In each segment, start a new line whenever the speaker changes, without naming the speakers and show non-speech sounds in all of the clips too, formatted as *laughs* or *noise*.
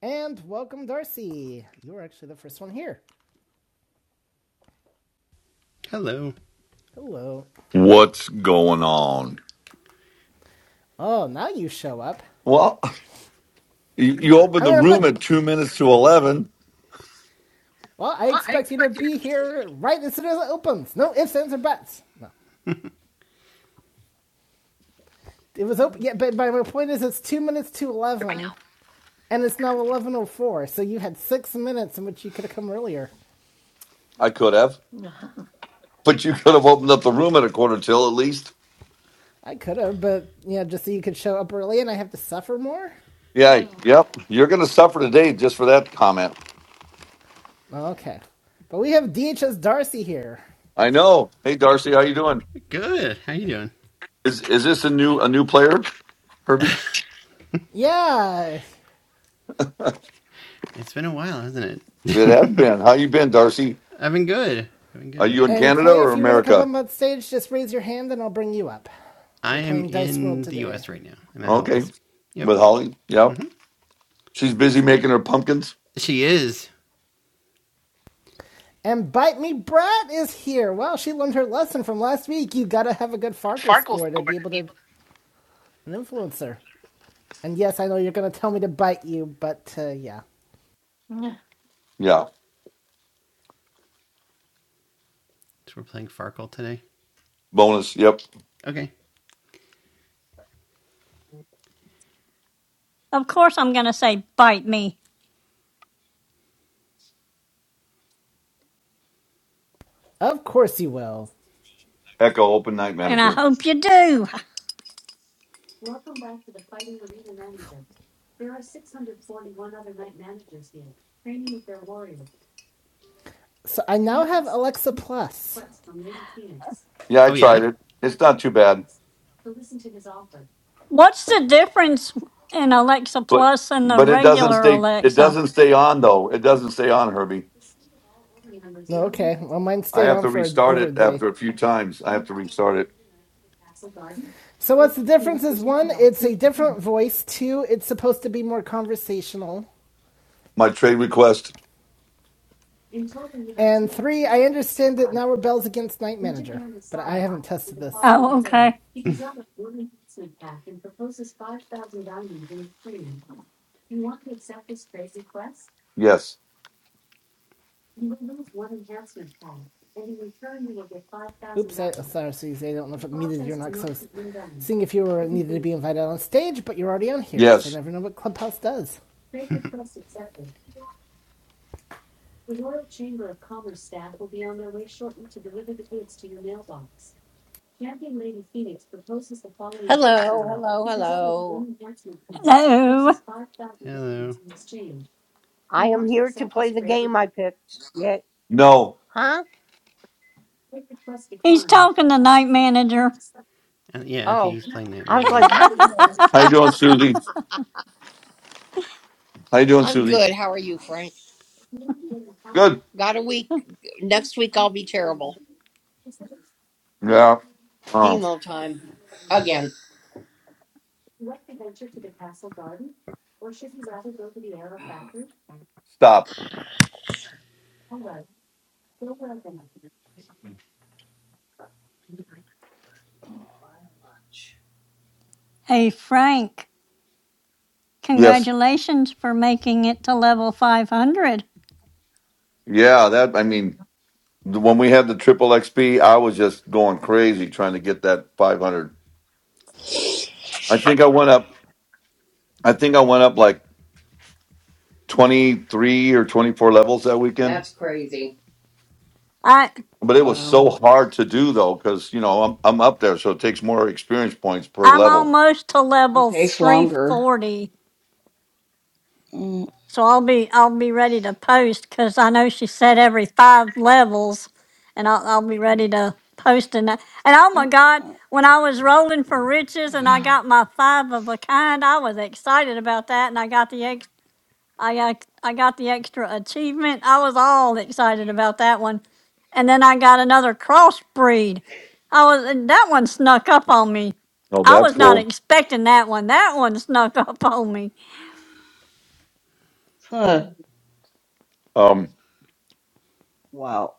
And welcome, Darcy. You were actually the first one here.
Hello.
Hello.
What's going on?
Oh, now you show up.
Well, you you opened
I
the
mean, I'm
room
not.
at two minutes to 11.
Well, I expect you to be here right as soon as it opens. No ifs, ands, or buts. No. It was open. Yeah, but, my point is, it's two minutes to 11, and it's now 11.04, so you had six minutes in which you could have come earlier.
I could have, but you could have opened up the room at a quarter till at least.
I could have, but, you know, just so you could show up early and I have to suffer more?
Yeah, yep. You're going to suffer today just for that comment.
Okay. But we have DHS Darcy here.
I know. Hey, Darcy, how you doing?
Good. How you doing?
Is is this a new a new player, Herbie?
Yeah,
It's been a while, hasn't it?
It has been. How you been, Darcy?
I've been good. I've been
Are
good.
you in
And
Canada
Clay,
or
if you want to come
America?
up on stage, just raise your hand and I'll bring you up. We're
I am
playing Dice World
in the
today.
U.S. right now. I'm at
Okay,
Holly's. Yep.
with Holly. Yep.
hmm
She's busy making her pumpkins.
She is.
And Bite Me Brat is here. Wow, she learned her lesson from last week. You gotta have a good Farkle score to be able to an influencer. And yes, I know you're gonna tell me to bite you, but uh, yeah,
Yeah.
So we're playing Farkle today.
Bonus. Yep.
Okay.
Of course, I'm going to say bite me,
of course you will.
Echo, open night
and I
manager.
hope you do.
So I now have Alexa Plus.
Yeah, I
Oh yeah.
tried it. It's not too bad,
What's the difference in Alexa
but
Plus and the
but it doesn't
regular
stay. It
Alexa?
doesn't stay on though. It doesn't stay on, Herbie.
No, okay. Well, mine
I
stayed
have
on
to
for a,
restart
over a
it
day.
after a few times. I have to restart it.
So what's the difference? Is one, it's a different voice. Two, it's supposed to be more conversational.
My trade request.
And three, I understand that now rebels against Night Manager, but I haven't tested this.
Oh, okay.
Yes.
Oops, I, oh, sorry, Susie, I don't know if it muted you or not, because I was seeing if you were needed to be invited on stage, but you're already on here, because I
Yes.
never know what Clubhouse does.
Hello, hello, hello.
Hello.
Hello.
I am here to play the game I picked. Yeah.
No.
Huh?
He's talking to Night Manager.
Uh, yeah, I think
Oh,
he's playing Night
I was like,
Manager.
what?
How you
*laughs*
doing, Susie? How you doing,
I'm
Susie?
good. How are you, Frank?
Good.
Got a week. Next week I'll be terrible.
Yeah. Oh,
Chemo time. Again.
stop.
hey, Frank.
Yes.
Congratulations for making it to level 500.
Yeah. That. I mean. when we had the triple XP, I was just going crazy trying to get that 500. I think I went up. I think I went up like 23 or 24 levels that weekend.
That's crazy.
I
But it was so
Wow.
hard to do though, because you know I'm I'm up there, so it takes more experience points per
I'm
level.
almost to
It
level
takes longer.
340.
Mm,
So I'll be I'll be ready to post because I know she said every five levels, and I'll I'll be ready to post in that. And oh my
mm,
God,
mm, mm.
when I was rolling for riches and I got my five of a kind, I was excited about that, and I got the ex I got I got the extra achievement. I was all excited about that one, and then I got another crossbreed. I was and that one snuck up on me.
Oh,
I
that's
was not
cool.
expecting that one. That one snuck *laughs* up on me.
Huh.
Um,
Wow.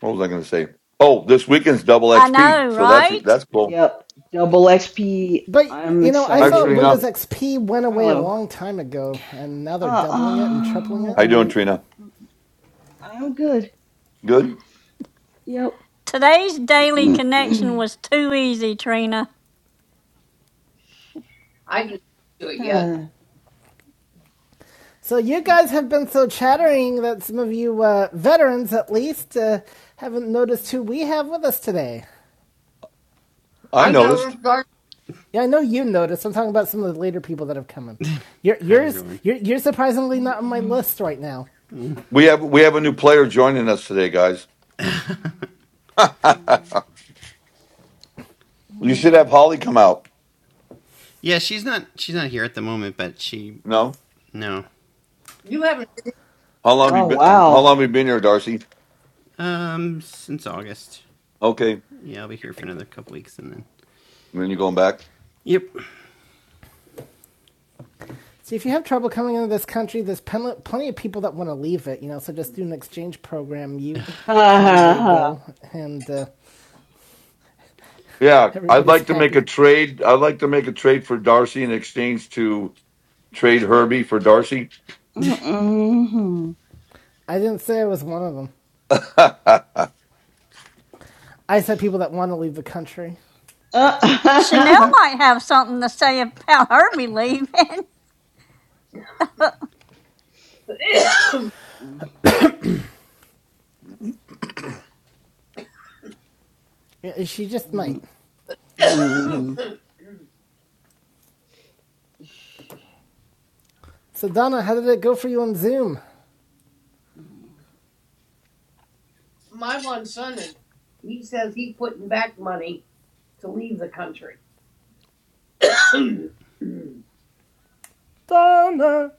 what was I going to say? Oh, this weekend's double
I
XP,
know,
so that's
right?
that's cool.
Yep. Double XP.
But,
I'm
you know, I
Hi,
thought
Trina.
Windows
excited.
XP went away a
Hello.
long time ago, and now they're
Uh,
doubling it and tripling
How
it.
you doing,
uh,
Trina?
I'm good.
Good.
Yep.
Today's daily connection
*clears throat*
was too easy, Trina.
I didn't do it yet.
Huh.
So you guys have been so chattering that some of you uh, veterans, at least, uh, haven't noticed who we have with us today.
I
I got
noticed
to start.
Yeah, I know you noticed. I'm talking about some of the later people that have come in. Your,
Hi
yours,
everyone.
you're, you're surprisingly not on my list right now.
Mm.
we have we have a new player joining us today, guys. *laughs* you should have Holly come out.
Yeah, she's not. She's not here at the moment, but she
No.
no.
You haven't.
How long have you
Oh,
been? How
wow.
long have
*laughs*
you been here, Darcy?
Um, since August.
Okay.
Yeah, I'll be here for another couple weeks, and then.
And then you're going back.
Yep.
See, if you have trouble coming into this country, there's pen- plenty of people that want to leave it, you know, so just do an exchange program. You come, they
Ha
go, and uh,
Yeah, I'd
everybody's
like to make a
happy.
trade. I'd like to make a trade for Darcy in exchange to trade Herbie for Darcy.
I didn't say I was one of them.
*laughs*
I said people that want to leave the country.
ha
Chanel
ha.
might have something to say about her believing. *laughs*
*coughs*
Yeah, She just
*laughs*
might.
Mm.
So, Donna, how did it go for you on Zoom?
My one son, is, he says he's putting back money to leave the country. *coughs*
Donna.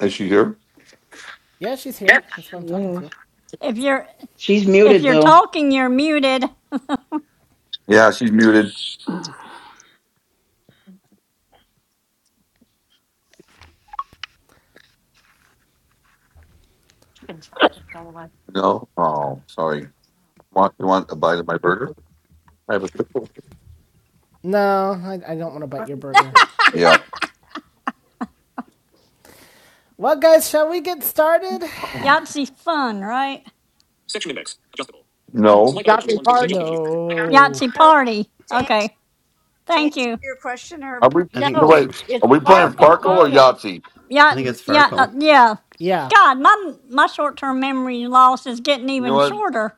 Is she here?
Yeah, she's here. That's why I'm
She
talking to
is.
her.
if you're
She's
if
muted
you're
though.
talking, you're muted.
Yeah, she's muted. No. Oh, sorry. Want you want a bite of my burger? I have a triple.
No, I, I don't want to bite your burger.
Yeah.
Well, guys, shall we get started?
Yahtzee fun, right?
No.
Got the party.
No.
Yahtzee party. Okay, thank you.
Are we?
I think
No
No,
it's
wait.
it's
Are we playing
sparkle
Farkle.
Farkle or
bonus.
Yahtzee?
I
Yeah,
think it's
yeah, uh,
Farkle.
yeah.
Yeah.
God, my my short-term memory loss is getting
You know
even
what?
shorter.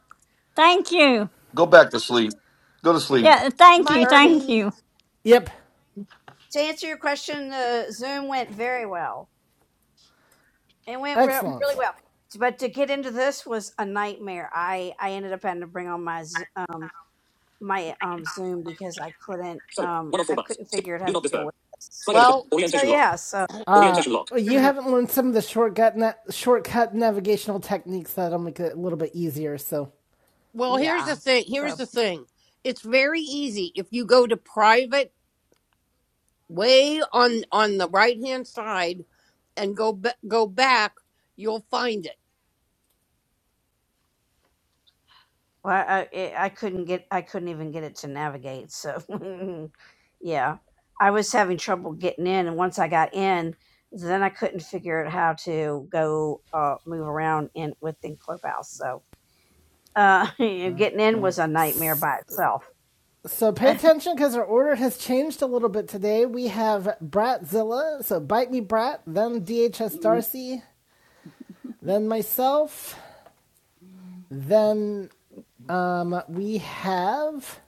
Thank you.
Go back to sleep. Go to sleep.
Yeah, thank you, thank
Mikey.
you.
Yep. Excellent.
Well,
Uh, you haven't learned some of the shortcut na- shortcut navigational techniques that'll make it a little bit easier. So,
well, here's the thing. Here's the thing. It's very easy if you go to private way on on the right-hand side and go ba- go back, you'll find it.
so pay attention because our order has changed a little bit today. We have Bratzilla, so bite me Brat, then DHS
Mm.
Darcy, then myself, then um we have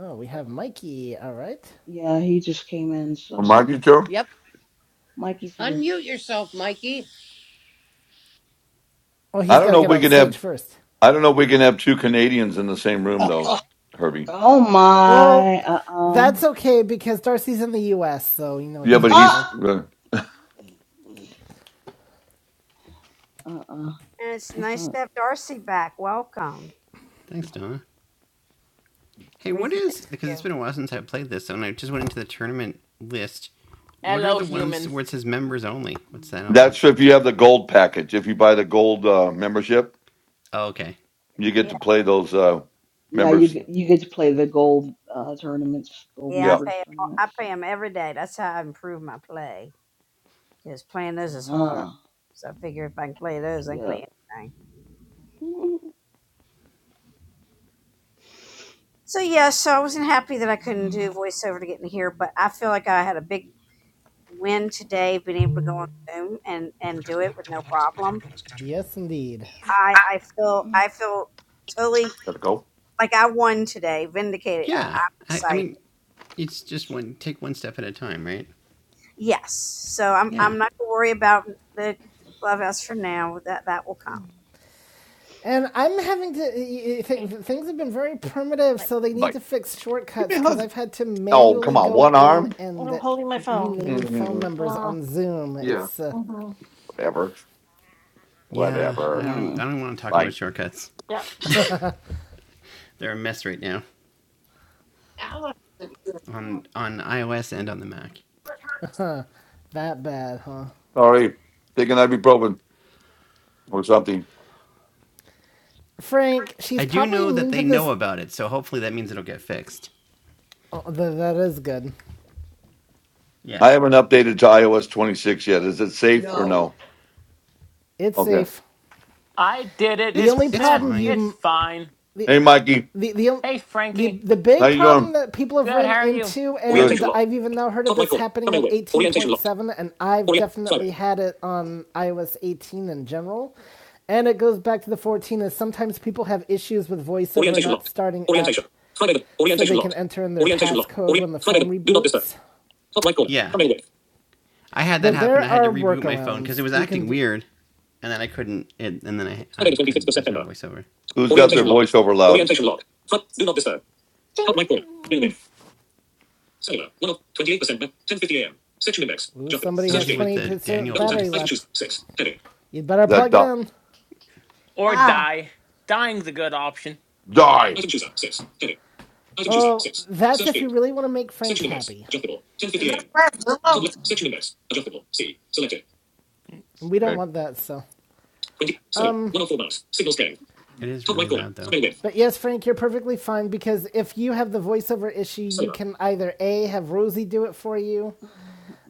oh we have Mikey. All right.
Yeah, he just came in,
Am
so
I good, Joe?
Yep.
Mikey's here.
Unmute yourself, Mikey.
Oh,
I
he's
don't
got to
know. if
get
We
He's.
on
could have
stage first.
I don't know if we can have two Canadians in the same room though,
Oh,
Herbie.
Oh
Well,
my. Uh uh.
that's okay because Darcy's in the U.S., so you know it
Yeah, but
doesn't
he's
matter.
Ah. Uh uh. Uh-huh.
Thanks, Don. Hey, what is because it's been a while since I played this, and I just went into the tournament list. What are
Hello,
the ones
humans.
where it says members only? What's
Mm.
that? What's
that's
that?
if you have the gold package. If you buy the gold uh, membership,
Oh, okay.
you get to play those uh,
Yeah, you
members.
get you get to play the gold uh tournaments, gold
Yeah,
members tournaments. Uh huh. Yeah. Mm.
Yes, indeed.
Mm.
gotta go.
Yeah. I, I mean, it's just one take one step at a time, right? Yeah.
And I'm having to. Th- things have been very primitive, so they need
Bye.
to fix
Give me
shortcuts
a
because
hug.
I've had to
Oh, come
manually
on,
go
one
in
arm.
and rename phone
Mhm.
numbers on Zoom.
Yeah,
It's uh,
whatever,
Yeah. I
whatever.
don't. I
Mm.
don't want to talk
Bye.
about shortcuts. They're a mess right now
Allison.
on on iOS and on the Mac.
that bad, huh?
Sorry, taking ibuprofen or something.
Frank, she's
I do
probably
know that
immune to
they know
this.
about it, so hopefully that means it'll get fixed.
Oh, th- that is good.
Yeah.
I haven't updated to iOS 26 yet. Is it safe or
No.
no?
It's
Okay.
safe.
I did it.
The
It's
only
It's
it's
eh,
problem you.
fine.
it's fine.
The,
Hey, Mikey,
the the
Hey,
the
Frankie.
the
how
big
you
problem that people have
Good.
ran
How are you?
into,
doing?
and I've even now heard of this happening on 18.7, and I've definitely had it on iOS 18 in general, and it goes back to the 14. Is sometimes people have issues with VoiceOver not starting up, so they can enter in their passcode when the phone reboots.
Yeah. I had that
But
happen. I
there
had to
are
reboot my phone because it
workarounds
was
you can
acting
do.
weird. and then I couldn't, it, and then I, I couldn't. There's no voiceover.
Who's got their
Yeah,
voiceover loud?
Ooh, somebody
Somebody
has
with the
28%
Daniel
battery
voice.
left. You'd better
That
plug it
doc.
in.
Or
Ah,
die. Dying's a good option.
Die.
Oh, that's if you really want to make Frank happy.
Is that right, Willow?
Mm.
And we don't
Okay.
want that, so.
It is really loud though.
But yes, Frank, you're perfectly fine because if you have the voiceover issue, you can either A, have Rosie do it for you,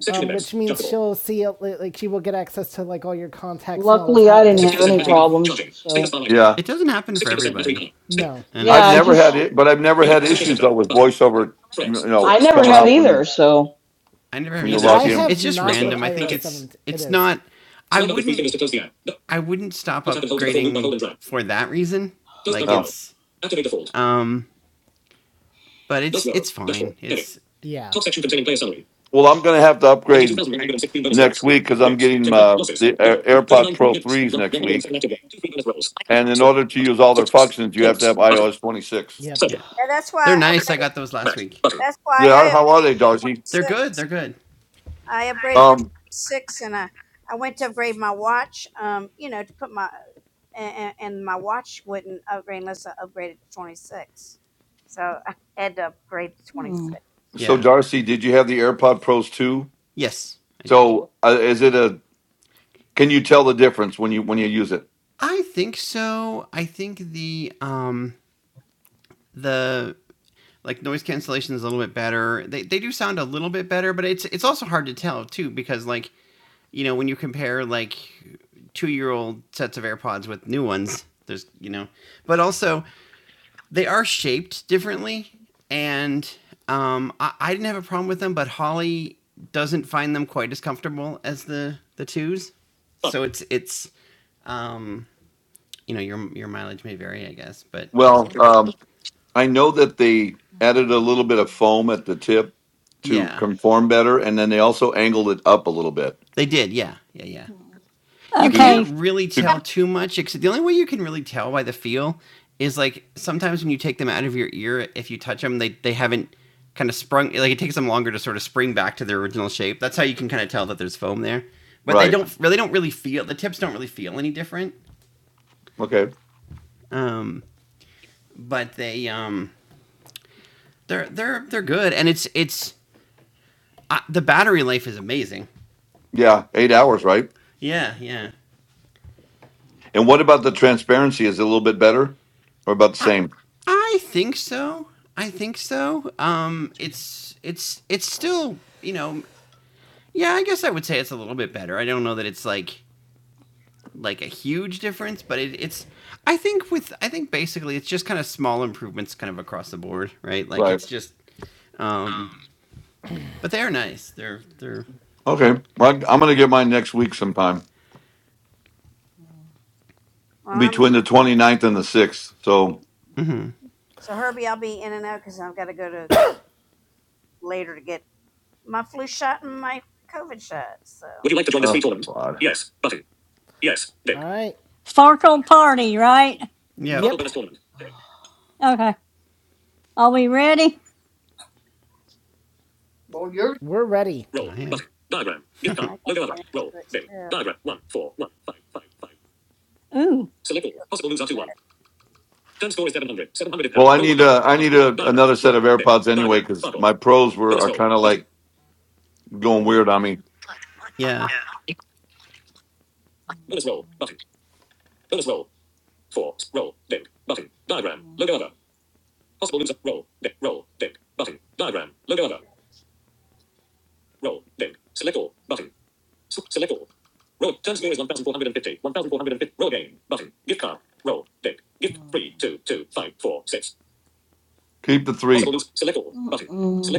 um,
Mm.
which means she'll see it, like, she will get access to, like, all your contacts and all those
Luckily, I
hot
didn't have
dates you
any
have.
problems. So,
Yeah,
It doesn't happen for everybody,
No.
and
yeah,
I've
it's
I
never had
just,
No.
it, but I've never
*clears throat*
had issues though with voiceover. You know,
I never
coming
have
up when you
either. So,
I never have
when you
either. It's
log
I
just
in.
have
it's just
not with
random. I think
iOS
it's
7. It
it's
is.
not. I wouldn't I wouldn't stop upgrading for that reason. Like
Oh.
it's um, but it's it's fine. It's
Yeah.
Well, I'm going to have to upgrade next week because I'm getting uh, the Air- AirPod Pro threes next week, and in order to use all their functions, you have to have iOS 26.
Yep.
yeah, they're nice. I got those last week.
They are. How are they, Darcy?
They're good. They're good.
Um. So,
Yeah.
Darcy, did you have the AirPod Pros too?
Yes, I did.
So, uh, is it a? Can you tell the difference when you when you use it?
I think so. I think the um the like noise cancellation is a little bit better. They they do sound a little bit better, but it's it's also hard to tell too because like you know when you compare like two year old sets of AirPods with new ones, there's you know, but also they are shaped differently, and um, I, I didn't have a problem with them, but Holly doesn't find them quite as comfortable as the the twos, so it's it's um, you know your your mileage may vary, I guess, but
Well, um, I know that they added a little bit of foam at the tip to
yeah,
conform better, and then they also angled it up a little bit
they did, yeah, yeah, yeah. you
to
okay.
can't really
to
tell too much except the only way you can really tell by the feel is like sometimes when you take them out of your ear if you touch them they, they haven't kind of sprung like it takes them longer to sort of spring back to their original shape that's how you can kind of tell that there's foam there but they
right.
don't really don't really feel the tips don't really feel any different
Okay,
um, but they um, they're they're they're good and it's it's uh, the battery life is amazing
yeah, eight hours, right?
yeah yeah
And what about the transparency? Is it a little bit better, or about the
I,
same?
I think so. I think so. Um, it's it's it's still you know yeah. I guess I would say it's a little bit better. I don't know that it's like like a huge difference, but it, it's I think with I think basically it's just kind of small improvements kind of across the board, right? Like
Right.
it's just um, but they are nice. They're they're
Okay. Well, I- I'm going to get mine next week sometime between the 29th and the 6th. So,
mm-hmm.
oh God.
All right.
Farkle party, right?
yep.
Yep.
Okay. Are we ready?
Well, you're
We're ready.
I am
Ooh,
Well, I need a I need a, another set of AirPods anyway because my pros were are kind of like going weird on me.
yeah.
Keep the three.
Hmm.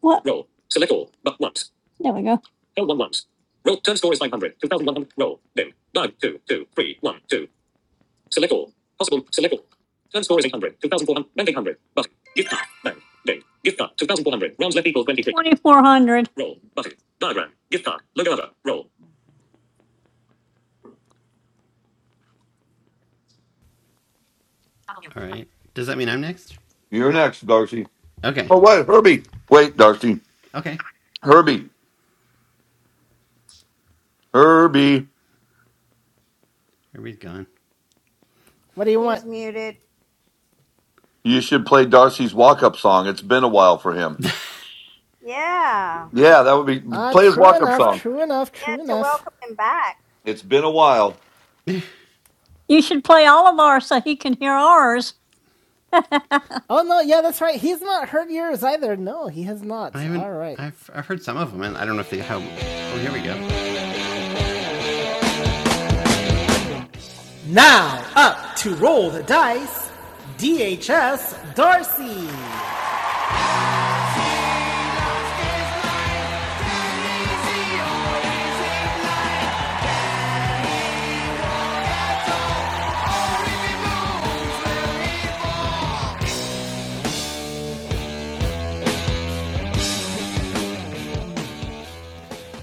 what? There we go. 2400.
All right. Does that mean I'm next?
You're next, Darcy.
Okay.
Oh, wait, Herbie. Wait, Darcy.
Okay.
Herbie. Herbie.
Everybody's gone.
What do you want?
You should play Darcy's walk up song. It's been a while for him. Yeah, that would be.
Ah, uh,
Play his
true
walk up
enough,
song.
true enough, true enough.
It's been a while.
You should play all of ours so he can hear ours.
Oh no, yeah, that's right. He's not hurt yours either. No, he has
I
not.
haven't.
All right.
I've I've heard some of them. and I don't know if they how. Oh, here we go.
Now, up to roll the dice, DHS Darcy.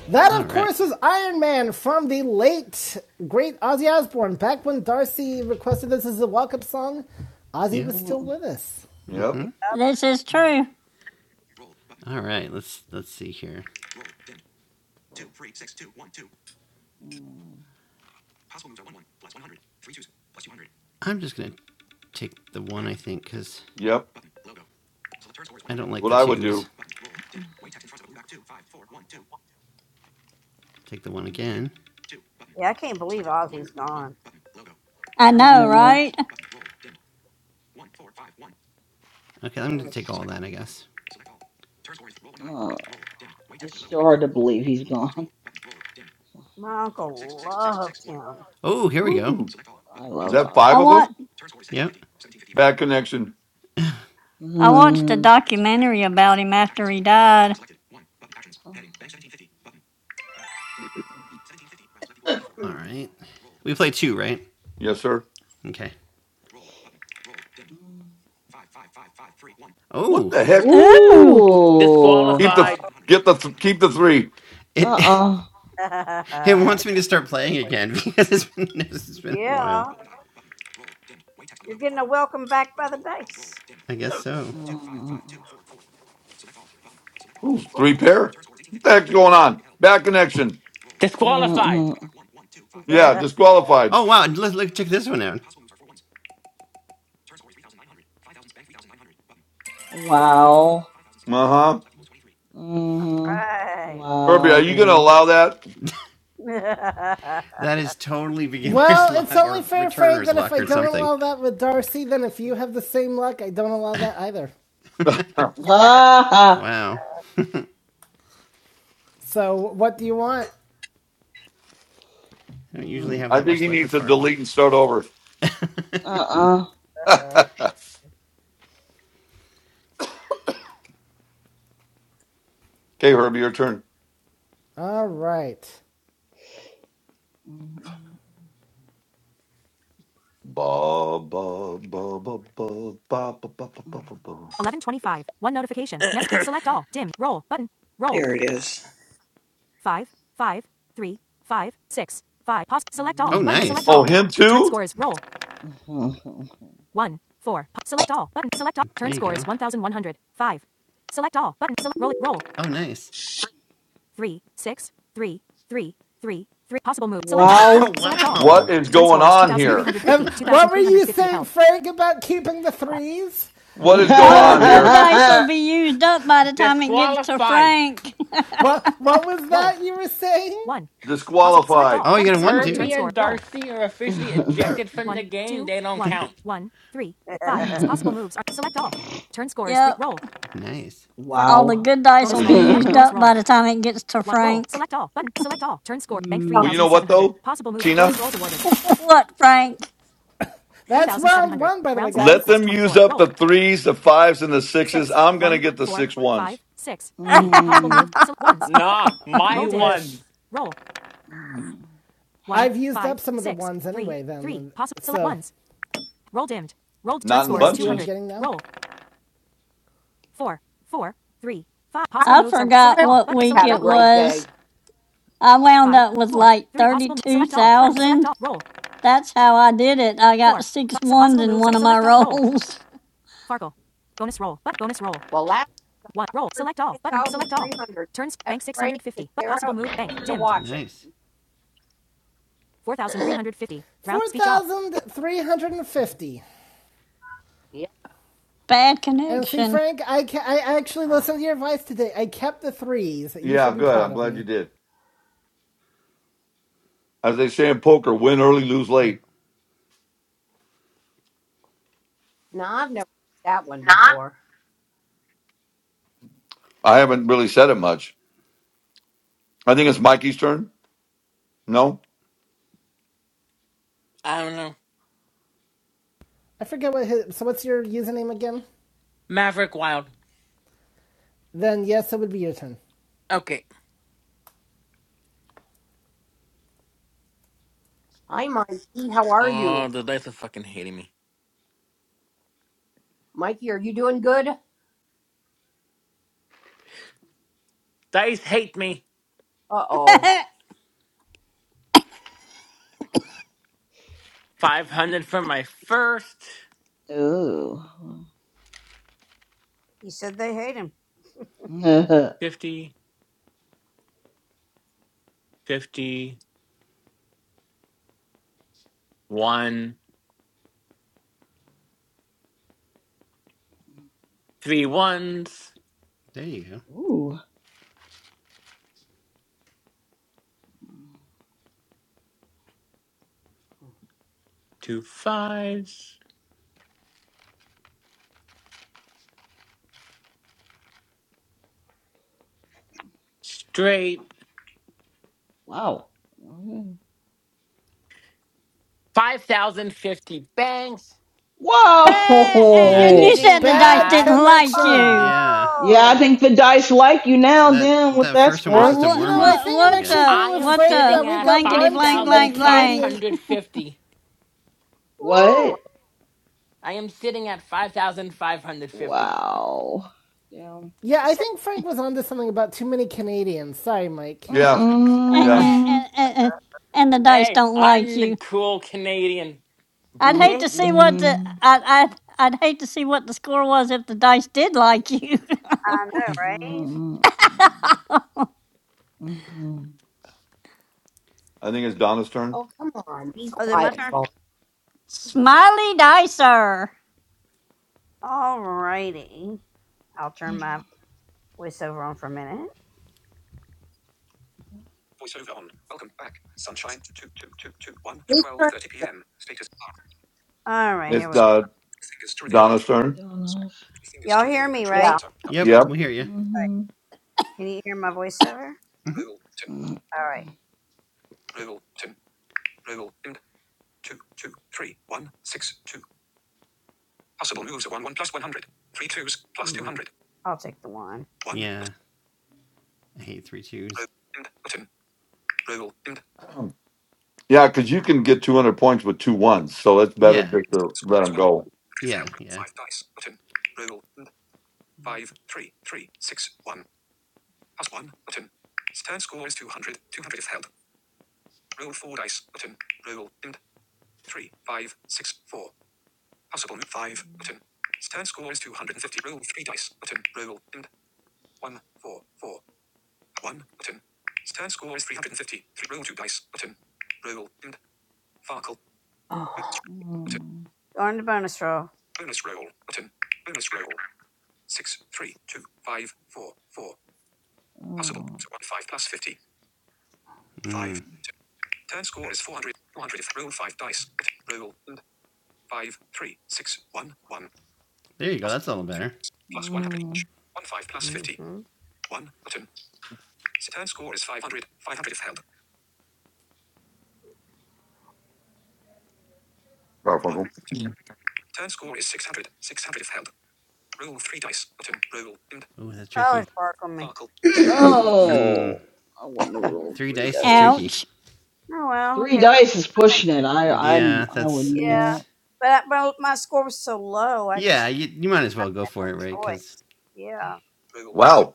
That,
All
of
right.
course, was Iron Man from the late, great Ozzy Osbourne. Back when Darcy requested this as a walk up song, Ozzy
Yeah.
was still with us.
Yep.
Mm-hmm.
This is true.
All right. Let's let's see here. I'm just gonna take the one I think because
Yep.
I don't like
What
the
I would do.
twos. Take the one
Mm,
again.
I
I
know,
know.
right?
Okay, I'm gonna take
That's
all that, I guess.
uh, it's still hard to believe he's gone. *laughs*
Oh, here we go.
Ooh.
I
Is
love
that five
I
of
Ozzy.
want
them?
Yep.
Bad connection.
I watched a
Mm.
documentary about him after he died.
Mm.
All right. We play two, right?
Yes, sir.
Okay.
mm.
What
Oh,
the heck?
Ooh,
Ooh.
Keep the,
Disqualified.
get the, keep the three.
it *laughs*
Uh-uh.
it wants me to start playing again *laughs* because it's been, it's been a while. I guess so.
Mm.
Ooh, three pair? What the heck's going on? Bad connection.
Disqualified.
Mm-mm.
Yeah, disqualified.
Oh wow! Look, look, check this one out.
Wow.
Uh huh.
Mm-hmm.
Herbie, are
Wow,
you going to
dude.
allow that?
That is totally *laughs* beginner's
Well, it's
luck
only
or
fair, Frank,
returner's
that if
luck
I
or
don't
something.
allow that with Darcy, then if you have the same luck, I don't allow that either.
*laughs*
*laughs* Ha ha.
Wow,
So, what do you want?
I don't usually
Mm.
have
I
that
think
much
he
luck
needs
with
to
Farkle.
delete and start over.
Uh-uh.
*laughs* okay, Herbie, your turn.
All right.
Ba ba ba ba ba ba ba ba ba ba ba. ba.
Mm.
1125. One notification. Mess. Select all. Dim. Roll. Button. Roll. 5, 5, 3, 5, 6, 5. Pause. Select all.
Oh,
Mm.
Button. Select
nice.
Oh,
all.
him
Turn
too?
scores. Roll.
Mm. *laughs*
1, 4. select all. Button. Select all. Turn
There you
scores
go.
1100. 5. Select all. Button. Select. Roll. Roll.
Oh, nice.
3, 6, 3, 3, 3, 3. Possible move. Select all.
*laughs*
Button.
Wow.
Select all.
What
wow.
is
Turn
going
scores
on here?
2350. Um, two thousand three hundred fifty what were you saying, health. Frank, about keeping the threes?
What is going
all the
on
good
here?
dice
*laughs*
will be used up by the time it gets to
Disqualified.
Frank.
What what was that roll. you were saying? one. Possible. Select
Disqualify.
all.
Oh, you
Button.
got a
Select.
one
Roll it. Turn
too.
Herbie
score.
and
Roll.
Darcy are officially
*laughs*
ejected from
One,
the game.
two,
They don't
one,
count.
one, three, five. Possible moves are select all. Turn
*laughs*
score is three.
yep,
Roll.
Nice.
Farkle.
all the
wow.
good dice will
Bonus
Oh,
be
there you
roll.
go.
Button.
used
*laughs*
Bonus
up
roll.
by the time it gets to
One. Roll.
Frank.
Select all. Button. Select all. Turn score. Bank
I
Well, you
Mm,
know what
3,700.
though,
Possible moves. Bonus
Tina?
rolls awarded.
*laughs* what, Frank?
That's round one, by the way, guys. Rounds left
Let
equals
them use
24.
up
Roll.
the threes, the fives, and the sixes.
Six,
I'm gonna
one,
get the
four,
six ones.
five, six, three. Possible moves.
mm,
Select
*laughs*
ones.
Nah,
You
my
Roll You wish.
ones.
Roll.
mm.
One, I've used five, up some of the six, the ones anyway. three, anyway, then, Three. and Possible. so. Select so- ones. Roll dimmed. Rolled turn
Not in
score is 200.
bunches.
getting now? Roll. Four, four, three, five.
hope
Possible
I
moves are
forgot
select all.
what
Button
week
had
select all.
a
it
Roll.
great
was.
day.
I wound
Five,
up with
four,
like
three. Possible mo- select all. Button select
32,000.
all. Roll.
That's how I did it. I got
Four.
six
Five. So
ones
possible
in
moves
one
are
of my
select all. Roll.
rolls.
Farkle. Bonus roll. But bonus roll.
Well,
One. Roll.
for
Select all. Button select all.
9,300.
Turns
That
bank
frame could
650. But
tear
possible
out
move
and
bank
to
dimmed.
watch it.
Nice.
*clears throat*
4,350. 4,350.
yep.
*laughs* Bad
And see,
connection.
Frank, I, ca- I actually listened to your advice today. I kept the threes. You
Yeah,
should be
good.
proud
I'm
of
glad
me.
you did. As they say in poker, win early, lose late.
No, I've never heard that one before.
I haven't really said it much. I think it's Mikey's turn. No?
I don't know.
I forget what his. So what's your username again?
Maverick Wild.
Then yes, it would be your turn.
Okay.
Hi, Mikey. How are
Oh,
you?
the dice are fucking hating me.
Mikey, are you doing good?
Dice hate me.
Uh
*laughs*
oh.
Bad-
500 for my first.
Ooh. *laughs*
50. fifty, one, three ones,
There you go.
Ooh.
two fives, straight,
Wow. Okay.
5,050 banks,
a- and you
Whoa.
Nice.
said
sitting
the dice
Bad
at,
didn't like
connection.
you.
Yeah.
Yeah, I think the dice like you now
That
then with
that
that
first one was
I,
score.
just a
y- you
What
warm
know, I
up,
what
think I'm
I
what
actually
guess.
the
agreeing
I
with
am
what
Frank
the
that
sitting
we've
at
got
blankety
one too
blank
many
blank blank
Canadian.
*laughs*
5,550.
What?
I am sitting at 5,550.
Wow. Damn.
Yeah, I think Frank was onto something about too many Canadians. Sorry, Mike.
Yeah,
and,
yeah.
Mm-mm.
and, and, and the dice
Hey,
don't like
I'm the
you.
cool Canadian.
I'd hate to see what the
Mm-mm.
I I I'd I'd hate to see what the score was if the dice did like you. *laughs*
Mm-mm.
I think it's Donna's turn.
Oh, come on. Be quiet, phone.
Smiley Dicer.
Whose turn-
It's uh, Donna Stern.
Mm-mm.
Yeah.
Yep,
Yep.
we hear you.
Mhm.
hmm
Mm,
Yeah. I hate three twos.
Yeah, because you can get 200 points with two ones. So it's better
Yeah.
just to let them go,
Yeah. Yeah.
mm,
Oh.
mm,
Mm. There you go. That's a little better.
mm.
Garfunkel.
Oh, that's tricky.
*clears throat*
Mm,
Oh, I wouldn't have rolled
three
three
dice is
dice.
tricky.
Ouch.
Three dice is pushing it. I, I,
Yeah,
I
that's
wouldn't do that.
it's. Yeah, you, you might as well go for it, right? Because
Wow.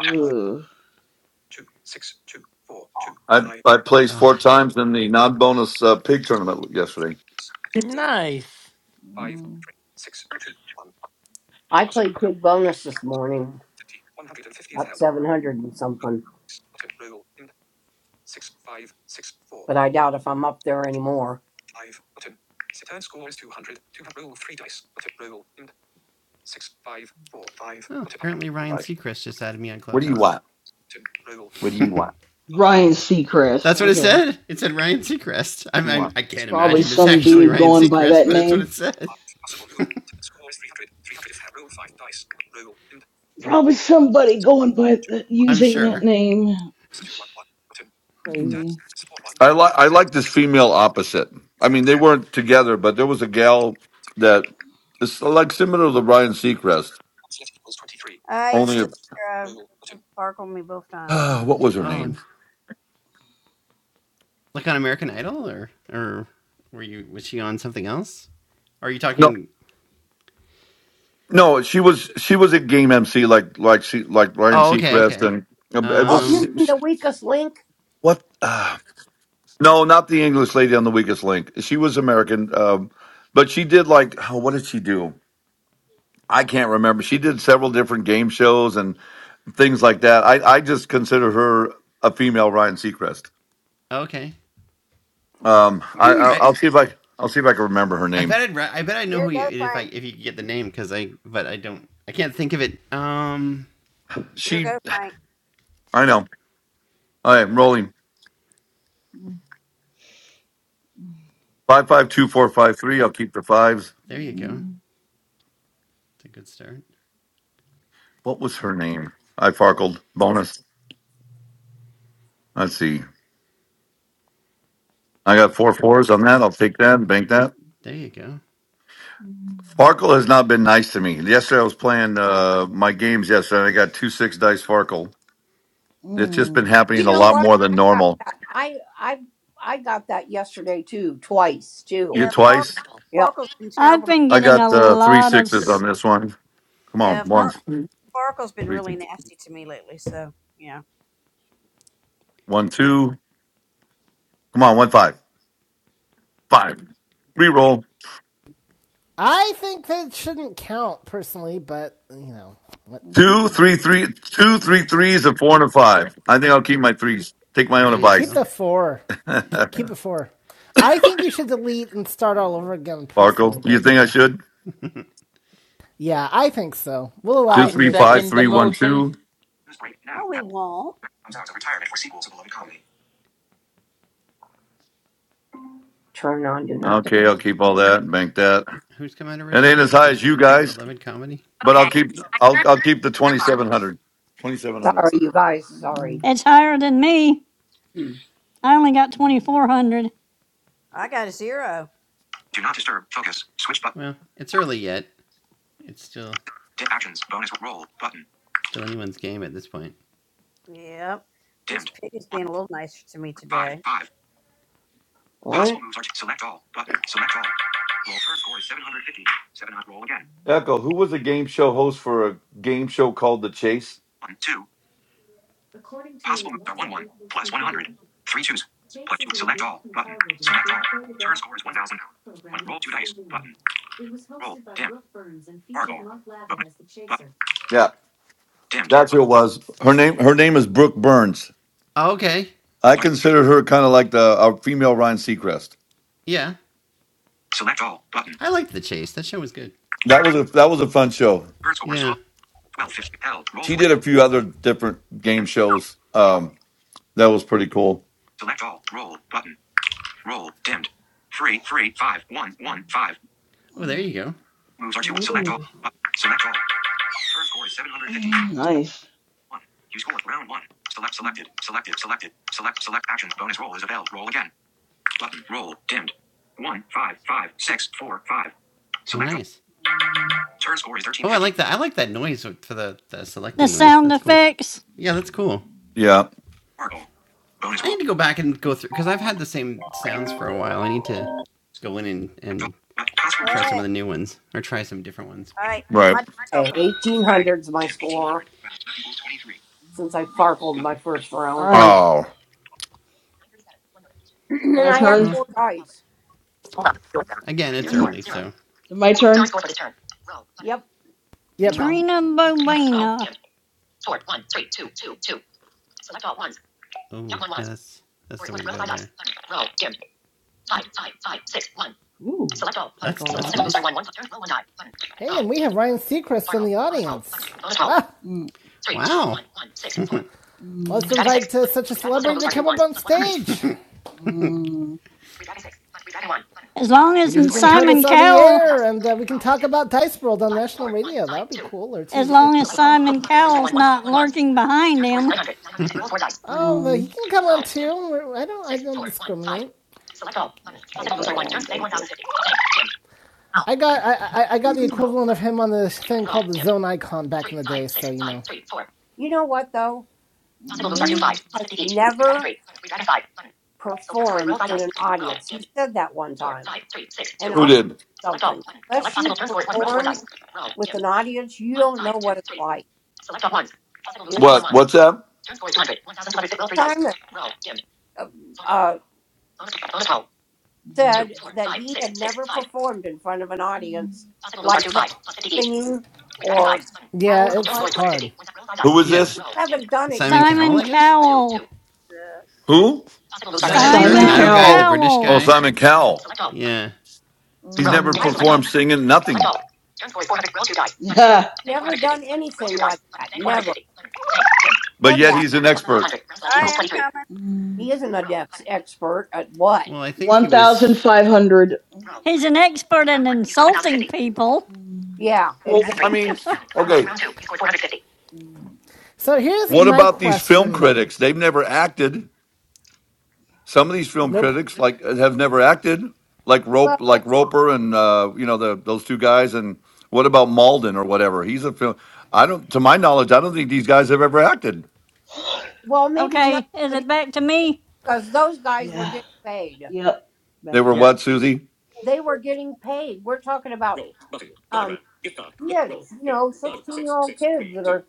Ugh.
I, I
oh,
placed four times in the non bonus uh, pig tournament yesterday.
Nice.
Mm,
I played Kid Bonus this morning, up 700
mm.
and something, but I doubt if I'm up there anymore.
oh, apparently Ryan
Like,
Seacrest just added me on
what do you
Clubhouse.
want? What do you want?
Ryan Seacrest.
That's what it
Okay,
said. It said Ryan Seacrest. I'm,
You
I'm
want?
I can't
probably
imagine it's
some
actually
dude
Ryan
going by
Seacrest,
that
but that's what
name.
it said.
Probably somebody going by th-
I'm
using that
sure.
name. Crazy.
I like I like this female opposite. I mean, they weren't together, but there was a gal that is like similar to Ryan Seacrest. Only, uh, *sighs* what was her name?
Oh, like on American Idol, or or were you was she on something else? Are you
No.
talking?
No, she was she was a game MC like like she like Ryan
Oh, okay,
Seacrest
okay.
and uh, it
Oh,
was
you
Um,
mean the weakest link?
what? Uh, no, not the English lady on the Weakest Link. She was American, um, but she did like oh, what did she do? I can't remember. She did several different game shows and things like that. I I just consider her a female Ryan Seacrest.
okay.
Um,
*clears throat*
I, I
I
I'll see if I I'll see if I can remember her
I bet
name.
I'd re- I bet I know who you if I if you could get the name because I but I don't I can't think of it. Um,
She I know. All right, I'm rolling
Mm,
five five two four five three. I'll keep the fives.
there you go.
mm,
It's a good start.
What was her name? I Farkled. Bonus. Let's see. I got four fours on that. I'll take that and bank that.
There you go.
mm,
Farkle has not been nice to me. Yesterday I was playing uh, my games yesterday and I got two six dice Farkle. It's
mm.
just been happening
You
a
know
lot
what?
more than
I got
normal.
that. I I I got that yesterday too, twice too.
You twice?
Yep.
I've been
I
getting a
got uh, three
lot of.
sixes on
s-
this one. Come on,
Uh,
ones. Three, two. One, two. Come on, one, five. Five. Reroll.
I think that shouldn't count personally, but you know, what?
Two,
Ooh,
three, three, two, three threes, and four and a five. I think I'll keep my threes. Take my own
There you
keep
advice.
go.
the four.
*laughs*
Keep, keep it four. I think you should delete and start all over again personally,
Farkle. You
but you
think I
know.
should?
Yeah, I think so. We'll allow
Two
I
it in
three
your
five
case
second the
three
right
one
now.
motion.
two.
News break now. Pat comes out of retirement for sequel to beloved comedy. Turn on do not disturb.
Okay, I'll keep all that and bank that.
Who's come out of
It ain't as
retirement for
high
a
as you
sequel to
guys,
beloved comedy?
but I'll
Okay.
keep
I
I'll
turned
I'll keep the
your
twenty
box.
seven hundred. Twenty seven hundred.
Sorry, you guys. Sorry.
it's higher than me.
Hmm.
I only got 2,400.
Do not disturb. Focus. Switch button.
Well, it's early yet. It's still
Dip actions. Bonus roll button.
still anyone's game at this point.
Dimmed. One. Five. Five. What? Possible moves are select all button. Select all. Roll per score is 750. Seven. roll again.
Echo, who was a game show host for a game show called The Chase?
One. Two. Possible moves are 1 1 plus plus 100, 3 twos. plus 2. Select all button. Select all. Turn score is 1000. roll 2 dice button. Roll. Dimmed. Fargo. Bonus. Button.
Yeah,
Dimmed.
that's
Button.
who it was. Her name her name is Brooke Burns.
Oh, okay.
I considered her kind of like the our female Ryan Seacrest.
Yeah,
Select all button.
I liked the chase. That show was good.
That was a that was a fun show.
Turn score is
Yeah.
12. 1250. Held. Roll
She
4.
did a few other different game
Dimmed.
shows. Um, that was pretty cool.
Select all. Roll button. Roll. Dimmed. Three three five one one five
Oh, there you go.
Moves are 2. Select all. Button. Select all. Turn score is 750.
nice.
1. You scored round 1. Select selected. Selected. Selected. Select select action. Bonus roll is available. Roll again. Button. Roll. Dimmed. One five five six four five.
Oh,
Select all.
nice.
Turn score is
Oh, I
1350.
like that. I like that noise for the, the
The
selecting noise.
sound
That's cool.
effects.
Yeah, that's cool.
Dimmed.
Yeah,
Sparkle. Bonus
I
roll.
need to go back and go through because I've had the same
Three.
sounds for a while. I need to go in and,
Select all.
and
But Possible
try
moves
some of the new ones or try some different ones.
18.
right.
Okay, 1800's my score. Since I farkled my first
All
round.
right,
Oh.
*clears throat* and
my
I had
turn.
Well,
four dice.
again, it's early, so
So my turn.
Yep.
Yep.
Um,
Trina Bobina.
oh yeah, that's that's the way to go there.
Ooh. Select
That's that's
all.
nice.
Select
Hey, and we
all.
have Ryan Seacrest in
Circle.
the
Bonus roll. Button.
audience.
Bonus roll.
Wow.
Mm. Three, two,
Wow,
one, one, six, four. Mm.
Let's
We drag a six.
invite uh,
Button.
such a
Redragon possible
celebrity
moves
to
are two
come up
ones
on
plus one hundred each.
stage.
Mm. We drag a six. Button. We drag a one. Button.
As long
Mm. So
as
Maybe
turn
he
score is
can
eight
put
hundred.
Simon
us
Eight
on
hundred is
the
held. Roll
Cowell,
five
air
dice.
and
Button.
uh, we can
Roll.
talk
Dim.
about Dice World on
Five,
national
four, one,
radio. That
five,
would be
two.
cool, or
as
TV.
long as
Select all. One.
Simon
Possible moves are
Cowell's
one. One. Count
not
one ones.
lurking behind
Turn score is nine
him.
hundred. Nine hundred roll four dice.
Oh, but
Mm.
he can come
Roll.
on
Dim.
too. I don't. I
Six,
don't
four, one, five.
discriminate.
Select all. Button. Possible moves are one. Turn score is one thousand fifty. Dim.
I got. I, I, I got the
Roll.
equivalent of
Button.
him on this thing
Roll.
called the
Dim.
Zone Icon back
Three,
in the
five,
day. So
six,
you
five,
know.
three, four.
You know what, though?
Possible moves are two
He
five plus
has
fifty each. Three dragon
never
three. Three dragon five. Button. So turn score is roll
performed
five
in
dice.
an
Roll
audience.
dim.
He said that one
Four
time.
five three six
And
two.
Who
I'll tell
did?
you
Select all.
something.
Button. Select
Unless you've
possible turn score is one. Roll four
performed
dice. Roll
with
dim.
an audience, you
One
don't know
five two
what it's
three.
like.
Select all ones. Possible moves. are all one
Yes.
What?
ones.
What's that?
Turn score is two hundred. One thousand two hundred. Roll three dice.
Simon
Roll dim.
uh,
Circle.
uh,
Bonus bonus roll. Mm. Two
said
four
that
five
he
six
had
six
never
five.
performed in front of an
Mm.
audience
Possible moves are
like
two
that,
five plus fifty each.
singing
Three dragon five.
or
Button.
Yeah,
talent
So turn
it's
score
wise.
is two hundred
hard.
fifty. roll five
Who
dice.
was
yeah,
this?
Roll
I
dim.
haven't done it. You
Simon
don't
Three
know
Cowell,
Simon
I
what
three two
guess
it's
two two.
Cowell.
Who?
Possible moves are three two.
the
Simon
Simon
American Idol
Simon
Cowell.
guy, the
Cowell.
British
Oh,
Cowell.
guy.
Simon Cowell.
Select all. Button.
Yeah.
He's
Scroll.
never
Mm.
like. I've
Select
performed
all. Button.
singing,
Select
nothing.
all. Turn score is 400. Roll two dice. Button. Bank
never done
450. Button. Roll
anything
two dice.
like that.
Bank
Never
450. Bank.
But
said
yet
that.
he's an expert.
1,500. Rounds left equals 23. Mm.
He isn't an
Roll.
ex-
Button.
expert at what?
Well, I think he was.
1,500. Roll.
He's
Button.
an expert in
Round 1. You scored
insulting
1,050.
people.
Mm.
Yeah,
Three,
Well,
seven,
exactly.
I
three.
mean,
Dim. Button. Round 1.
okay.
Round 2. You scored 450. Mm.
So here's
What
my
about these film
question then.
critics? They've never acted. Some of these film
Nope.
critics like have never acted, like Rope, like
Well,
Roper, and uh, you know the those two guys. And what about Malden or whatever? He's a film. I don't, to my knowledge, I don't think these guys have ever acted.
*sighs*
well, maybe not,
Okay, is
but
it
it's
back to me?
because those guys were
Yeah.
getting paid.
Yep.
They
Back
were
to
Yeah,
you.
what, Susie?
They were getting paid. We're talking about um, kids, you know, sixteen-year-old kids that are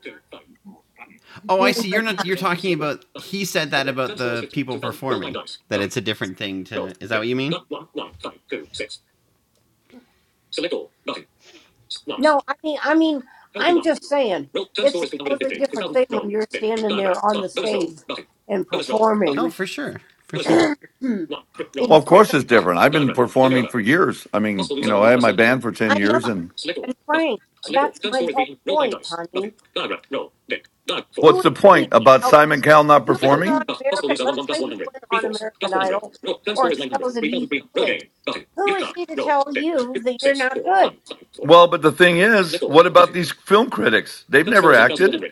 Oh, I
doing.
see. You're not. You're talking about. He said that about the people performing. That it's a different thing to. Is that what you mean?
No, I mean, I mean, I'm just saying it's a totally different thing when you're standing there on the stage and
Oh,
performing
for sure, for
*clears throat*
sure.
in
Well,
front
of course
of.
it's different. I've been performing for years. I mean, you know, I had my band for 10
I know,
years and
and Frank, that's my whole point, honey.
what's
Who is
the
he
point
to
about
tell
Simon Cowell not
you went on
performing?
American? Let's say you went on American Idol or a show that he's doing. Who is he to tell you that you're not good?
Well, but the thing is, what about these film critics? They've never acted.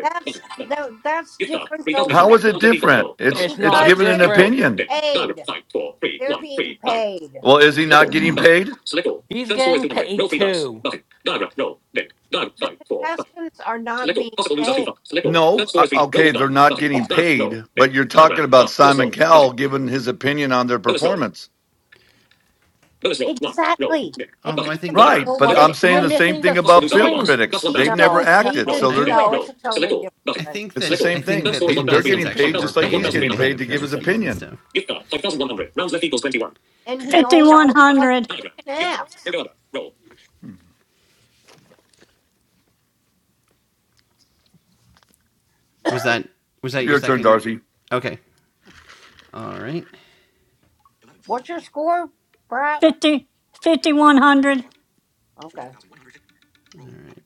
That's that, that's different though,
How
Frank,
is it different? It's
it's
it's
not
because
given an
they're
different.
being
opinion.
paid. They're being paid.
Well, is he
*sighs*
not getting
no,
paid?
He's getting paid too.
The contestants are not being paid.
No, Uh, okay, they're not getting paid, but you're talking about Simon Cowell giving his opinion on their performance.
Exactly. And
Although
he
I think
doesn't
Right,
know
but
what it's
I'm saying
You're
the
like.
same
missing the
thing
f-
about film
point.
critics.
He's
They've never
No,
getting
no,
paid
acted,
to
so
it's
I
they're
do
no, it's a
it.
totally different
I
thing.
think
It's the
that I
same
think
thing.
that the
He, they're
contestants
getting
actually
paid
it's
were
just like
not.
paid.
he's
I think
getting
they had
paid to give his
appearance fees and
opinion.
stuff.
And he always looks like
5100.
a freaking ass.
Was that was that your
Your turn,
second?
Darcy.
Okay, all right,
What's your score, Brad?
Fifty fifty one hundred.
Okay.
all right.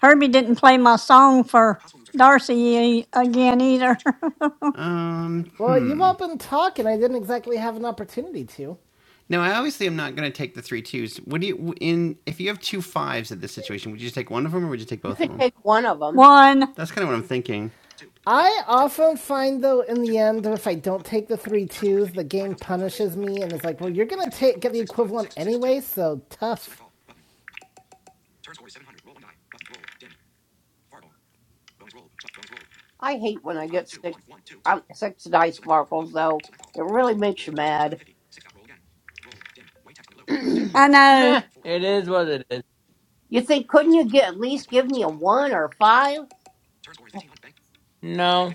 Herbie didn't play my song for Darcy again either. *laughs*
Um,
Well, you've
hmm.
all been talking. I didn't exactly have an opportunity to.
Now I obviously am not going to take the three twos. What do you in if you have two fives in this situation? Would you just take one of them or would you take
You
both
could
of them?
take one of them.
One,
That's kind of what I'm thinking.
I often find though in the end if I don't take the three twos, the game punishes me and is like, well, you're gonna take get the equivalent anyway, so tough.
I hate when I get six um, six dice sparkles though. It really makes you mad. *clears throat* you
I know.
Meh, it is what it is.
think couldn't you get at least give me a one or a five?
No.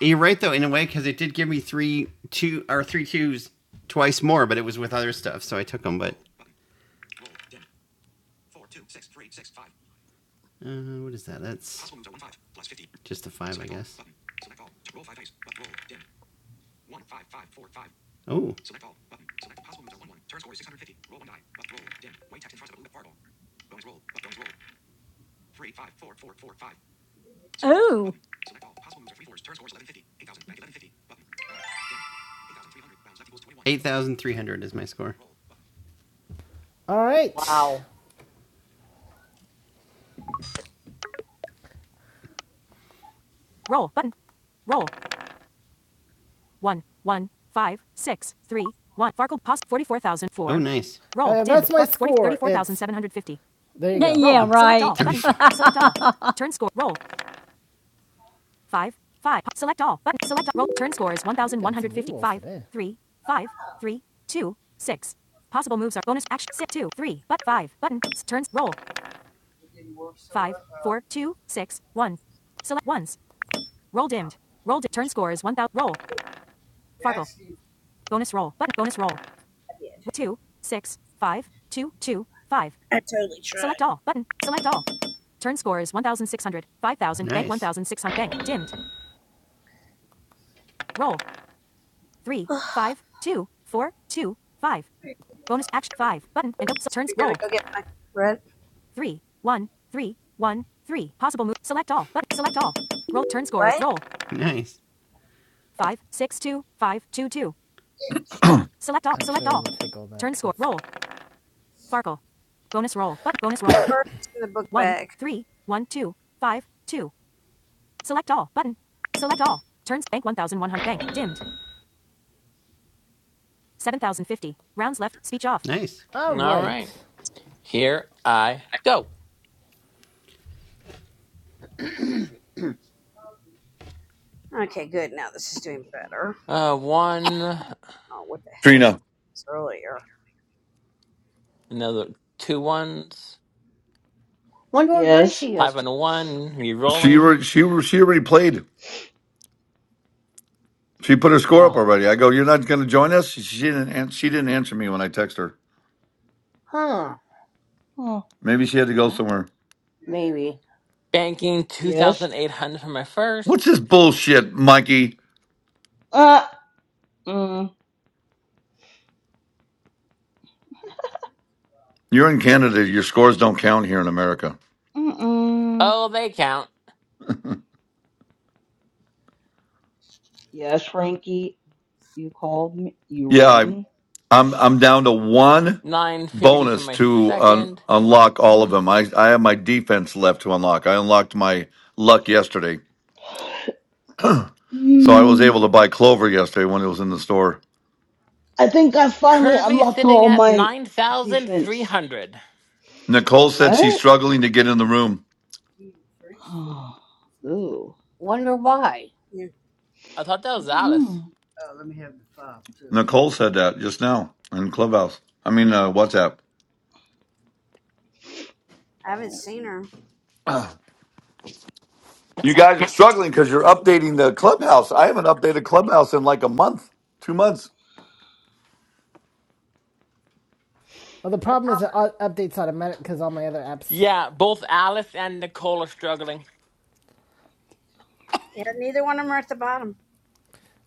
You're right though, in a way, because it did give me three two or three twos twice more, but it was with other stuff, so I took them. But Uh, what is that? That's just a five, I guess. Oh,
Ooh,
8,300 is my score.
All right.
Wow.
Roll button. Roll. One, one, five, six, three, one. Farkle pos forty four thousand
Oh,
four.
nice.
Roll. Uh, that's my score. thirty four thousand seven hundred fifty.
yeah,
there you go.
yeah,
Roll. Select
right.
all button.
34.
Select all.
*laughs*
Turn score. Roll. five, five. Select all button. Select all. Roll. Turn score is one thousand one hundred Got Three, five, three, two, six. Possible moves are bonus action. Sit two, three, but five button. S- Turns roll. Five, four, two, six, one. Select ones. Roll dimmed. Roll di- Turn score is one thousand. Roll. Farkle. Bonus roll. Button. Bonus roll. Two, six, five, two, two, five. Select all button. Select all. Turn score is 1,600, 5,000, bank
Nice.
1,600, bank, dimmed. Roll. three, five, two, four, two, five. Bonus action five button and go so turns roll three, one, three, one, three. Possible move select all button select all. Roll turn scores roll
Nice.
five, six, two, five, two, two. Select all select all. Turn score roll Farkle. Bonus roll but bonus roll *coughs* one, three, one, two, five, two. Select all button. Select all. Turns bank 1100 bank dimmed 7050 rounds left speech off.
Nice.
All
All right.
right.
Here I go.
*clears throat*
Uh, one,
Trina.
another two ones,
Wonder where
Yes.
Gracie is.
five and
Today.
a one,
She
re-rolling.
re, she re- she already played. She put her score up
Wow.
already. I go, you're not going to join us. She didn't. An- she didn't answer me when I text her.
Huh.
Huh.
Maybe she had to go somewhere.
Maybe.
Banking
Yes. Yes.
2,800 for my
What's
first.
this bullshit, Mikey?
Uh. Mm.
You're in Canada. Your scores don't count here in America.
Mm.
Oh, they count.
Yes, Frankie, you called me. You
Yeah, I,
rang.
I'm I'm down to one
950 for
bonus
my
to un-
second.
unlock all of them. I I have my defense left to unlock. I unlocked my luck yesterday. So I was able to
Mm,
buy clover yesterday when it was in the store.
I think I finally
Currently
unlocked
sitting
all
at
my defense.
9,300.
Nicole said she's
What?
struggling to get in the room.
Oh, ooh.
Wonder why.
I thought that was Alice.
Hmm.
Nicole said that just now in Clubhouse. I mean, uh, WhatsApp.
oh,
You guys are struggling because you're updating the Clubhouse. I haven't updated Clubhouse in like a month, two months.
Well, the problem is it updates automatic because all my other apps.
Yeah, both Alice and Nicole are struggling.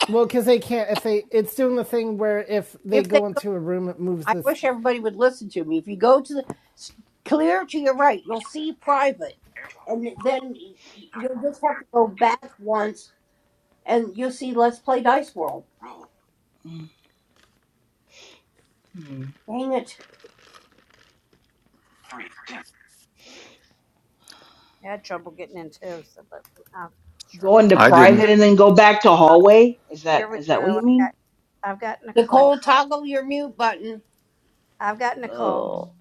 Well, because they can't if they. It's doing the thing where if they
If they
go
go,
into a room, it moves
I
this
wish everybody would listen to me. If you go to the s- clear to your right, you'll see private, and then y- y- you'll just have to go back once, and you'll see Let's Play Dice World.
mm, hmm.
Dang it,
Go into
I didn't.
private and then go back to hallway? Is that is that what you mean?
Nicole! Toggle your mute button.
Oh.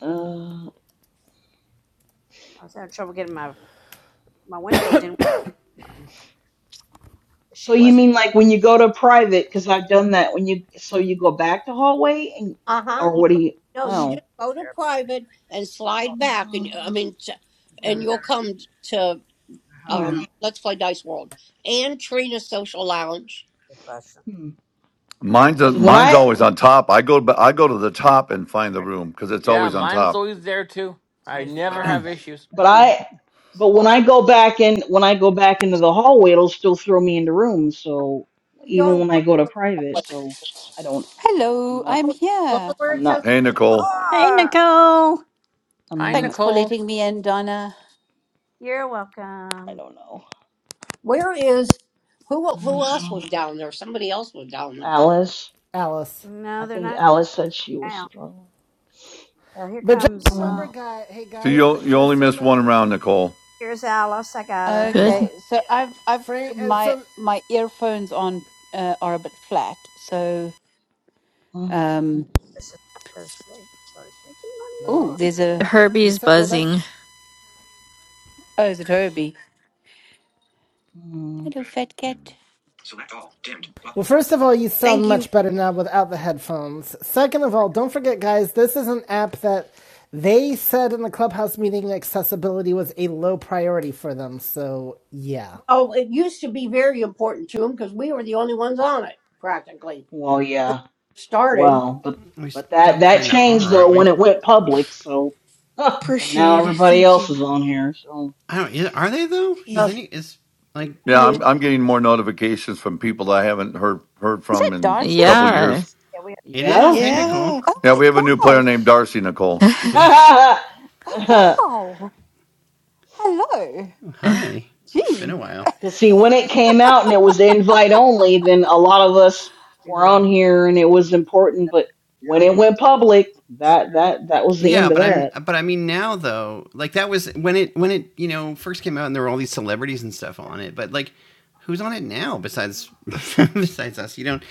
Uh, so you mean like when you go to private? Because I've done that. When you so you go back to hallway and
Uh huh.
or
You,
what do you?
No, you just
Oh.
go to private and slide back, and
Uh,
I mean, t- and you'll come to um,
hmm.
Let's Play Dice World and Trina's Social Lounge.
Mine's uh
Because when
mine's
I,
always on top. I go I go to the top and find the room because it's
Yeah,
always on
mine's
top.
always there too. I never have issues.
but I, but when I go back in, when I go back into the hallway, it'll still throw me into rooms. So
You
even
don't
when I go to private, so I don't, I'm
Hello,
not,
I'm
go
here.
where
I'm
it says
not
Hey
following
Nicole,
you.
hey, Nicole.
I'm
Hi,
Thanks
not.
for
Nicole.
letting me in, Donna.
I don't know.
Where is who?
I
Who
don't
else was
know.
down there? Somebody else was down there.
Alice,
Alice.
I think Alice said she was struggling.
But just
Mm,
remember, guy. Hey
so
guys, but
you you only
just
missed one
remember.
round, Nicole.
Good.
Yeah,
Okay, so I've I've
Frank. Uh,
my
so
my earphones on uh, are a bit flat. So
mm,
um
all
oh,
right,
there's a
you
Herbie's
said. Well, that's.
buzzing.
oh, is it Herbie?
mm.
Hello, fat cat.
Select all. Dimmed. Button.
Well, first of all, you
Thank
sound
you.
much better now without the headphones. Second of all, don't forget, guys, this is an app that they said in the clubhouse meeting accessibility was a low priority for them. So, yeah.
Well, it used to be very important to them because we were the only ones on it practically.
Well,
When
yeah.
it started,
Well, but
We
but
still
that that
kind of
changed
are, aren't
though when
we?
it went public. So, *laughs* and now
Appreciate it.
everybody
Thank
else
you.
is on here. So
I don't. Is, are they though? Does
uh,
Jeez.
any is like
Yeah,
the
I'm I'm getting more notifications from people that I haven't heard heard
Is
from
that
in a
Darcy?
couple
Yeah.
years.
it
yeah.
is? Hey, Nicole.
Yeah.
Oh
Yeah,
my
we have a new player named
gosh!
Darcy
*laughs*
Nicole.
*laughs*
Oh
Because,
wow! Hello.
Hi. It's been
Gee,
a while.
see, when it came out and it was invite only, then a lot of us were on here and it was important. But when it went public, that that that was the
Yeah,
end of
but I'm
that.
but I mean now though, like that was when it when it, you know, first came out and there were all these celebrities and stuff on it, but like who's on it now besides *laughs* besides us? You don't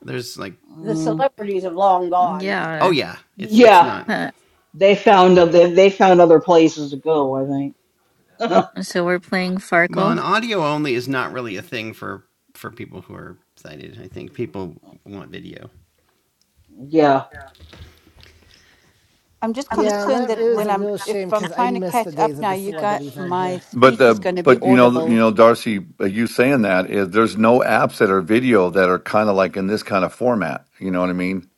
there's like
the
Mm.
celebrities have long gone.
oh
yeah.
yeah, it's it's
Yeah,
not.
Huh.
they found other they, they found other places to go. I think. *laughs*
So we're playing
Well, an
Farkle?
audio only is not really a thing for for people who are sighted. I think people want video.
yeah,
I'm just
Yeah,
yeah,
and
concerned
that
that
it was
when
a
I'm
real shame
if I'm
because I
trying to
miss the
catch
days
up
of
now,
the
you got
celebrities on
my
here.
But
speech is
the
going to be
but you know you
audible.
know Darcy, uh, you saying that is there's no apps that are video that are kind of like in this kind of format. You know what I mean?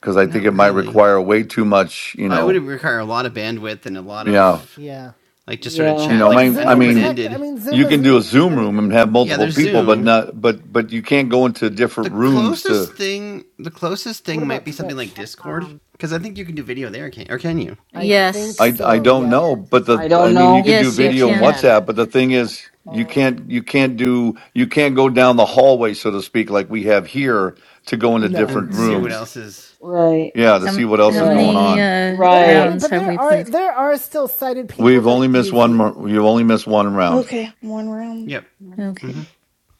Because I think
Not
it might
really.
require way too much. You
Oh, it would
know,
require a lot of bandwidth and a lot
yeah.
of
Yeah.
like just sort of
You
yeah.
know,
chat,
Well,
I
like
mean,
an
I
Yeah.
Zoom
open
mean,
tech. I
ended.
mean, Zoom
you can do
isn't.
a Zoom
I mean,
room and have
Yeah,
multiple
there's
people, but
Zoom,
not but but you can't go into different
the
rooms to
closest thing, the closest
what
thing might
about
be something
Twitch?
like Discord, because I think you can do video there, can or can you?
I think
Yes.
I I
so.
don't
Yep.
know, but the
I
I
don't
mean you could
know.
do
Yes, you
Yes,
video
you
and
can.
can.
WhatsApp, but the thing is you can't you can't do you can't go down the hallway so to speak like we have here to go into
No.
different
And see
Yeah.
what
rooms.
else is.
Right.
Yeah, to
How,
see what else
how
is
Yeah.
going
many
on.
uh,
There. I
Right.
mean,
rounds
but
have
there
we
are
played?
there are still sighted people
We've only
that
missed
use
one.
the.
mo- You've only missed one round.
Okay. One round.
Yep.
One round.
Mm-hmm.
Okay.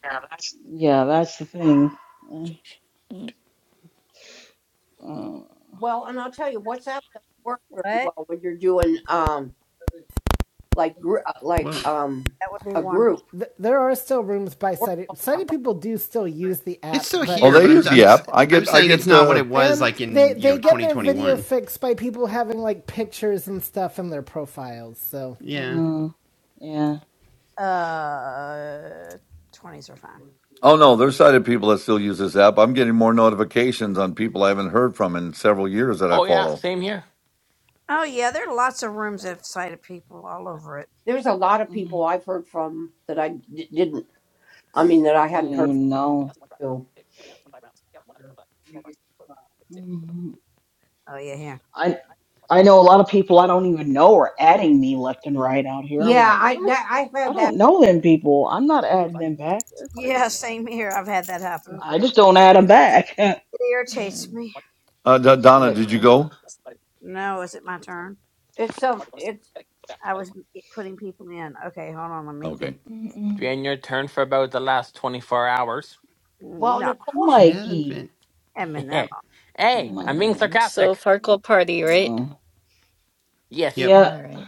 Yeah, that's-
Yeah. That's the thing. Uh,
Mm,
uh,
Well, and I'll tell you, WhatsApp doesn't work very well when you're doing. um. like gr- uh, like
Whoa.
um a group
th- There are still rooms by
work on
sighted
that
sighted
one.
people do still use the
It's
app,
still
Oh,
but
here,
they
but I'm
use
I'm
the app. I
I'm
get I
saying it's
get.
not what
Uh,
it was
and
like
they
in you
they
know
get their video
2021.
fixed by people having like pictures and stuff in their profiles. So
Yeah,
uh, yeah.
oh no, there's sighted people that still use this app. I'm getting more notifications on people I haven't heard from in several years that I
Oh, yeah,
follow.
same here.
There's a lot of
mm.
people I've heard from that I d- didn't. I mean that I
I don't
hadn't heard from.
even know. Mm, I I know a lot of people I don't even know are adding me left and right out here. I'm
Yeah,
like,
I
what?
that, I've
I
had that.
don't know them people. I'm not adding them back. They're crazy. I just don't add them back. *laughs* it's
mm,
Uh, D- Donna,
like,
did you
ugh,
go?
It's some. It's
Okay.
mm-mm.
Been your turn for about the last 24 hours.
well, Nicole.
it
Should,
hasn't
Mikey,
been.
*laughs* hey, I'm being
Mikey.
mm. So
sarcastic.
Farkle party, right?
Mm.
Yes.
Yep.
Yeah,
All right.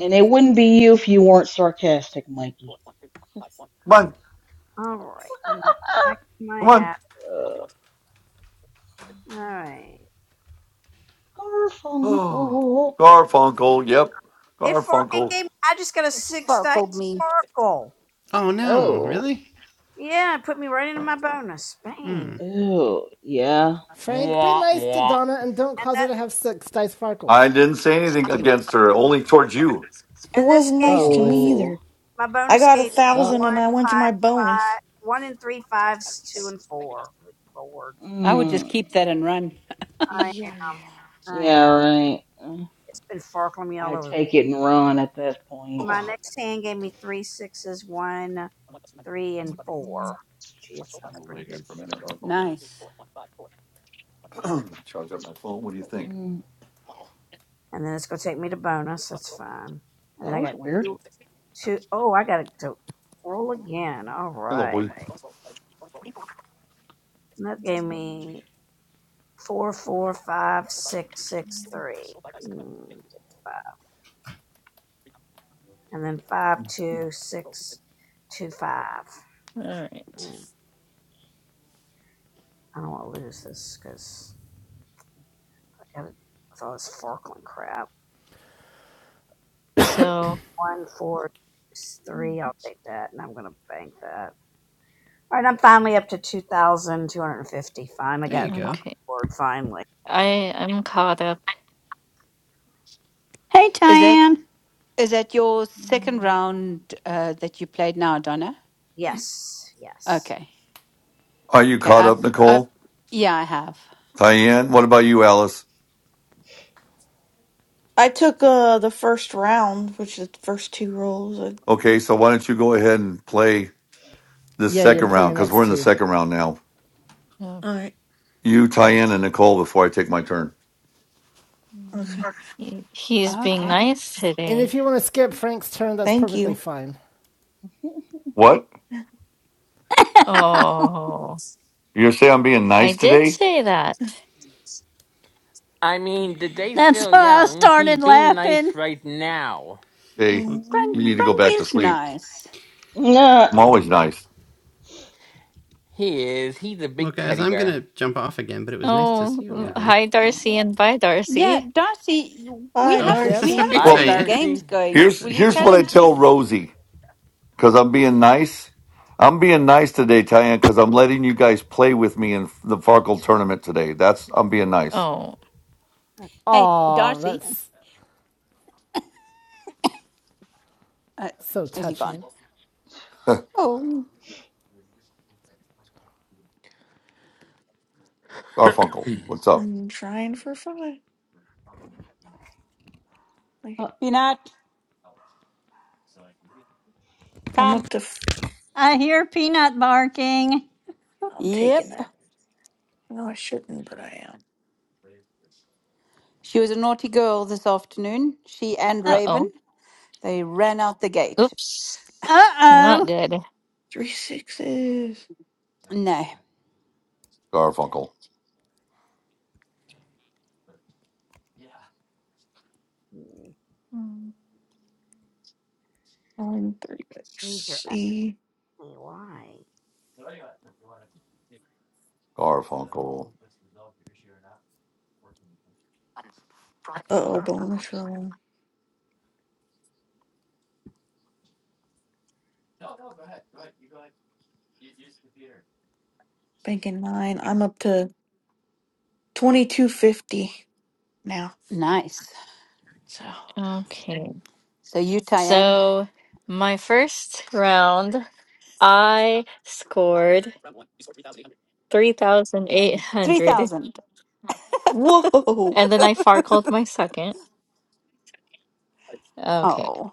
and it wouldn't be you if you weren't sarcastic, Mikey.
Come on,
*laughs*
come on.
Uh,
*sighs* Oh,
Garfunkel.
Garfunkel. Yep, Garfunkel.
Fuck, hold me.
Oh no,
Oh,
really? Mm,
ew, yeah.
Frank, be
Mwah,
nice to
mwah.
Donna and don't cause her to have six dice
I
sparkles.
didn't say anything against her, only towards you.
It wasn't nice
Oh,
to
I
me
see.
Oh,
either. I got a
wow.
Well,
thousand and I went to my bonus.
I would just
Mm,
keep that and run.
Yeah, yeah.
yeah, right. Mm, I take it and run at that point.
Oh,
Mm,
I'm gonna lay here for a minute, Garfunkel.
Nice.
*clears throat* I'm gonna Charge up my phone. What do you think?
mm, that was weird.
Hello, boy.
All right. So,
there you go.
okay. I I'm caught up.
Hey,
Is that
Tan.
is that your second
Mm,
round uh, that you played now, Donna? Okay.
Are you
Okay.
caught
I've
up,
I've
Nicole?
yeah, I have.
Diane, what about you, Alice?
I took uh the first round, which is the first two rolls. I-
Okay, so why don't you go ahead and play this
yeah, you
second
play
round
your
mm,
because we're
next
in the
two.
second round now.
Oh,
Alright.
You, Diane, and Nicole before I take my turn.
Okay.
mm.
he- He's being
Okay.
nice
And
today.
if you want to skip Frank's turn, that's
Thank
perfectly
you.
fine.
*laughs*
What?
Oh.
You're saying I'm being
I
nice
did
today?
say that.
I mean, the day's
That's
still
why I
young. He's
started
being
laughing.
nice right now.
Hey,
Well,
Frank
you need to
One.
go
Frank
back to
is
sleep.
nice.
Nah.
I'm always nice.
He is. He's a
well,
big
guys,
teddy
I'm
bear.
gonna jump off again, but it was nice to
Oh,
see you all
mm,
again.
hi, Darcy, and bye,
Yeah,
Darcy.
Darcy, we
Bye,
Oh, *laughs*
haven't
Yep.
we
sorry,
Darcy.
haven't
Bye,
got
Well.
any
Diane.
games
Darcy.
going.
Here's
Will you
here's what I
challenge
tell
me?
Rosie because I'm being nice. I'm being nice today, Tyann, because I'm letting you guys play with me in the Farkle tournament today. That's I'm being nice.
Oh,
Hey,
Aw,
Darcy,
that's
uh,
so
is he gone?
touching.
*laughs*
Oh,
Garfunkel, what's up,
I'm trying for five. Like
Oh,
Peanut,
I'm
come.
up to. F-
I hear peanut barking.
I'm taking
Yep.
that. No, I shouldn't, but I am.
She was a naughty girl this afternoon. She and
Uh
uh
Raven,
oh.
they ran out the gate.
Oops. Not
oh.
good.
Three sixes.
No.
Garfunkel?
Mm.
One, three, six, see.
Garfunkel,
Uh oh, bonus roll. Banking nine. I'm up to 2250 now.
Nice.
So,
Okay.
So you, Tyann,
So, my first round, I scored 3,800,
3,000.
whoa.
and then I farkled my second. Okay.
Oh,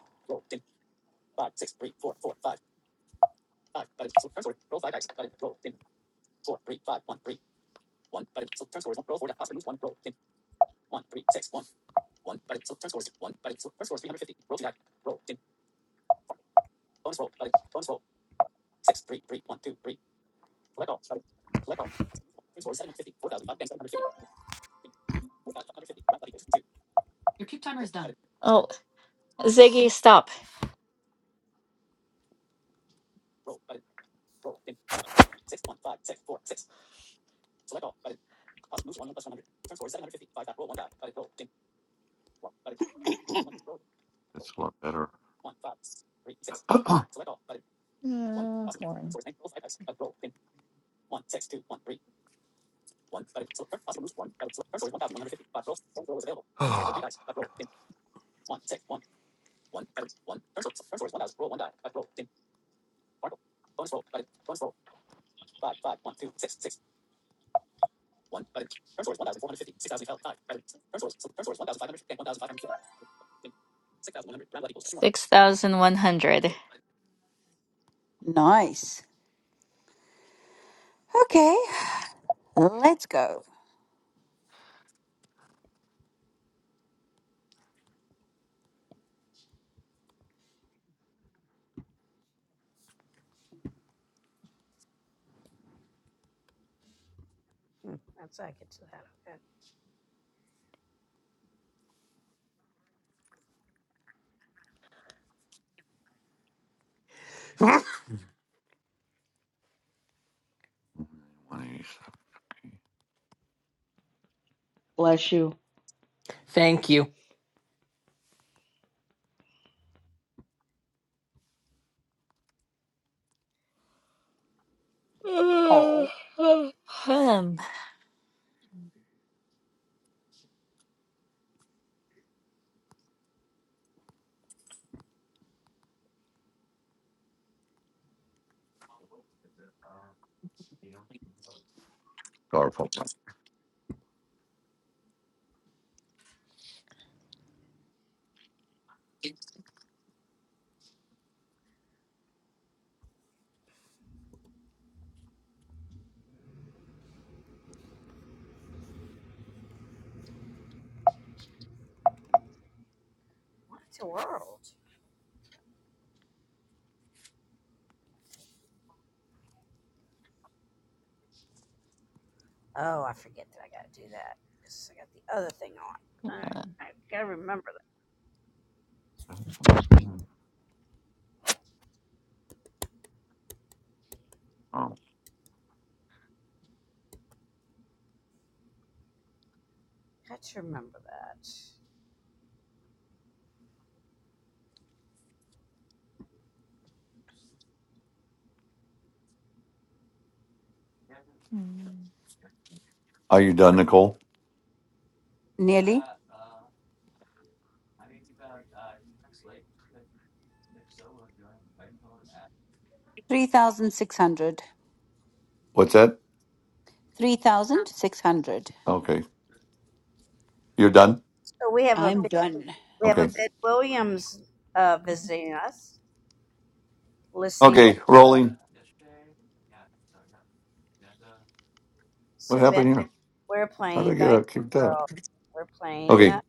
Oh, Ziggy, stop.
it's a lot better. *clears throat*
Mm, 6,100.
nice. Okay, let's go.
*laughs*
bless you.
Thank you.
Oh,
*sighs* Hmm.
Garfunkel,
Uh, mm,
are you done, Nicole?
nearly 3,600.
What's that?
3,600.
Okay, you're done.
I'm done.
Okay, okay, rolling. What happened here? How did I get out kicked out? Okay,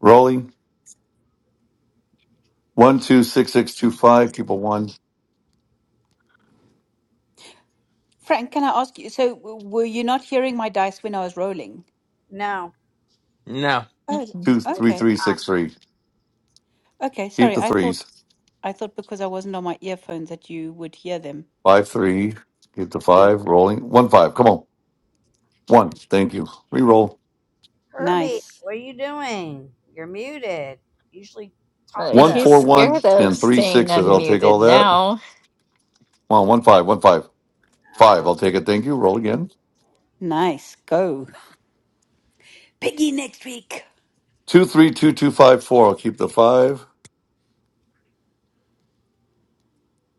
rolling. One two six six two five. Keep a one.
Frank, can I ask you? So, w- were you not hearing my dice when I was rolling?
No.
Oh,
mm-mm.
two three
okay.
three six three.
Okay,
Keep
sorry.
the
I thought
threes.
I thought because I wasn't on my earphones that you would hear them.
Five three. Keep the five. Rolling one five. Come on. One. Thank you. Reroll.
Nice.
Uh,
One
he's
four one
scared of
and three
staying
sixes. I'll take
unmuted
all that. Come
now.
on. One five. One five. Five. I'll take it. Thank you. Roll again.
Nice. Go. Piggy next week.
Two three two two five four. I'll keep the five.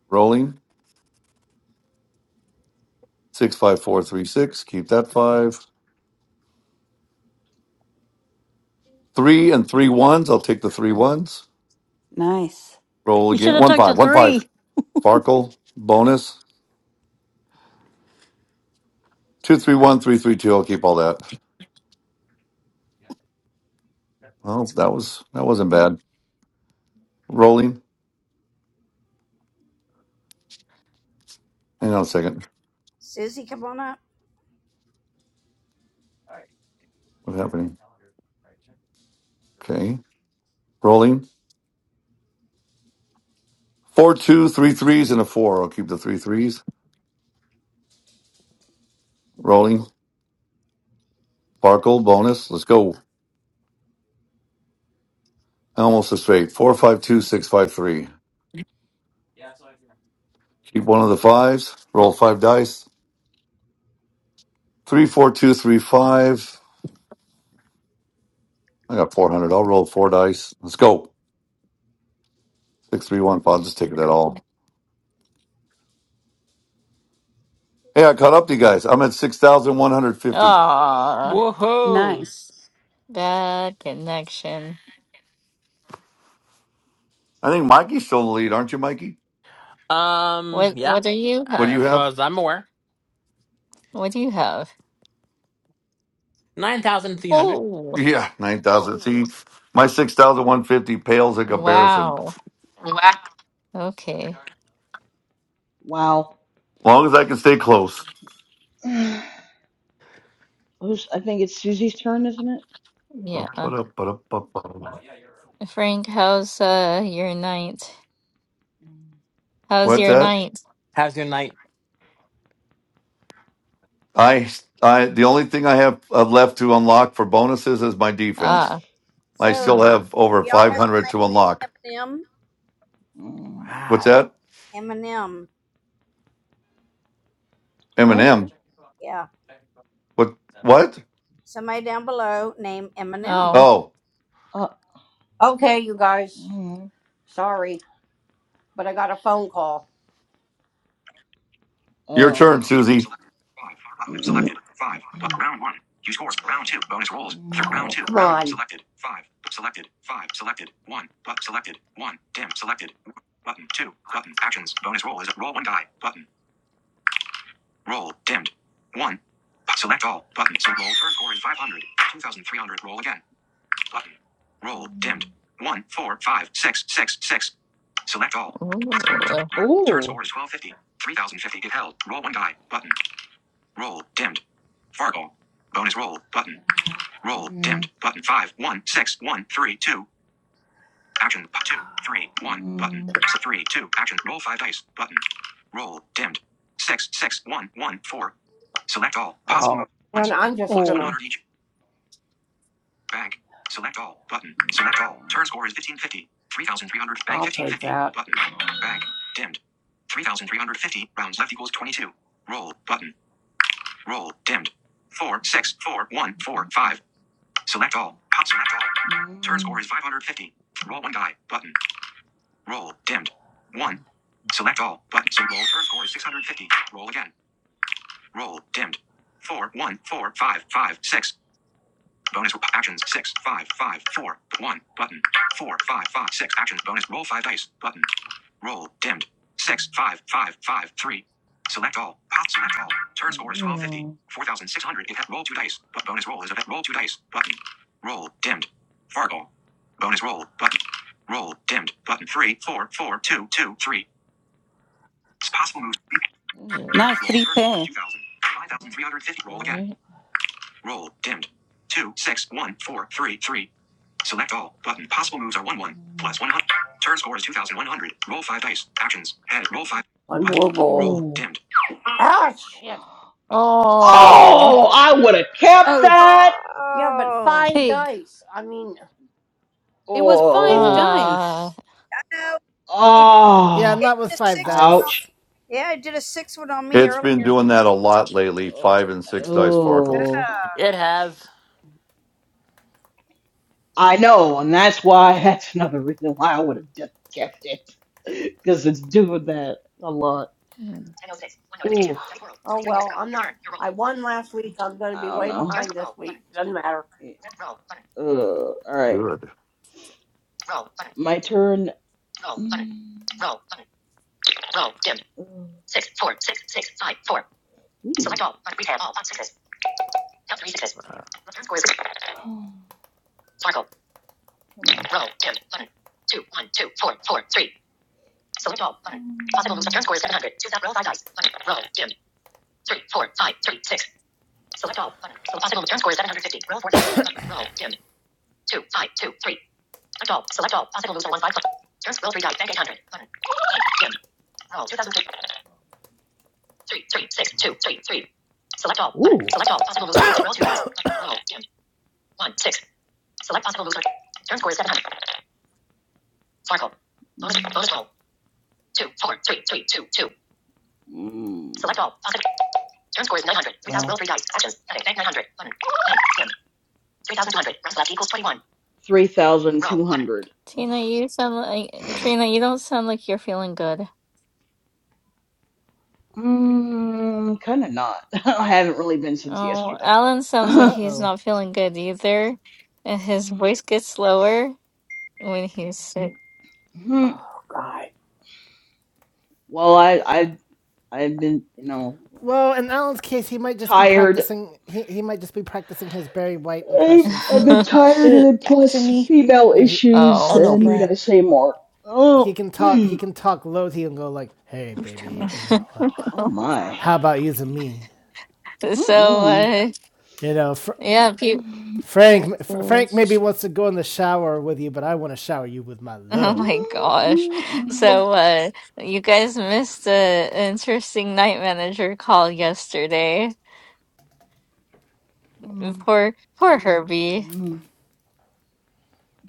Rolling. Six five four three six. Keep that five. Three and three ones. I'll take the three ones.
Nice.
Roll
You should
again.
have
One
took the
five. One five.
three.
Farkle. Bonus. Two three one three three two. I'll keep all that. Well, that was that wasn't bad. Rolling. Hang on a second. What's happening? Okay. Rolling. Four, two, three threes, and a four. I'll keep the three threes. Rolling. Sparkle bonus. Let's go. Almost a straight. Four, five, two, six, five, three. Keep one of the fives. Roll five dice. Three, four, two, three, five. I got 400. I'll roll four dice. Let's go. Six, three, one, five. I'll just take it at all. Hey, I caught up to you guys. I'm at 6,150.
Aw,
Woohoo!
Nice.
bad connection.
I think Mikey's still in the lead, aren't you, Mikey?
Um,
What
yeah,
what do you ha
What do you
as
have?
far as I'm aware.
what do you have?
9,300.
Oh,
Yeah, nine thousand. See, my six thousand one fifty pales in comparison.
wow. Okay.
Wow.
long as I can stay close.
*sighs* Who's, I think it's Susie's turn, isn't it?
Yeah.
What's
Frank, how's uh your night? How's your
that?
night?
How's your night?
I, I, the only thing I have uh, left to unlock for bonuses is my defense.
Ah,
I still
Mm,
have over five hundred to unlock.
mm.
What's
Wow.
that?
What?
Eminem. What? What?
oh.
Oh,
Uh,
okay, you guys.
mm,
Sorry, but I got a phone call.
your
oh.
Fargo
turn,
bonus tournament
Susie.
selected. Five.
*clears throat*
Button selected. Five. But round one. You scores. Round two. Bonus rolls. Third
Mm.
round two. round Selected. Five. Selected. Five. Selected. One. But selected. One. Dim. Selected. Button two. Button actions. Bonus roll is a roll one die. Button. Roll. Dimmed. One. select all. Button. So roll first score is 500. 2300. Roll again. Button. Roll. Dimmed. One. Four. Five. Six. Six. Six. Select all.
Ooh.
Turn
Ooh.
score is 1250. 3050 if held. Roll one die. Button. Roll dimmed. Fargo. Bonus roll button. Roll dimmed
Mm.
button five one six one three two. Action two three one button.
mm.
Three two action roll five dice button. Roll dimmed. Six six one one four. Select all. Possible. Oh. And I'm just gonna
Oh,
100 each. Bank. Select all button.
Yeah.
Select all. Turn score is fifteen fifty. Three thousand three hundred. Bank fifteen fifty. Button. Bank dimmed. Three thousand three hundred fifty. Rounds left equals twenty two. Roll button. Roll. Dimmed. Four, six, four, one, four, five. Select all. Cut. Select all. Turn score
Mm.
is 550. Roll one die. Button. Roll. Dimmed. One. Select all. Button. So roll. Turn score is 650. Roll again. Roll. Dimmed. Four, one, four, five, five, six. Bonus actions six five five four one button four five five six actions bonus roll five dice button roll dimmed six five five five three select all pop select all turn score is 1250
Oh,
4600 if that roll two dice but bonus roll is a roll two dice button roll dimmed fargo bonus roll button roll dimmed button three four four two two three possible moves
good.
nice.
roll
Three
turn score is
pair.
2000 5350 roll again
Right?
Roll. Dimmed. Two, six, one, four, three, three. Select all. Button. Possible moves are 1, 1.
Mm.
Plus 100. Turn score is 2100. Roll 5 dice. Actions. Head. Roll 5. One more roll. Roll.
Ooh.
Dimmed. Ah, shit.
Oh,
Oh.
Oh, I would have kept
Oh,
that.
Yeah, but 5
pig.
dice. I mean,
It was five
Oh.
Ah.
dice.
Yeah,
Oh.
not with five
Ouch.
dice.
*laughs*
it's been doing that a lot lately.
Uh,
Five and six dice sparkles.
Oh.
It has.
I know, and that's why, that's another reason why I would have just kept it. *laughs* Because it's doing that a lot. Ooh.
oh well, I'm not. I won last week. I'm going to be
I don't
way behind this
know.
week. Doesn't matter.
Eh, Uh, all right.
Good.
My turn. Roll, Roll, Roll, Roll, Roll Roll, Roll button. button. button. dim. dim, dim. Select Select Select all. all. all. sixes. Count Three sixes. Two score score score is. is is Sparkle. Possible Possible moves. Return score is seven hundred. Choose that. Roll five dice. Button. Roll. Dim. Three. Four. Five. Three. Six. Select all. Button. So possible return score is seven hundred fifty. Roll four Mm. Ugh. Ooh. Mm. All. Select all. Possible moves are one five. Turn scroll three dice. Bank eight hundred. Button. Dim. Roll two thousand three. Three three six two three three. Select all. Ooh. Select all. Possible moves are roll two dice. Roll. Dim. One six. Select possible moves are. Turn score is seven hundred. Sparkle. Bonus. Bonus roll. Two four three three two two. Mm. Select all. Possible. Turn score is nine hundred. Three thousand. Roll three dice. Actions. Bank nine hundred. Button. Bank. Three thousand two hundred. Rounds left equals twenty one. Three thousand two hundred.
Tina, you sound like Trina, you don't sound like you're feeling good.
Mm, kind of not. *laughs* I haven't really been since
Oh,
yesterday.
Alan sounds like
Uh
*laughs*
he's
oh.
not feeling good either, and his voice gets lower when he's sick.
Mhm.
Oh, God.
Well, I, I, I've been, you know,
Well, in Alan's case, he might just be
tired.
practicing. He, he might just be practicing his Barry White
I've,
impression.
I've
So,
been
*laughs*
tired,
Uh,
and then
back to
plus
me.
female
you know, he
issues.
Oh
Oh.
no,
Uh,
he
need
Brat.
I say more?
he
Oh,
can talk. He
mm,
can talk low. He can go like, "Hey,
Whose turn
baby,
it is?
you know,
*laughs*
uh,
oh my.
how about using me?
So,
Mm-mm.
uh,
You know, for
yeah, people,
Mm,
Frank,
Brat
Frank
was.
maybe wants to go in the shower with you, but I want to shower you with my
*laughs* oh
love.
my
mm,
gosh.
mm.
So, uh, you guys
Oh,
missed a
Lord.
interesting night manager call yesterday.
Mm,
Poor, poor Herbie.
mm,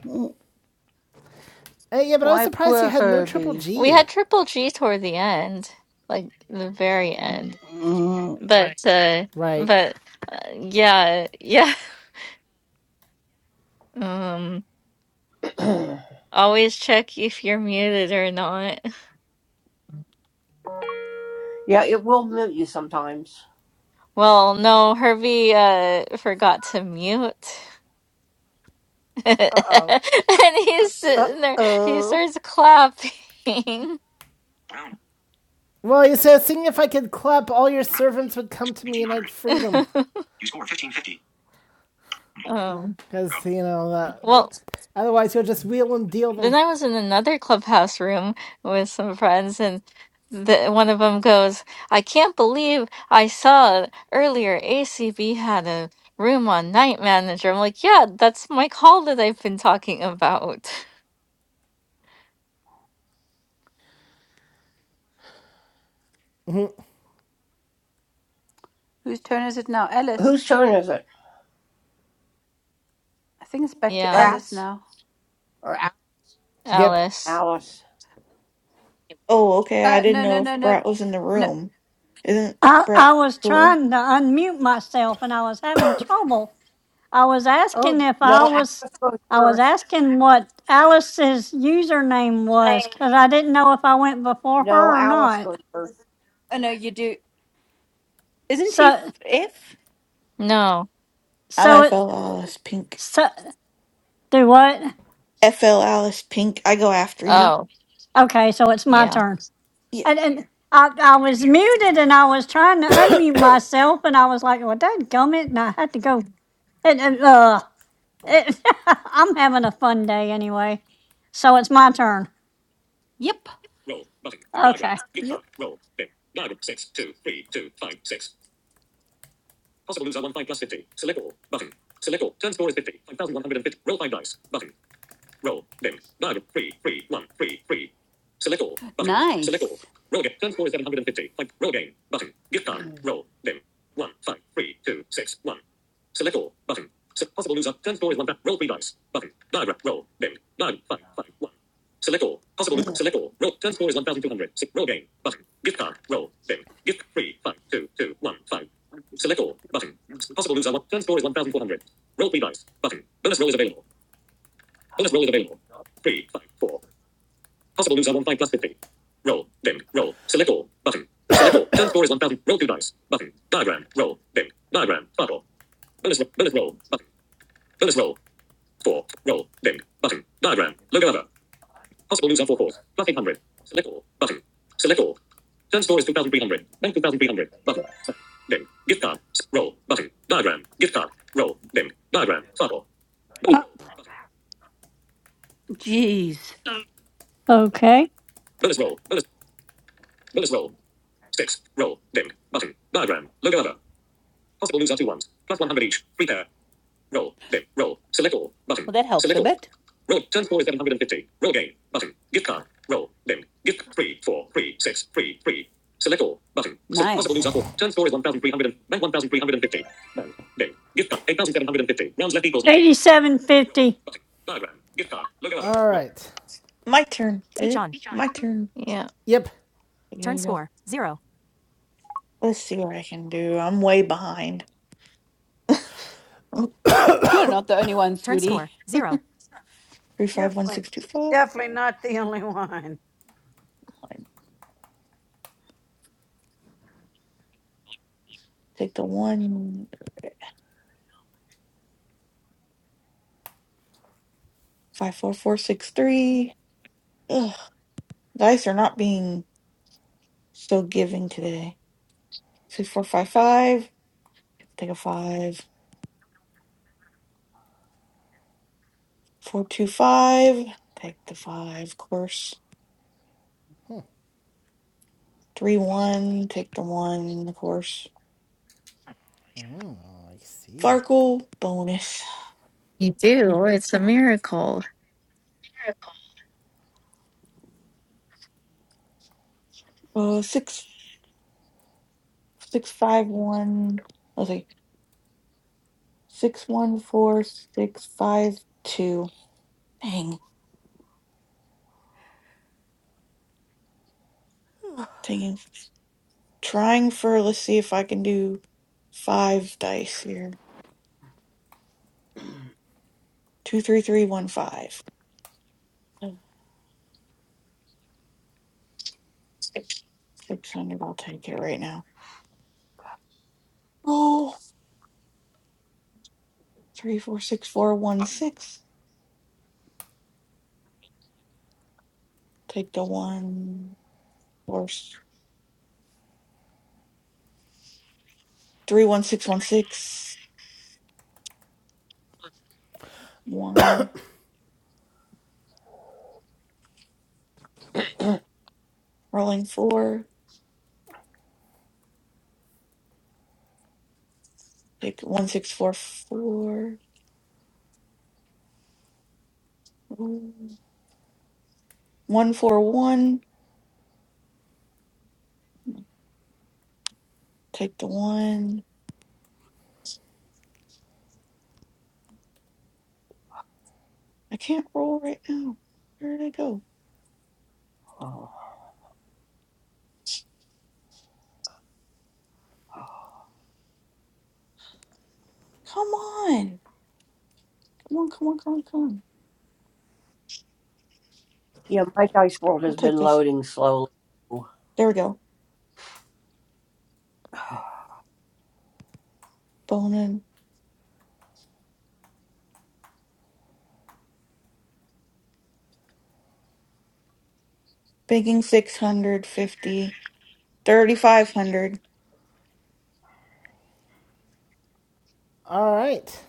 mm,
Hey, yeah, but I was
Why,
surprised you
poor
had no triple
Herbie.
We had
G.
Triple G toward the end, like the very end.
mm.
But uh
Right.
but uh, yeah, yeah. *laughs* Um
*clears throat*
always check if you're muted or not.
yeah, it will mute you sometimes.
Well, no, Herbie uh forgot to mute. *laughs* And he's
Uh
sitting there, he
oh.
starts clapping.
Round.
Well, you said, seeing if I could clap, all your
Round.
servants would come to me and I'd
1800.
free them.
*laughs*
You score 1550.
Um
Roll.
Because, you know, uh,
well
otherwise you'll just wheel and deal them.
Then I was in another clubhouse room with some friends, and the, one of them goes, I can't believe I saw earlier ACB had a room on Night Manager. I'm like, yeah, that's my call that I've been talking about. *laughs*
Whose turn is it now?
Whose
Alice.
turn is it?
I think it's back to
Yeah,
Alice
Rats
now.
or
Yep.
Alice.
Alice?
Oh, okay. I
Uh,
didn't
no, no,
know if
no, no.
Brat was in the
No.
room. Isn't
I,
Brat
I was
cool?
trying to unmute myself and I was having trouble. I was asking
Oh,
if
No,
I was,
Alice goes
I was
first.
asking what Alice's username
oh
was because I didn't know if I went before
No,
her or
Alice
not.
goes first.
no, you do. Isn't she f-
So,
F?
No.
so
I'm
it,
FL Alice Pink.
so do what?
FL Alice Pink. I go after you.
Oh,
Okay, so it's my
yeah.
turn.
Yeah.
And and I, I was muted and I was trying to unmute myself and I was like, well, dadgummit, and I had to go. And, and uh, it, *laughs* I'm having a fun day anyway. So it's my turn.
Yep.
Roll button. Okay.
Yep.
Roll. Big. Nine. Six. Two. Three. Two. Five. Six.
Nice.
Button. *sighs*
Uh,
Jeez.
okay.
Well, that helps a bit. Nice.
Big. Gift card. Eight thousand seven hundred and fifty. Rounds left equals Eighty-seven fifty.
All right.
My turn. Is
Speech
it?
on.
My turn.
Yeah.
Yep.
There
Turn
you go.
score, 0.
Let's see what I can do. I'm way behind.
You're not the only one,
Turn
sweetie.
score, 0.
Three five one six two five. Take the one five four four six three. Ugh, dice are not being so giving today. Six four five five. Take a five. Four two five. Take the five. Of course. Three one. Take the one. Of course.
Oh, I see.
Farkle bonus.
You do. It's a miracle.
Uh, six six five one. Let's see. Six one four six five two. Dang. Taking. Trying for, let's see if I can do five dice here. Two, three, three, one, five. Six hundred, I'll take it right now. Roll. Three, four, six, four, one, six. Take the one. Four, s- three, one, six, one, six. One. Rolling four. Take one, six, four, four. Roll. One, four, one. Take the one. I can't roll right now. Where did I go?
Oh.
Come on. Come on, come on, come on, come on.
Yeah, my dice world
I'll
has
take
been
this.
loading slowly. *sighs*
There we go. Bonin. Banking 650. 3,500.
All right.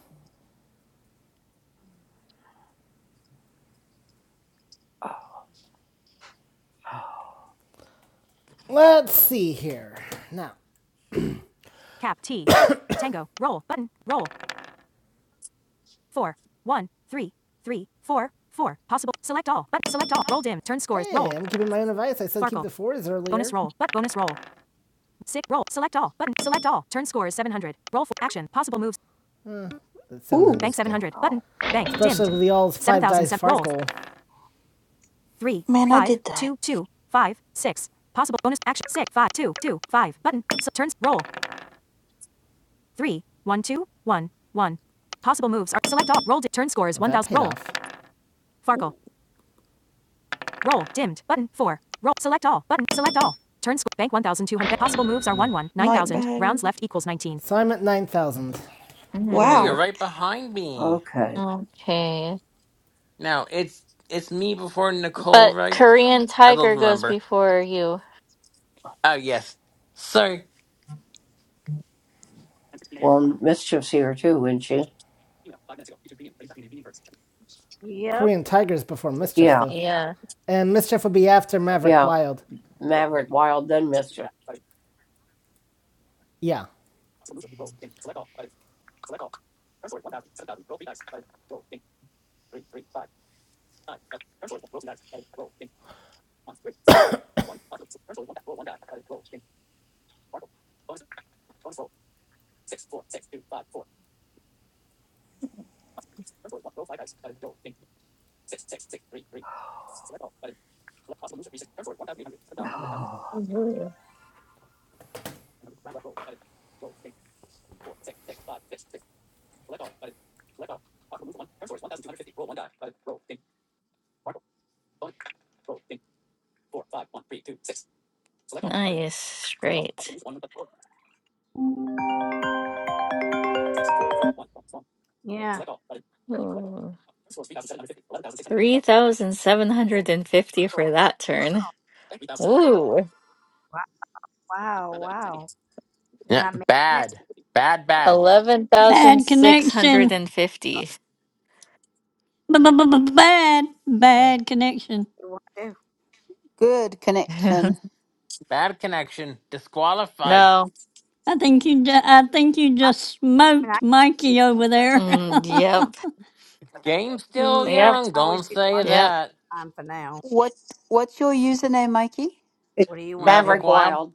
Let's see here. Now, Cap T. *coughs* Tango. Roll. Button. Roll. four, one, three, three, four, four. Possible. Select all. But select all. Roll dim. Turn scores. Hey, Roll. I'm keeping my own advice. I said Farkle. keep the fours earlier. Bonus roll. But bonus roll. Sick. Roll. Select all. Button. Select all. Turn score is 700. Roll for action. Possible moves. 700.
Ooh.
Bank 700. Button.
Wow.
Bank. Especially dimmed. with the all's five dice 7,000. Roll. Farkle. Three,
Man, I
five,
did that.
two, two, five, six. Possible bonus action. Six, five, two, two, five. Button. So turns. Roll. Three, one, two, one, one. Possible moves are select all. Roll. Di- turn scores. Well, 1,000. Roll. Farkle. Roll. Dimmed. Button. 4. Roll. Select all. Button. Select all. Turn score. Bank 1,200. Possible moves are 1 1.
Night
9,000.
bag.
Rounds left equals 19. So I'm at 9,000.
Ooh, you're
Mm,
Wow.
right behind me.
Okay.
okay.
Now it's it's me before Nicole,
But
right?
Korean
I don't
Tiger goes
remember.
before you.
Oh yes. Sorry.
Well, Mischief's here too, isn't she?
Korean Tigers before Mischief,
Yeah,
though.
Yeah.
And Mischief would be after Maverick
yeah.
Wild.
Maverick Wild, then Mischief.
Yeah.
*sighs* Oh.
Nice. Great. Ooh. 3,750 for that turn. Ooh.
Yeah. Bad. Bad bad.
Bad connection.
11,650.
B-b-b-b-bad, bad connection.
Good
*laughs*
connection.
Bad connection. Disqualified.
No.
I think you. Ju- I think you just smoked Mikey over there. *laughs*
Mm, yep.
Game's still
Mm,
Yep.
young, don't say
Yep.
that.
What What's your username, Mikey?
It's
Maverick
Maverick
Wild.
Wild.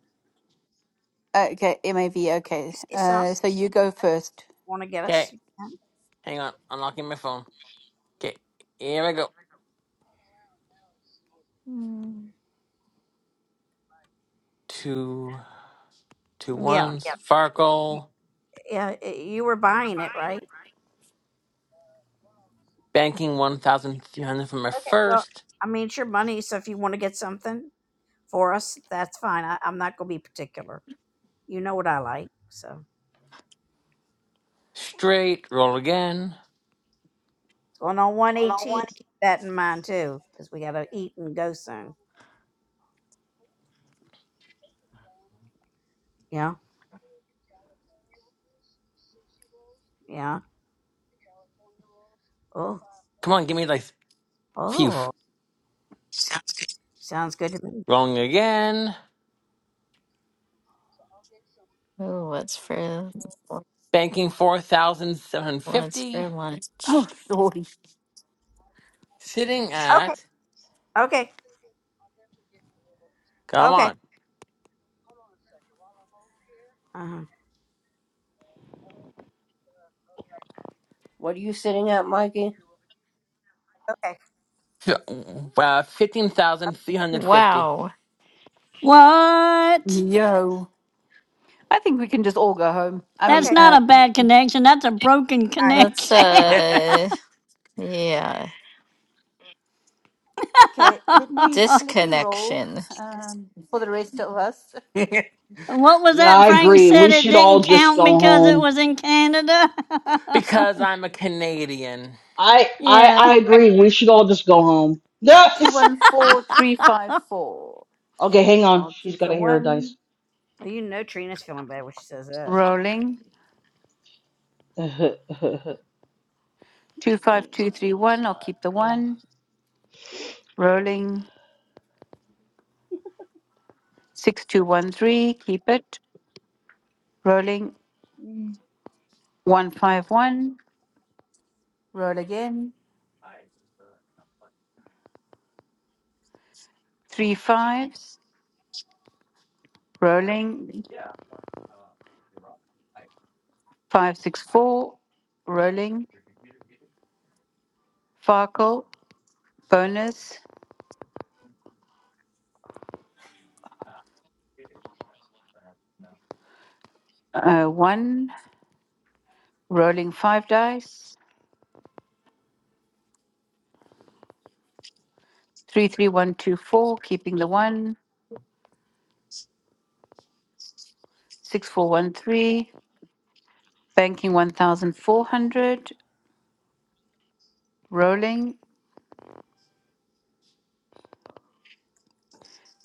Okay, MAV. Okay. Uh, so you go first.
Okay, hang on. Unlocking my phone. Okay, here we go.
Mm.
Two two ones. Farkle. Banking one thousand three hundred for my first. Straight, roll again. Come on, give me like phew. Rolling again.
Ooh, what's for
Banking
what's for
4,750.
lunch?
Oh, sorry.
Sitting at, come on,
What are you sitting at, Mikey?
f- uh, 15,350.
Wow.
what?
Yo. I think we can just all go home. I
That's
mean, uh,
not a bad connection. That's a broken
That's
connection. *laughs*
Yeah.
uh yeah.
okay. Let me let me roll
Disconnection.
um, for the rest of us.
*laughs*
what was
Yeah,
that
I
Frank
agree.
said?
We
It
should
didn't
all just
count
go
because it
home.
was in Canada. *laughs*
because I'm a Canadian.
I I
Yeah,
I agree. We should all just go home.
Two
Yes.
one four three five four.
Okay, hang on.
I'll
She's
keep
got
the
to hear her
one
dice.
rolling.
*laughs* yeah, I'm
Two five two three one. I'll
not.
keep the
ugh.
one rolling. Six two one three. Keep it rolling.
Mm,
One five one. Roll again. Three fives. Rolling. Five, six, four. Rolling. Farkle. Bonus. Uh, one. Rolling five dice. Three, three, one, two, four. Keeping the one. Six, four, one, three. Banking 1,400. Rolling.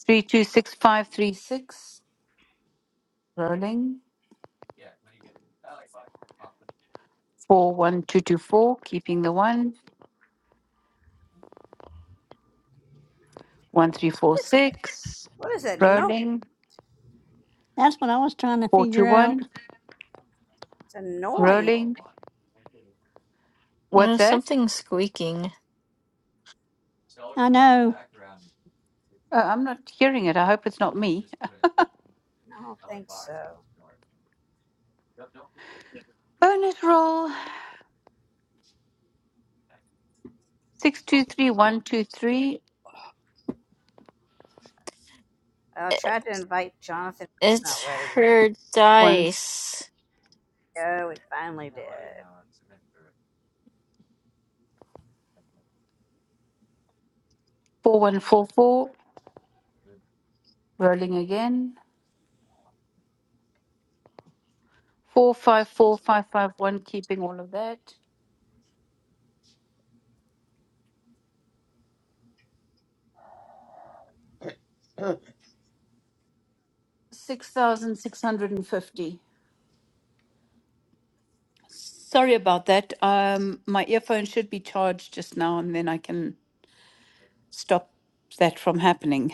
Three, two, six, five, three, six. Rolling. Four, one, two, two, four. Keeping the one. One, three, four, six. Rolling.
that's what I was trying to
Four, two,
figure out.
one. Rolling. What's
Uh,
that?
something squeaking.
I know.
Uh, I'm not hearing it. I hope it's not me. Bonus roll six two three one two three
It's her
one
dice.
four one four four. Rolling again. Four five four five five one. Keeping all of that. Six thousand six hundred and fifty. Sorry about that. Um, my earphone should be charged just now, and then I can stop that from happening.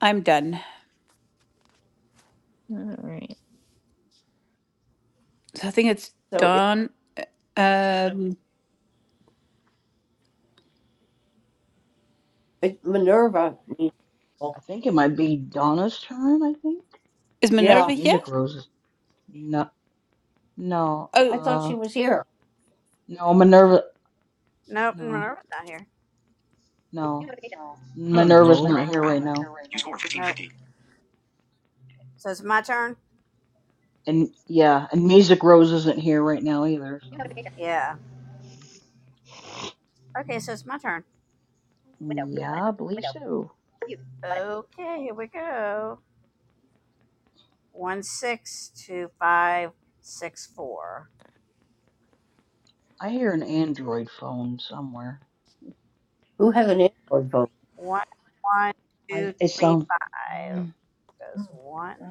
I'm done.
Alright.
So I think it's
So it,
done. Um,
it, Minerva. needs- help.
I think it might be Donna's turn. I think
is
unless
Yeah,
Minerva here?
music roses. No, no.
I
Oh,
thought she
Uh,
was here.
no. Minerva. No, no.
My
Minerva's
Hello. nerve
Zero.
not here
is
Round.
right
not here
now.
right
You score
now.
1550.
And yeah, and music rose isn't here right now either. So Mm, yeah, I believe so. I hear an Android phone somewhere.
Who has an Android phone?
I, it's um, I don't know. I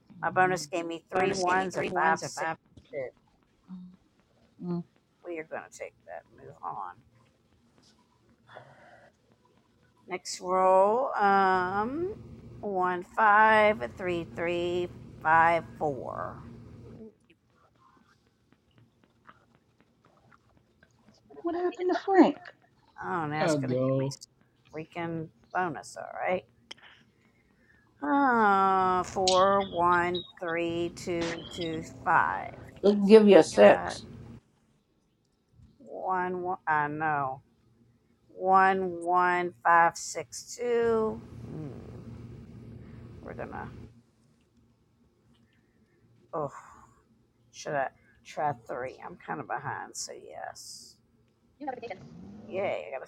don't know.
Bonus gave me three ones. If I
Mm, mm. What happened to Frank?
Hello.
It'll give you a six.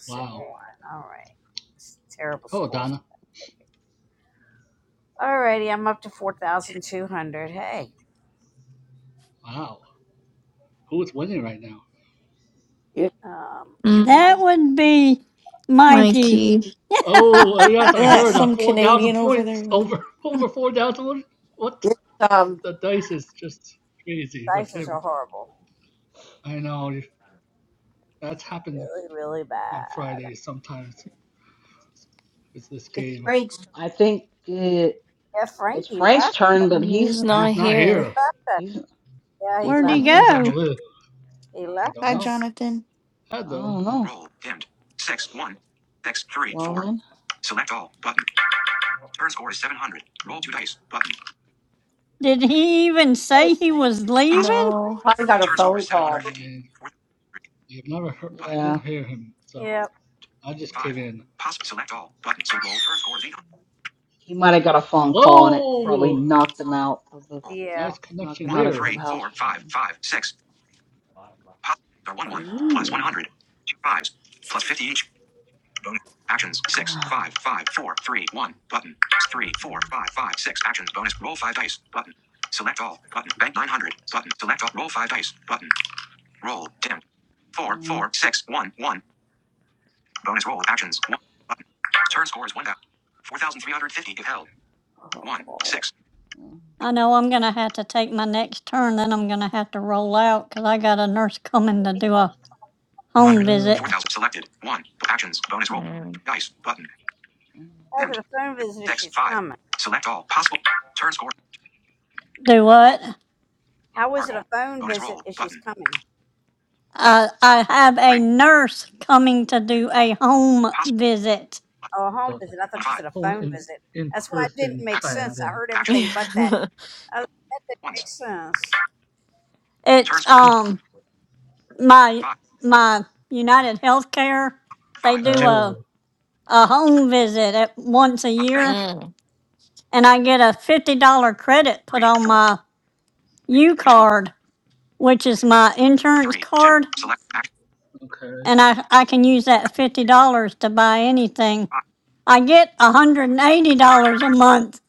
Wow. Hey. Hello, Donna. Wow. Who's winning right now?
It,
That
Mm,
would be Mikey.
Mikey
Oh, uh, yes,
And
I
that's
heard that
some
4,000
Canadian over
points
there.
over *laughs* over 4,000. What?
it's um,
The dice is just crazy with him. I know. That's happened on Fridays sometimes with this
it's
game.
Frank's.
I think it, it's Frank's turn, but he's
is not
He's not
here.
here.
he's
That's
Where'd
what
he
it
No.
Four.
says on the
go?
Actions.
list. I don't
Hi,
know.
Jonathan.
I
Hello.
don't know.
Alex.
Roll. Dimmed. Six. One. Six. three
Well
four.
then,
Select all. Button. Turn score is 700. Roll two dice. Button.
Did he even say he was
Possible.
leaving?
No.
Probably got a Turn score phone is call. 750.
I,
Four. Three.
I've never heard. I
Button.
yeah,
didn't hear him, so
Roll.
I just
Five.
came in.
Possible. Select all. Button. So roll. Turn score is 800.
he might have got a phone call and it probably
Whoa!
knocked him out of the
Roll.
Nice
knocked
connection
him
One.
out of
there.
three
clubhouse
four
or
five
something.
five six. Possible. Are one. One. Plus
Ooh.
100. Two fives. Plus 50 each. Bonus actions six
*sighs*
five five four three one button three
Mm,
four five five six actions bonus roll five dice button select all button bank nine hundred button select all roll five dice button roll dimmed four
mm,
four six one one bonus roll actions one button turn score is one thousand four thousand three hundred fifty if held one six
I know I'm going to have to take my next turn, then I'm going to have to roll out because I got a nurse coming to do a home
hundred
Oh,
visit.
four thousand selected one actions bonus roll
Mm.
three dice button dimmed Two, six, five. select all possible turn score
Do
roll
what?
Oracle bonus roll button
I, I have a
three
nurse coming to do a home
possible
visit.
so the
One five.
whole in in person
Action.
kind and
Action.
*laughs*
Ones. Turn
It's
score is
um my
five.
my United Healthcare. They
Five.
do
Two.
a
oh,
a home visit at once a
But bank.
year,
Mm.
and I get a $50 credit put
Three.
on
Four.
my U
You score.
card, which is my insurance
Three. Two.
card,
Select action.
okay.
and I, I can use that $50 to buy anything.
Five.
I get $180 a month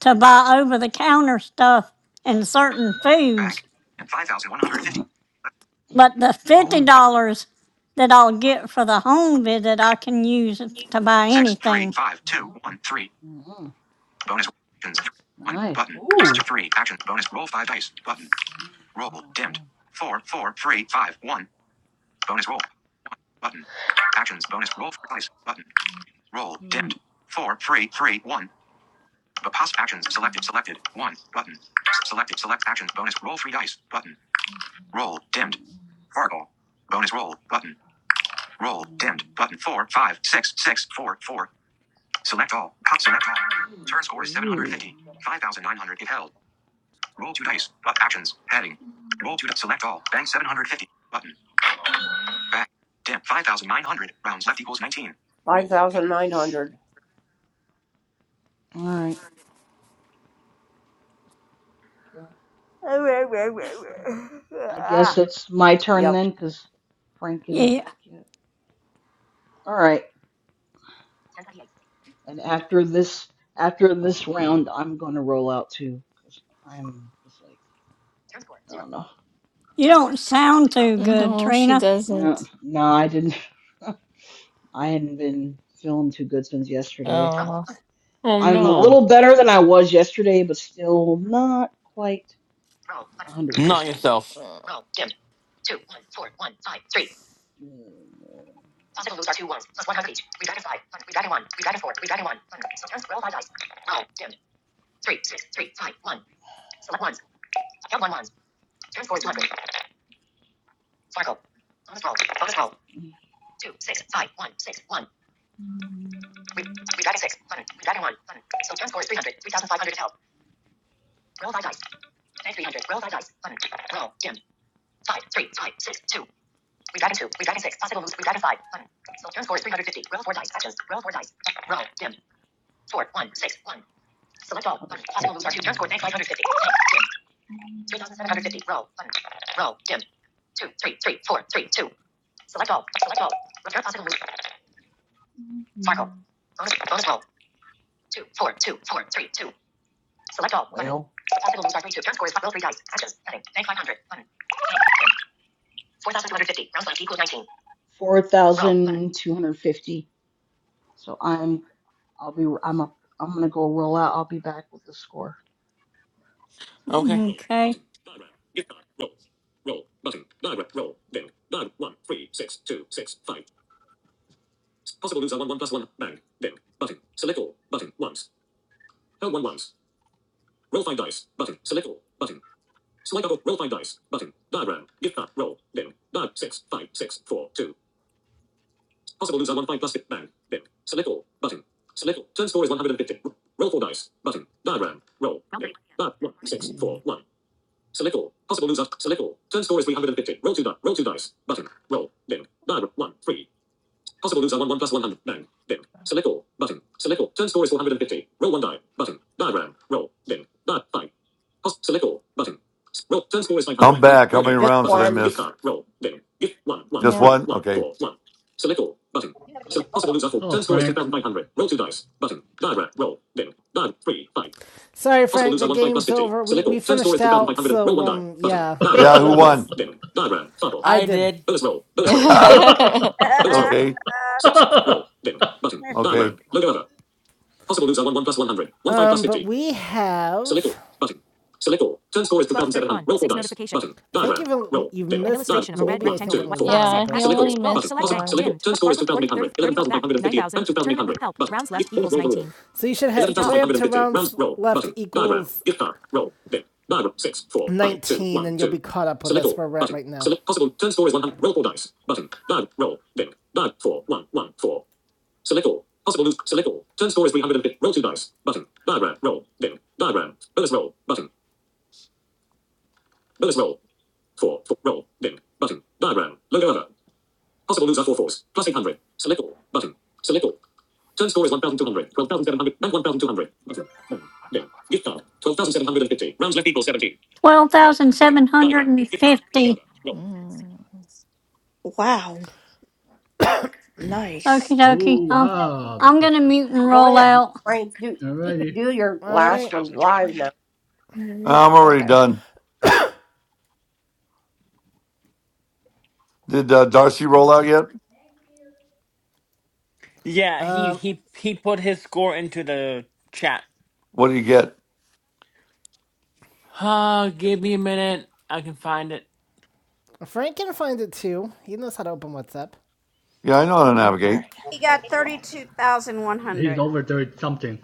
to buy over the counter stuff and certain
Bank.
foods,
And five thousand one hundred fifty.
mm,
but the
Roll.
$50
mm,
But
that I'll get for the home visit, I can use to buy
six. Three.
anything.
Five. Two. One. Three.
mm, mm.
Bonus actions. Three. One.
Nice.
Button.
Ooh.
three. Action. Bonus roll five dice. Button. Roll.
Oh
Dimmed.
damn.
Four. Four. Three. Five. One. Bonus roll. One. Button. Actions. Bonus roll four dice. Button. Roll. Dimmed. Four. Three. Three. One. But Apost actions selected
Mm.
selected one button selected select actions bonus roll three dice button roll
Mm-mm.
dimmed fargo bonus roll button roll dimmed button four five six six four four select all cut select all turn score is
Ooh.
750 5900 if held roll two dice but actions heading roll two di- select all bank 750 button back dim 5900 rounds left equals 19 5900
All right. Okay. I guess it's my turn
yep
then, because Frank isn't
Yeah,
back yet. All right. And after this, after this round, I'm gonna roll out too, because I'm just like, I don't know.
you don't sound too good,
No, she
Trina.
No,
doesn't.
no, I didn't. *laughs* I hadn't been feeling too good since yesterday. so
Oh.
Oh
I'm a
no.
little better than I was yesterday, but still not quite
Not
100%.
yourself.
Mm, Bank 300. Roll five dice. Button. Roll. Dim. Five, three, five, six, two. We dragon two. We dragon six. Possible moves. We dragon five. Button. So turn score is 350. Roll four dice. Actions. Roll four dice. Roll. Dim. Four, one, six, one. Select all. Button. Possible moves are two. Turn score. Bank 550. Bank. Dim. two thousand seven hundred fifty. Roll. Button. Roll. Dim. Two, three, three, four, three, two. Select all. Select all. Return possible moves. Sparkle. Bonus. Bonus roll. Two, four, two, four, three, two. Select all. Button. Well. Possible moves are three, two. Turn score is roll three dice. Actions. Heading. Bank 500. Button. 4,250. Round left equals 19. 4,250. So I'm, I'll be, I'm up, I'm going to go roll out. I'll be back with the score.
Okay.
Okay.
*clears throat*
I'm back. How many
just
rounds did I
one
miss? Just
Yep.
one. Okay.
Oh, Frank.
Sorry, Frank, the game's over. We, we finished out, so, um, yeah.
*laughs*
Yeah, who
oh
this-
won?
I
I
did.
did.
*laughs*
*laughs*
okay, okay.
Um, but we have 1231. 6 notification. I think you've you've missed An illustration of a red rectangle. think only White five, one, six,
yeah,
but
he
action, bonus,
only
roll,
missed
select bank,
one.
dimmed, but Farkle, 40, thirty, thirty-one. back, 9,000, tournament lead, help, rounds left equals 19. so you should ha- play up to rounds left equals nineteen, and you'll be caught up with us where we're at right now.
Twelve thousand seven hundred and fifty.
Mm.
Wow. Nice.
Okie dokie. Um,
wow.
I'm gonna mute and
Go
roll
ahead,
out.
Frank. Do you could
Alrighty,
do your
All
last
right,
one live now?
All right.
I'm already
Okay.
done. Did uh, Darcy roll out yet?
Yeah, he he he put his score into the chat.
What do you get?
Uh, give me a minute. I can find it.
Frank can find it too. He knows how to open WhatsApp.
Yeah, I know how to
All
navigate.
right.
he's over thirty something,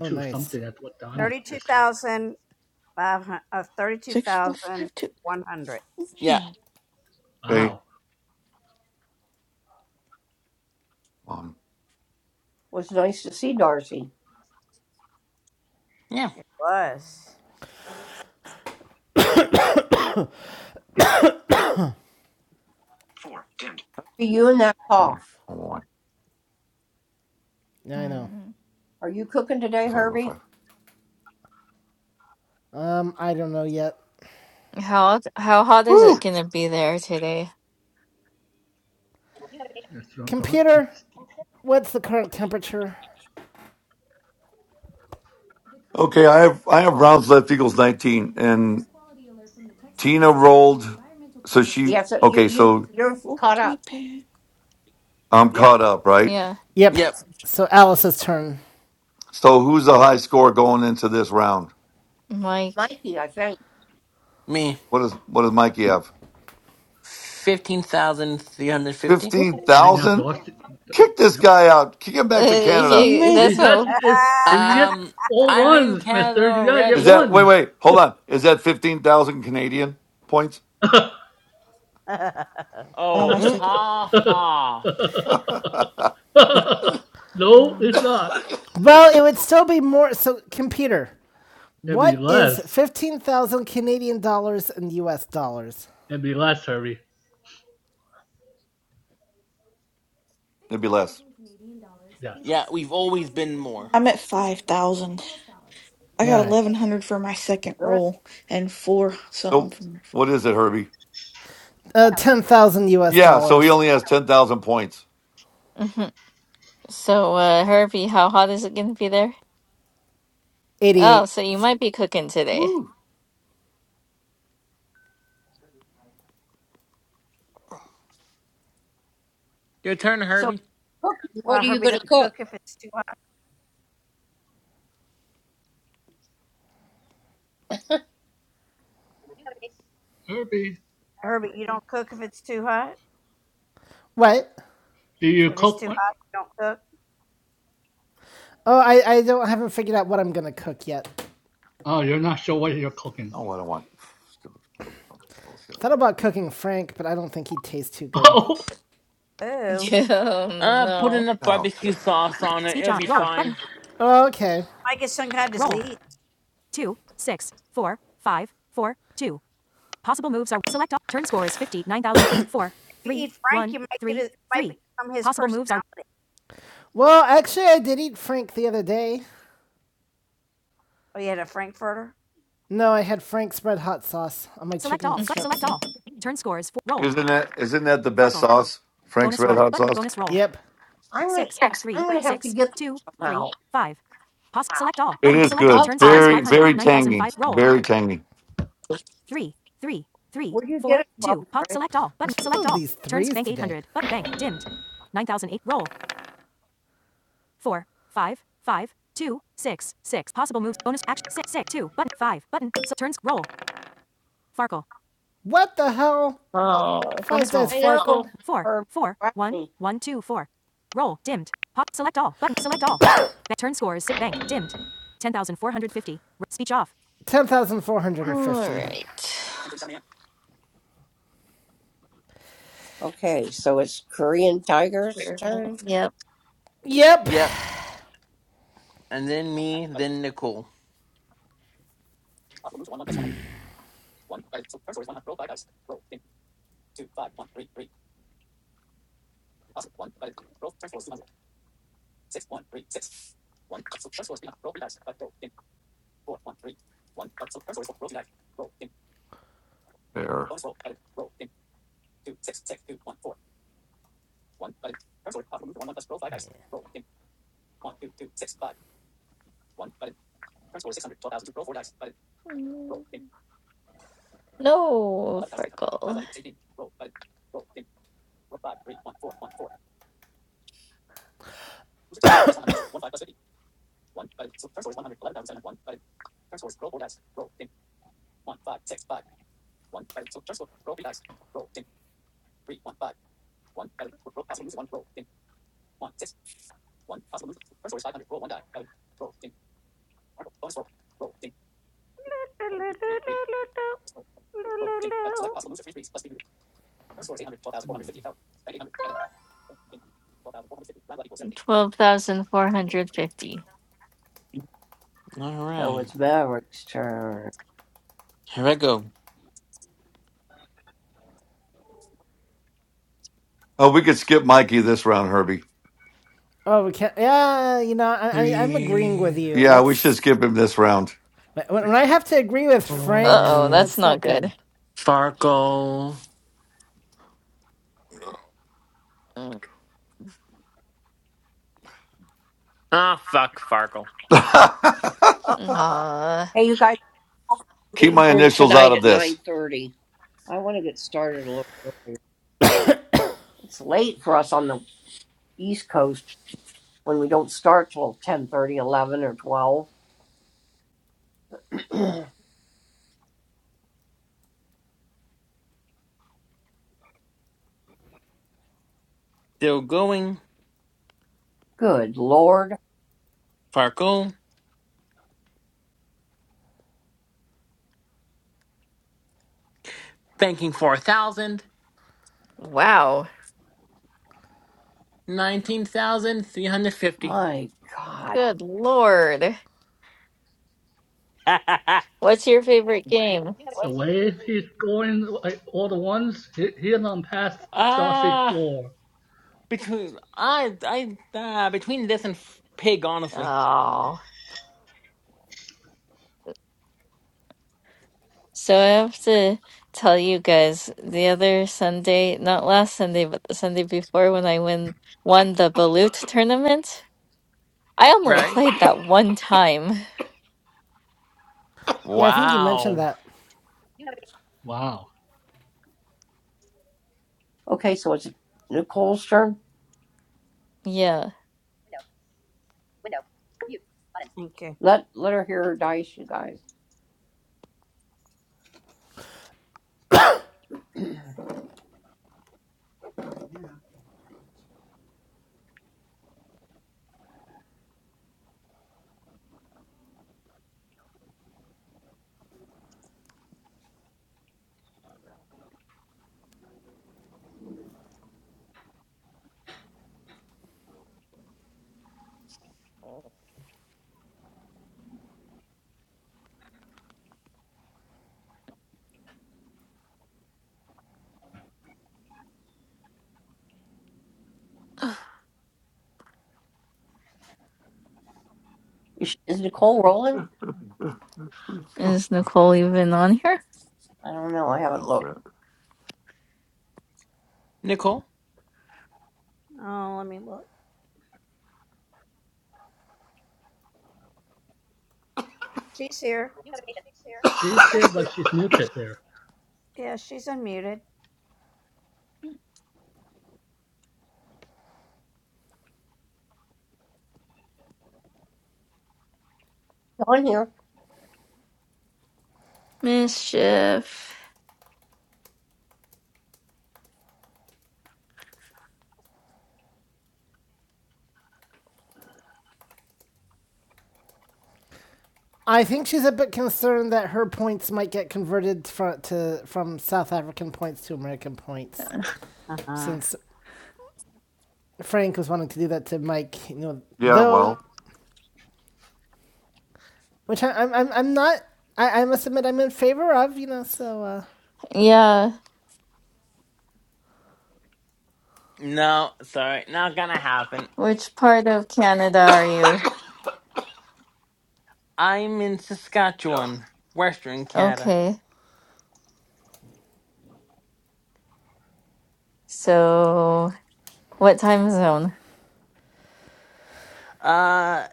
Oh, nice.
something. That's what Donna just said.
6452.
Yeah.
Man.
Okay,
Wow,
one,
was nice to see Darcy.
Yeah.
Four dimmed. You and that
one,
cough.
one,
Yeah, I know.
Mm.
Are you cooking today,
five, one,
Herbie?
five.
Um, I don't know yet.
How how hot is it
Woo!
gonna be there today?
it's
Computer,
it's
what's the current temperature?
Okay, I have I have rounds left equals nineteen, and Tina rolled. So she
Yeah. So you
okay.
you
So
you're
Oh,
caught
three
up.
pair.
I'm
Yep.
caught up, right?
Yeah,
Yep.
Yep.
So Alice's turn.
So who's the high score going into this round?
Mike.
Mikey, I think.
Me.
What is what does Mikey have?
15,350.
Fifteen
Oh,
right now
thousand.
Dawson.
Kick this
Yep.
guy out. Kick him
*laughs*
back to Canada.
that's
man.
Because
what.
if if you get
Um,
all
I'm in
ones,
Canada
Mister, you gotta get
Is
already.
that wait,
ones.
wait, hold on. Is that fifteen thousand Canadian points?
*laughs*
I'm on
Oh,
my second
ha
*laughs*
ha.
no,
*laughs*
it's
one.
not.
Well, it would still be more. So, computer,
It'd be
what is
less.
15,000 Canadian dollars in US dollars?
It'd be less, Herbie.
Maybe less.
Yes.
Yeah, we've always been more.
I'm at 5,000. I
All
got
right.
1100 for my second
Good.
roll and four something
So
for my
what is
first.
it, Herbie?
Uh, 10,000 US
Yeah, so he
dollars.
only has ten thousand points.
*laughs* So, uh, Harvey, how hot is it gonna be there? Oh, so you
88.
might be cooking today. *laughs*
Woo.
Your turn,
So,
Herbie.
cooking. what are you going to cook?
Herbie,
What?
do you cook? What?
Oh, I, I don't I haven't figured out what I'm going to cook yet.
Oh, you're not sure what you're cooking.
Oh, I don't want stupid bullshit.
Thought about cooking Frank, but I don't think he'd taste too good.
*laughs*
Yeah, um,
Uh, put
no.
enough
No
barbecue
shit.
sauce on it.
Speech
It'll
on.
be
Roll. Button.
fine.
Oh, Okay. Roll. two, six, four, five, four, two. Possible moves are select all. Turn score is 59,004, *coughs* 3, one, three, three. Possible moves are Well, actually, I did eat Frank the other day. No, I had Frank spread hot sauce on my select chicken all. Select, strips. select all.
*laughs*
Turn score is 4. Roll.
Isn't that isn't that the best
Farkle.
sauce? Frank's
Bonus
red
roll.
hot
Button.
sauce?
Bonus roll. Yep.
I'm gonna
Six, three,
I'm gonna have to
six,
get
two,
that somehow.
three, five. Poss- select all.
It
Button.
is
Select all.
good.
Turn score
Clubhouse.
is
Very,
500,
very tangy.
9,005. Roll.
Very tangy.
three, three, three,
Where'd you get
four,
it from,
two. Pop.
Frank?
Select all. Button. Select all all. these Turns bank 800. Button. Bank. Dimmed. 9008. Roll. Four, five, five, two, six, six. Possible moves. Bonus action. Six, six, two. Button. Five. Button. So turns. Roll. Farkle. What the hell?
Oh,
Five Bonus
I know.
Farkle. Four,
Herb
four, one,
Rodney.
one, two, four. Roll. Dimmed. Pop. Select all. Button. Select all. *coughs* Ba- Turn score is si- bank. Dimmed. 10,450. Speech off. Ten thousand four hundred and
all
fifty.
right.
Okay, so it's Korean Tiger's
Experiment.
turn.
Yep.
Yep.
Yep. And then me, then Nicole.
There.
Mm. No, Farkle. 12,450.
All
So
right.
it's Maverick's turn.
Here I go.
Oh, we could skip Mikey this round, Herbie.
Oh, we can't. Yeah, you know, I, I, I'm agreeing with
Three,
you.
Yeah, we should
That's
skip him this round.
when, when I have to agree with
Uh
Frank.
oh,
four,
that's
That's
not
not good.
good.
Farkle.
Mm.
Ah, fuck, Farkle.
*laughs*
Ah,
Hey, you guys,
Keep
meeting
my
room
initials out
tonight
of
at nine
this.
thirty. I want to get started a little early. It's late for us on the East Coast when we don't start till ten thirty, eleven, or twelve. *clears throat*
Still going.
Good Lord,
Farkle. Banking 4,000.
wow.
19,350.
my God.
Good lord.
*laughs*
What's your favorite game?
Oh, the way he's scoring like, all the ones, he, he's on past Darcy's
Ah,
score.
between I I uh, between this and f- pig, honestly.
Oh. So I have to tell you guys the other Sunday, not last Sunday, but the Sunday before when I win won the Balut tournament. I only
Right?
played that one time.
Yeah, I think you mentioned
Wow.
that.
Wow.
Okay, so it's Nicole's turn.
Yeah.
Let let her hear her dice, you guys. Is, is Nicole rolling?
Is Nicole even on here?
I don't know. I haven't looked.
Nicole?
She's here, but she's muted there.
It's On here.
Mischief.
I think she's a bit concerned that her points might get converted from to from South African points to American points, since Frank was wanting to do that to Mike. You know,
Yeah,
though,
well,
which I, I'm I'm I'm not. I, I must admit, I'm in favor of. You know, so uh,
Yeah.
No, sorry, not gonna happen.
Which part of Canada are you?
I'm in Saskatchewan, Western Canada.
Okay. So, what time zone?
Uh,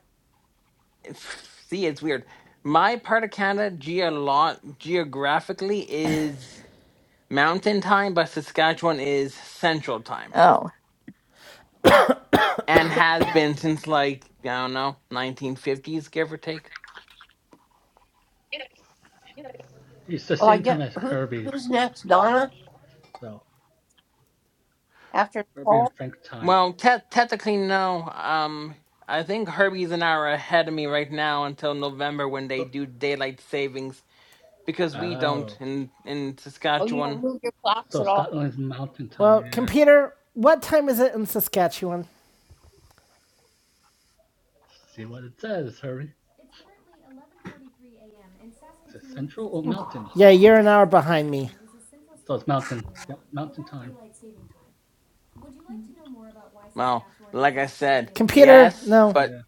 f- see, it's weird. My part of Canada geolo- geographically is mountain time, but Saskatchewan is central time.
Oh.
and has been since like I don't know, 1950s, give or take.
It's the
Well, I
same time
get
as
who
Herbie's.
who's next? Donna
So,
after
Herbie and
Nicole.
Frank's time.
Well, te- technically no. Um, I think Herbie's an hour ahead of me right now until November when they
So,
do daylight savings because we don't
oh.
in in
Oh, you don't
Saskatchewan.
move your clocks
So,
at all.
Scotland's mountain time.
well,
Yeah.
computer. What time is it in Saskatchewan?
See what it says, hurry. Is It says central or mountain?
Yeah, you're an hour behind me. This
So it's mountain. Yep, mountain time.
Well, like I said,
Computer,
yes,
no.
but
Yeah.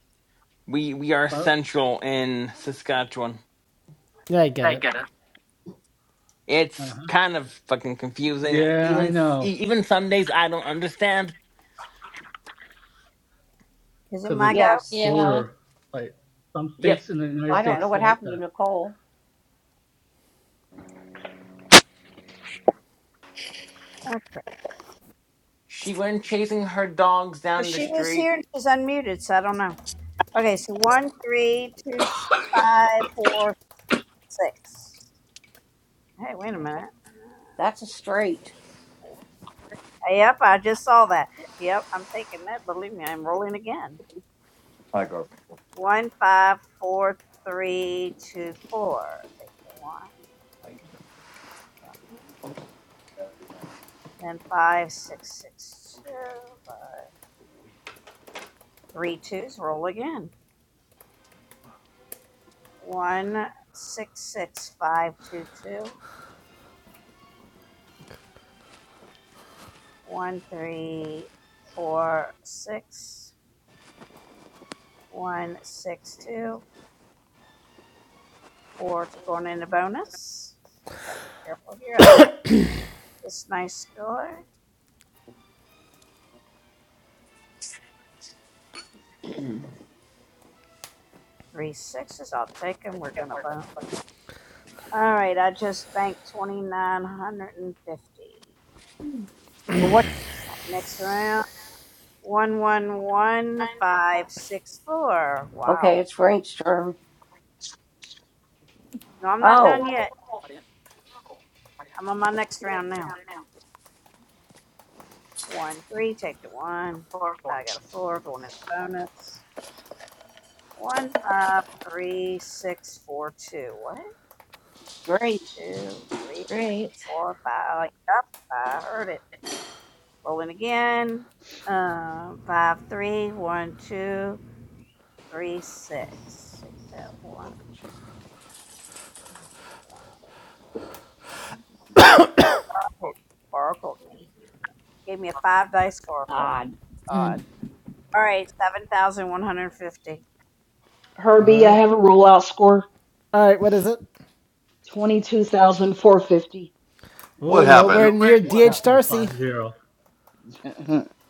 we we are
But
central in Saskatchewan.
Yeah, I get it.
uh
It's
huh.
kind of fucking confusing.
Yeah, I
Even
know.
e- even some days I don't understand.
Cause it's
Yes.
Yeah.
border. Like some
Yep,
states in the United
I don't
States
know what
like
happened to
that.
Nicole.
she went chasing her dogs down the street
That's a straight.
I go.
*clears throat* Or what? Okay, it's Frank's turn. Oh, great
Great.
God!
Mm.
All
Herbie, I
right.
have a rollout score
All right, what is it?
Twenty two Wasn't that
Oh,
what happened?
nowhere
great?
near
Two Wow. two
DH
four
Darcy.
five zero.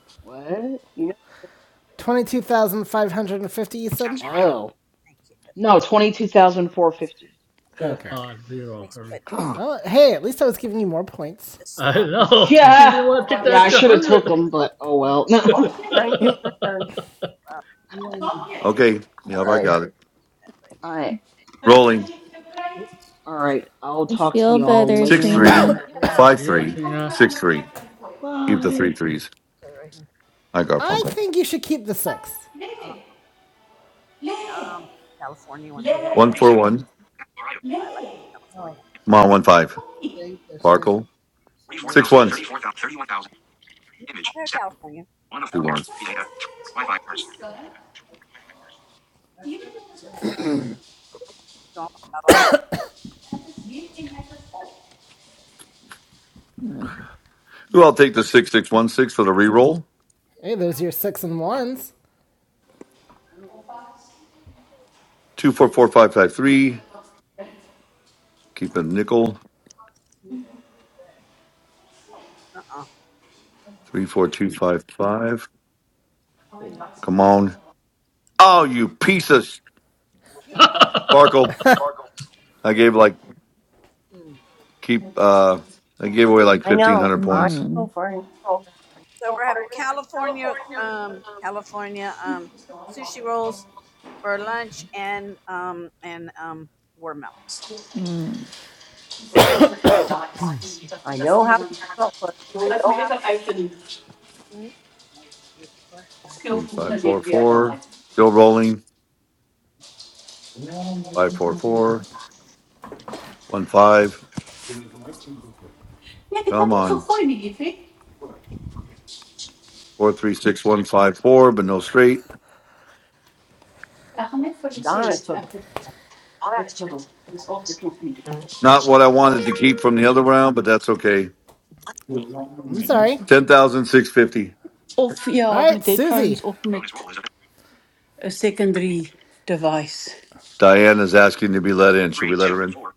*laughs* what?
You know,
22,550, you said?
Status bar item.
Oh. No, twenty two thousand four fifty.
Four
Okay.
five zero, hurry.
*clears throat*
Well, hey, at least I was giving you more points.
*laughs* I know. She
Yeah.
didn't want to take
Agora
the
Yeah, I
sim,
extra
should have
hundred.
took them, but oh well. *laughs* all
gostem,
Frank, it's
*laughs*
your turn.
sonhem.
okay, yep, I
right.
got it.
I
Para que aí. Então aqui a
Rolling
gente aprende
all right. I'll
I
talk to
Feel
y'all
better,
six
later on,
three
Trina.
hopefully.
a
five
High yeah,
fazer
three
Trina.
um
six
uma
three.
projeto que foi.
Keep the
Bye.
three threes. I got
I
Funko.
think you should keep the six.
Lê, lê,
One
lê,
four
147.
one.
Status bar item.
lê.
Come on,
Button.
one five. Farkle. Six
44,000,
ones.
34,000, 31,000. Image. Stat. 1 of 4
Two
bar.
ones.
data. 3 Wi-Fi bars.
Mm,
Ooh, I'll take the six six one six for the re-roll.
Hey, there's your six and ones.
Two four four five five three. Keep the nickel. Three four two five five. Come on. Oh, you piece of s- Farkle. I gave like Keep. Uh, I gave away
*clears throat*
like
I
fifteen
know.
hundred
I
points.
know,
mm,
Frank.
mm.
I know how you felt.
Three five four four. Still rolling. Five four four one five. Come on. Four three six one five four, but no straight.
Donna
Not what I wanted to keep from the other round, but that's okay.
I'm sorry.
Ten thousand six fifty.
All right, Susie.
Bonus roll is a
A secondary device.
Diana's asking to be let in. Should
three,
we let her
two,
in?
four.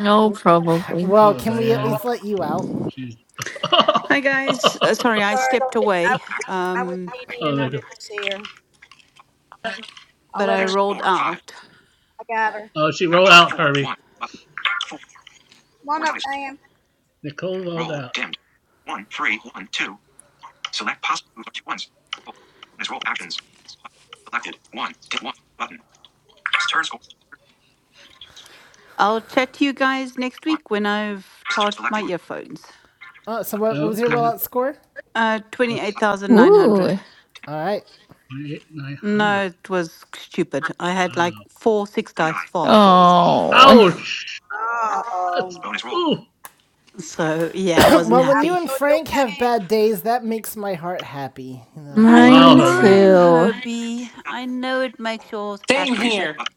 No, probably.
Well,
Oh
can we at
Diane.
least let you out?
She's *laughs*
Hi guys, uh,
Oh
sorry I stepped away,
Act
um,
there you go.
but I
six,
rolled
four, five.
out.
Oh she
Act
rolled
pos
out,
four, one.
hurry.
Up, four, four dice.
Nicole rolled
Roll
out.
dimmed. One, three, one, two. Select possible move once. Roll. Bonus roll actions. Button. Selected. One. dim one. Button. Turn score.
I'll chat to you guys next
One.
week when I've charged my
Selected.
earphones.
Oh, so what, what was your
Act.
Okay.
rollout score?
Uh,
What's
twenty-eight
Button.
thousand nine hundred.
Ooh.
All right.
2,900.
No, it was
Turn.
stupid. I had like four six
One die.
dice sparkles.
Wow.
Oh.
Ouch!
Four.
That's,
Bonus roll.
ooh.
So yeah, I
*clears throat*
wasn't
well, when you
happy.
and Frank have bad days, that makes my heart happy. You know.
I
Wow,
Mine
Herbie.
know,
too.
Herbie. I know it makes you all
Roll
Same
two
happy,
dice.
but
here.
Button.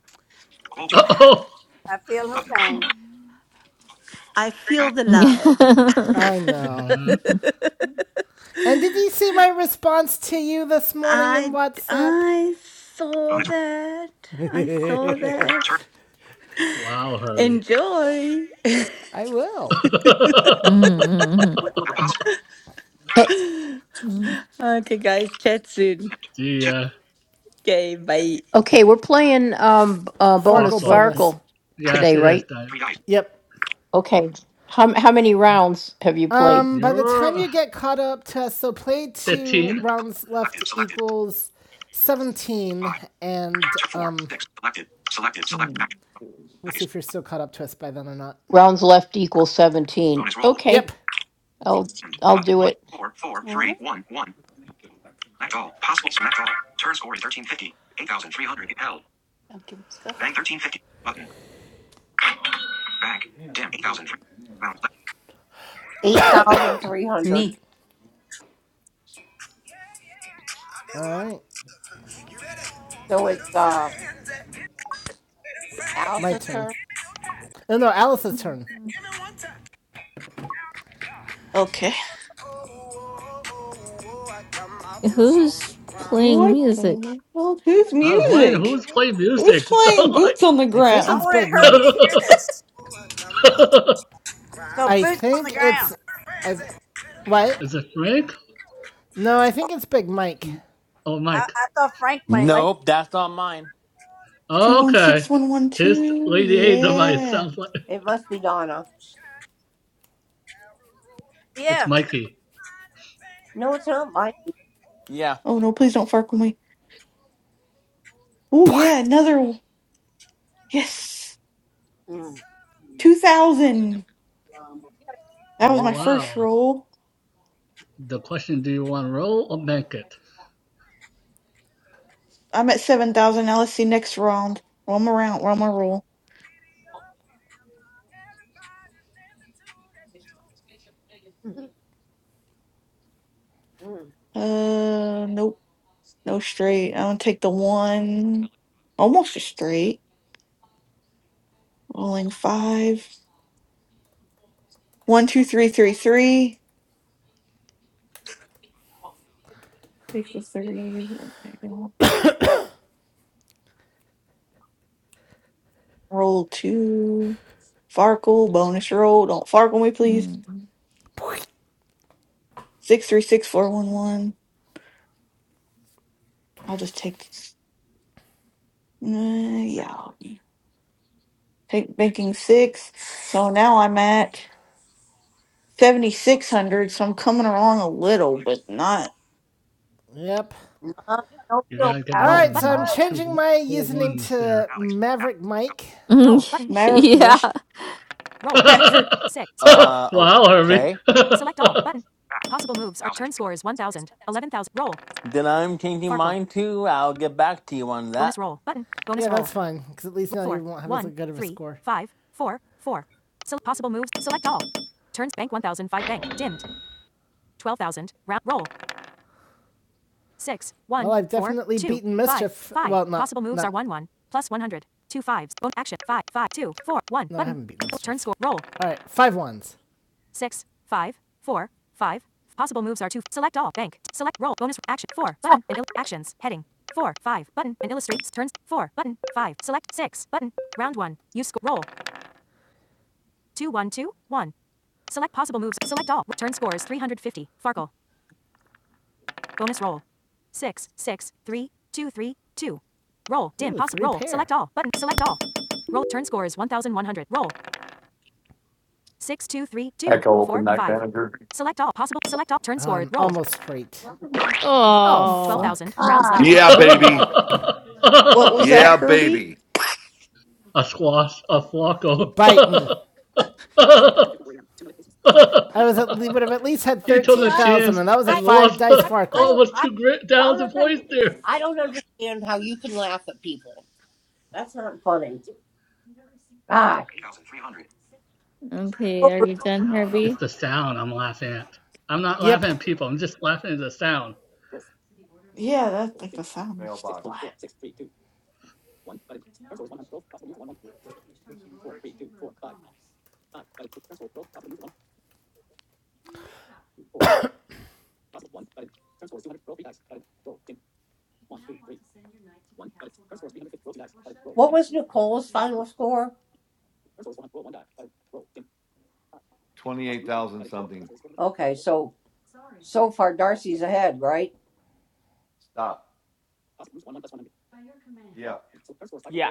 Roll two.
Uh Oh.
Button.
I feel
Back.
the love.
*laughs* Mm,
I know.
Yeah.
mm,
*laughs*
And did you see my response to you this morning in
I
WhatsApp?
I saw
Bonus.
that. I saw
Button.
*laughs*
Turn.
that.
Wow, Herbie.
Enjoy.
I
*laughs*
will.
mm,
Act possible.
mm.
Okay, guys. Chat soon.
Dimmed.
the
Two.
uh,
Okay, bye.
uh,
fuck
bonus
Farkle
up.
bonus.
Farkle
Actions.
Yes,
today,
it is
right?
that.
Three dice.
Yep.
Okay. How how many rounds have you played?
Um, by the
You're
time
uh,
you get caught up to us, so play
Bonus.
two
Action.
15.
rounds left
Selected. Selected.
equals 17,
Five,
and
two, four,
um,
six. Two. Selected. Selected. Select
mm.
action.
we'll see
Nice.
if you're still caught up to us by then or not.
Rounds left equals seventeen.
Bonus roll.
Okay,
Yep.
I'll
And
I'll
button
do
one,
it.
four, four,
Ah,
three, one, one. Four. Select all. Possible. Select all. Turn score is thirteen fifty. Eight thousand three hundred. Held.
danke, Scott.
Bank thirteen fifty. Button. Bank. Dim. Eight thousand three hundred. Eight thousand three hundred.
Nee.
All right.
So it's uh
My
Alice's
turn.
turn.
No, no, Alice's
Mhm.
turn.
Okay.
Who's playing
What
music?
the hell? Who's
I was wondering
music?
who's playing
Who's
music. *laughs* So
playing
like,
Boots on the
I think
Ground?
it's Big Mike.
*laughs*
I think it's. I. have What?
is it Frank?
No, I think it's Big Mike.
Oh, Mike.
Nope, that's not mine.
Okay. His
216112.
Lady A device. *laughs*
Yeah.
Sounds like
It must be Donna.
it's Mikey.
No, it's not mine.
Yeah.
Oh no, please don't fuck with me. Oh yeah, another. one. Yes. 2000. That was
Oh,
my first
wow.
roll.
The question: Do you want to roll or make it?
I'm at 7000. Now let's see next round. One more round. One more roll. Uh, nope. No straight. I'm gonna take the one. Almost a straight. Rolling five. One, two, three, three, three. Take the three. Okay, roll Roll two. Farkle, bonus roll. Don't Farkle me, please.
Mm.
Six, three, six, four, one, one. I'll just take this. Uh, yeah. I'll Take banking six. So now I'm at 7,600. So I'm coming along a little, but not.
Yep.
No, don't
You
feel
gotta get
All
bad.
roll
more
right,
than
button. so
Alex.
I'm
those
changing
two
my
four
username
ones there.
to
Alex.
Maverick Mike. Roll
*laughs*
button.
Maverick,
yeah.
what?
Roll.
*laughs* Maverick,
Six. Speech off.
*laughs*
Uh,
wow, Herbie.
okay.
Select all
*laughs*
button.
Back.
Possible moves
eight
are
Thousand
turn
three
scores 1,000, 11,000.
Then I'm
Roll.
changing
Farkle.
mine too. I'll get back to you on
Bonus
that.
roll button. Bonus Yeah, roll. Yeah, that's fine, because at least now Four, you won't have one, as good of a three, score. five, four, four. So possible moves. Select all. Turns bank 1,005 bank dimmed. twelve thousand. Round roll. Six. One. Well, I've four, definitely four, two, beaten Mischief. Five. Five. Well, not- Possible moves not- are one one plus one hundred. Two fives. Book action. Five. Five. Two. Four. One. No, button. I haven't beaten Mischief. Turn score. Roll. All right, five ones. Six. Five. Four. Five. Possible moves are two. Select all. Bank. Select roll. Bonus action. Four. Button and il- actions. Heading. Four. Five. Button and illustrates turns. Four. Button. Five. Select six. Button. Round one. Use score. Roll. Two. One. Two. One. Select possible moves. Select all. Turn score is 350. Farkle. Bonus roll. Six, six, three, two, three, two. Roll. Dim. Possible. Roll. pair. Select all. Button. Select all. Roll. Turn score is 1,100. Roll. Six, two, three, two, four, five. Select all. Possible. Select all. Turn score. i roll. almost straight. Oh, fuck. Twelve
Oh.
thousand. rounds
hundred.
left
Ah,
Yeah,
equals fifteen.
baby.
what was
a
that,
Yeah,
Herbie?
baby.
squash, a flaco.
Bite me. I was at, would have at least had
*laughs* he took
see,
a
I,
13,000,
chance
and that was a
I
and
five
lost
dice
I,
*laughs*
I
Farkle.
don't,
almost
I,
two gri- thousand
Jonathan,
points there.
I don't understand how you can laugh at people. That's not funny. God. 8,300.
Okay, are you done, Herbie?
It's the sound I'm laughing at. I'm not
Yep.
laughing at people. I'm just laughing at the sound.
Yeah, that, like the sound is
Mailbox.
flat.
What was Nicole's final score?
Twenty eight thousand something.
Okay, so so far Darcy's ahead, right?
Stop.
Yeah.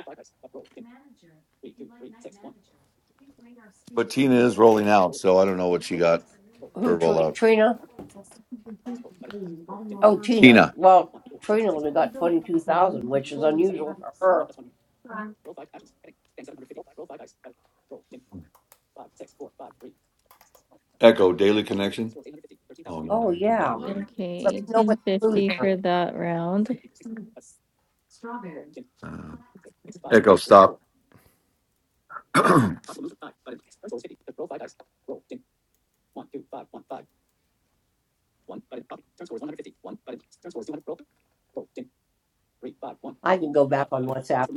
But Tina is rolling out, so I don't know what she got
Who
for
Tr-
rollout.
Trina? Oh, Tina.
Tina,
Well, Trina only got twenty two thousand, which is unusual for her.
Echo, Daily Connection. Oh no,
Oh
they did that
yeah.
already.
Let
Okay,
me know what the clues
1850
are.
for that round.
Uh, Echo, stop. *clears throat* Agree.
I can go back on WhatsApp.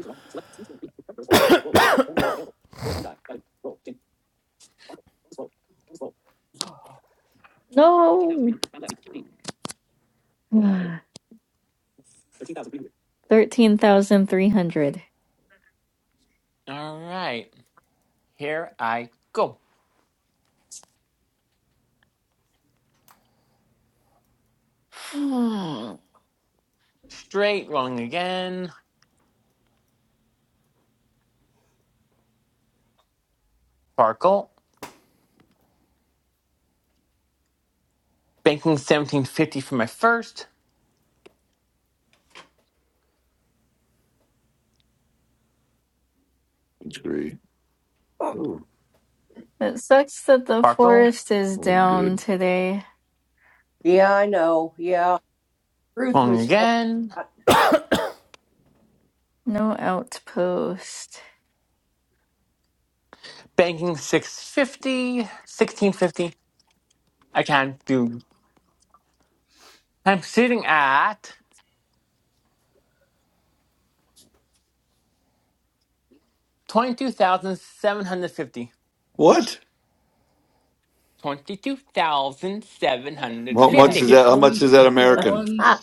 No. *sighs* 13,300.
All right. Here I go.
Hmm.
Straight rolling again. Sparkle. Banking 1750 for my first.
*gasps*
Oh,
It sucks that the
Sparkle.
forest is
only
down
good.
today.
Yeah, I know. Yeah, Ruth
Rolling
was. *laughs*
again.
No outpost.
Banking 650. 1650. I can't do. I'm sitting at 22,750.
What? How
If he
much is
22,750.
keep
that? How much
throwing
is that
the four
American?
ones,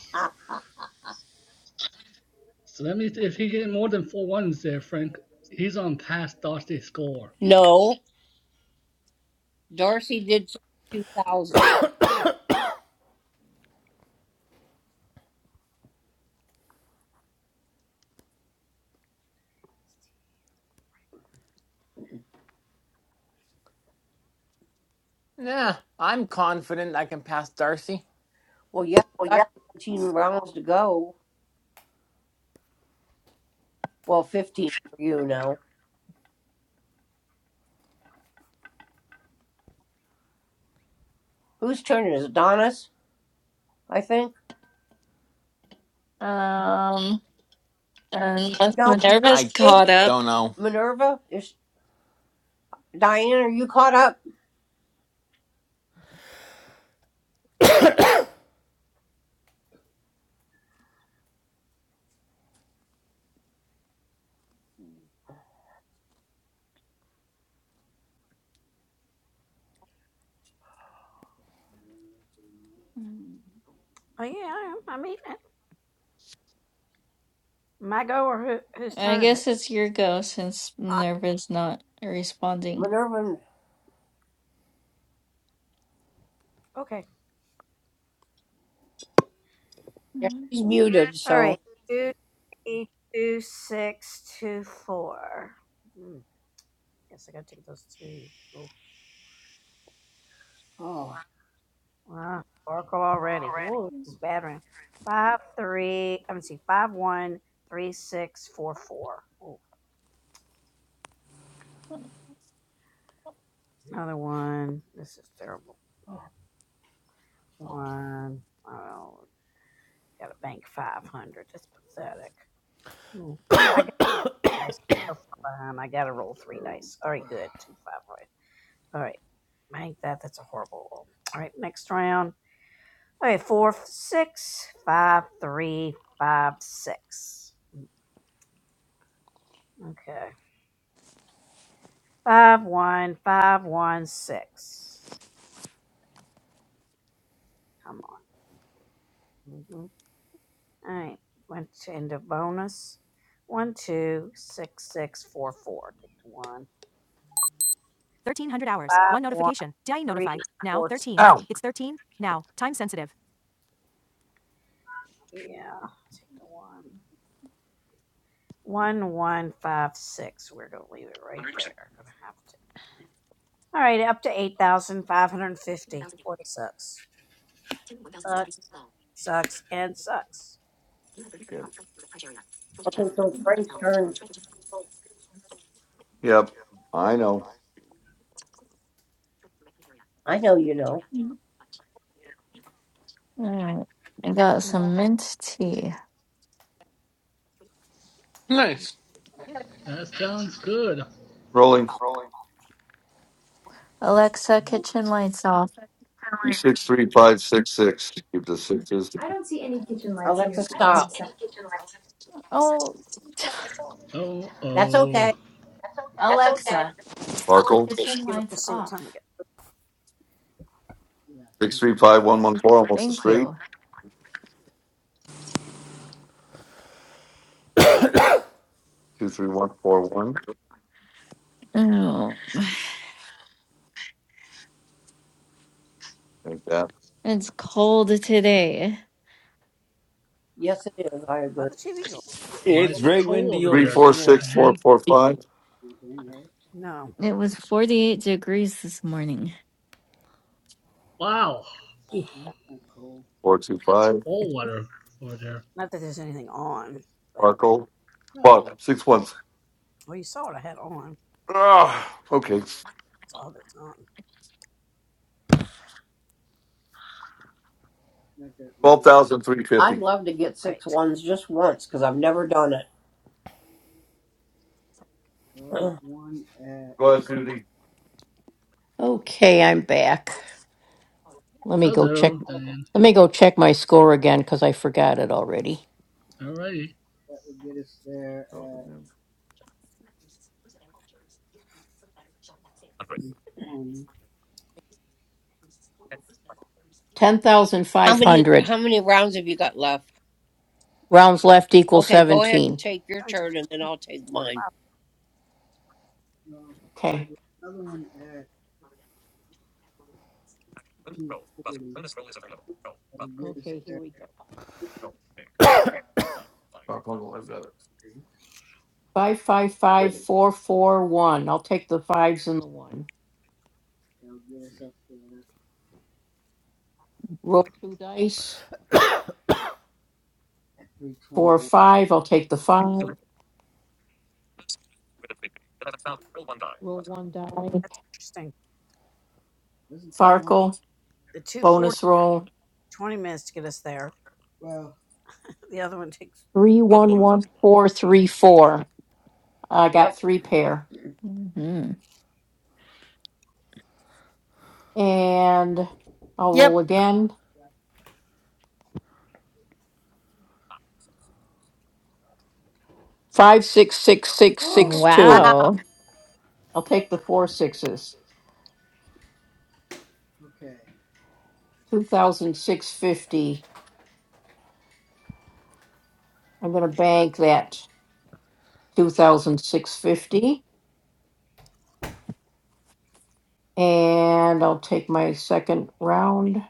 so that means if he get more than four ones there, Frank, he's on past Darcy's score.
No. Dorsey did 2,000.
Yeah, I'm confident I can pass Darcy.
Well, yeah, you got 17 rounds to go. Well, 15 for you now. Whose turn is it? is? Donna's, I think.
Um, and
No, Minerva.
Minerva's
I
maybe?
caught up.
don't know.
Minerva? Is Diane, are you caught up?
Mm. I guess it's your go since
Uh,
Minerva's not responding.
Minerva, Yeah,
Mm.
she's muted, so. oh. one
Thirteen hundred hours. One notification. Did I notify? Now thirteen. It's thirteen. Now. Time sensitive.
hundred percent. Okay, so it's Frank's turn.
Yep, I know.
I know you know.
Mm. Alright. I got some mint tea.
Nice.
That sounds good.
Rolling
Alexa, kitchen lights off.
three six three five six six. Keep the sixes.
I don't see any kitchen lights. Alexa, here. stop. So-
Oh, *laughs*
Oh,
That's
oh.
okay.
Alexa,
Sparkle
kitchen lights off.
six three five one one four. Almost a
Thank
straight.
you.
Two three one four one.
Oh,
Think that.
it's cold today.
Yes, it is. I agree.
Why
It's
is it
very
cold
windy
over
Three,
over
there,
four,
here.
six, four,
Dan?
four, five,
It was 48 degrees this morning.
Wow. Oof,
four, two,
that's
five.
fall water over there.
Sparkle. Fuck. Six ones. Ah, okay. Twelve thousand three
I'd
fifty.
love to get six ones just once because I've never done it. *clears throat*
Go ahead, Susie.
Okay, I'm back. Let me go check.
Hello, Dan.
Let me go check my score again because I forgot it already.
Alrighty.
Ten thousand
How
five
many
hundred
how many rounds have you got left?
rounds left equals
Okay, go ahead and
seventeen.
take your turn and then I'll take mine.
Okay. Okay. Here we go.
Sparkle.
Five five five four four one. I'll take the fives and the one. Roll two dice. Four five. I'll take the five. One die. Farkle, bonus roll, three, one, four, three, four. I got
Yep. *gasps*
three pair.
hmm
And I'll roll
Yep.
again. Five, six, six, six,
Oh
six,
Wow.
two.
Wow.
I'll take the four sixes. Two thousand six fifty. I'm gonna bank that two thousand six fifty. And I'll take my second round.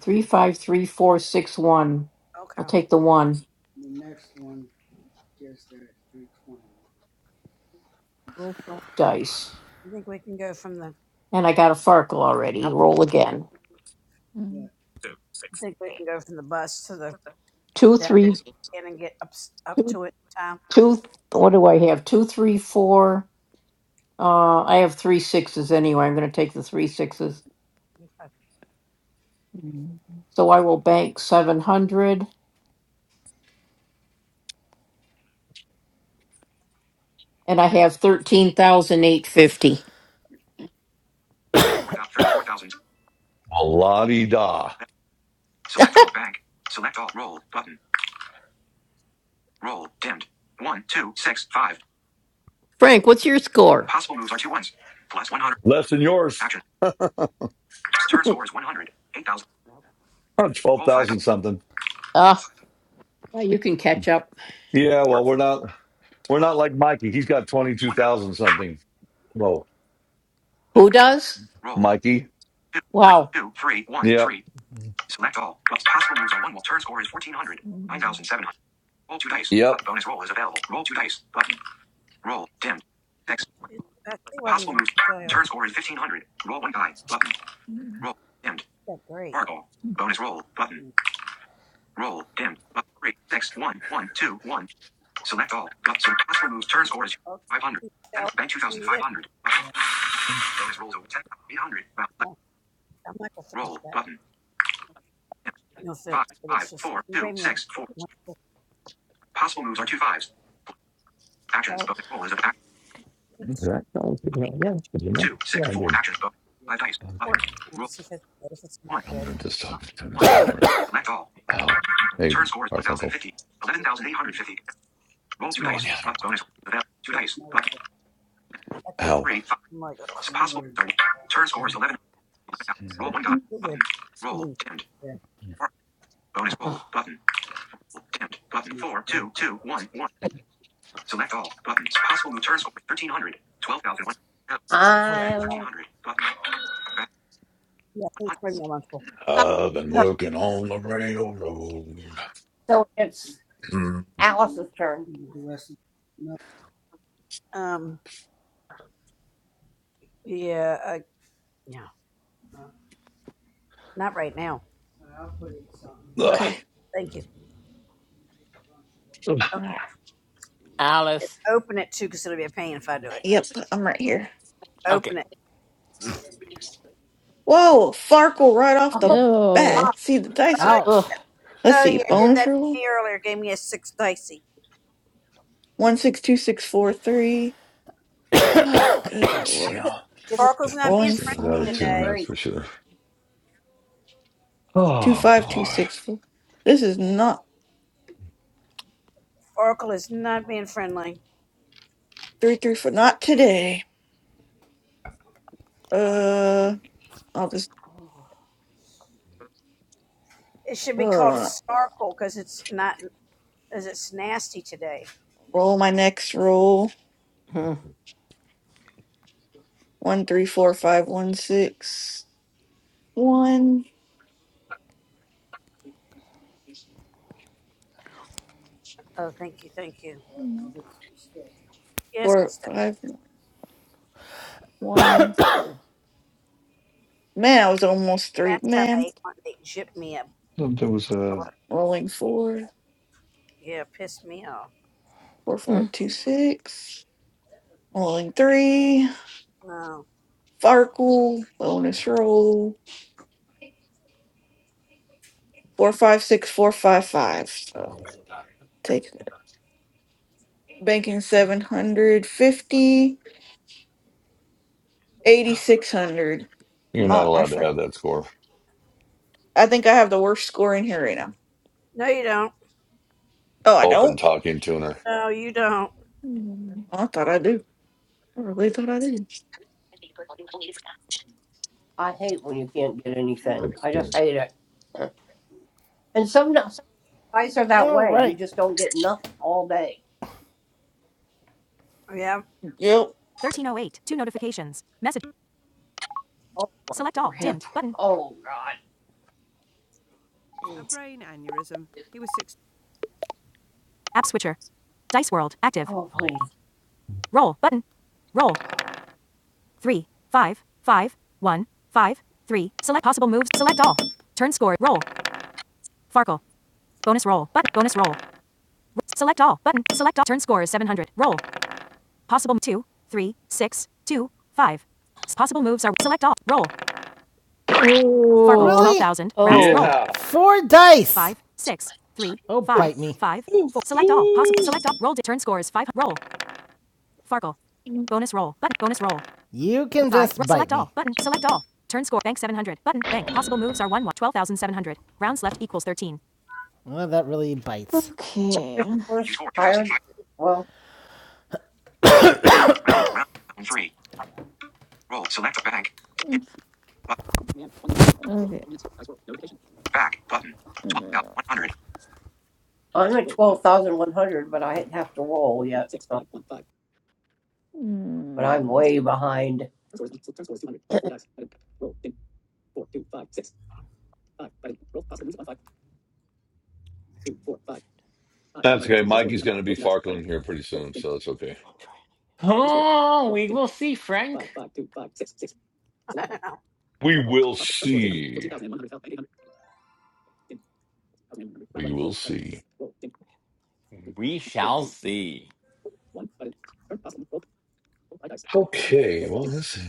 Three, five, three, four, six, one. I'll take the one. Roll five dice. And I got a Farkle already.
Yep.
Roll again. two three six six six two. Two, two, what do I have? Two, three, four. Uh, I have three sixes anyway. I'm going to take the three sixes.
Hmm.
So I will bank 700 and I have thirteen thousand eight fifty.
Four thousand thirty-four thousand.
Well, la di da.
Select all bank. Select all roll button. Roll dimmed. One, two, six, five.
Frank, what's your score?
Possible moves are two ones. Plus one hundred.
Less than yours.
Action. Turn score is one hundred. Eight thousand.
*laughs* Twelve
Roll five.
thousand something.
Uh, you can catch up.
Yeah, well,
Four.
we're not we're not like Mikey. He's got twenty two
One.
thousand something. Whoa.
Who does?
Roll.
Mikey.
Two, three,
Wow.
two, three, one,
Yep.
three. Select all. possible moves are one. Turn score is 1400.
Mm.
9700. Roll two dice.
Yep.
bonus roll is available. Roll two dice. Button. Roll. Dimmed. Next. Possible moves. Turn score is 1500. Roll one die. Button. Roll. Dimmed. Fargo. Bonus roll. Button. Roll. Dimmed. Button. Three. Six. One. One. Two. One. Select all. so possible moves. Turn score is 500. 10th bank 2500. Bonus rolls over 10,800. Roll. Button. Dimmed. Five. Five. Four. Two. Six. Four. Possible moves are two fives. Actions. Bonus roll is available.
Yeah,
two, six,
I
four.
did.
Actions bonus. Five dice.
Okay.
Button. Roll. One.
I wonder if this talk time is
One.
gonna work.
Select all.
Ow. Hey,
Turn score is
Garfunkel.
1050. 11,850. Roll
Let's
two
go in the
dice.
other
But
room.
bonus. Two dice. Button.
Ow.
Three. Five. It's possible. Turn score is 11. Roll one die. Button. Roll. Dimmed. Four. Bonus
Ugh.
roll. Button. Roll. Dimmed. Button. Four. Two. Two. One. One. Select all. Button. Possible Turn score is 1300. 12,001. I... 1300. Button.
Uh,
So it's Alice's turn.
ugh.
Okay. All right.
Alice.
Yep, I'm right here.
Okay.
Whoa, Farkle right
A
off the
whole
Oh.
lot.
bat. See the dicer.
Ouch.
Let's see.
Mm.
Bonus roll. One six two six four three. Oh, good
Let's
I
see.
lord.
couldn't
how-
give it
Definitely this
Rolling
thing is out of
five.
tune, that's for
straight.
sure.
Two
Oh,
five two
boy.
six four. This is not three three four. Not today. Uh, I'll just uh roll my next roll.
*laughs* Ugh. Mm,
One three four five one six one
Mm.
four five one.
Oh.
Man, I was almost three. Man,
There was a.
rolling four four five
mm.
two six. Rolling three. Farkle. Bonus roll. Four five six four five five. So take banking seven hundred fifty. Eighty six hundred.
You're not
Not my
allowed to
friend.
have that score.
I think I have the worst score in here right now. Oh, I
Open
don't.
talking tuner.
Mm.
I thought I do. I really thought I did.
I hate when you can't get anything.
That's
I just hate it. And some, no, some guys are that
All
way. You
right.
just don't get nothing all day.
Yep.
1308. Two notifications. Message.
Oh, my
Select
poor
all.
hip!
Dimmed.
*laughs*
Button.
Oh, God.
App switcher. Dice World. Active.
Oh, please.
Roll. Button. Roll. Three. Five. Five. One. Five. Three. Select possible moves. Select all. Turn score. Roll. Farkle. Bonus roll. Button. Bonus roll. Select all. Button. Select all. Turn score is 700. Roll. Possible two. Three. Six. Two. Five. Possible moves are select all. Roll. Fargo, Really?
Oh.
12,000. Rounds. Roll.
Oh.
yeah.
Four dice. Five, six, three, Oh, five, bite me. five,
Ooh,
four. Select all. Possible.
ooh.
Select all. Roll. di- Turn scores. Five. Roll. Fargo.
Mm.
Bonus roll. Button. Bonus roll. You can Five. just Ro- bite select me. all. Button. Select all. Turn score. Bank 700. Button. Bank. Possible moves are 1 1. 12,700. Rounds left equals 13. Well, that really bites.
Okay.
We're just 64, tired. 2005. Well, Round, round, round, round three. Roll, select a bank.
Mm.
But,
Okay.
back, button.
Uh,
12,100. I'm at 12,100, but I have to roll yet. So, but I'm
mm.
way behind.
That's okay. Mikey's going to be farkling here pretty soon, so it's okay.
Oh, we will see, Frank.
We will see. We will see.
We shall see.
Okay. Well, let's see.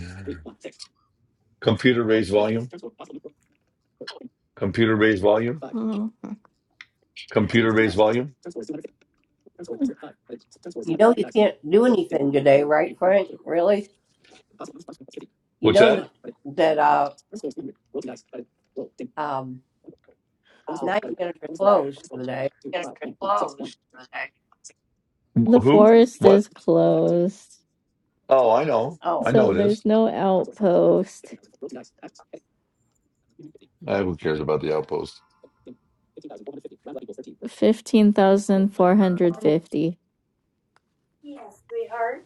Computer raise volume. Computer raise volume.
Mm, mm.
Computer raise volume.
You know, you can't do anything today, right, Frank? Really? You
What's
know
that?
that that uh um night manager closed for the day.
The
Who?
forest
What?
is closed.
Oh, I know. I
Oh,
know
So
it
there's
is.
no outpost.
Uh, who cares about the outpost?
15,450.
Yes, sweetheart.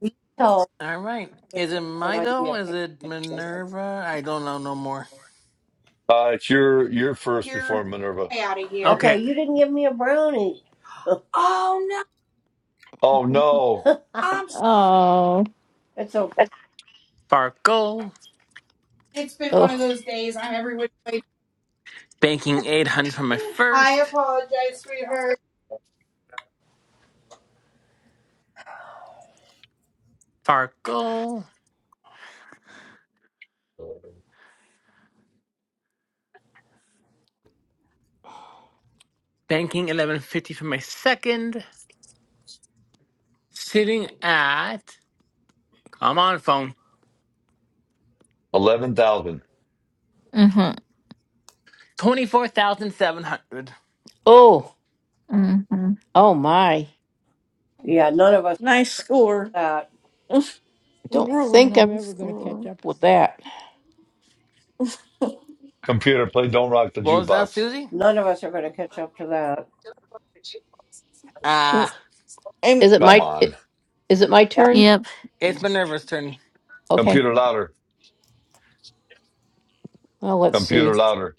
you told
All right. Is it
when
my
I
go?
give
Is
a
it Minerva? I don't know no more.
Uh, it's your you're first before
You're
Minerva.
way out of a- here. Okay,
Okay.
you didn't give me a brownie. *laughs* Oh no,
Oh
mm, mm.
no,
I'm *laughs* sorry.
Oh.
it's okay.
Farkle.
It's been one of
Oh.
those days. I'm every which way.
Banking 800 for my
I
first.
apologize, sweetheart.
Farkle. Banking 1150 for my second. sitting at, come on, phone,
eleven thousand.
Mm-hmm.
24,700.
Oh.
Mm-hmm.
Oh my.
Yeah, none of us
Nice score.
that
Don't
Really
think I'm
nice
ever going to catch
score.
up with that.
Computer, play "Don't Rock the
What was that,
Jukebox."
Susie?
none of us are going to catch up to that.
Mm.
Ah,
And
Is it
Come
my i-
on,
is it my turn?
Yep.
it's Minerva's turn.
Okay.
computer louder,
Well, let's see.
computer louder.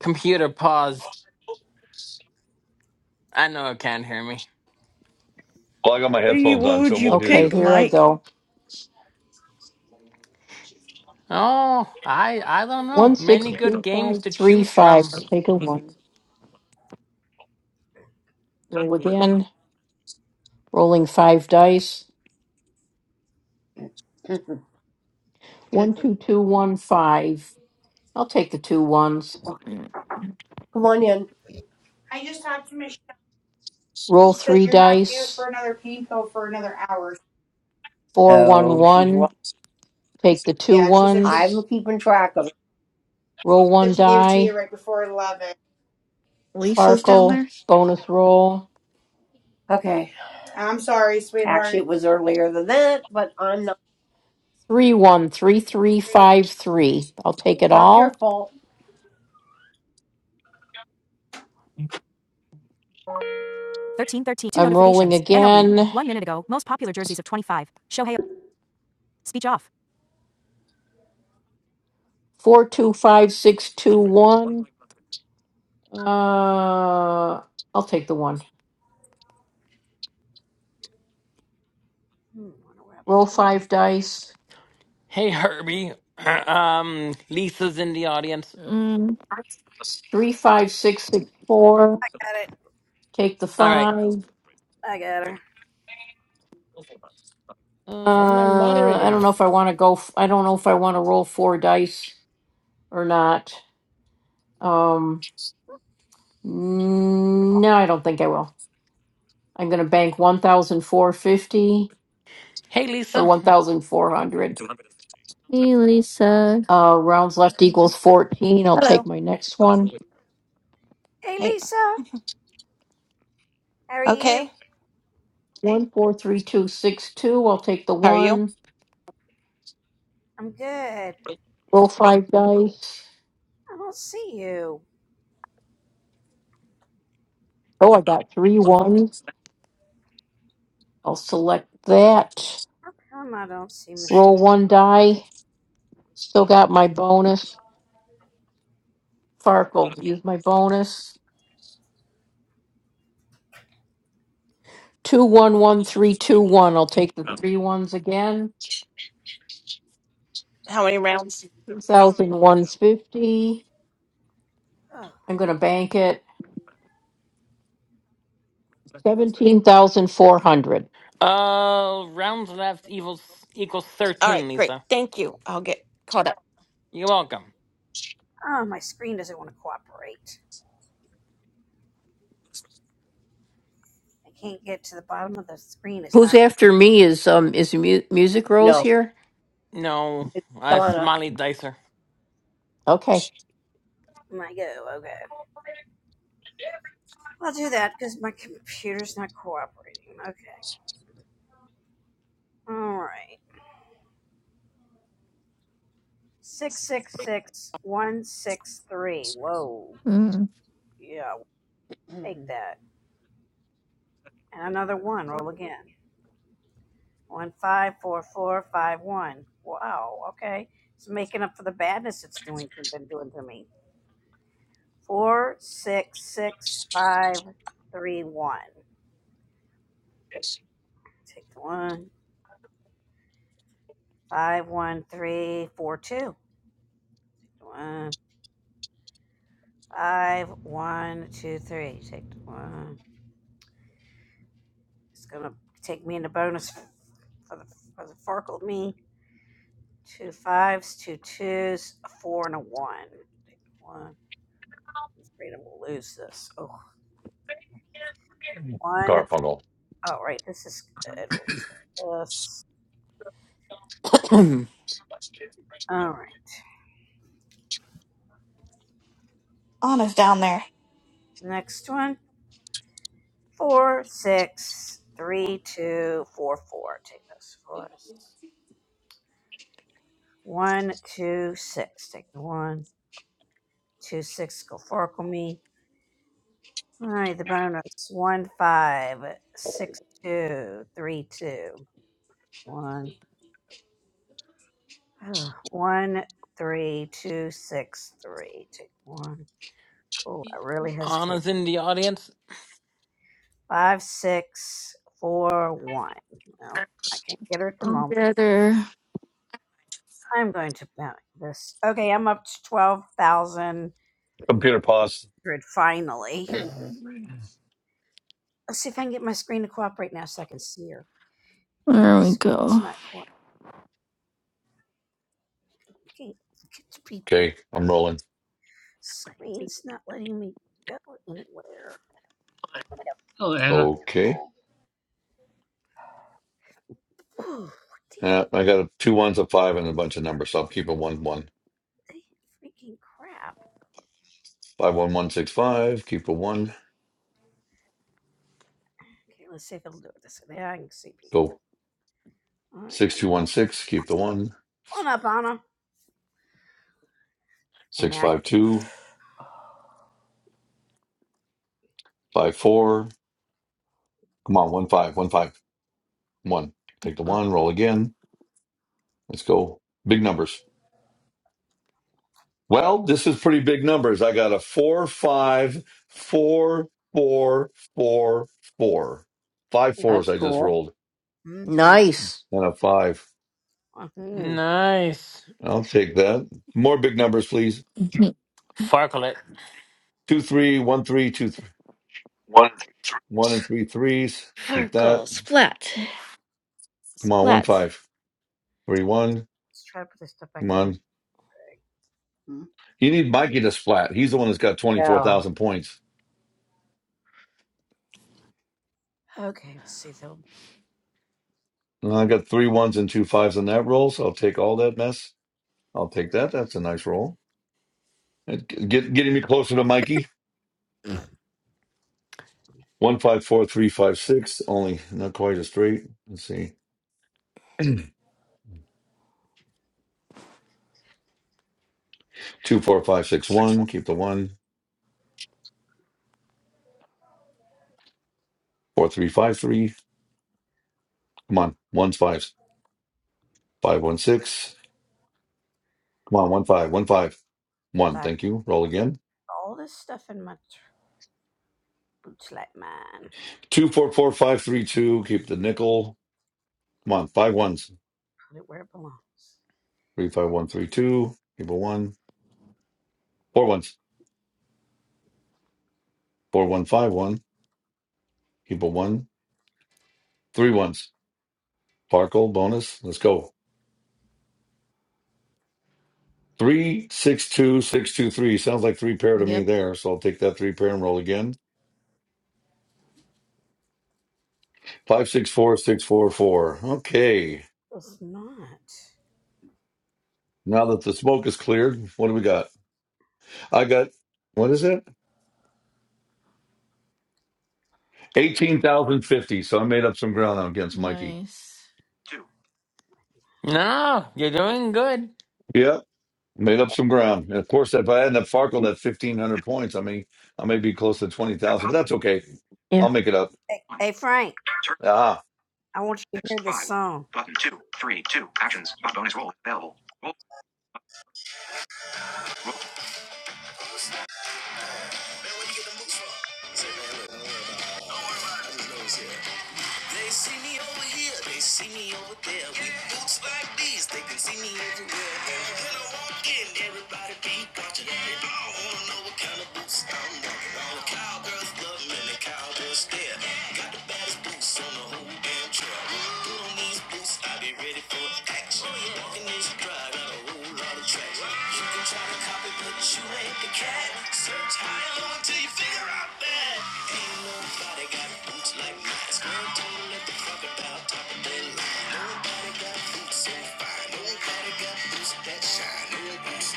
Computer, pause. I know it can't hear me.
Well, I got my
what do you?
headphones
What
on, so
would
I
you
won't hear
Okay,
you.
pick,
here I
Mike?
go.
Oh, I I don't
One
know.
six
Many good games to
three
choose
five.
from.
Take a one. Rolling five dice.
Yep.
One two two one five. I'll take the two ones.
*laughs* Come on in. I just talked to Michelle.
Roll
Says
three
you're not due
dice.
for another pain pill for another hour.
Four one
No, she's
one. Take the two
Yeah, she said she I'm
ones.
keeping track of it.
Roll one
said she gave it to
die.
you right before eleven.
Lisa's down
Sparkle.
there.
Bonus roll.
Okay. I'm sorry, Actually, sweetheart. it was earlier than that, but I'm not.
Three one three three five three. I'll take it
not
all.
your fault.
13 thirteen. Two
I'm rolling
notifications. MLB.
again.
One minute ago. Most popular jerseys of 25. Shohei. Speech off.
Four two five six two. Uh, I'll take the one. Roll five dice.
Hey, Herbie. *clears throat* um, Lisa's in the audience.
Mm.
Three, five, six, six, four. Take the
All
five.
right.
Uh,
Where are my
I don't know
moderators?
if I want to go. F- I don't know if I want to roll four dice or not. Um, mm, no, I don't think I will. I'm going to bank one thousand four fifty
Hey,
or
Lisa.
one thousand four hundred.
Hey, Lisa.
Uh, rounds left equals fourteen. I'll take
Hello.
my next one.
Hey, Okay.
One, four, three, two, six, two. I'll take the
How are you?
one. Roll five dice. Oh, I got three. I'll select that. Roll one die. Still got my bonus. Farkle. Use my bonus. Two one one three two one. I'll take the three ones again.
How many rounds?
One fifty. I'm gonna bank it. Fifteen thousand four hundred.
Uh, rounds left equals equals
All right,
thirteen.
great.
Lisa,
Thank you. I'll get caught up.
you're welcome.
Who's after me? Is um is mu- music rose
No,
here?
No,
it's
I
Donna.
smiley dicer.
Okay.
Mm.
Mhm.
Garfunkel.
*clears throat*
Anna's down there.
Anna's in the audience.
I'll get her.
Computer pause.
There we go.
Okay, I'm rolling.
Hello, Anna.
Okay. Yeah, I got a two ones, a five, and a bunch of numbers, so I'll keep a one one. Five one one six five. Keep the one. Go six two one six. Keep the one. Six five two. Five four. Come on, one five, one five, one. Take the
Oh.
one, roll again. Let's go. Big numbers. Well, this is pretty big numbers. I got a four, five, four, four, four, four. Five fours
That's
I just
cool.
rolled.
nice.
And a five.
Nice.
I'll take that. More big numbers, please.
Mhm.
Farklet.
Two, three, one, three, two, th- one, and three threes.
Four
Keep that.
goals. Flat.
Come on, one,
Flat.
five, three, one. Come on. You need Mikey to splat. He's the one that's got
Yeah.
24,000 points. And I got three ones and two fives on that roll, so I'll take all that mess. I'll take that. That's a nice roll. It- Get, getting me closer to Mikey. One five four three five six. Only not quite as straight. Let's see. *clears throat* two four five six one. Keep the one. Four three five three. Come on. Ones fives. Five one six. Come on. One five. One five. One. Thank you. Roll again. Two four four five three two. Keep the nickel. Come on. Five ones. Three five one three two. Keep a one. Four ones. Four one five one. Keep a one. Three ones. Farkle bonus. Let's go. Three, six, two, six, two, three. Sounds like three pair to me
Yep.
there. So I'll take that three pair and roll again. Five, six, four, six, four, four. Okay. Now that the smoke is cleared, what do we got? I got, what is it? 18,050. So I made up some ground against Mikey.
Nice.
Two.
No, you're
Roll.
doing good.
Yeah, Made up some ground. And of course, if I hadn't have Farkle that
Two.
1,500 points, I mean, I may be close to
At
20,000, but
possible
that's okay.
Yeah.
I'll make it up.
one. Turn
Ah.
six. Five. Button two. Three. Two. Actions. Bo- Bonus roll available. Roll. Roll.
They see me over here, they see me over there. With boots like these, they can see me everywhere. And when I walk in, everybody be watching. They all wanna know what kind of boots I'm walking. All the cowgirls love me, and the cowgirls stare. Got the baddest boots on the whole damn trail. Put on these boots, I be ready for action. Walking this stride, got a whole lot of traction. You can try to copy, but you ain't the cat. Search high and low until you figure out that ain't nobody got boots like mine. Girl, don't let the crocodile top of their line. Nobody got boots so fine. Nobody got boots that shine. No boots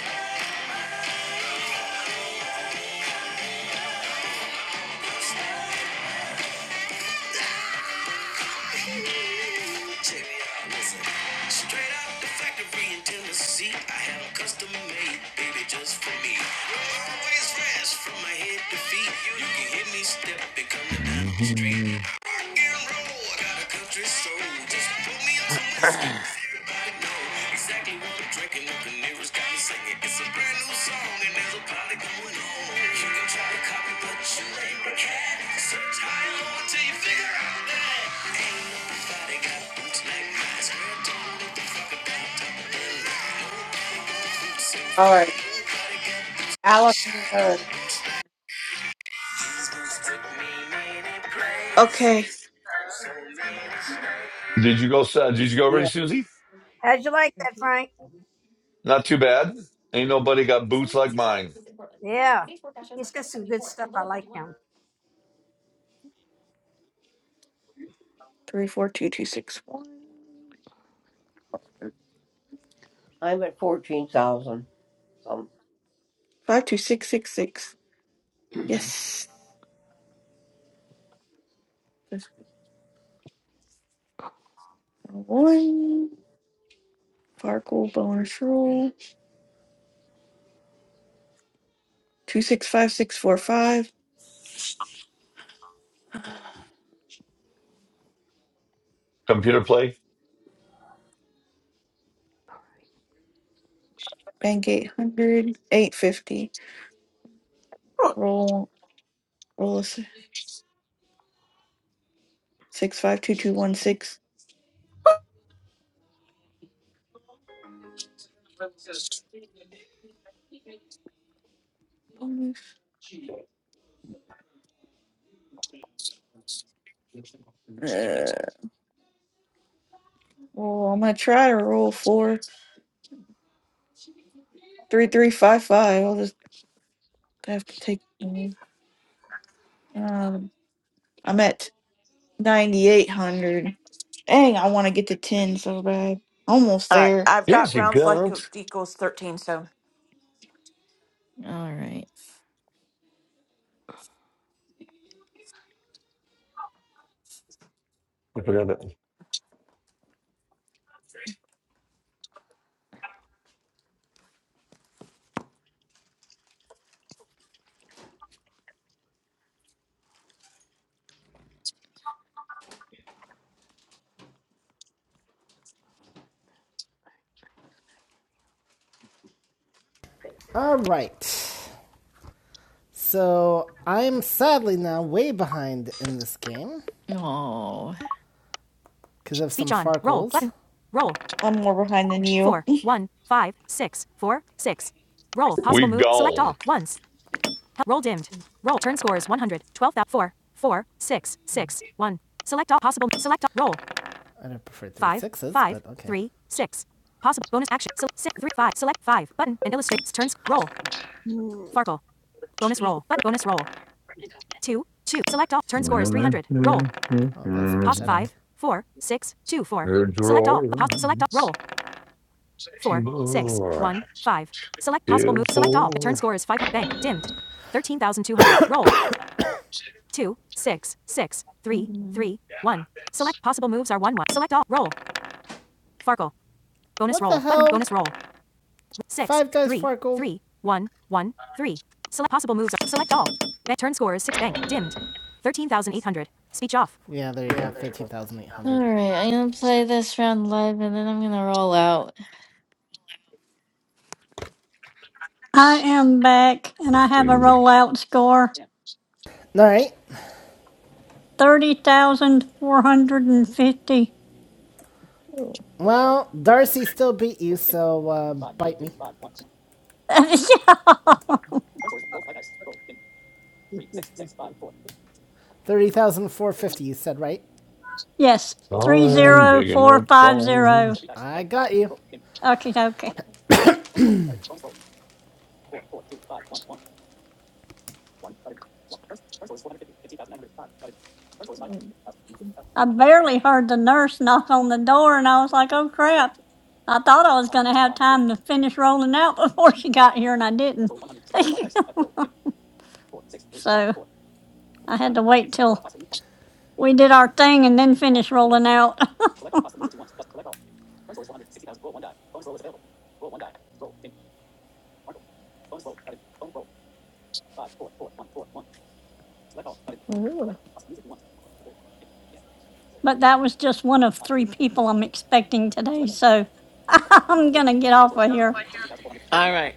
like mine. Check it Straight out the factory in Tennessee, I have a custom made, baby, just for me. Always fresh from my head to feet. You can hear me stepping, down street
Did
rock and roll. got a country soul. Just pour me up some
*clears throat* All
whiskey. Everybody know exactly what I'm drinking. The Canary's got me singing. It's a brand new song and there's a party going on. You can try to copy, but you ain't the cat. Search high and you figure out that ain't nobody got boots like mine. Square toe, what the fuck about double bill? Nobody got boots so
All right.
fine. Nobody got
Alex,
shine. No
turn.
boots like these boots took me many places.
Okay.
I'm,
you go, uh, did you go already,
Yeah,
Susie? Not too bad. Ain't nobody got boots like mine.
Three four two two six one.
I'm at 14,000. So,
52666.
*clears throat*
Yes. That's one. Farkle bonus roll. 265645.
Computer play.
Bank 800. 850. Roll. Roll a s- 652216. Bonus. Uh, well, I'm gonna try to roll four, three, three, five, five. I'll just have to take. Um, I'm at ninety eight hundred. Dang, I want to get to ten so bad. Almost
All right.
there.
I've
Here
got
she
rounds like
comes.
equals 13, so.
All right.
I forgot that.
All right. So I'm sadly now way behind in this game
Oh.
because of some Speech Roll button. Roll.
I'm more behind than you.
four, one, five, six, four, six. Roll.
We
Possible move. Select
gone.
all. Ones. Help. Roll dimmed. Roll. Turn scores is 100. 12. thousand four four six six one. Select all possible. Select all. Roll. I don't prefer three Five. sixes, five, but okay. Three. Six. Possible bonus action. So six. three five. Select five. Button and illustrates turns. Roll. Farkle. Bonus roll. Button. Bonus roll. two, two. Select all. Turn score is 300. Roll. Oh, that's Pos five, four, six, two, four. Select all. Pos. Select all. Roll.
Four, two, four.
Third. *coughs* roll.
Mhm.
Far. Bonus What roll. the hell? Bonus roll. Five dice three, Farkle. three. Thir- Yeah, there you go.
All
13,800.
right. I'm gonna play this round live, and then I'm gonna roll out.
I am back and I have a rollout score.
Alright.
Thirty thousand four hundred and fifty.
Well, Darcy still beat you, so uh, bite me.
*laughs*
Thirty thousand four fifty. you said, right?
Yes. Three
Alright.
I'm
zero
digging
four
up
five zero.
bones.
I got you.
Okie dokie. I barely heard the nurse knock on the door, and I was like, oh crap. I thought I was going to have time to finish rolling out *laughs* before she got here, and I didn't. *laughs* so I had to wait till we did our thing and then finish rolling out. *laughs*
Ooh.
But that was just one of three people I'm expecting today. So *laughs* I'm going to get off of here.
right.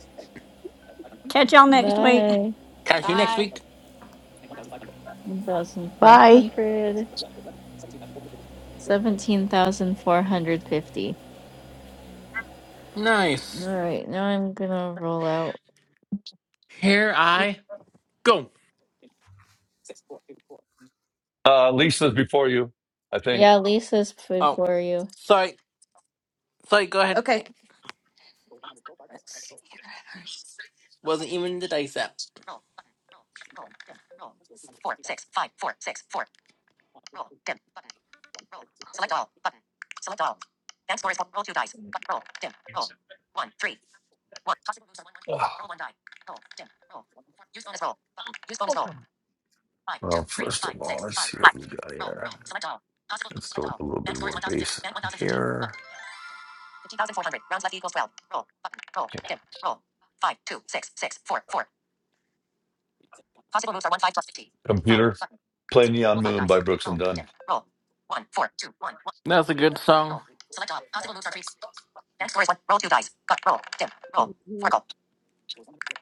Catch y'all next week.
Bye.
Catch you next
Bye.
week.
One thousand five
Bye.
hundred. Seventeen thousand four hundred fifty.
Nice.
All right. Now I'm gonna roll out.
Here I go.
Uh, Lisa's before you, I think.
Yeah, Lisa's
Oh,
before you.
sorry. Sorry, go ahead.
Okay. Let's see here.
Wasn't even the dice app.
Ugh. Well, first of all, let's see what we got
Roll.
here.
Select all. Possible.
Let's
Select
throw up
all.
a little bit
Bank score is
more
1050.
bass
Bank 1050.
here.
Button. 50,400. Rounds left equals 12. Roll. Button. Roll. Dim. Roll. 5, 2, 6, 6, 4, 4. Possible moves are 1, 5 plus 50. 5.
Computer.
Button.
Play Neon
Roll 5
Moon
dice.
by Brooks
Roll.
and Dunn.
Dim. Roll. 1, 4, 2, 1, 1.
That's a good song.
Roll. Select all. Possible moves are 3. Bank score is 1. Roll 2 dice. Cut. Roll. Dim. Roll. 4 call.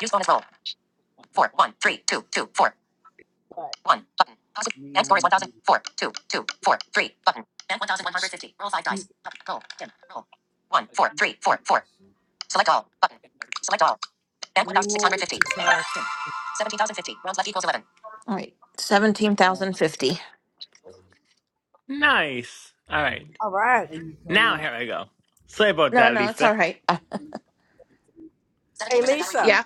Use bonus roll. 4, 1, 3, 2, 2, 4. One button. Bank score is one thousand four two two four three. Button. Bank 1,150. Roll five dice. Roll. Dim. Roll. One, four, three, four, four. Select all. Button. Select all. Bank 1,650. 17,050. Rounds left equals 11. All right. 17,050.
Nice. All right. Now here I go. Sorry about
No,
that,
no, it's
Lisa.
all right. Uh, 17% battery power. Yeah.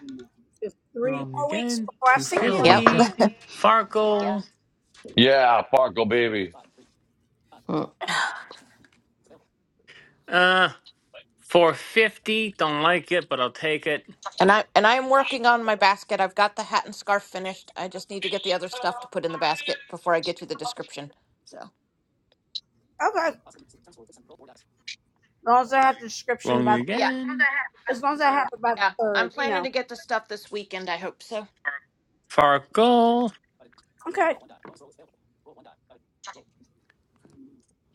Wrong again.
Hello,
Yep.
Lisa.
250. Farkle.
Yeah, Farkle baby.
Mm,
Uh, 450. Don't like it, but I'll take it.
And I and I am working on my basket. I've got the hat and scarf finished. I just need to get the other stuff to put in the basket before I get you the description. So
Wrong
Yeah.
again.
Yeah, I'm planning to get the stuff this weekend. I hope so.
Farkle.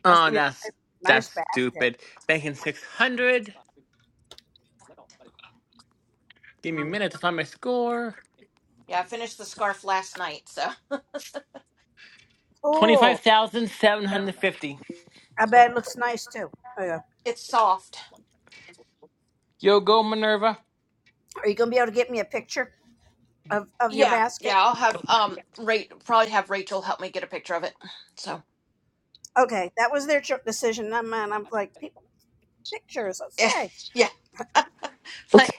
Oh, that's that's stupid. Banking six hundred. Give me a minute to find my score.
Yeah, I finished the scarf last night, so
Twenty five thousand seven hundred fifty.
it's soft.
Yo, go Minerva.
Yeah, yeah, I'll have um rate probably have Rachel help me get a picture of it. So *laughs* yeah, yeah,
Okay.
but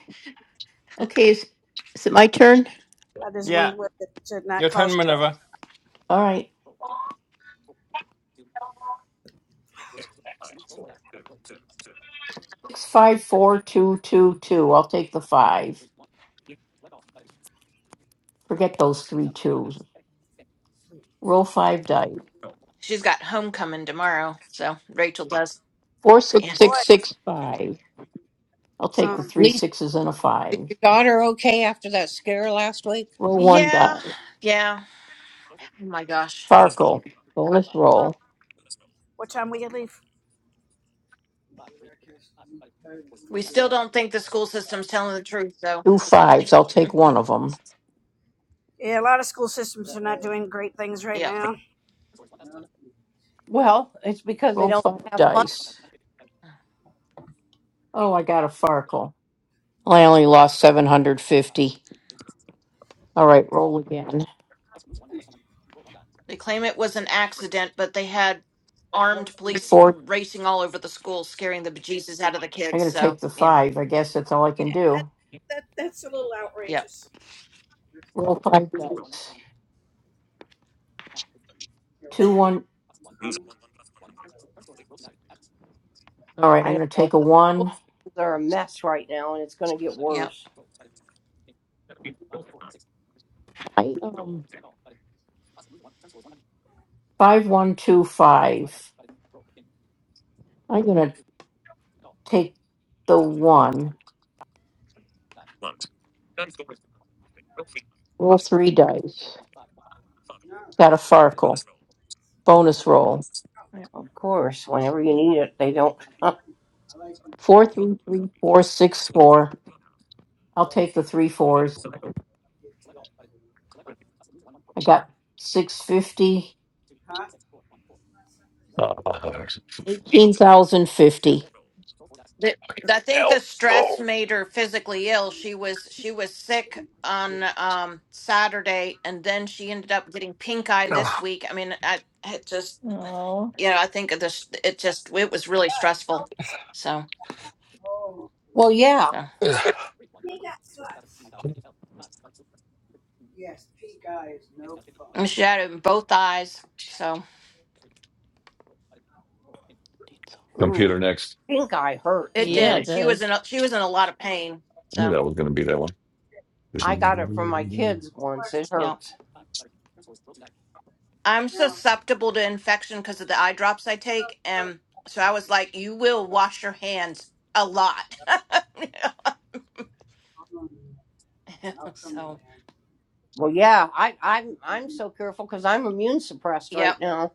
Okay. Is is it my turn?
Yeah, your turn, Minerva.
All right. Six five four two two two. I'll take the five. Forget those three twos. Roll five dice.
she's got homecoming tomorrow, so Rachel does.
Four, six,
Yeah,
six, six, five. I'll take the three
Lisa,
sixes and a
is
five.
your daughter okay after that scare last week?
Roll one
yeah,
die.
yeah. Oh my gosh,
Farkle. Bonus roll.
we still don't think the school system's telling the truth though.
Two
So
fives. I'll take one of them.
yeah.
Well, it's because they
Roll
don't
five
have fun.
dice. Oh, I got a Farkle. Well, I only lost 750. All right, roll again.
They claim it was an accident, but they had armed police racing all over the school, scaring the bejesus out of the
I'm
kids.
going to take
So,
the
yeah,
five. I guess that's all I can do.
yep,
Roll five dice. Two, one. All right,
I
I'm
don't
going to
know.
take a
The school
one.
systems are a mess right now, and it's going to get
yep.
worse.
I, um, five, one, two, five. I'm going to Take the one. Roll three dice. Got a Farkle. Bonus roll.
Of course, whenever you need it, they don't. *laughs*
Four, six. I'll take the three fours. I got 650.
Uh,
18,050.
The- I think the
Help.
stress made her physically ill. She was she was sick on um, Saturday, and then she ended up getting pink eye this week. I mean, I it just
Oh.
you know I think of this it just it was really stressful. So,
well, yeah.
so and she had it in both eyes. So
Ooh,
computer next.
pink eye hurts,
it
Yeah, it
did.
man.
She was in
does.
a, she was in a lot of pain.
I knew
So
that was going to be that one.
I got it from my kids once. It
yeah.
hurts.
I'm susceptible to infection because of the eye drops I take. And so I was like, you will wash your hands a lot. *laughs* So,
Well, yeah. I, I'm I'm so careful because I'm immune suppressed
yep.
right now,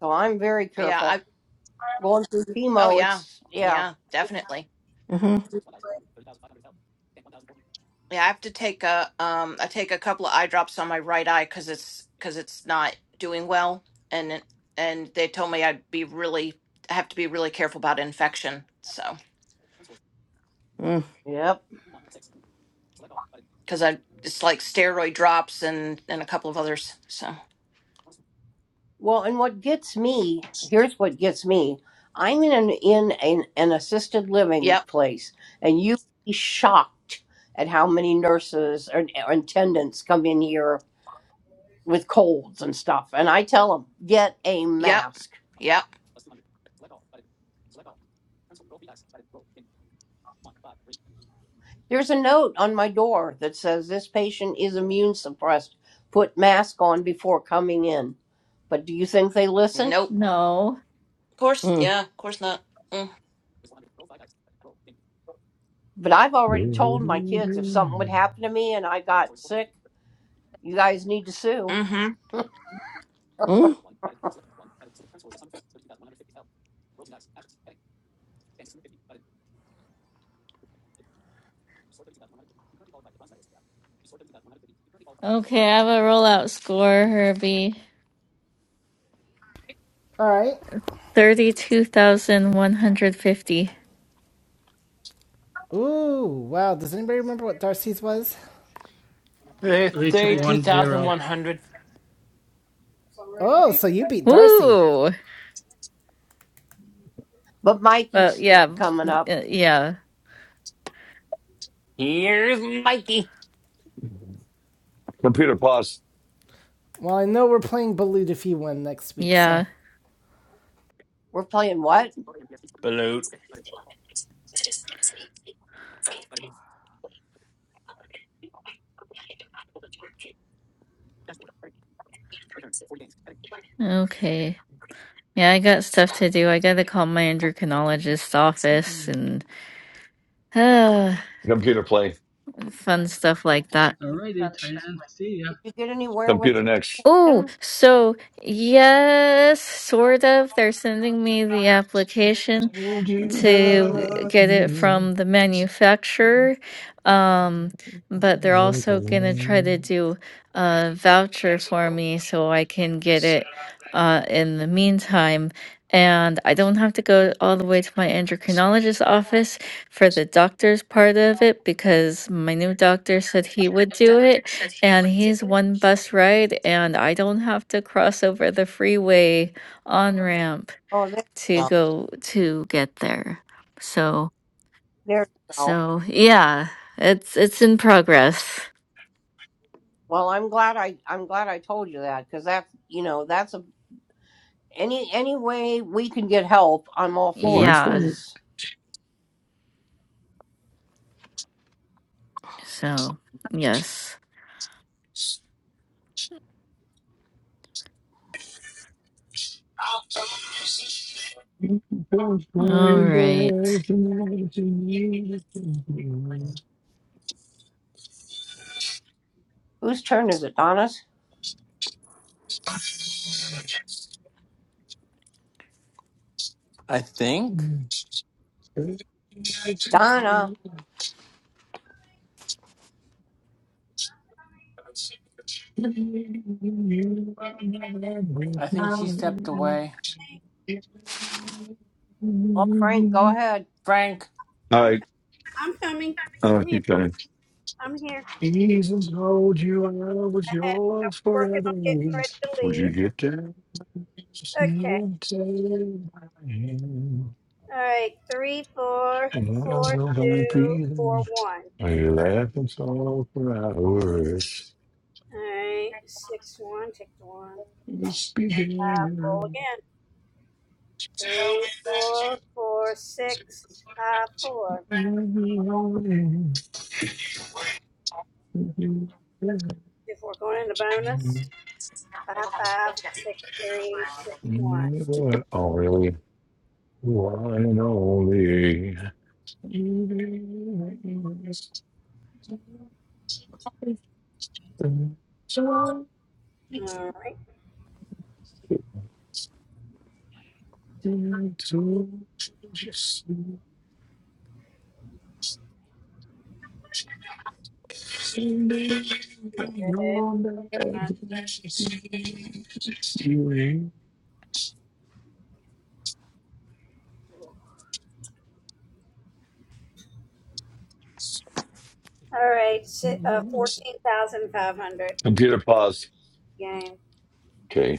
so I'm very
Yeah.
careful.
I,
Going through
oh,
chemo,
yeah.
it's yeah,
Yeah, definitely.
Mm-hmm.
Yeah. I have to take a, um, I take a couple of eye drops on my right eye because it's, because it's not doing well. And, it- and they told me I'd be really, I have to be really careful about infection. So,
Mm-hmm.
yep.
because I, it's like steroid drops and, and a couple of others. So,
Well, and what gets me, here's what gets me. I'm in an in an, an assisted living
yep.
place, and you'd be shocked at how many nurses or, or attendants come in here with colds and stuff. And I tell them, get a
Yep.
mask.
Yep.
There's a note on my door that says this patient is immune suppressed. Put mask on before coming in. But do you think they listen?
Nope.
No.
Of course,
mm-hmm.
yeah, of course not. Mm.
But I've already told my kids if something would happen to me and I got sick, you guys need to sue.
hmm
Mm.
Okay, I have a rollout score, Herbie.
Alright.
32,150.
Ooh, wow. Does anybody remember what Darcy's was?
Hey,
Three, two,
Thirty-two
one,
thousand
zero.
one hundred.
Oh, so you beat Darcy.
Woo!
But Mikey's
But
st-
yeah,
coming up.
uh, yeah,
Here's Mikey.
Computer pause.
Well, I know we're playing Bullied If You Win next week, so.
yeah.
We're playing what?
Balut.
Okay. Yeah, I got stuff to do. I gotta call my endocrinologist's office and uh,
Computer play.
fun stuff like that.
Alrighty, Diane. See ya.
Did you get anywhere with
Computer next.
Oh,
him?
so yes, sort of. They're sending me the application.
Told you
to get
love
it
you.
from the manufacturer. Um, but they're also gonna try to do a voucher for me so I can get it uh, in the meantime. And I don't have to go all the way to my endocrinologist's office for the doctor's part of it because my new doctor said he would do it. And he's one bus ride, and I don't have to cross over the freeway on ramp
Oh, there you
to
go.
go to get there. So
There you go.
so yeah, it's it's in progress.
Well, I'm glad I I'm glad I told you that because that's you know that's a any any way we can get help, I'm all for
You
it.
Yeah.
should.
Because
So yes.
Don't
All right.
whose turn is it? Donna's.
I think.
I should go.
Donna.
You are
I think she stepped away.
Well, Frank, go ahead.
Frank.
All right, I'll keep going. Jesus told you I was yours forever. Would you get that? Just melted my hand, and I don't know how I'm feeling. Are you laughing so for hours? It's beginning. Oh, really? Why am we? Computer pause. Okay.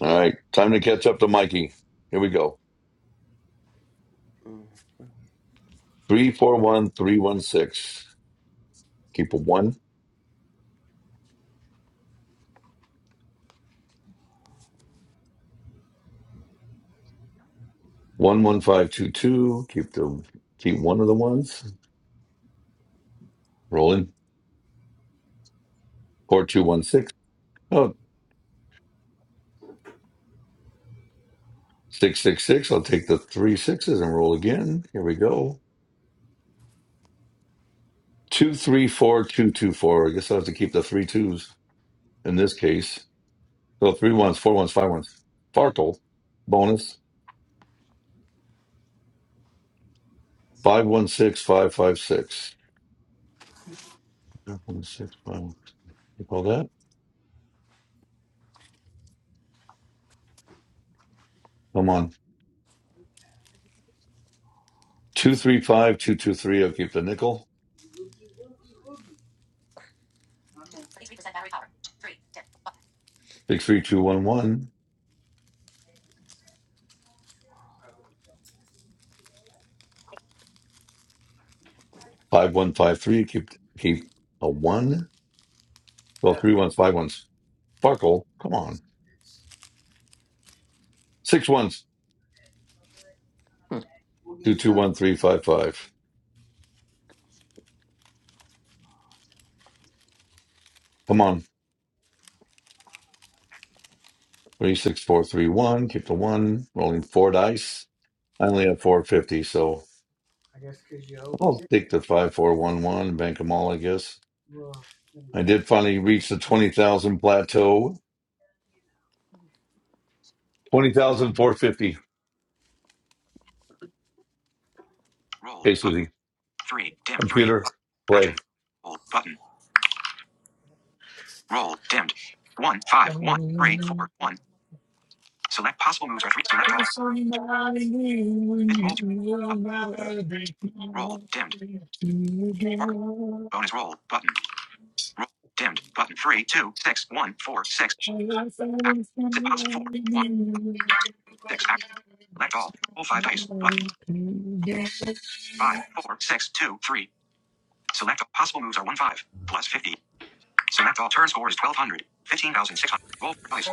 All right. Time to catch up to Mikey. Here we go.
Mm.
Three four one three one six. Keep a one. One one five two two. Keep the keep one of the ones. Rolling. Four two one six. Oh, six six six. I'll take the three sixes and roll again. Here we go. Two, three, four, two, two, four. I guess I have to keep the three twos in this case. So three ones, four ones, five ones. Farkle bonus five one six five five six. Five one six five. one- You call that? Come on. Two three five two two three. I'll keep the nickel. Six three two one one five one five three. Keep keep a one. Well, three ones, five ones. Farkle. Come on. Six ones.
*clears throat*
Two two one three five five. Come on. Three, six, four, three, one. Keep the one. Rolling four dice. I only have four fifty, so I'll take the five, four, one, one. Bank them all, I guess. I did finally reach the twenty thousand plateau. Twenty thousand four fifty.
Roll
Hey,
button.
Susie.
Three. Dim. Three.
Computer play.
Action. Roll button. Roll. Dimmed. One five one three
I'm
four one. Select possible moves or three. Select all.
somebody new and
Hit
you
roll. Two.
will
Button.
never be
Roll.
mine
Dimmed.
to
Bar.
again.
Bonus roll. Button. Roll. Dimmed. Button. Three, two, six, one, four, six. Action.
Someone needs
Sit possible. Four. one, six. Action. Select all. Roll five dice. Button. Roll. Five, four, six, two, three. Select all. Possible moves are one five. Plus fifty. Select all. Turn score is twelve hundred. Fifteen thousand six hundred. Roll four dice.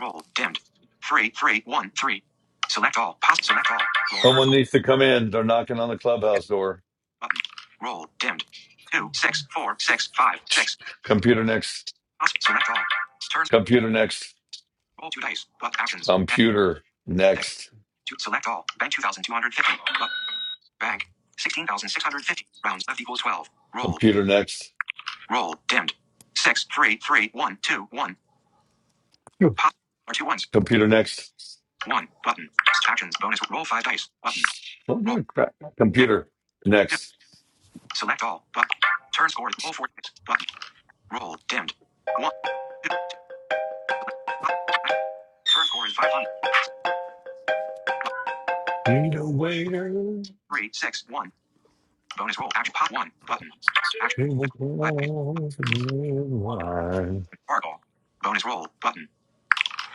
Roll. Dimmed. Three, three, one, three. Select all. Pos- select all. Roll turn score.
to come in. They're knocking on the clubhouse door.
Button. Roll. Dimmed. Two, six, four, six, five, six.
Computer next.
Possible. Select all. Turns.
Computer next.
Roll two dice. But actions. Head.
Computer
six.
next.
To select all. Bank 2250. Bank 16650. Rounds left equals 12. Roll.
Computer next.
Roll. Dimmed. Six three three one two one. Pop. Or two ones.
Computer next.
One. Button. Actions. Bonus. Roll five dice. Button.
Oh,
Roll.
no, crap.
Six.
Computer
Two.
next.
Select all. Button. Turn score is roll four dice. Button. Roll. Dimmed. One. Two. Select. Pop. Turn score is 500. Button.
Need a waiter.
Three. Six. One. Bonus roll. Action. Pop. One. Button. Action.
Table
Five dice.
cloth, and red wine.
Bark All. Bonus roll. Button.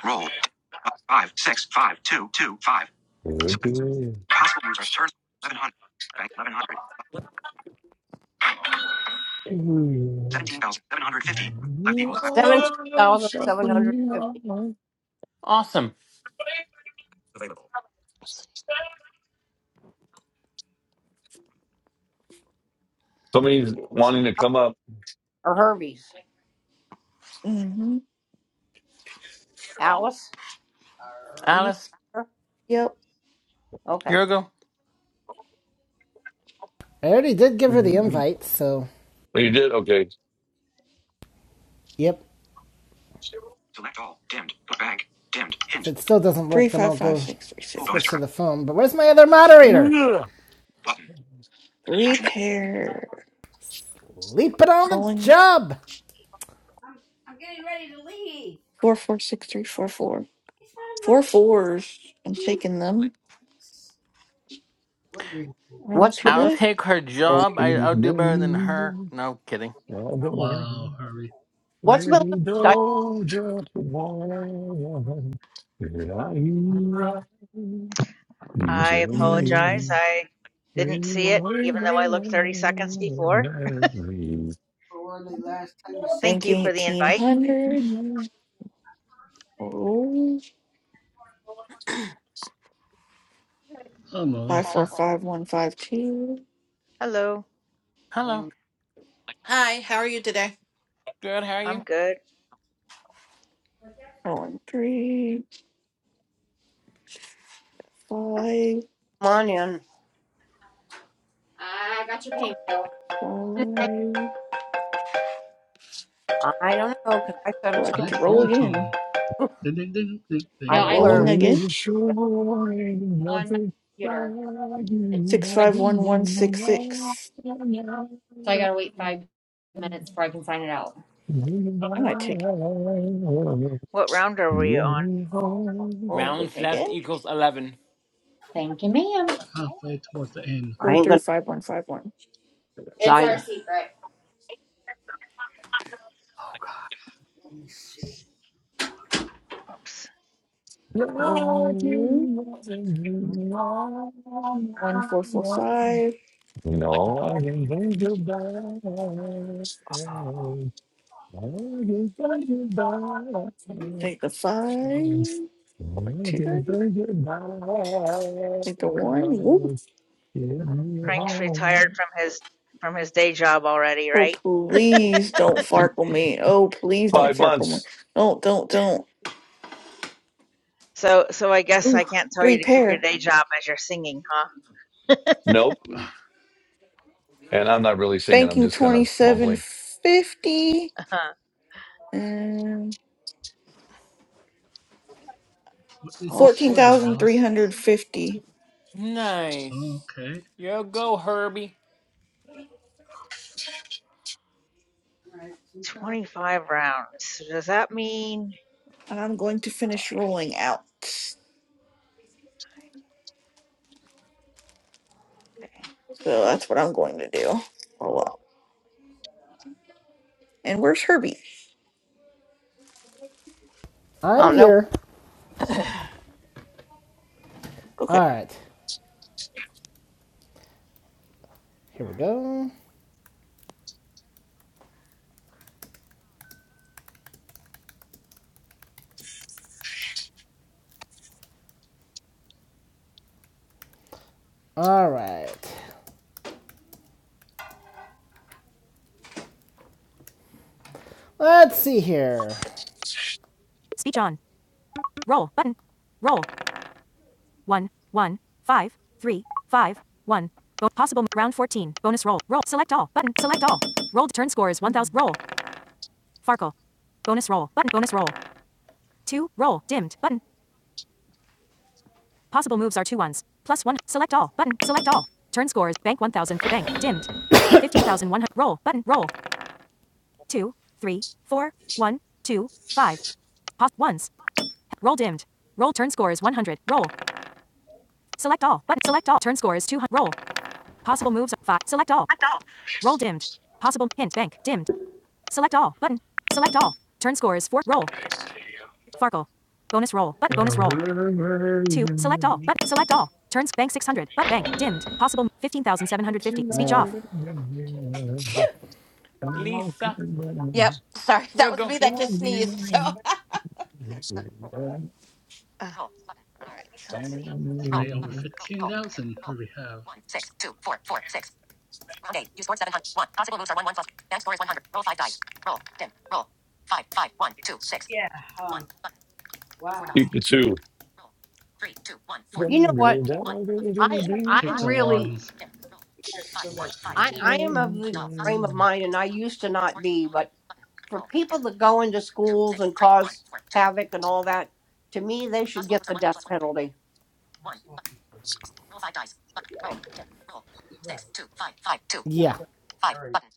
Roll. Five, six, five, two, two, five.
Do it,
Select
do
possible use of turn. 1100. Bank 1100.
it.
17,750. Left equals 17,750.
Awesome.
Somebody's
It's
wanting to come up.
a Herbie's.
Mm-hmm.
Alice, are you
Alice.
there?
Yep.
Okay.
Here we go.
I already did give her the
Oh, you
invite, so.
did? Okay.
Yep.
Select all. Dimmed. bank. Dimmed.
If
Hint.
it still doesn't
Three
work, then
five
I'll
five
go
six three
bonus
switch to
six.
turn.
the phone. But where's my other moderator?
Yeah.
Button.
Three
Action.
pair.
Leaping on the
Rolling
job!
getting ready to leave.
four four six three four four. Four fours. I'm shaking them. Roll
What's
two
I'll
Melissa's
die.
take her job. I, I'll do better than her. No kidding.
Wow, Harvey.
What's
really
Melissa's dice?
right?
I
Mm.
apologize. I didn't see it, even though I looked 30 seconds before. Thank you
Banking
for the
eighteen
invite.
hundred. Roll
Hello,
five four
Melissa.
five one five two.
Hello,
Hello.
Hi, how are you today?
Good. How are
I'm
you?
good.
Rolling three five
Come on in.
five.
I don't know because I set a
Well, I
time.
get to
Nice
roll
phone
again.
tone. Ding, ding, ding, ding, ding, ding,
Rolling
learned,
ding,
Only
again.
the
but
shore and nothing like you
Six
I
five one one six
in
six.
your life.
I might take it.
What round are we on?
rolling
Rounds left
again.
equals eleven.
Halfway towards the end.
I
Four
ain't
three
going to
five one five one.
It's our secret.
Oops.
One, one, four, four, five.
And all I can think
One,
about,
Oh.
I can think about.
take the five.
Looking
Rolling
for
two. Take the one. Woo.
Give me your
Frank's retired
home.
from his from his day job already,
Oh,
right?
please don't farkle me. Oh, please don't
Five
farkle me.
months.
Don't, don't, don't.
So so I guess
Ooh,
I can't tell
three
you to keep your
pair.
day job as you're singing,
Nope. And I'm not really singing. I'm
Banking
just kind of mumbling.
2750
huh? *laughs*
and
What is your
Oh.
score there, Alice?
14,350.
Nice.
Okay.
You go, Herbie.
25 rounds. So Does that mean
And I'm going to finish rolling out. So
okay.
that's what I'm going to do. Roll out. And where's Herbie?
I
I'm
don't know.
here.
Okay.
Alright. Here we go. Alright. Let's see here. Speech on. Roll button. Roll. One. One. Five. Three. One, one, five, three, five, one. Bo- possible round 14. Bonus roll. Roll. Select all. Button. Select all. Rolled. Turn score is 1000.
Okay.
Roll. Farkle. Bonus roll. Button. Bonus roll. Two. Roll. Dimmed. Button. Possible moves are two ones. Plus one. Select all. Button. Select all. Turn scores. Bank 1000 bank. Dimmed. *coughs* 15,100. Roll. Button. Roll. Two. Three. Four. One. Two. Five. Pos- ones. Roll dimmed. Roll turn score is 100. Roll. Select all. Button. Select all. Turn score is 200. Roll. Possible moves. Five. Select all. Roll dimmed. Possible hint. Bank. Dimmed. Select all. Button. Select all. Turn score is 4. Roll.
Next to you.
Farkle. Bonus roll. Button. Bonus roll. two, select all, but select all. Turns bank 600, but bank dimmed. Possible 15,750. Speech Yeah. off.
Phew.
Lisa,
Yep. Sorry, *laughs* that
you
was
go.
me that just sneezed. So, *laughs* Uh, all right, so let's see.
Three over 15,000, we have.
Keep the two.
You know what?
One button.
I I
Roll
Take
three.
the
really
wands.
Dim. Roll. Five. One. Five.
I I am of
Select
the
all. Possible.
frame
moves,
of
One.
mind, and I
Select all.
used to
Roll. Dance
not
scores.
be,
Roll again.
but
Button.
for
Roll.
people
Dim.
that go into
Two.
schools
Six.
and
Three. One.
cause
Four. Two.
havoc and all that, to me, they should
Possible
get
moves are
the
one. One
death
plus one. three.
penalty.
One. Button. Roll five dice. Button. Roll. Dim. Roll. Six. Two. Five. Five. Two.
Yeah.
Five. Button.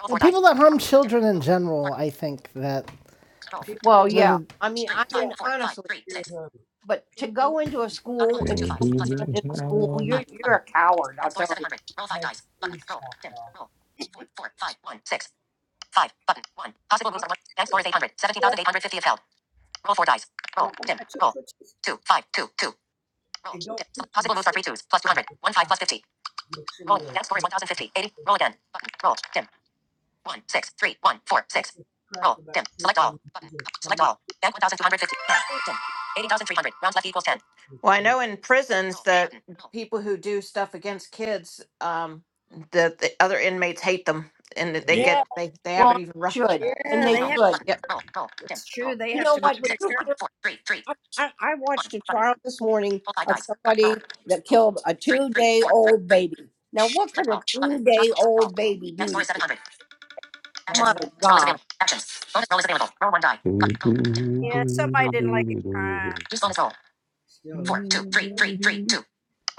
Roll
The
four dice.
people that harm
Roll. Dim.
children in
Roll.
general,
Circle.
I think that.
Roll. Dim.
Well,
The,
yeah.
the-
I mean,
Three.
I
Five.
mean,
Four. Five.
honestly,
Three. Six.
but to go into a
Possible
school
moves are
and
two
kill
fives. Plus fifty
people
each.
in a school, you're
Five.
you're
Button.
a coward.
Dance
I'll
score is
tell
seven
you.
hundred. Roll five dice. Button. Roll. Dim. Roll. Four. Four. Five. One. Six. Five. Button. One. Possible moves are one. Bank score is 800. 17,850 if held. Roll four dice. Roll. Dim. Roll. Two. Five. Two. Two. Roll. Dim. Possible moves are three twos. Plus 200. One five plus 50. Roll. Bank score is 1,050. 80. Roll again. Button. Roll. Dim. One. Six. Three. One. Four. Six. Roll. Dim. Select all. Button. Select all. Bank 1,250. Bank. Dim. 80,300. Rounds left equals 10. Well, I know in prisons, Roll. that Button. Roll. people who do stuff against kids, um, the, the other inmates hate them and that they
Ye-
get they they have it
Well,
even
they
rough
should and they
Roll.
should.
Button. Yep. Roll. Roll. Dim. Roll.
You know
Five,
what?
six, one, four, three, three,
I, I I
one.
watched a
Button.
trial this morning
Roll five
of
dice. Cut.
somebody
Roll.
that
Roll.
killed a
Three,
two
three,
day
four, three,
old
three.
baby. Now, what
Select
could a
all. Button.
two
Cost.
day
Roll.
old baby
Bank
do to
score is
you?
700. Actions.
My
Bonus roll is
God.
available. Actions. Bonus roll is available. Roll one die. Cut. Roll. Dim. Roll. Circle. Use bonus roll. Four, two, three, three, three, two.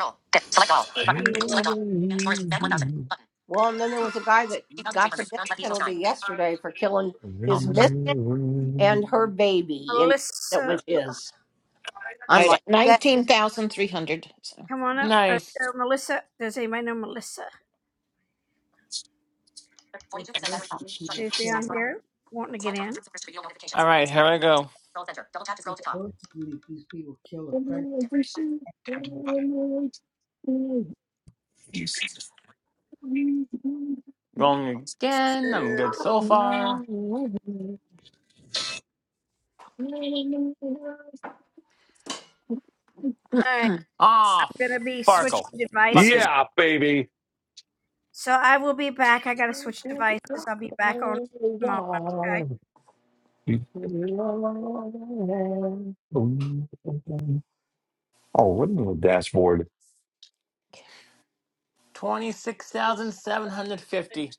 Roll. Dim. Select all. Button. Select all. Bank score is bank 1000. Button.
Well, and then there was a guy that got the
2,300.
death
Rounds left equals
penalty
nine.
yesterday for killing
Roll.
his
Button.
mistress and her baby, and that was his.
All
I'm
right.
like, yeah.
19,300. So.
Nice.
42% battery power. Charging. Stats are on. Swipe down. Search video
All
notifications.
right, here I go.
Scroll center. Double tap to scroll to top.
Dimmed button.
Rolling again. I'm good so far. Ah, Farkle. Fuck me.
Yeah, baby. Oh, what a little dashboard.
26,750.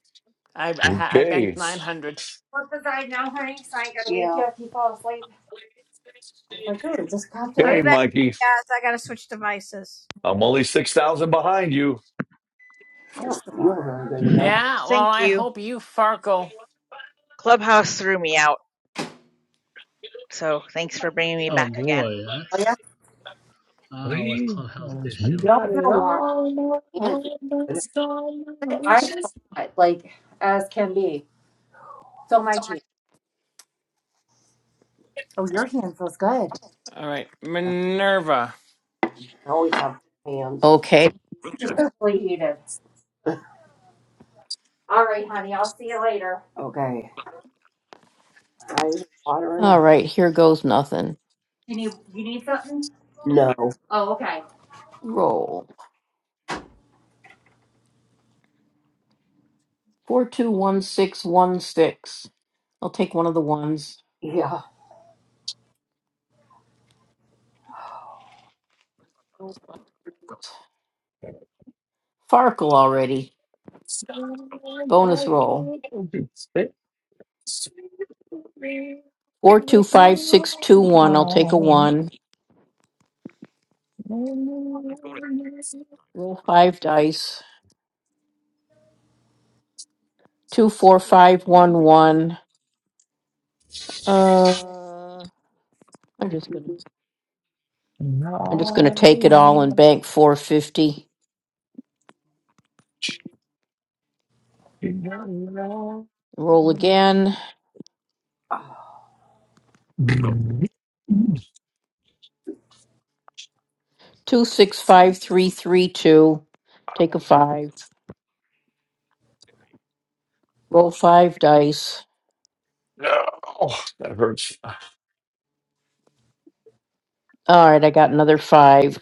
I, I, ha- I
Okay.
banked 900.
You can't fall asleep.
Okay, Mikey. I'm only 6,000 behind you.
Yeah, well,
Thank
I
you.
hope you Farkle. All
Clubhouse threw me out. So thanks for bringing me
Oh
back again.
boy, that's ah with
Please,
clubhouse
we
issue.
got it all. in all in our wishes,
right. All right,
I
Minerva.
always have hands.
Okay.
Okay. I use water and
All
I.
right. Here goes nothing.
No.
Roll. Four, two, one, six, one, six. I'll take one of the ones. Farkle already.
all in
Bonus roll.
our dreams.
Four, two, five, six, two, one. I'll take a one. Roll five dice. Two, four, five, one, one. Uh, I'm just gonna. I'm
No,
just gonna take it all and bank four fifty. Roll again. Two, six, five, three, three, two. Take a five. Roll five dice.
that hurts.
All right, I got another five.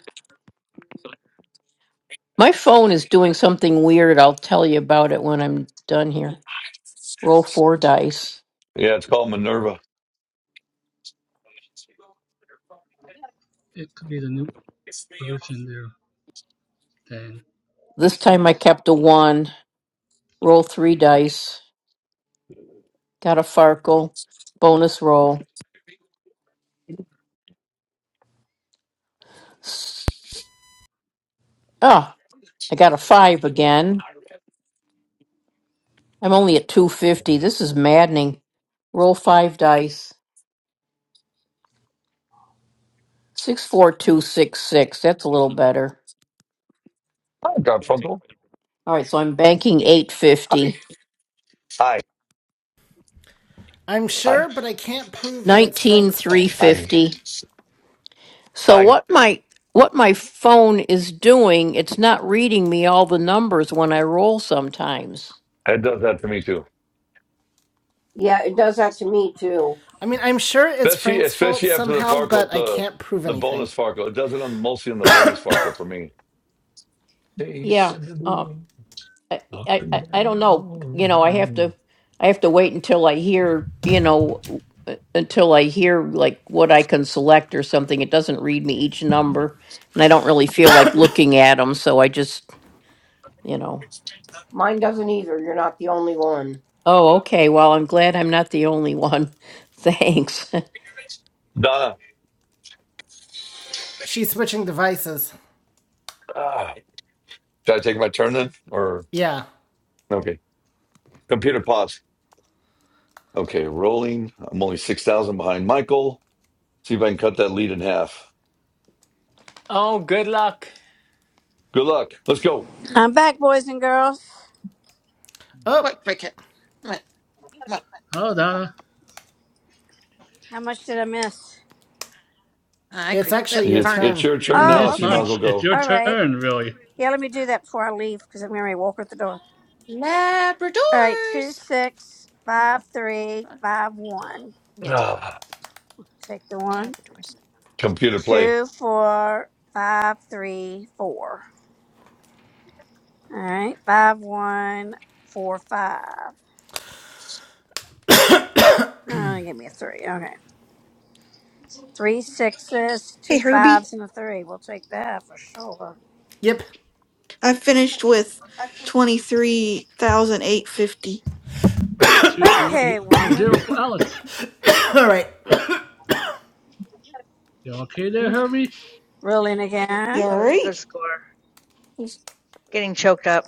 My phone is doing something weird. I'll tell you about it when I'm done here. Roll four dice.
Yeah, it's called Minerva.
It could be the new version there thing.
This time I kept a one. Roll three dice. Got a Farkle. Bonus roll. Oh, I got a five again. I'm only at 250. This is maddening. Roll five dice. Six, four, two, six, six. That's a little better.
Hi, Garfunkel.
All right, so I'm banking eight
Hi.
fifty,
Hi.
I'm
Hi.
sure, but I can't prove that it's
nineteen
Frank's
three
fault.
I,
fifty. So
I,
what my what my phone is doing, it's not reading me all the numbers when I roll sometimes.
it does that to me too.
Yeah, it does that to me too.
I mean, I'm sure it's
Especially,
Frank's fault
especially after the
somehow,
Farco,
but I
the
can't prove
the
anything.
bonus Farco. It does it on mostly on the bonus Farco for me.
Yeah.
Chasing the
Uh,
moon
I,
up
I
and
I I don't
down
know.
all
You know, I have
around.
to I have to wait until I hear, you know, uh, until I hear like what I can select or something. It doesn't read me each number, and I don't really feel like looking at them, so I just, you know.
Mine doesn't either. You're not the only one.
Oh, okay. Well, I'm glad I'm not the only one. *laughs* Thanks. *laughs*
Donna,
She's switching devices.
ah, should I take my turn then? Or
Yeah.
okay, computer pause. Okay, rolling. I'm only six thousand behind Michael. See if I can cut that lead in half.
Oh, good luck.
Good luck. Let's go.
Oh,
What cricket? What? What?
Oh Donna,
I
it's
cricket. Uh,
actually your
It,
Vernon.
it's
turn.
your
you
turn
didn't
now,
miss
so you might as well
much. It's
go.
your turn, really.
Labradors. What? what? Yes,
Ah,
Labradors.
computer play.
Four, five, three, four. All right, five, one, four, five. Oh, give me a three. Okay, three sixes,
Hey,
two
Herbie.
fives, and a three. We'll take that for sure.
Yep.
I finished with twenty three thousand eight fifty.
Two eight
Okay,
eight five
one.
zero for Alice.
*laughs* All right.
You okay there,
Oof.
Herbie?
Rolling
You
again.
all
That was a
right?
good score. Getting choked up.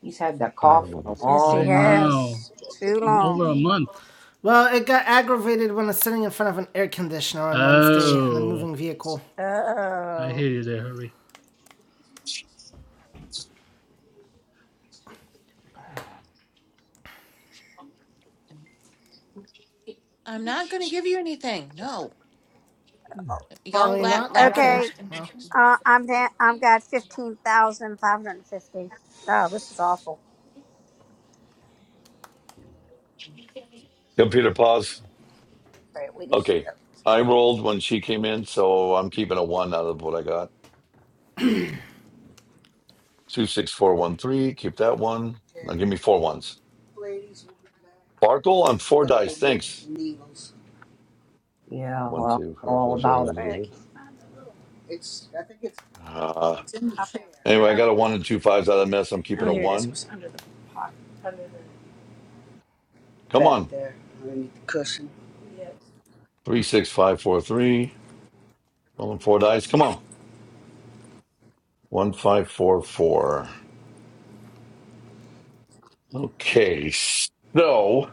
He's had that cough for a
Yes, he
long
I
time.
know.
has. Too
In over
long.
a month.
Well, it got aggravated when I was sitting in front of an air conditioner on Wednesday in a
Oh,
moving vehicle.
Uh
I
oh.
hear you there, Herbie.
I'm not going to give you anything. No,
Oh,
y'all
Bark
you're
with
la-
me.
not? Okay.
Okay.
Labradors. can-
Well,
Uh, I'm down. I've got fifteen thousand five hundred fifty. Oh, this is awful.
Computer pause.
Great. we
Okay. I rolled when she came in, so I'm keeping a one out of what I got. Two six four one three. Keep that one. Now give me four ones. Sparkle on four dice. Thanks.
Yeah,
One
well,
two.
I know
four, four,
all
four, four,
about it.
All
four,
right, I
four.
can't find it.
Uh,
Up-
anyway, I
Oh,
got a one and two fives out of the mess. I'm keeping
oh,
a
here it is. It
one.
was under the pot. Under the
Come on.
yes.
Three six five four three. Rolling four dice. Come on. One five four four. Okay, so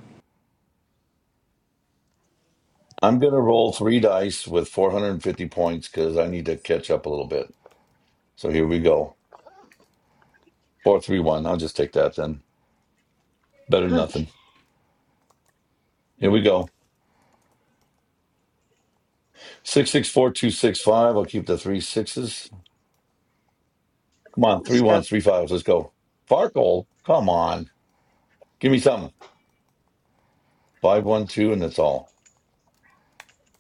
I'm going to roll three dice with 450 points because I need to catch up a little bit. So here we go. Four, three, one. I'll just take that then. Better than
Okay,
nothing. Here we go. Six, six, four, two, six, five. I'll keep the three sixes. Come on, three
let's go.
ones, three fives. Let's go. Farkle, come on. Give me something. Five, one, two, and that's all.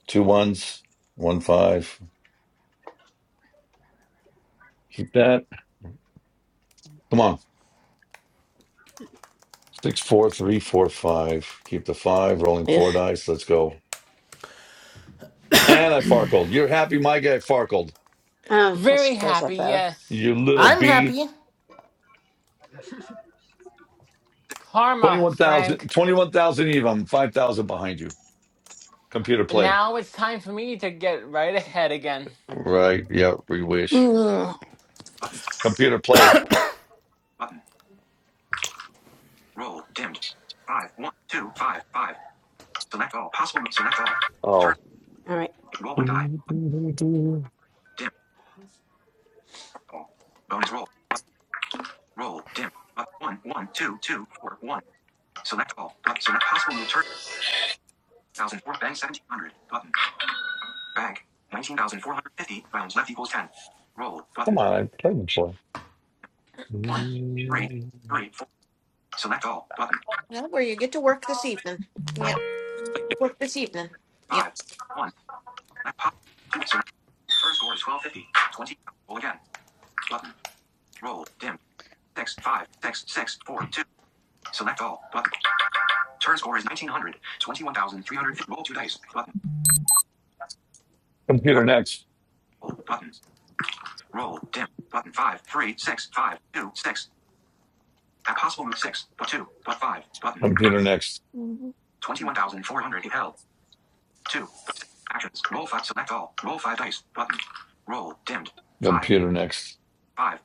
Two ones, one five. Keep that. Come on. Six, four, three, four, five. Keep the five. Rolling four
Ugh.
dice. Let's go. And I farkled. You're happy my guy farkled.
Oh, I
Very
suppose I
happy,
better.
yes.
You little
I'm
B.
happy.
Karma,
21,000
Frank.
21,000 even. I'm 5,000 behind you. Computer play.
Now it's time for me to get right ahead again.
Right. Yeah. We wish.
Button.
Computer play.
Button. Roll. Dimmed. Five, one, two, five, five. Select all. Possible. Select all. Turn.
Oh.
All right.
Roll one die.
Come
Dim. Roll. Bonus roll. Roll. Dim. Up. One. one two two four one. Select all. Up. Select possible move. Turn. 1004 bank 1700. Button. Bank. 19,450. Rounds left equals 10. Roll. Button.
on. Play.
One, three, three, four. Select all. Button.
Well, where you get to work this evening. Yep.
Nine,
work this evening. Yep,
five, one. Select possible. Two. Select. First score is 1250. 20. Roll again. Button. Roll. Dim. Six, five, six, six, four, two. Select all. Button. Turn score is 1900. 21,350. Roll two dice. Button.
Computer next.
Roll. Button. Roll. Dim. Button five three six five two six. At possible move six but two but five button.
Computer next.
Mm.
Twenty one thousand four hundred held. Two six actions. Roll five. Select all. Roll five dice. Button. Roll. Dimmed. Five
Computer next.
five.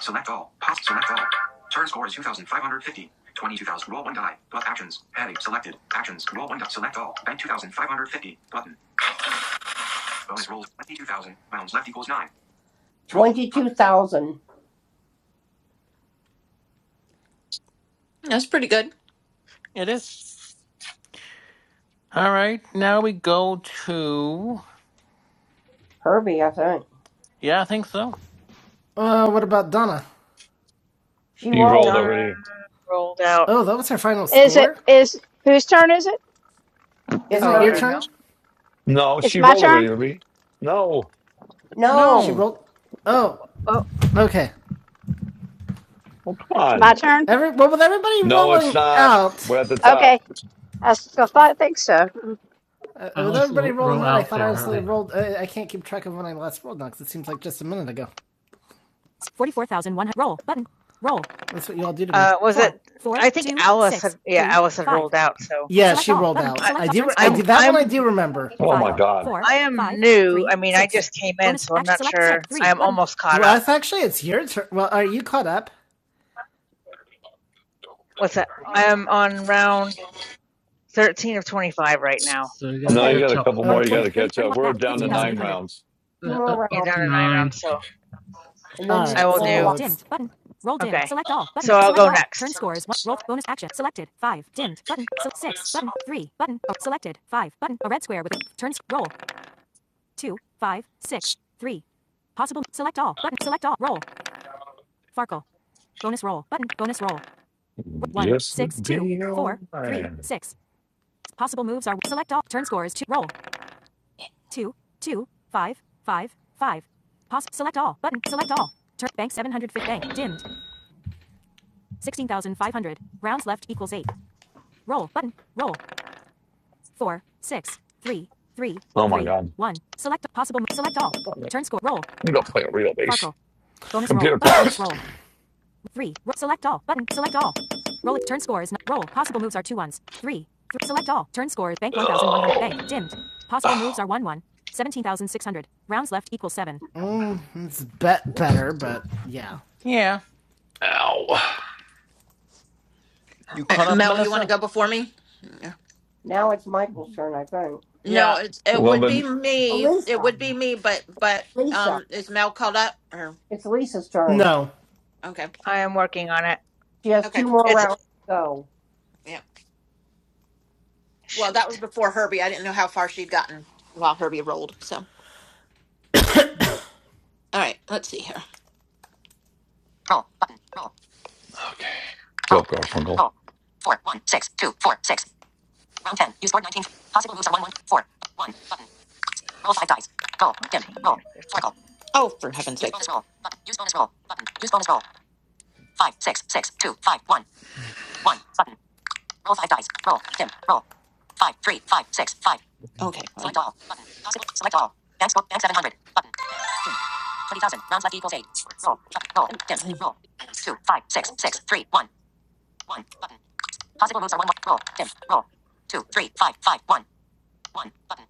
Select all. Pop. Select all. Turn score is 2,550. 22,000. Roll one die. But actions. Heading. Selected. Actions. Roll one die. Select all. Bank 2,550. Button. Bonus rolls. 22,000. Rounds left equals nine. 22,000.
that's pretty good.
It is. All right, now we go to.
Herbie, I think.
Yeah, I think so.
Uh, what about Donna?
She
He
rolled.
rolled
Donna
already.
rolled out.
Oh, that was her final
Is it
score?
is whose turn is it?
It's
Isn't
Oh,
it your
or
Herbie.
no?
turn?
No,
It's
she
my
rolled
turn.
already, Ruby. No.
No.
She
No.
rolled. Oh,
Oh,
okay.
Oh, come
It's
on.
my turn.
Every well, with everybody
No, it's
rolling
not.
out,
We're at the
Okay,
top.
I still thought I think so.
uh, with
Alice
everybody
ro- row
rolling out, I
out
thought
there,
I instantly
Herbie.
rolled. Uh, I can't keep track of when I last rolled now because it seems like just a minute ago. 44,100. Roll. Button. Roll. That's what you all do to me.
uh, was
Four,
it?
four,
I think
two,
Alice had.
six,
Yeah,
three,
Alice had
five.
rolled out. So
Yeah, Select she all. rolled out.
I,
I do. I did
I'm,
that one. I
I'm,
do remember.
Oh, my
Five,
God.
four,
I am
five,
new.
three,
I mean, I
six.
just came in,
Bonus
so I'm
action.
not
Select six.
sure. I
Three
am
button.
almost caught
Well,
up.
that's actually it's your turn. Well, are you caught up?
What's that? I am on round thirteen of twenty-five right now.
So you gotta
No, you
Okay,
got
catch
a
up.
couple more you got
Okay.
to
30,
catch up.
31.
We're
back.
down to
Yeah,
nine
th-
15,800.
rounds.
two
that, up,
more
You're
up
rounds,
down
to
to nine
nine.
rounds, so
and then
All
you
I
right.
will
So
go
no.
do.
live.
It's, dimmed button. Roll dimmed.
Okay,
Select all button.
so I'll
Select
go
all. Turn
next.
scores. one. Roll bonus action. Selected. Five dimmed button. So six button. Three button. Oh, selected. Five button. A red square with a turn. sc- Roll. Two, five, six, three. Possible. Select all button. Select all. Roll. Farkle. Bonus roll button. Bonus roll. one
Yes,
six two
be man.
four three six. Possible moves are select all. Turn score is two. Roll two two five five five. Poss select all button. Select all. Turn bank 750 bank dimmed. 16,500 rounds left equals eight. Roll button. Roll four six three three
Oh my
three
God.
one. Select possible. mo- Select all. Turn score. Roll.
You don't play a real bass.
Farkle. Bonus roll.
Computer
*coughs* Bonus
pause.
roll. Three. Ro- select all. Button. Select all. Roll it. Turn score is not. Roll. Possible moves are two ones. Three. Th- select all. Turn score is bank 1,100. Bank. Dimmed. Possible
Ah,
moves are one one. 17,600. Rounds left equals seven. It's bet
What's
better, but yeah.
Yeah. You
Uh,
caught up,
Mel, you want to
Melissa?
go before me? Yeah.
Now it's Michael's turn, I think.
No,
Yeah.
it's it
well,
would be
then.
Oh,
me. It
Lisa,
would be me, but but
Lisa,
um, is Mel called up? Or
it's Lisa's turn.
No.
okay,
I am working on it.
She has two
okay,
more
It's
rounds to go.
yeah. Well, that was
shoot
before Herbie. I didn't know how far she'd gotten while Herbie rolled. So, all right, let's see here. Roll button. Roll.
Okay. What's
Roll.
up, Garfunkel?
Roll. Four. One. Six. Two. Four. Six. Round ten. Use board nineteen. Possible moves are one. One. Four. One. Button. Roll five dice. Roll. Dim.
fourteen
Roll.
or fifteen.
Sparkle. Oh, for heaven's sake. Use bonus roll. Button. Use bonus roll. Button. Use bonus roll. Five, six, six, two, five, one, one. Button. Roll five dice. Roll. Dim. Roll. Five, three, five, six, five. Okay. well- Select all. Button. Possible. Select all. Bank score. Bank 700. Button. Dim. 20,000. Rounds left equals eight. Roll. Roll. Dim. Mm. Roll. Two, five, six, six, three, one, one. Button. Possible moves are one, one. Roll. Dim. Roll. Two, three, five, five, one, one. Button.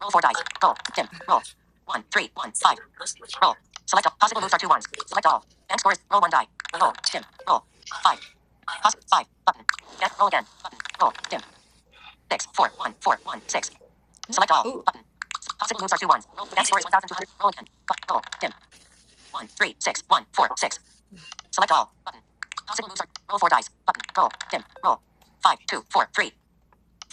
Roll four dice. Roll. Dim. Roll. One, three, one, five. Roll. Select all. Possible moves are two ones. Select all. Bank score is. Roll one die. Roll. Dim. Roll. Five. Poss- five. Button. Bank. Roll again. Button. Roll. Dim. Six. Four. One. Four. One. Six. Select all. Ooh. Button. Possible moves are two ones. Roll. Bank score is 1,200. Roll again. Bu- Roll. Dim. One. Three. Six. One. Four. Six. Select all. Button. Possible moves are. Roll four dice. Button. Roll. Dim. Roll. Five. Two. Four. Three.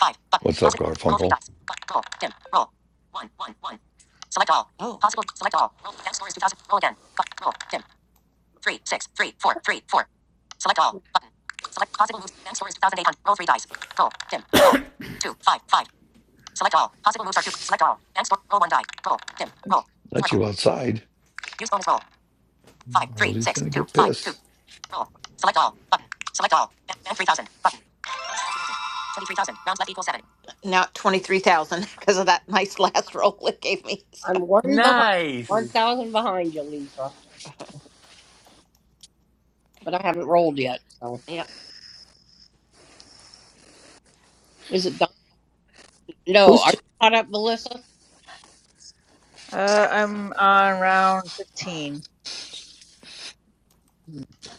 Five. Button.
What's up,
Possible. Roll three
Garfunkel?
dice. Button. Roll. Dim. Roll. One. One. One. Select all. Oh. Possible. Select all. Roll. Bank score is 2,000. Roll again. Bu- Roll. Dim. three, six, three, four, three, four. Select all. Button. Select possible moves. Bank score is 2,800. Roll three dice. Roll. Dim. Roll. Two, five, five. Select all. Possible moves are two. Select all. Bank score. Roll one die. Roll. Dim. Roll.
Let you
Circle.
outside.
Use bonus roll. Five, three,
Rosie's
six,
going to
two,
get
five, two.
pissed.
Roll. Select all. Button. Select all. Bank 3,000. Button. Twenty-three thousand. Rounds left equals seven. Now twenty-three thousand *laughs* because of that nice last *laughs* roll it gave me.
I'm one behind,
Nice.
one thousand behind you, Lisa, but I haven't rolled yet. So
Yeah.
is it done? No,
Who's
are you
t-
caught up, Melissa?
Uh, I'm on round fifteen.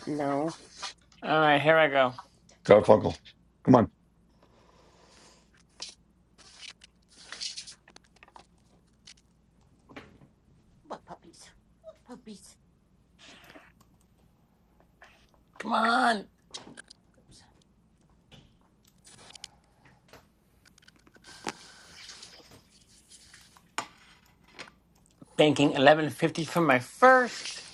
No.
All right, here I go.
Garfunkel, come on.
What puppies? Puppies.
Come on. Banking 1150 for my first.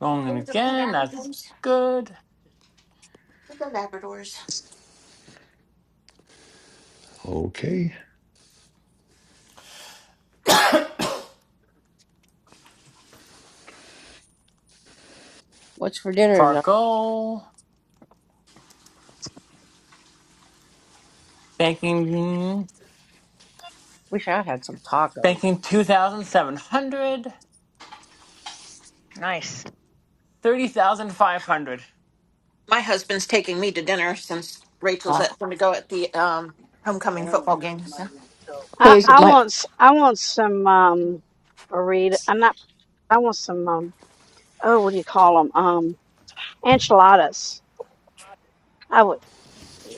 Rolling it again. That's good.
Okay.
What's for dinner tonight?
Fargo. Banking.
Wish I had some tacos.
Banking 2,700.
Nice.
30,500.
my husband's taking me to dinner since Rachel's at going to go at the um, homecoming football game. So
okay?
I
Is it
I
my
want s- I want some um burrito. I'm not. I want some um. Oh, what do you call them? Um, enchiladas. I would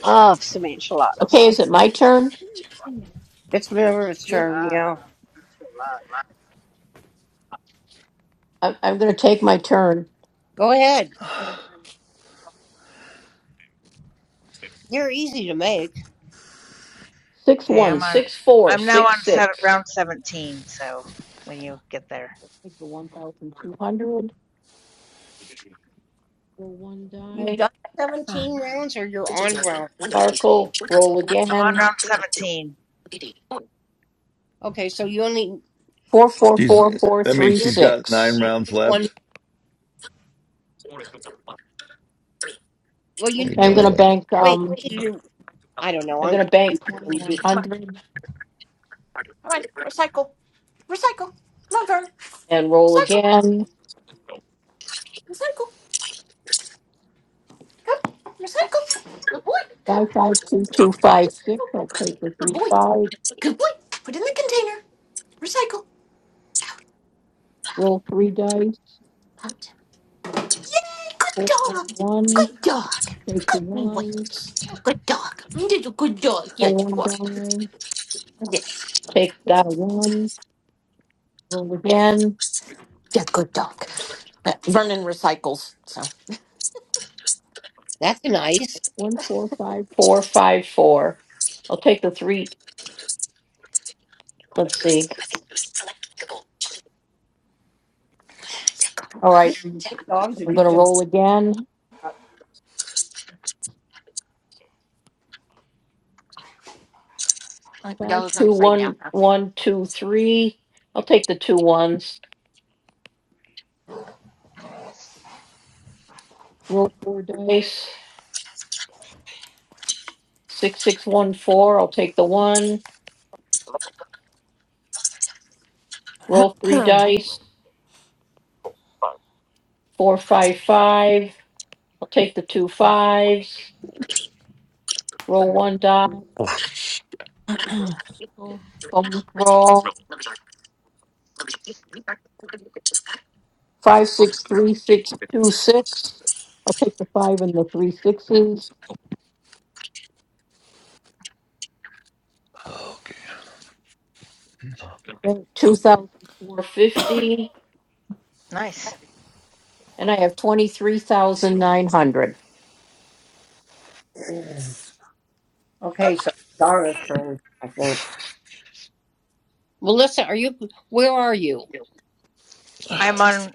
love some
okay?
enchiladas.
Is it my turn?
It's Miller's
Yep.
turn, yeah.
I'm, I'm going to take my turn.
Go ahead.
Okay.
You're easy to make.
Six
Okay,
one
I'm on.
six four
I'm now
six
on set,
six.
round 17. So when you get there,
Take the one thousand two hundred. Roll one
You've
die.
done 17 rounds or you're on round.
Sparkle. Roll
I'm on
again.
round 17.
Okay, so you only
Four four
She's,
four four
that means
three
you
she's
only
got nine
six.
need
rounds
to do one.
left.
Well, you need
Eight
to be,
rounds
going to
left.
bank.
wait,
um
you need to do, I don't know.
I'm
I'm
gonna bank
when you
twenty-one
do.
come on,
hundred
come on, recycle, recycle. Come on, Vern,
and roll again.
recycle, recycle. Good boy, come
Five,
on,
five, two, two, five, six.
recycle.
I'll take the
Good
three,
boy,
five,
good boy. Put it in the container. Go
roll three dice,
out. Yay! Good
four, one,
dog.
one,
Good
take the
dog. Good boy.
ones,
Good dog. You're a good dog. Yes,
roll one
you are.
die,
Yes,
take that one, roll again,
yeah, good dog. Uh, Vernon recycles. So
That's nice.
one, four, five, four, five, four. I'll take the three, let's see. All
You
right,
can train dogs
I'm
if you
gonna
just.
roll again.
uh,
Five,
y'all are gonna
two,
play now.
one, one, two, three. I'll take the two ones, roll four dice. Six, six, one, four, I'll take the one. Roll three
*clears throat*
dice. Four, five, five. I'll take the two fives. Roll one die. Bonus roll. Five, six, three, six, two, six. I'll take the five and the three sixes. Two thousand four fifty.
Nice.
And I have twenty-three thousand nine hundred.
Okay, so Donna's turn, I think. Melissa, are you, where are you?
I'm on.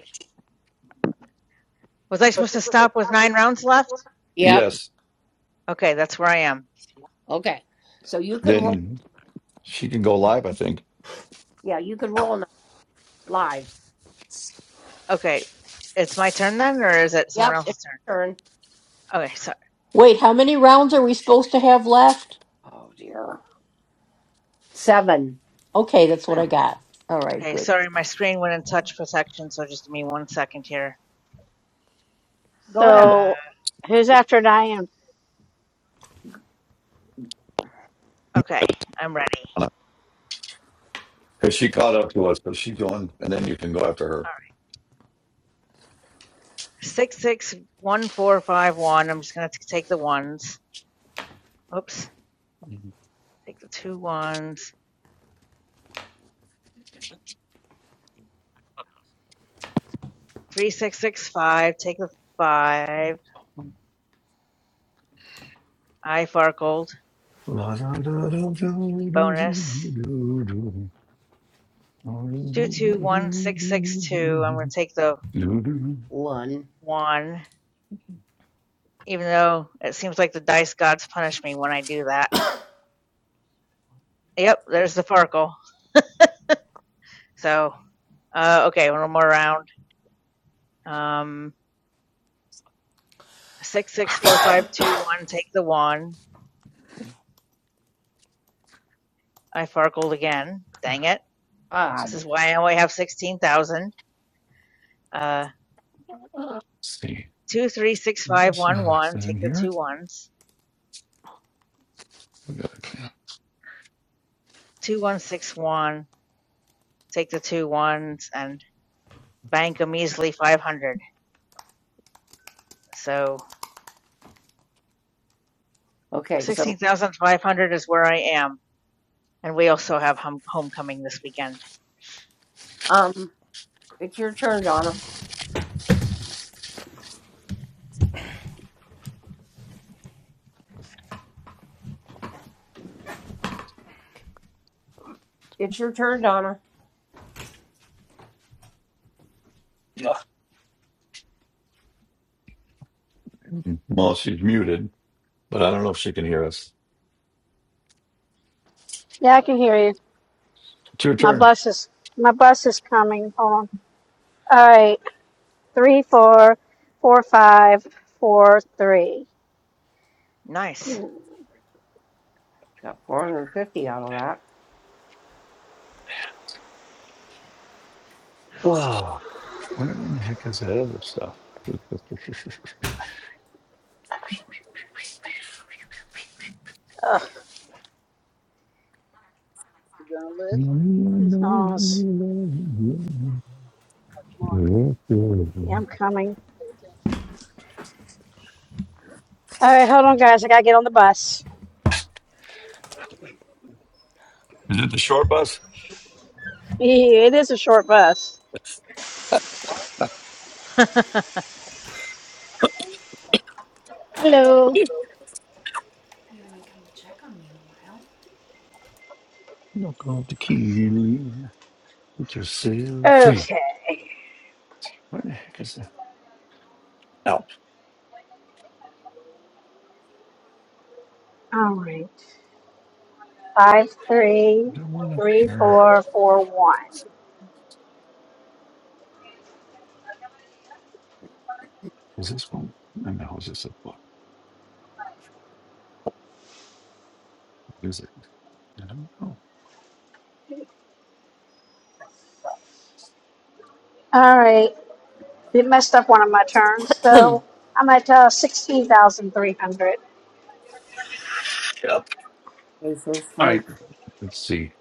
Was I supposed to stop with nine rounds left?
Yep.
Yes.
Okay, that's where I am.
Okay. So you can roll.
Then she can go live, I think.
Yeah, you can roll now, live.
Okay, it's my turn then, or is it
Yep.
someone
It's your
else's turn?
turn.
Okay, sorry.
Wait, how many rounds are we supposed to have left?
Oh dear. Seven.
Okay, that's what
Um,
I got. All right,
okay,
good.
sorry, my screen went in touch protection, so just give me one second here.
Go ahead.
Uh,
So, who's after Diane?
okay, I'm ready.
Because she caught up to us, but she's going, and then you can go after her.
All right, six six one four five one. I'm just gonna t- take the ones. Oops, take the two ones. Three six six five. Take the five. I Farkled.
Let's
Bonus. Two two one six six two. I'm gonna take the
One.
one, even though it seems like the dice gods punish me when I do that. Yep, there's the Farkle. So, uh, okay, one more round. Um, six six four five two one. Take the one. I Farkled again. Dang it! This
Odd.
is why I only have sixteen thousand. Uh,
see.
two three six five
Is
one
uh, is
one.
it in
Take the
here?
two ones. Two one six one take the two ones and bank a measly 500. So
Okay. So
16,500 is where I am. And we also have hum- homecoming this weekend.
um, it's your turn, Donna. It's your turn, Donna.
Well, she's muted, but I don't know if she can hear us.
Yeah, I can hear you.
It's your
My
turn.
bus is my bus is coming. Hold on. All right, three, four, four, five, four, three.
Nice.
Mm,
Got four hundred fifty out of that.
Oh, where in the heck is that other stuff? Is
Ugh, these phones. Yeah, I'm coming. All right, hold on, guys. I gotta get on the bus.
it the short bus?
Yeah, it is a short bus.
*laughs*
Hello.
You're Not going to kill you. Put yourself free.
Okay.
What the heck is that? Oh,
All right. Five, three, three, four, four, one.
is this one? And how is this a book? What Is it? I don't know.
All right. It messed up one of my turns,
*clears throat*
so I'm at uh, sixteen thousand three hundred.
Yep.
This is
All
Mike.
right. Let's see.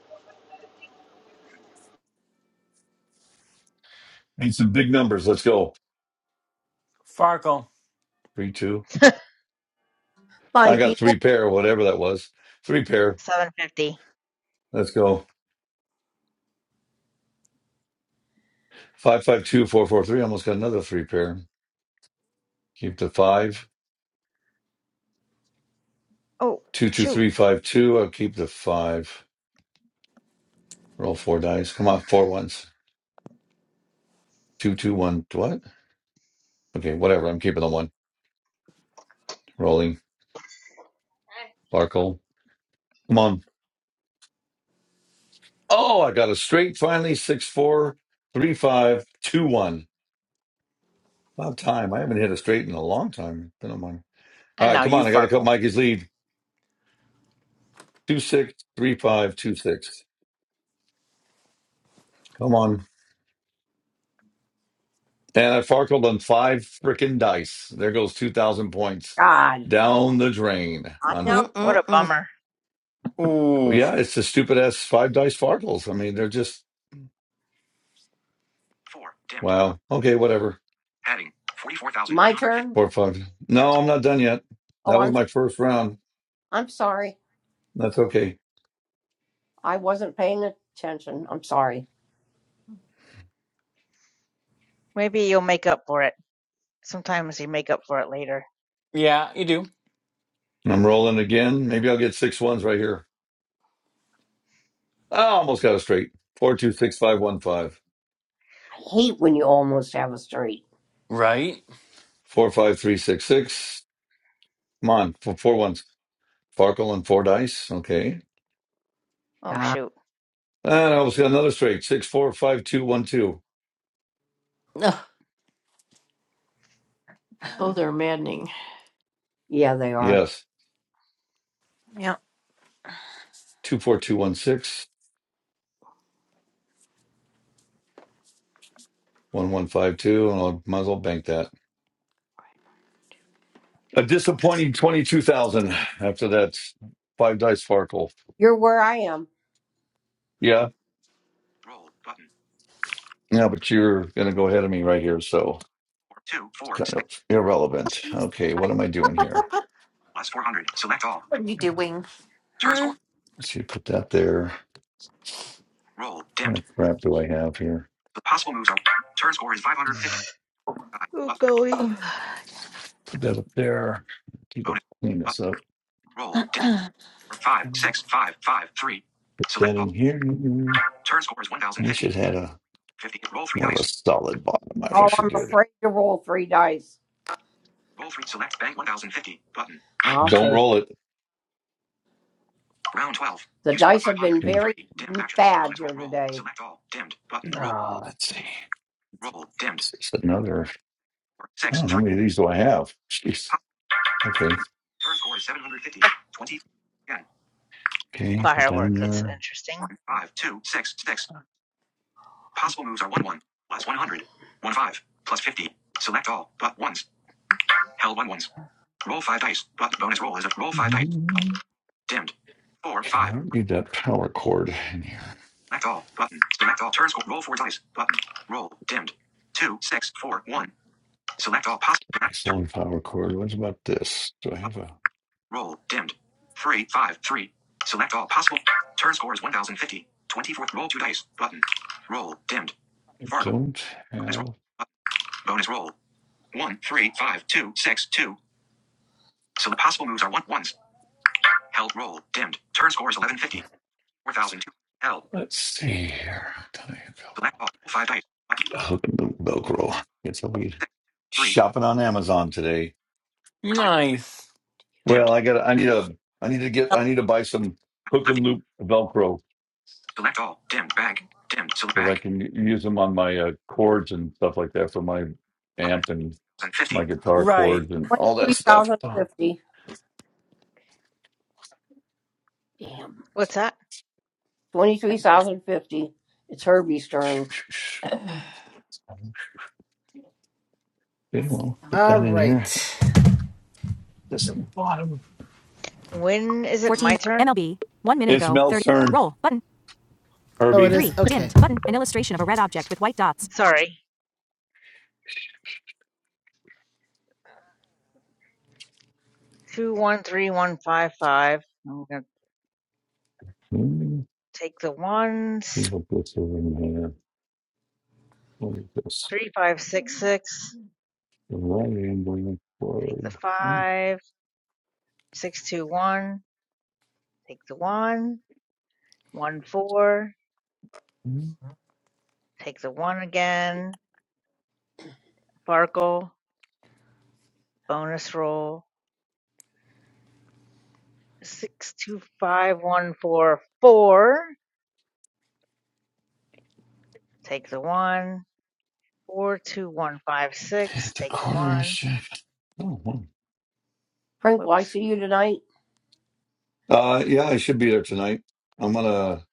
Need some big numbers. Let's go.
Farkle.
Three, two.
750.
I got
Mikey.
three pair, whatever that was. Three pair. Let's go. Five, five, two, four, four, three. Almost got another three pair. Keep the five.
Oh,
Two, two,
shoot.
three, five, two. I'll keep the five. Roll four dice. Come on, four ones. Two, two, one. What? Okay, whatever. I'm keeping the one. Rolling. Barkle. Come on. Oh, I got a straight finally, six four three five two one. About time. I haven't hit a straight in a long time. Been on mine. All
And
right,
now
come
you
on. I got to cut
Farkle.
Mikey's lead. Two six three five two six. Come on. And I farkled on five frickin' dice. There goes two thousand points
God.
down the drain.
I
On
know.
Mm, mm,
What
right?
a
mm, mm.
bummer.
well,
Ooh.
yeah, it's the stupid ass five dice farkles. I mean, they're just
Four dimmed
wow. Okay, whatever.
heading forty four thousand My
Four five.
turn.
No, I'm not done yet.
Oh,
That was
I'm
my first round.
I'm sorry.
That's okay.
I wasn't paying attention. I'm sorry.
Maybe you'll make up for it. Sometimes you make up for it later.
Yeah, you do.
I'm rolling again. Maybe I'll get six ones right here. I almost got it straight. Four two six five one five.
I hate when you almost have a straight.
Right.
Four five three six six. Come on, four, four ones. Farkle and four dice. Okay.
Oh,
God.
shoot.
And I almost got another straight. Six four five two one two.
Ugh, Those are maddening.
Yeah, they are.
Yes. Two four two one six. One one five two. And I might as well bank that. A disappointing twenty two thousand after that five dice Farkle.
You're where I am.
Yeah.
Roll button.
Yeah, but you're gonna go ahead of me right here, so
Four, two,
it's
four,
kind
six,
of irrelevant. Okay, what am I doing here?
400. Select all. Turn
Hmm.
score.
Let's see, put that there.
Roll.
What kind
Dimmed.
of crap do I have here?
The possible moves are. Turn score is
Put
550. Five, hundred fifty.
Oh,
button.
golly.
that up there. Keep it
Bonus.
clean this
Button.
up.
Roll. Dimmed. Or Five,
Put
six, five, five, three. Select
that in
all.
here. I
Turn score is
wish
1050.
it had a
50. Fifty. Roll three
more of a
dice.
solid bottom. I
Oh,
wish it
I'm
did.
afraid to roll three dice. Roll three. Select bank 1050. Button. I'll
Don't
take.
roll it.
Round 12. The You score dice scored have been 500.
Okay.
very Three. Dimmed action. bad Select all. here Roll. today. Select all. Dimmed. Button. Roll.
Ah, let's see. Let's
Roll. Dimmed.
see. It's another.
Six three.
Oh, how many of these do I have? Jeez. Okay.
Turn score is 750 20. Again. Roll.
Okay. Put that
Firework.
in
That's
there.
interesting.
One, five, two, six, six. Possible moves are 1 1. Plus plus one 5. Plus 50. Select all. But ones. Held one ones. Roll 5 dice. But bonus roll is a roll 5 dice. Dimmed. 4,
Okay.
5.
I don't
three,
need that power cord in here.
Select all. Button. Select all. Turn score. Roll 4 dice. Button. Roll. Dimmed. Two, six, four, one. Select all. Possible. select,
Nice long
Turn.
power cord. What about this? Do I have a?
Roll. Dimmed. Three, five, three. Select all possible. Turn score is 1050. 24th roll two dice. Button. Roll. Dimmed. Fargo.
Don't
Bonus roll.
have.
Button. Bonus roll. One, three, five, two, six, two. So the possible moves are one ones. Held roll. Dimmed. Turn score is 1150. 4002. Held.
Let's see here. Don't I have Velcro?
Select all. Roll five dice. Button.
hook and loop Velcro. Get some weed.
Six, three.
Shopping on Amazon today.
Four dice.
Nice.
Well,
Dimmed.
I got. I need a. I need to get. I need to buy some hook and
Left.
loop Velcro
Select all. Dimmed. Bag. Dimmed. Select
so that I
bag.
can u- use them on my uh, cords and stuff like that for my
Button.
amp and my
1050.
guitar
Right.
cords and all that stuff. Oh,
23,050.
What's that?
23,050. It's Herbie's turn.
*sighs*
Okay, well, put
All
that in here.
right.
This is the bottom.
When is it
14.
my turn?
MLB. One minute
It's
ago.
Mel
30.
Cern,
Roll. Button. Oh, it
Herbie.
is Three. is, okay. Dimmed. Button. An illustration of a red object with white dots.
Sorry. 213155. I'm going to
Mm,
take the
see
ones.
what this is in here. What is this?
Three, five, six, six.
The right angle
Take the
cord.
five. Six, two, one. Take the one. One, four.
Mm,
Take the one again. Farkle. Bonus roll. Six, two, five, one, four, four. Take the one. Four, two, one, five, six.
It's a
Take the
quarter
one.
inch. Oh, wow.
Frank, will I
Whoops.
see you tonight?
Uh, yeah, I should be there tonight. I'm gonna.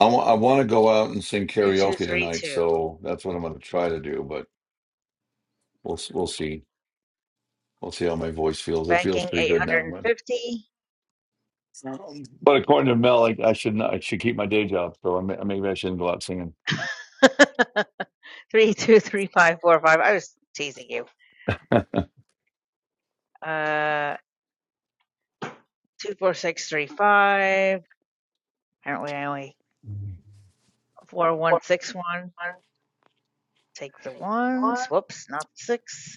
I want. I want to go out and sing
Two, two,
karaoke
three,
tonight,
two.
so that's what I'm gonna try to do. But we'll we'll see. We'll see how my voice feels. It feels
Banking
pretty good now, but
850.
but according to Mel, I, I should not, I should keep my day job. So I may, maybe I shouldn't go out singing.
*laughs* three, two, three, five, four, five. I was teasing you. Uh, two, four, six, three, five Apparently, I only four one six one. Take the ones. Whoops, not six.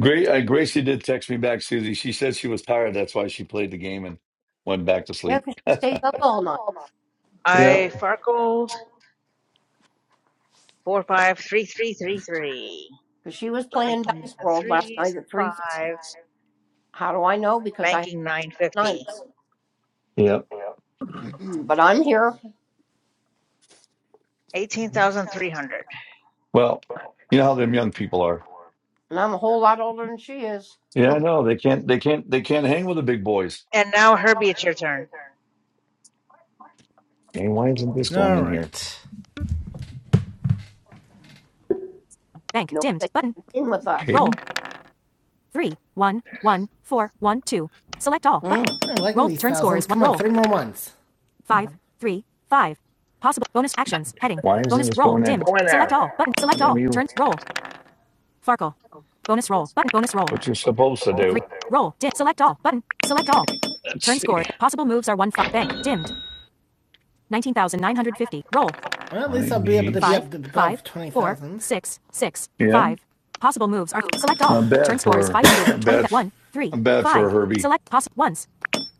Great. Uh, Gracie did text me back, Susie. She said she was tired. That's why she played the game and went back to
Yeah,
sleep.
'cause she stays up all night.
Yeah.
I farkled four five three three three three.
'Cause she was playing
Taking
Dice
the
World last
threes
night
and
at 3 thirty.
five.
How do I know? Because I have
Banking nine fifty.
nights.
Yeah.
*clears throat* but I'm here,
Eighteen thousand three hundred.
Well, you know how them young people are.
and I'm a whole lot older than she is.
Yeah, I know. They can't. They can't. They can't hang with the big boys.
And now Herbie, it's your turn.
Hey, why isn't this going
All
in here?
right. Bank.
No,
Dimmed.
they
Button.
can't game with us.
Roll.
Okay.
three, one, one, four, one, two. Select all. But
Mm,
like roll. Turn score is one. Roll. three more ones. Five, three, five. Possible bonus actions. Heading.
Why
Right.
isn't
Bonus
this
roll.
going there?
Dimmed.
Go in
Select
there.
all. Button. Select
Damn
all.
you.
Turn. Roll. Farkle. Bonus roll. Button. Bonus roll.
What you're supposed to
Three.
do.
Roll. Dim. Select all. Button. Select all.
Let's
Turn score.
see.
Possible moves are one. Five. Bank. Dimmed. 19,950. Roll. Well, at
I
least I'll be able to
need.
Five, be up to above 20,000. six, six,
Yeah.
five. Possible moves are select all.
Not
Turn
bad for
scores
her. Not bad.
520, *coughs*
f-
One, 3,
Not bad for
5.
a Herbie.
Select possible ones.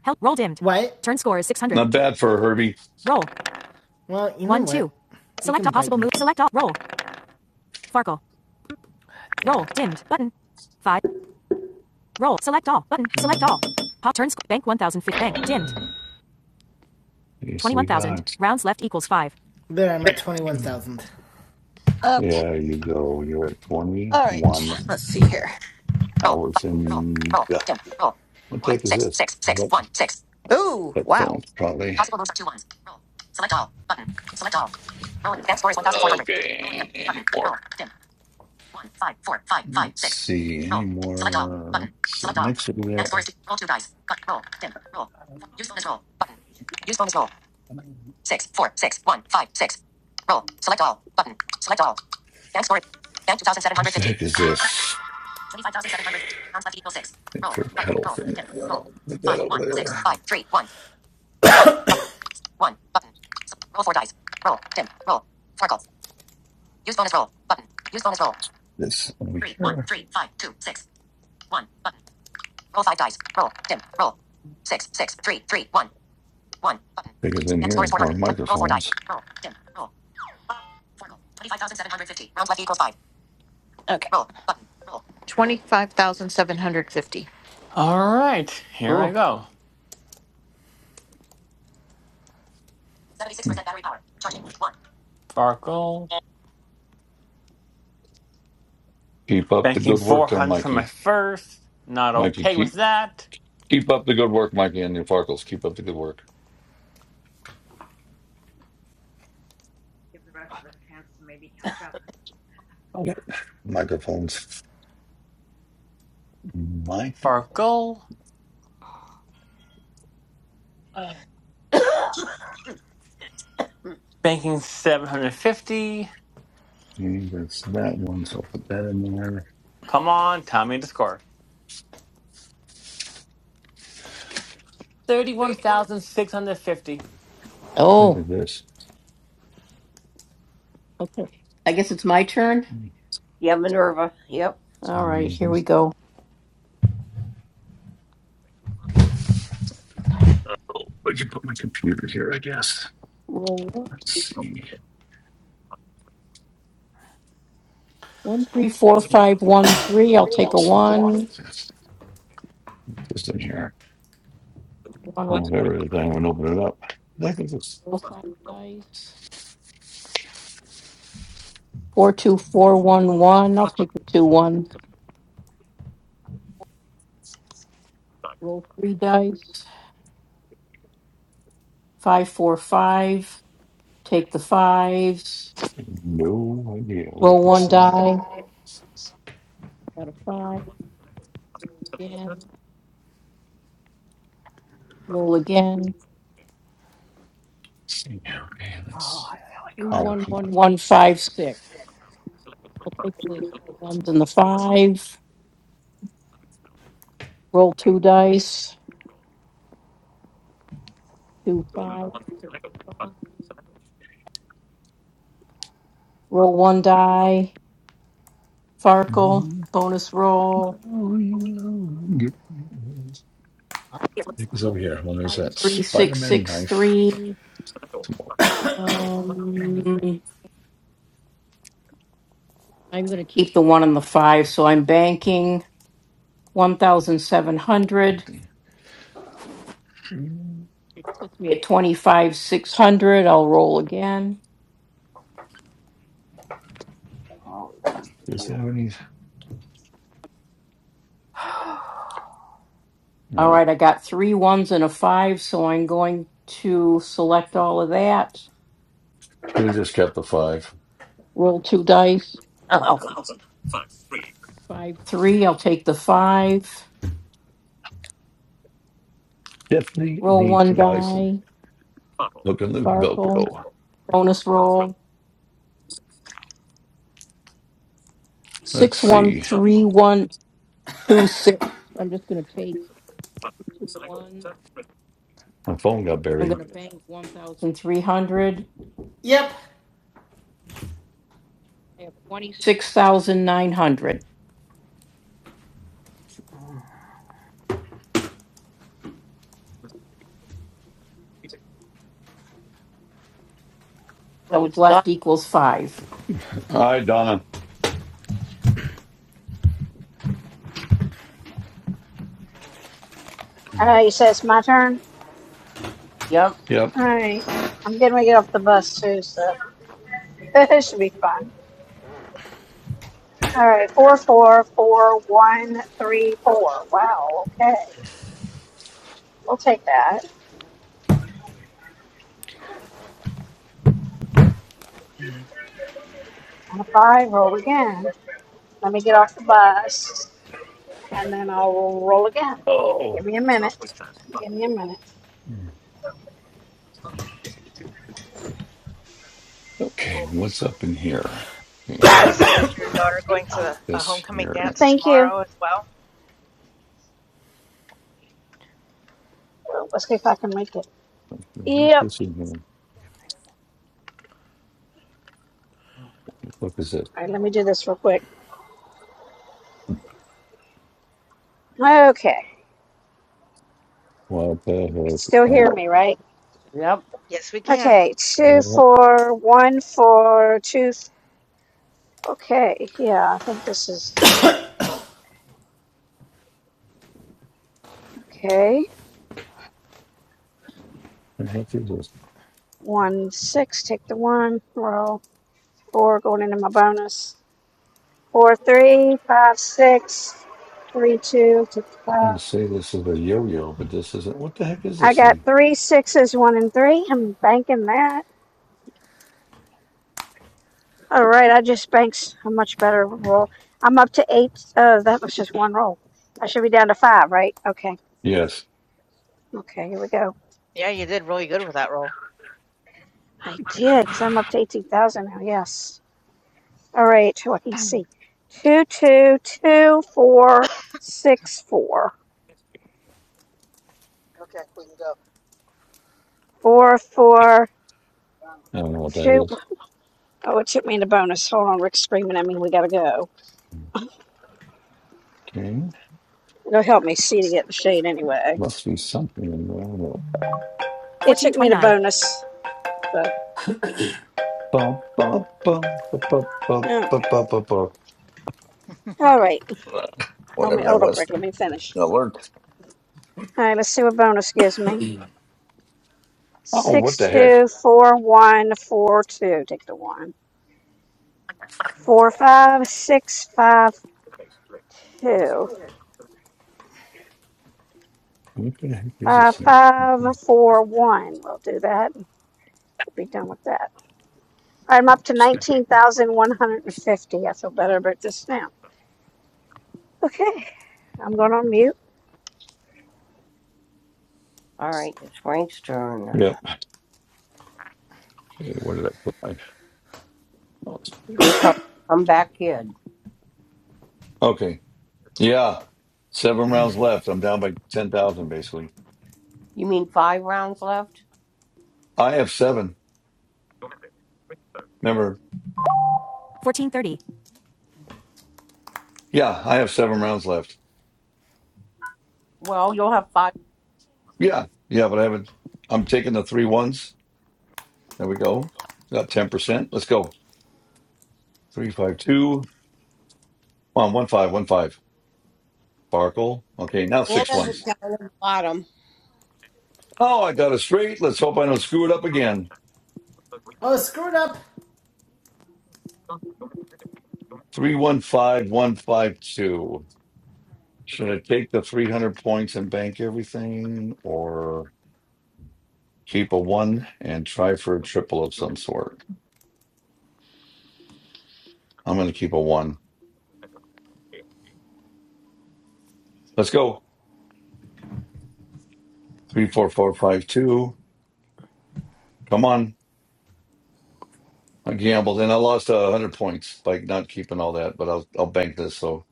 Help. Roll dimmed. What? Turn score is 600.
Not bad for a Herbie.
roll. Well, you know One, what? two. Select all possible moves. Select all. Roll. Farkle. Roll. Dimmed. Button. Five. Roll. Select all. Button.
Okay,
Select all. Pop Turn score. Bank 1,000. Bank. Dimmed.
so we
21,000.
got.
Rounds left equals 5. There, I'm at 21,000.
Yeah, you go. You're at
All right,
21
let's see here. Roll.
hours
Roll.
and.
Roll. Dim. Roll.
What the
One
heck is
six
this?
six six
What
one six. Ooh! Wow.
headphones, probably.
Possible moves are two ones. Roll. Select all. Button. Select all. Roll. Advanced score is one thousand four hundred. Roll. again.
Okay. Any
Button.
more?
Roll. Dim. One five four five five
Let's
six.
see. Any
Roll. Dim. Select all.
more?
Button.
So
Select all.
next over
Advanced score
there.
is two. Roll two dice. Cut. Roll. Dim. Roll. Use bonus roll. Button. Use bonus roll. Six four six one five six. Roll. Select all. Button. Select all. Bank score. Bank two thousand seven
What
hundred
the
fifty.
heck is this?
25,700. Rounds left equals 6.
It's
Roll.
a
Button.
pedal
Roll.
thing.
10. Roll.
I'll put that
5,
over
1, 6,
there.
5, 3, 1, 1, 1, button. So, Roll 4 dice. Roll. 10. Roll. Circle. Use bonus roll. Button. Use bonus roll.
This over
3, 1,
here.
3, 5, 2, 6, 1, button. Roll 5 dice. Roll. 10. Roll. 6, 6, 3, 3, 1, 1, button.
I think it's in
And score
here.
is
More
400. Roll 4 dice.
microphones.
Roll. 10. Roll. Circle. 25,750. Rounds left equals 5. Okay. Roll. Button. Roll.
All right. Here I
ooh.
go.
76% battery power. Charging. 1.
Farkle.
Keep up the
Banking
good work there,
400 for my
Mikey.
first. Not
Mikey,
okay with
keep
that.
keep up the good work, Mikey, and your Farkles. Keep up the good work.
Give the rest of us a chance to maybe catch up.
Okay. Microphones. Mikey.
Farkle.
*coughs*
Banking 750.
Okay, That's that one. So I'll put that in there.
Come on, tell me the score. 31,650.
Look
Oh,
at this.
I guess it's my turn.
yeah, Minerva. Yep.
All right, here we
Mhm.
go.
Oh, I can put my computer here, I guess.
Roll
Let's see.
one, three, four, five, one, three. I'll take a
Let's see if I
one.
can this this in here. Well, whatever it is, I won't open it up. That gives us
Roll five dice. Four, two, four, one, one. I'll take the two ones. Roll three dice. Five, four, five. Take the fives.
no idea what
Roll
this
one
thing is.
die. Got a five. And roll again.
Let's see. Okay,
Oh,
let's.
I really
Three,
crap.
Oh,
one,
come
one, one, five, six. I'll take the ones and the five. Roll two dice. to roll one die. Farkle,
on.
bonus roll,
Because
*coughs*
over here, well, there's that
six,
Spider-Man
six,
knife.
three.
Some more water.
Mm, The one and the five, so I'm banking 1,700.
Something.
We At 25, 600, I'll roll again.
Does it have any?
All
No.
right, I got three ones and a five, so I'm going to select all of that.
Should have just kept the five.
Roll two dice.
Oh,
Three, I'll take the five.
Definitely
Roll
need to
one,
buy some Hook and Loop
Farkle,
Velcro.
bonus roll,
Let's
six, one,
see.
one, two, six,
My phone got
and
buried.
300.
Yep.
Six thousand nine hundred.
so it's done.
Left equals five.
Hi, Donna.
All right, you say it's my turn.
Yep.
Yep.
All right. I'm getting ready to get off the bus too, so *laughs* it should be fun. All right. Four, four, four, one, three, four. Wow. Okay. We'll take that. On a five, roll again. Let me get off the bus and then I'll roll again.
Oh.
Give me a minute. Give me a minute.
Okay. What's up in here? Okay.
Lisa, is your daughter going
Not
to a
this
homecoming
here.
dance
Thank you.
tomorrow as well?
Well, let's see if I can make it.
What
Yep.
this is? What is it?
All right. Let me do this real quick. Okay. You
What
can
the heck?
Still
Oh.
hear me, right?
Yep.
Yes, we can.
Okay.
Yeah,
Two,
what
four, one, four, two, four. Okay, yeah, I think this is okay.
the heck is this?
One six, take the one, roll four, going into my bonus. Four three, five six, three two, take the
I'm gonna
five.
say this is a yo-yo, but this isn't. What the heck is
I
this
got
thing?
three sixes, one and three. I'm banking that. All right, I just banks a much better roll. I'm up to eight. Uh, that was just one roll. I should be down to five, right? Okay,
Yes,
okay, here we go.
Yeah, you did really good with that roll.
I did because I'm up to eighteen thousand now. Yes. All right, let me see. Two, two, two, four, six, four, four, four,
I don't know what that
two.
is.
Oh, it took me in the bonus. Hold on, Rick's screaming at me. We gotta go.
Okay,
It'll help me see to get the shade anyway.
must be something in there. I
It took me to
1429.
bonus. So,
Bum, bum, bum, bu- bu- bu-
all
bu-
right,
bu- bu- bu-
*laughs*
all right. Let me hold up,
That's-
Rick. Let me finish. All right, let's see what bonus gives me.
Oh, what
Six,
the heck?
two, four, one, four, two. Take the one. Four, five, six, five, two.
What the heck is this
Five,
thing?
five, four, one. We'll do that. Be done with that. I'm up to
Stupid.
19,150. I feel better about this now. Okay, I'm going on mute.
All right, it's Frank's turn.
Yep. Okay, where did I put my? oh, it's over
You're
there.
a come, come back kid.
Okay. Yeah. Seven rounds left. I'm down by ten thousand, basically.
You mean five rounds left?
I have seven. Remember?
1430.
Yeah, I have seven rounds left.
Well, you'll have five.
Yeah, yeah, but I haven't. I'm taking the three ones. There we go. Got ten percent. Let's go. Three five two. Come on, one five one five. Sparkle. Okay, now six
Anna's at
ones.
down at the bottom.
Oh, I got it straight. Let's hope I don't screw it up again.
Oh, screwed up.
Three one five one five two. Should I take the three hundred points and bank everything, or keep a one and try for a triple of some sort? I'm going to keep a one. Let's go. Three four four five two. Come on. I gambled and I lost uh, 100 points by not keeping all that, but I'll, I'll bank this. So,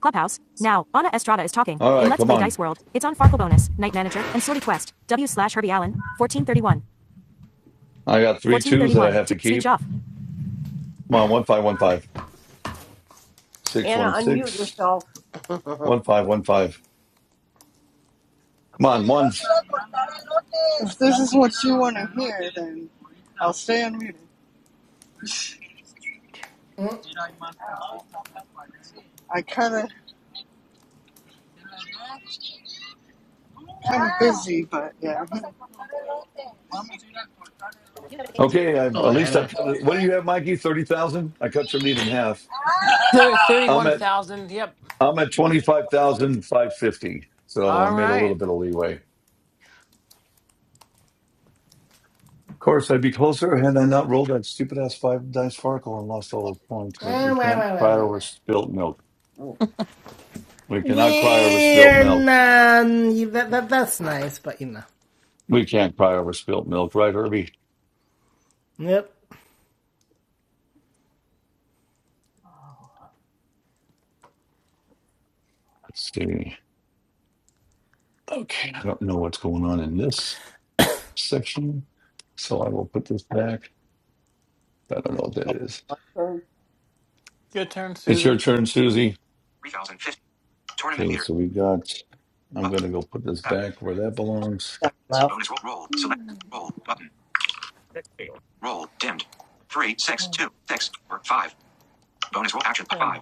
Clubhouse. Now, Ana Estrada is talking.
all
In
right,
Let's
come
Play
on.
Dice World, it's on Farkle Bonus, Night Manager, and Sorty Quest. W slash Herbie Allen. 1431.
I got three twos that I
1431.
have
Two.
to
Speech
keep.
off.
Come on, one five, one five, six
Anna,
one
unmute
six,
yourself. *laughs*
one five, one five. Come on, ones.
If this is what you want to hear, then I'll stay unmuted. I kind of kind of busy, but yeah.
Okay, I,
Oh
at least I
Anna.
cut
Well, at
it.
least
What do you
I.
have, Mikey? 30,000? I cut your lead in half.
There,
I'm at
31,000. Yep.
I'm at twenty five thousand five fifty. So I
All
made a little
right.
bit of leeway. Of course, I'd be closer had I not rolled that stupid ass five dice sparkle and lost all the points, but
Wah,
we
wah, wah,
can't
wah,
cry
wah,
over
wah.
spilt milk.
Okay,
We cannot cry over spilt
We're
milk.
none. That, that, that's nice, but you know.
We can't cry over spilt milk, right, Herbie?
Yep.
Let's see. Okay, I don't know what's going on in this section, so I will put this back. I don't know what that is.
my turn.
Your turn,
It's your
Susie.
turn, Susie.
3050. Tournament
Okay,
leaders.
so we got. I'm
Button.
gonna go put this
7.
back where that belongs.
Seven left. Bonus roll. Roll. Select. Roll. Button. Roll. Dimmed. Three six two six four five. Bonus roll action. 5.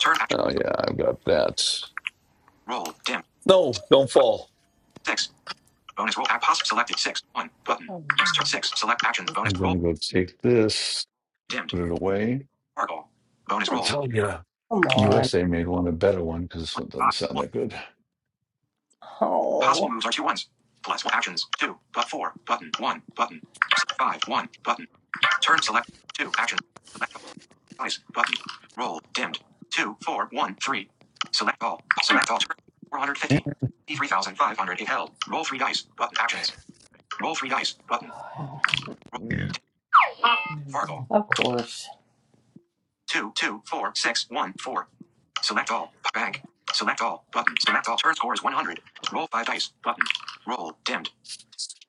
Turn action.
Oh yeah, I've got that.
Roll. Dimmed.
No, don't
Five,
fall.
6. Bonus roll. Act possible. Selected. 6. 1. Button. Start 6. Select action. Bonus
I'm
roll.
gonna go take this,
Dimmed.
put it away.
Sparkle. Bonus
I'm
roll.
telling you,
Come on.
USA made one a better one because this
One,
one doesn't
Five.
sound
One.
that good.
Oh. Possible Oh. moves are two ones. Plus one actions. Two. But four. Button. One. Button. Five. One. Button. Turn select. Two. Action. Select all. Dice. Button. Roll. Dimmed. two four one three Select all. Select all. Turn. 450. 3,500. It held. Roll three dice. Button. Actions. Roll three dice. Button. Roll. Fargo. Of course. two two four six one four Select all. Bank. Select all. Button. Select all. Turn score is 100. Roll five dice. Button. Roll. Dimmed.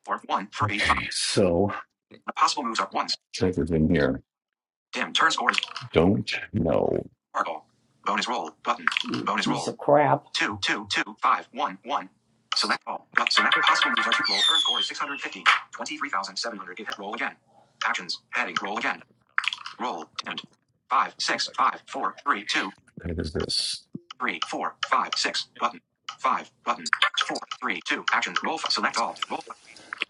Four, one, three, five.
Okay, so
The possible moves are ones.
check it in here.
Dim. Turn score is
Don't know.
Sparkle. Bonus roll button. Mm, Bonus roll. Piece of crap. Two, two, two, five, one, one. Select all. select possible moves are two. Roll. Turn score is 650. 23,700. Hit. Roll again. Actions. Heading. Roll again. Roll. Dimmed. Five, six, five, four, three, two,
What is this?
three, four, five, six. Button. Five. Button. Four, three, two. Actions. Roll. Select all. Roll.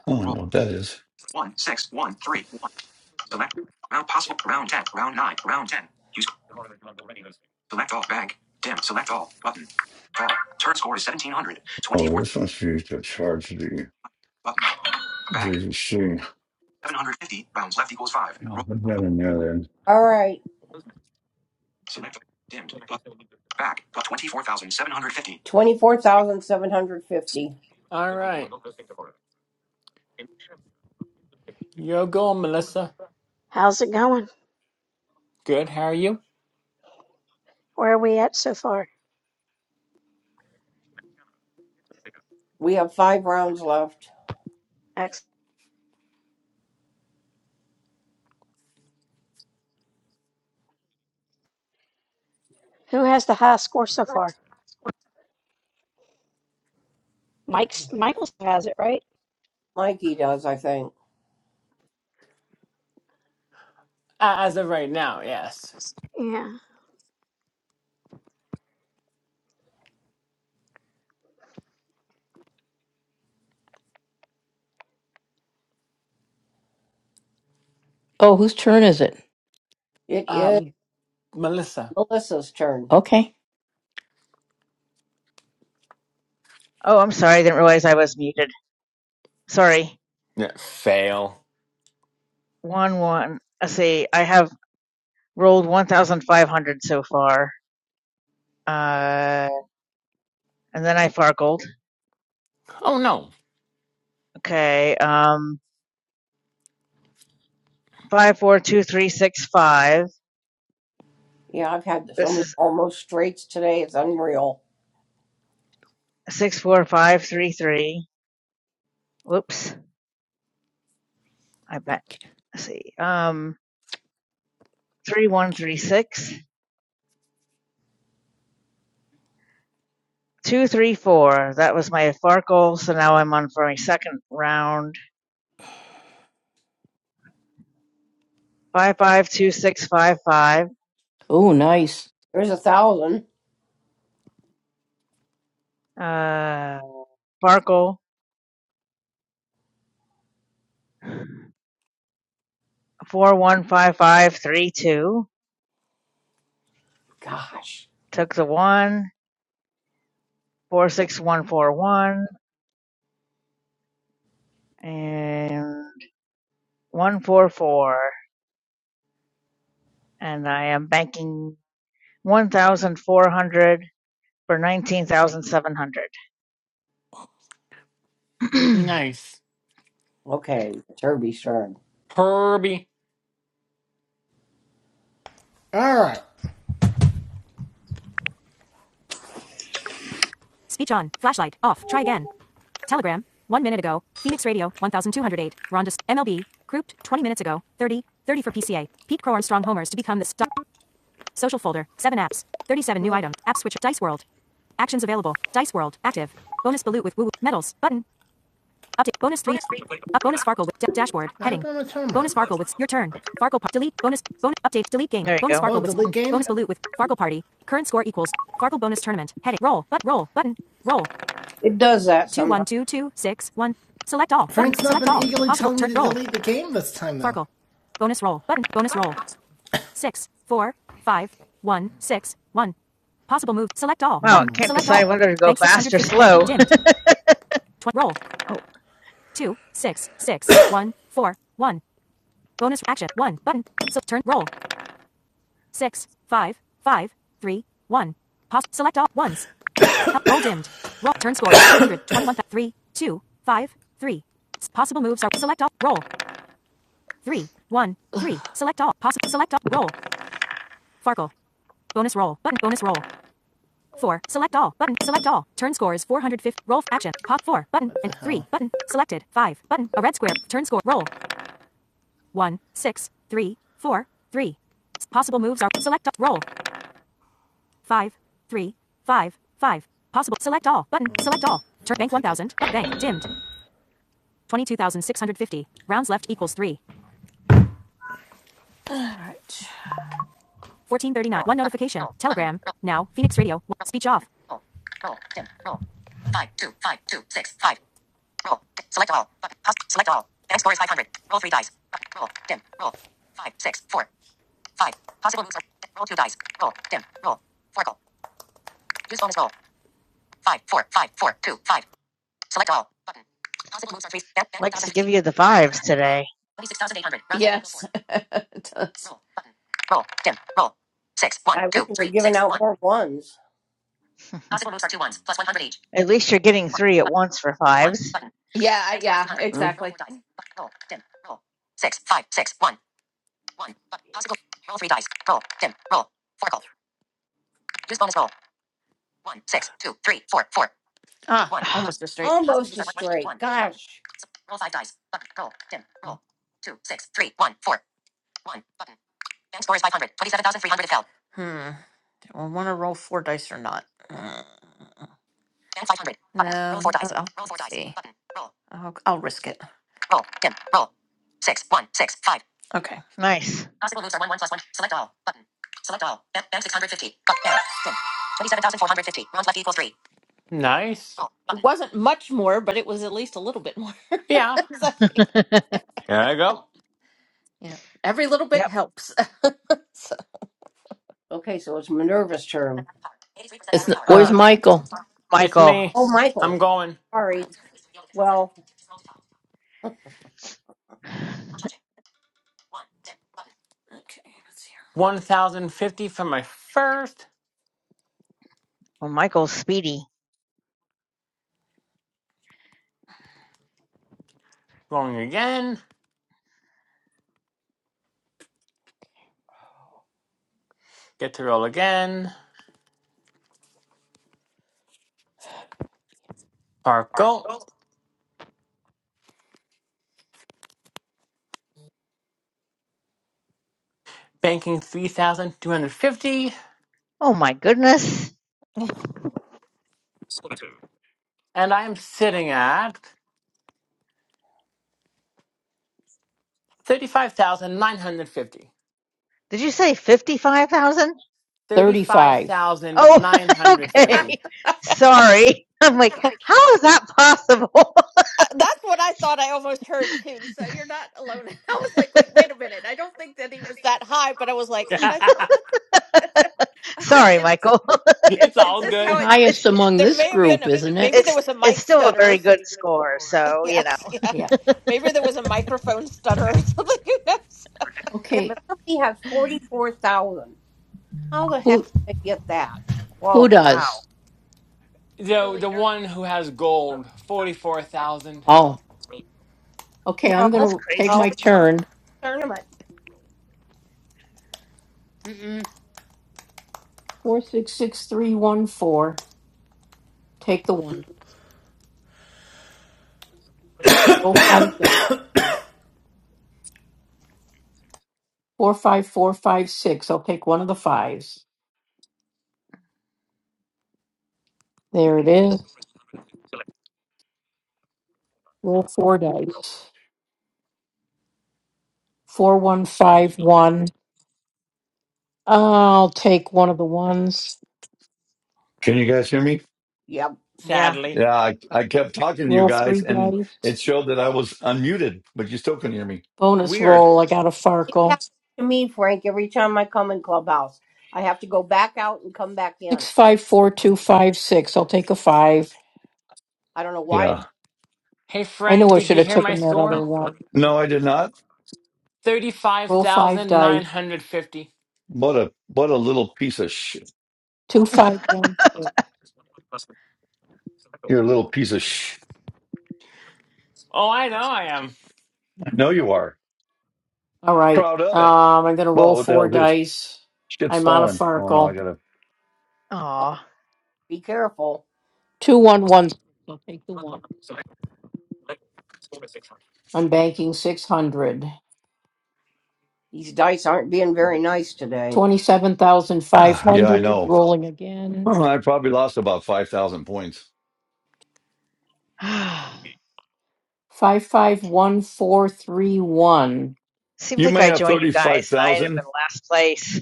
I don't know
Roll.
what that is.
One, six, one, three, one. Select. Round possible. Round 10. Round 9. Round 10. Use. Select all bank. Dim. Select all button. All. Turn score is 1700.
Oh,
24 button. Bank. 750 bounds left equals 5. Roll.
and
All right. Select all. dimmed Button. back but 24,750. 24,750.
All right. You're going, Melissa.
How's it going?
Good. How are you?
Where are we at so far?
We have 5 rounds left.
Ex- Who has the high score so far? Mike's.
Mikey does, I think.
Uh, As of right now, yes.
Yeah.
Oh, whose turn is it?
It is
Um, Melissa.
Melissa's turn.
Okay.
oh, I'm sorry. I didn't realize I was muted. Sorry.
Yeah, fail.
one one let's see i have rolled 1500 so far uh and then i farkled
Oh no.
okay um five four two three six five
Yeah, I've had so
this
many
is
almost straights today. It's unreal.
six four five three three whoops i bet let's see um three one three six two three four that was my farkle so now i'm on for my second round five five two six five five
Oh, nice.
There's a thousand.
uh farkle four one five five three two
Gosh.
took the one, four six one four one, and one four four, and I am banking one thousand four hundred for nineteen thousand seven hundred.
Nice.
Okay, it's Herbie's turn.
Herbie.
All right. Speech on. Flashlight. Off. Try again. Telegram. One minute ago. Phoenix Radio. 1208. Ronda. MLB. Grouped. 20 minutes ago. 30. 30 for PCA. Pete Crow Armstrong homers to become the star. Social folder. 7 apps. 37 new item. App switcher. Dice World. Actions available. Dice World. Active. Bonus balut with woo. woo, Medals. Button. Update. Bonus 3. Up. Bonus Farkle with da- dashboard. Heading. bonus tournament. Farkle with your turn. Farkle par- delete. Bonus. Bonus update. Delete
*clears throat*
game.
there you
Bonus
go.
Farkle Oh, with game? bonus balut with Farkle party. Current score equals Farkle bonus tournament. Heading. Roll. But roll. Button. Roll.
It does that
Two
sometimes.
one two two six one. Select all. Frank's Button. not Select all. been all, eagerly Possible turn. Roll. delete the game this time, though. Farkle. Bonus roll. Button. Bonus roll six four five one six one. Possible move. Select all.
Wow,
Button.
it
No. Button.
can't
Select No. all.
decide
No.
whether to go
Bank
fast or
650. Bank
slow. *laughs*
dimmed. Tw- roll.
Oh,
Two six six *coughs* one four one. Bonus action. One button. So turn roll. Six five five three one. Pos- select all ones. *coughs* roll dimmed. Roll. Turn score. 121. *coughs* Three two five three. Possible moves are select all. Roll. Three one three. Select all. Possible. Select all. Roll. Farkle. Bonus roll. Button. Bonus roll. Four. Select all. Button. Select all. Turn score is 450. Roll. Action. Pop. Four. Button. And three. Button. Selected. Five. Button. A red square. Turn score. Roll. One. Six. Three. Four. Three. Possible moves are select Roll. Five. Three. Five. Five. Possible. Select all. Button. Select all. Turn bank 1000. Bank. Dimmed. 22,650. Rounds left equals three.
All right.
1439.
Roll.
One
Button.
notification.
Roll. Button.
Telegram. Now. Phoenix Radio.
Roll.
Speech off.
Roll. Roll. Dim. Roll. Five. Two. Five. Two. Six. Five. Roll. Select all. Button. Pause. Select all. Bank score is 500. Roll three dice. Roll. Dim. Roll. Five. Six. Four. Five. Possible moves. are- Roll two dice. Roll. Dim. Roll. Four. Use bonus roll. Five. Four. Five. Four. Two. Five. Select all. Button. Possible moves are three. Bank,
likes to give
1050.
you the fives today.
26,800. yes. *laughs* it does. Roll. Button. Roll. Dim. Roll. Six. One.
I wish
Two.
we were
Three.
giving
Six.
out
One.
more ones.
Possible moves are two ones. Plus 100 each.
At least you're getting three at once for
One
fives.
button. yeah, yeah,
Mm.
exactly. Roll dim. Roll Six, five, six, one, one. Roll Roll, roll, roll. roll. dim. roll. three dice. Four Call. Use bonus roll. One, six, two, three, four, four. Ah, one, almost a straight. Possible
Almost
use
a
One, one, one
straight.
button.
Gosh.
Button, Button. Roll roll, roll. five dice. Button. Roll dim, Roll Two, six, three, one, four, one. button. Bank score is five hundred twenty-seven thousand three hundred. If held. Hmm. Do I want to roll four dice or not? Mm. five hundred. No, roll four dice. I'll, Roll I'll see. I'll, I'll risk it. Roll. Dim. Roll. Six. One. Six. Five. Okay.
Nice.
Possible moves are one. One plus one. Select all. Button. Select all. Bank six hundred fifty. Button. Error. Dim. twenty-seven thousand four hundred fifty. Round left equals three.
Nice.
Roll. Button. It Wasn't much more, but it was at least a little bit more. *laughs*
Yeah.
So,
*laughs*
Here I go.
Yeah. Every little bit
yep.
helps. *laughs* So-
Okay, so it's Minerva's turn.
eighty-three percent
It's
battery power.
Uh,
where's
okay, there we
Michael?
go.
It's
Michael.
me.
Oh,
I'm
Michael.
going
Sorry. Well,
Okay, let's see. here.
1050 for my first.
Well, Michael's speedy.
Rolling again. Get to roll again. Sparkle. Banking 3250.
Oh my goodness.
And I'm sitting at 35,950.
Did you say 55,000?
Thirty-five.
Oh, *laughs*
*laughs*
35,950.
okay.
That's
Sorry. I'm like, how is that possible?
what I thought I almost heard too. So you're not alone. *laughs* I was like, wait,
*laughs*
wait a minute. I don't think that he was that high, but I was
*laughs*
like, but I thought that's *laughs*
Sorry,
it's
Michael. *laughs*
it,
it's
it's
all
just
The
how
good.
it.
highest
It's
among
There
this
may have been
group,
a
isn't it?
maybe there
it's
was a
it's
mic
still a
stutter. or
very
something.
good score,
*laughs*
so you know.
Yes, yeah.
Yeah.
Maybe there was a microphone stutter or *laughs* something. Yes.
yeah, but
Okay.
somebody had 44,000. How the
Who
heck did they get that?
who
Whoa.
Wow,
does?
The
The, the
leader.
one who has gold, 44,000.
Oh. Okay,
No,
I'm
that's
gonna take
crazy.
no,
my
it's our
turn.
tournament. Mm-mm.
Four six six three one four. Take the one. Roll five. di- Four five four five six. I'll take one of the fives. There it is. Roll four dice. Four one five one. I'll take one of the ones.
can you guys hear me?
Yep.
Yeah.
Sadly.
Yeah, I, I kept talking to you
Roll three
guys, and
dice.
it showed that I was unmuted, but you still couldn't hear me.
Bonus
Weird.
roll. I got a
It
Farkle.
happens to me, Frank, every time I come in Clubhouse. I have to go back out and come back in.
Six five four two five six. I'll take a five.
I don't know why it
Yeah.
does.
Hey,
I knew
Frank,
I
did
should
you
have
hear my
taken that up.
score?
No, I did not.
Roll five dice.
35,950.
What a what a little piece of sh.
Two five one.
You're a little piece of sh.
Oh, I know I am.
I know you are.
All right.
Proud of it.
Um, I'm gonna
Whoa,
roll
what the hell
four
is this?
dice.
Shit's
I'm on a
falling. Oh no, I
Farkle.
gotta.
Oh,
Aw.
be careful.
Two one one. I'll take the. I'm banking six hundred.
These dice aren't being very nice today.
Twenty-seven thousand five
Ah, yeah, I
hundred.
know.
Rolling again.
Oh, I probably lost about five thousand points.
*sighs*
Five five one four three one.
Seems
You
like
may
I
have
joined you
thirty-five
guys and I ended
thousand.
up in last place.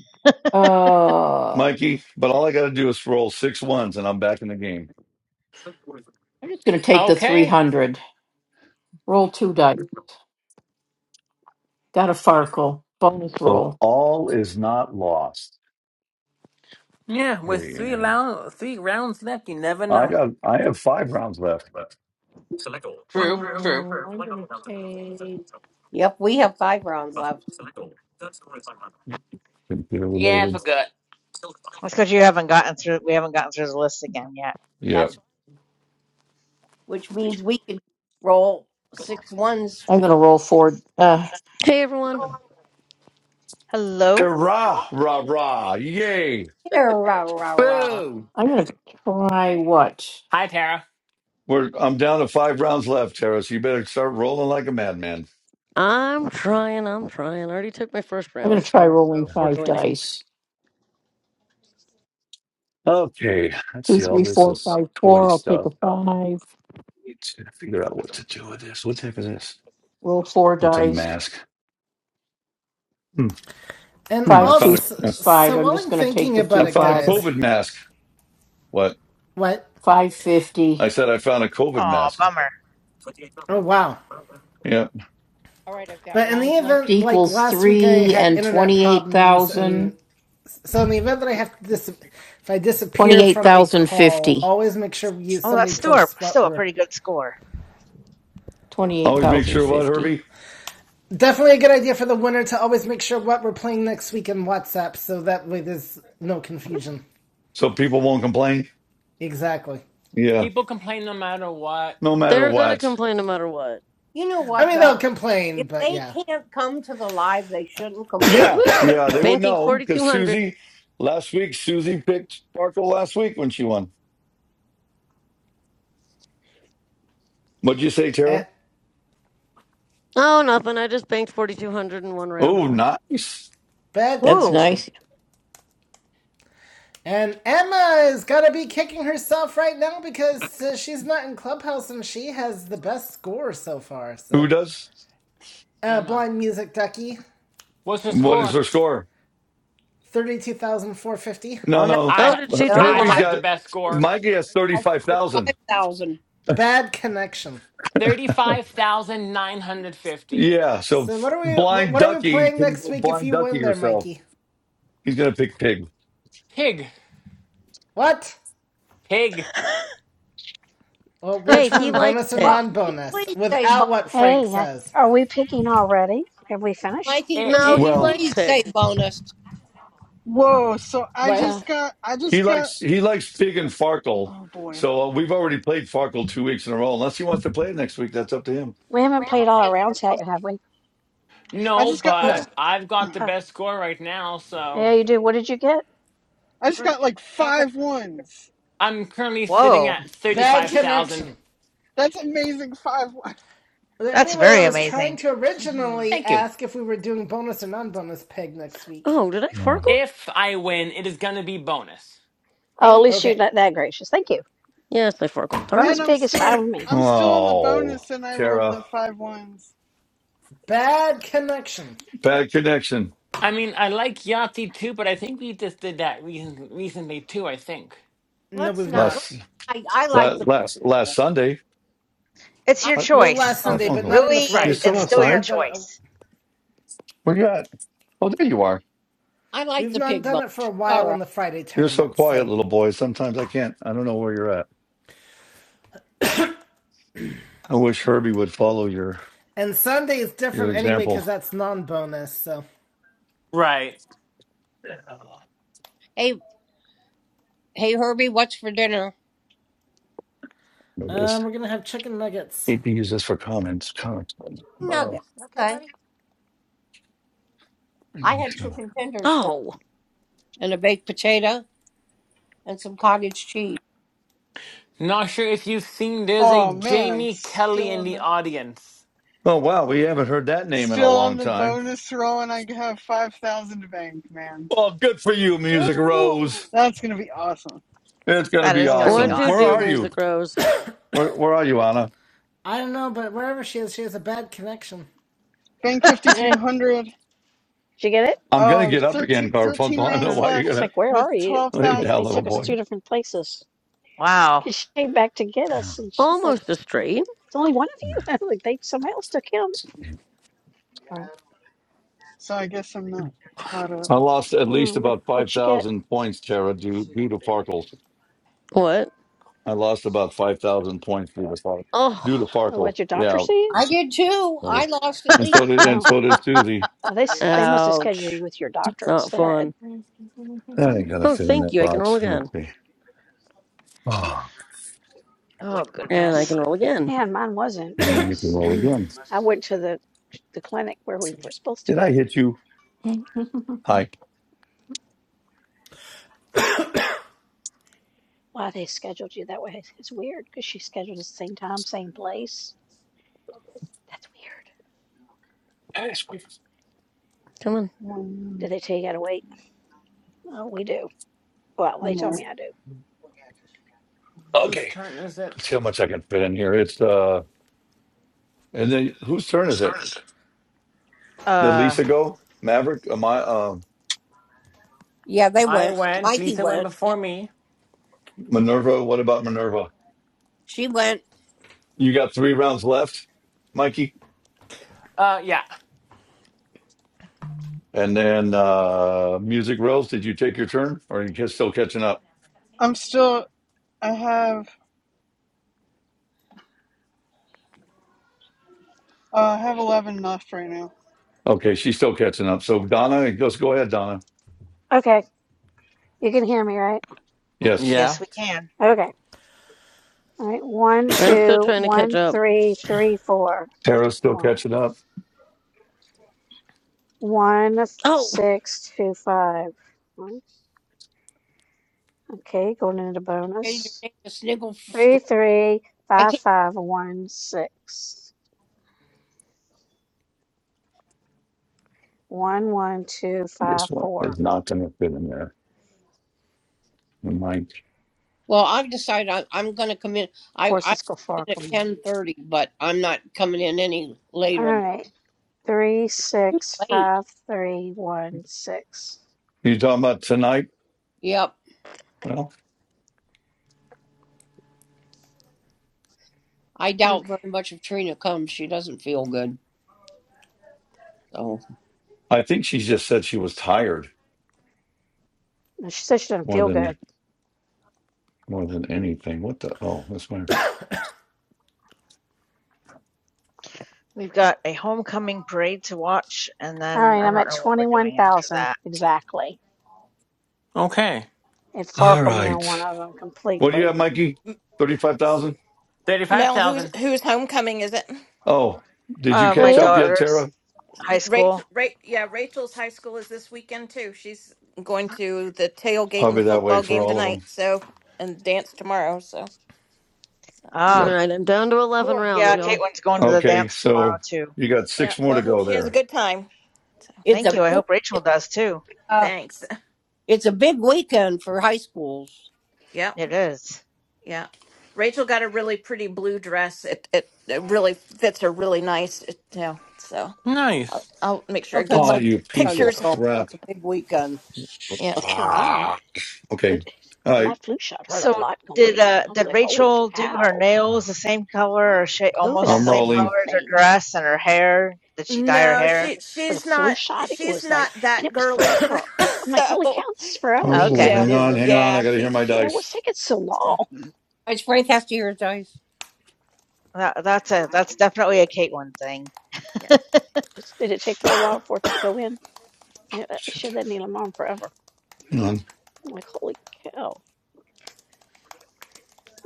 Uh.
Mikey, but all I got to do is roll six ones and I'm back in the game.
I'm just going to take the
Okay.
300. Roll two dice. Got a Farkle. Bonus
So,
roll.
Yeah, with
okay,
three, lou- three rounds left, you never
I
know.
got I have five rounds left.
True, true.
Yep, we have five rounds left.
Computer
Yeah, I
related.
forgot.
That's because you haven't gotten through. We haven't gotten through the list again yet.
Yeah.
That's which means we could roll six ones.
I'm going to roll four. Uh,
Hey everyone.
Hello.
Hurrah, rah, rah, yay!
Here, rah, rah, rah.
Boo!
I'm going to try what?
Hi, Tara.
We're I'm down to five rounds left, Tara. So you better start rolling like a madman.
I'm trying, I'm trying. I already took my first
I'm going
round,
to try
so
rolling
before
five
joining.
dice.
Okay, let's
Two,
see. All
three, four,
this is
five,
toy
four. I'll take
stuff.
a five.
Need to figure out what to do with this. What the heck is this?
Roll four
Oh, it's a
dice.
mask. Hmm.
And
hmm, I
Five, two,
found
also,
a
six, five.
so
I'm
while
just
I'm
going to take
thinking
the
about
I
two
it,
found a
five.
guys,
COVID mask. What?
what?
Five
I
fifty
said I found a COVID
Oh,
mask.
bummer.
Oh wow,
Yeah.
But in the event, like
equals
last week, I
three
had
and
internet
twenty-eight
problems, and
thousand.
so in the event that I have to dis- if I disappear
Twenty-eight
from a
thousand
call,
fifty.
always make sure you
Oh, that's
somebody
still a,
posts what
still a
we're.
pretty good score.
Twenty-eight
Always make
thousand
sure what,
fifty.
Herbie?
Definitely a good idea for the winner to always make sure what we're playing next week in WhatsApp, so that way there's no confusion.
So people won't complain?
Exactly.
Yeah.
People complain no matter what.
No matter
They're gonna
what.
complain no matter what.
You know
I
what,
mean,
though?
they'll
If
complain, but
they
yeah,
can't come to the live, they shouldn't complain.
Woo
Yeah.
woo!
Yeah. They would
Banking
know because
4200.
Susie, last week, Susie picked Sparkle last week when she won. What'd you say,
Eh,
Tara?
Oh, nothing. I just banked 4200 in one round.
Oh, nice.
bad
That's
Woo.
connection.
nice.
And Emma is gonna be kicking herself right now because uh, she's not in Clubhouse and she has the best score so far.
Who
So
does?
Uh,
Emma,
Blind Music Ducky,
what's her
What is
score?
her score?
thirty-two thousand four hundred fifty.
No,
Oh, no, no,
Oh,
I
did
no.
she
no.
join
I
Herbie's
Mike
have the
live?
got,
best score.
Mikey has
has
35,000.
5,000.
Bad connection.
Thirty-five thousand nine hundred fifty.
Yeah. So
So what are we? What,
blind
what are we
ducky
playing
can
next
go
week if
blind
you
ducky
win there,
herself.
Mikey?
He's going to pick pig.
Pig,
What?
pig.
Well,
*laughs*
Hey,
which
he
one?
likes
Bonus or
pig.
But will you
non-bonus?
please say bonus?
Without what Frank
Hey, uh,
says.
are we picking already? Have we finished?
Mikey, will you
No, he
Well,
likes
please say
pig.
bonus?
Whoa! So I
Wait,
Uh,
just got I
He
just got
likes he likes Fig and Farkle.
oh boy
So uh, we've already played Farkle two weeks in a row. Unless he wants to play it next week, that's up to him.
we haven't played all our rounds yet, have we?
I
No,
just got
Oh,
no.
but I've got the
Oh,
best score right now, so
yeah, you do. What did you get?
I just
three
got like
thousand.
five ones.
I'm currently sitting
Whoa.
at
Bad
*laughs*
35,000.
connection.
That's amazing five ones.
Well,
That's
Anyway, I
very
was
amazing.
trying to originally
Thank you.
ask if we were doing bonus or non bonus peg next week.
Oh, did I farkle?
If I win, it is going to be bonus.
Oh,
Thank
at
you.
least you're
Okay.
not that gracious. Thank you.
Yes, I farkled.
*laughs*
Darn it.
Bonus
and I'm
pig is
still
fine with me.
I'm still in the
Oh,
bonus, and I rolled the
Tara,
five ones.
Bad connection.
bad connection.
I mean, I like Yahtzee too, but I think we just did that recent, recently too, I think.
No,
Let's
we've
not.
not.
Last
I, I like the
last last, last Sunday,
It's
I like
your
Uh,
Well, last
choice.
Sunday,
bonus.
but
Garfunkel,
not on the
Really,
you
Friday
Right,
still
it's
tournament.
still
We've
your
outside?
not done it.
choice.
Where you at? Oh, there you are.
I like
We've
the
not
pig
done
bonus.
it for a
All
while
right.
on the Friday
You're so
tournament.
quiet,
So,
little boy. Sometimes I can't. I don't know where you're at. I wish Herbie would follow your
and Sunday is
your
different anyway because
example.
that's non-bonus. So,
right.
Hey, hey, Herbie, what's for dinner?
But this
um, we're gonna have chicken nuggets.
need to use this for comments. Comments.
Nugget.
Oh,
Nimby, okay,
Okay.
buddy.
I
I
need
had
to.
chicken tenders for
Oh.
and a baked potato and some cottage cheese.
Not sure if you've seen, there's a
Oh man,
Jamie Kelly
still
in
on
the
the
audience.
Oh wow, we haven't heard that name in a
still on
long
the
time.
bonus roll, and I have five thousand to bank, man.
Well, good for you, Music Rose.
Ooh,
That's gonna be awesome.
It's going to
that
be
is gonna
Oh,
be
awesome.
What'd
let's
you
Where
do,
are
see.
you?
Music Rose?
Where, where are you, Anna?
I don't know, but wherever she is, she has a bad connection.
Bank
awesome. *laughs*
Hey.
5200.
Did you get it?
I'm going to
Oh,
get up
13
again,
13
Garfunkel. *laughs* I don't know
rounds
Oh, I
why you're going
was
left
to
like, where
with
are you?
lay
They,
down,
12,000
they
little
took us
something.
two
boy.
different places.
Wow.
Cause she came back to get us, and she's like,
Almost a straight.
it's only one of you. *laughs* I was like, they somebody else took him.
So I guess I'm not caught up.
I lost at
Mm,
least
what
about five
what you get?
thousand points, Tara, due, due to Farkle.
What?
I lost about five thousand points due to Farkle. Due to
Oh.
Oh,
Farkle,
what your doctor
yeah.
see you?
I did too. I lost at
And
least
so did,
*laughs*
five
and
Oh,
pounds.
so did Susie.
oh, they s- they must have scheduled you
Ouch.
with your doctor
Not
instead.
fun.
I ain't gonna
Oh,
fit in
thank
that
you. I can roll
box.
again.
Okay. Oh,
Oh
And I
goodness.
can roll again.
Yeah, and mine wasn't. Mine
and you can
was.
roll again.
I went to the the clinic where we were supposed to
Did I
go.
hit you?
*laughs*
Hi.
Why they scheduled you that way is is Cause she scheduled us same time, same place. That's weird.
Hey, squeeze.
Come on.
Did
One,
they tell you how to wait? Oh, we do. Well, they
one
told
more.
me I do.
Whose
Okay.
turn is it?
Let's see how much I can fit in here. It's uh, and then whose turn is it? Did
Uh,
Lisa go? Maverick? Am I? Uh,
Yeah, they
I
went.
went,
Mikey
Lisa went
went.
Yeah.
before me.
Minerva? What about Minerva?
She went.
You got three rounds left, Mikey.
Uh, yeah.
And then uh, Music Rose, did you take your turn, or are you ca- still catching up?
I'm still. I have. Uh, I have 11 left right now.
Okay, she's still catching up. So Donna, just go ahead, Donna.
Okay. You can hear me, right?
Yes,
Yeah,
yes, we can.
Okay. All right. One,
I'm still
two,
trying to catch
one,
up.
three, three, four. Take
Tara's
the
still
ones.
catching up.
One,
Oh!
six, two, five. One. Okay, going into
Changed her
bonus.
name to Sniggle.
Three, three,
I
five,
can't.
five, one, six. One, one, two, five,
This one
four.
is not going to fit in there. Mike,
Well, I've decided I, I'm going to come in. I I
Horses go
come
fork
in at
on me.
ten thirty, but I'm not coming in any
All
later. than-
right. Three,
Too
six,
late.
five, three, one, six.
you talking about tonight?
Yep.
Well,
I
Okay.
doubt very much if Trina comes. She doesn't feel good. So
I think she just said she was tired
She said she doesn't
more
feel good.
than more than anything. What the? Oh, that's my.
We've got a homecoming parade to watch, and
All
then
right,
I
I'm
don't
at
know what we're doing after
21,000
that.
exactly.
okay.
It
All
farkled me on one
right.
of them
What do you
completely.
have, Mikey? Thirty-five thousand.
Mel, who's
35,000.
whose homecoming is it?
Oh, did you
Uh,
Oh
my
catch
yeah.
up yet,
daughter's
Tara?
high
Rachel,
school.
Ra- yeah, Rachel's high school is this weekend too. She's going to the tailgate in the
Probably that way
football
for
game
all of
tonight,
them.
so and dance tomorrow. So,
Ah,
Yep.
Alright, I'm down to 11
cool.
rounds,
Yeah,
y'all.
Caitlin's going to the
Okay,
dance tomorrow
so
too.
you got
yeah,
six more
well,
to
I hope
go
she has a
there.
good time. So,
it's
Thank
a
you. I
big-
hope Rachel does too.
thanks. *laughs*
it's a big weekend for high schools
Yep,
It is.
yeah. Rachel got a really pretty blue dress. It it, it really fits her really nice. It, yeah, so I'll,
Nice.
I'll make sure I get
because
Oh,
my
some
you piece
grandsons
of
are
pictures.
going. It's
crap.
a big weekend.
Yeah.
Yeah, one of them.
Ah.
Did,
Okay. All
my
right.
flu shot hurt a
So
lot going
did
in.
uh
I was
did
like, holy
Rachel do her
cow.
nails the same color or sha-
COVID, I
almost the
I'm
felt
same
rolling.
color as her
nothing.
dress and her hair? Did she dye her
No,
hair?
she
But a
she's
flu
not
shot, it
she's
was
not
like,
that
and it was
girly.
forever.
*laughs*
I'm like, holy cow,
so
this is forever. She
Oh,
says,
Okay,
yeah,
it
hang
is,
on, hang
isn't it? And
on.
I
I
yeah,
got
said,
to
she
hear my
yeah,
she
dice.
what's taking so
so
long?
Guys, Frank has to hear it, guys.
that, that's a that's definitely a Kate one thing.
yeah
It's, did it take for a while for it to go in? And uh, she
Shit.
had that needle on forever.
Hang on.
I'm like, holy cow.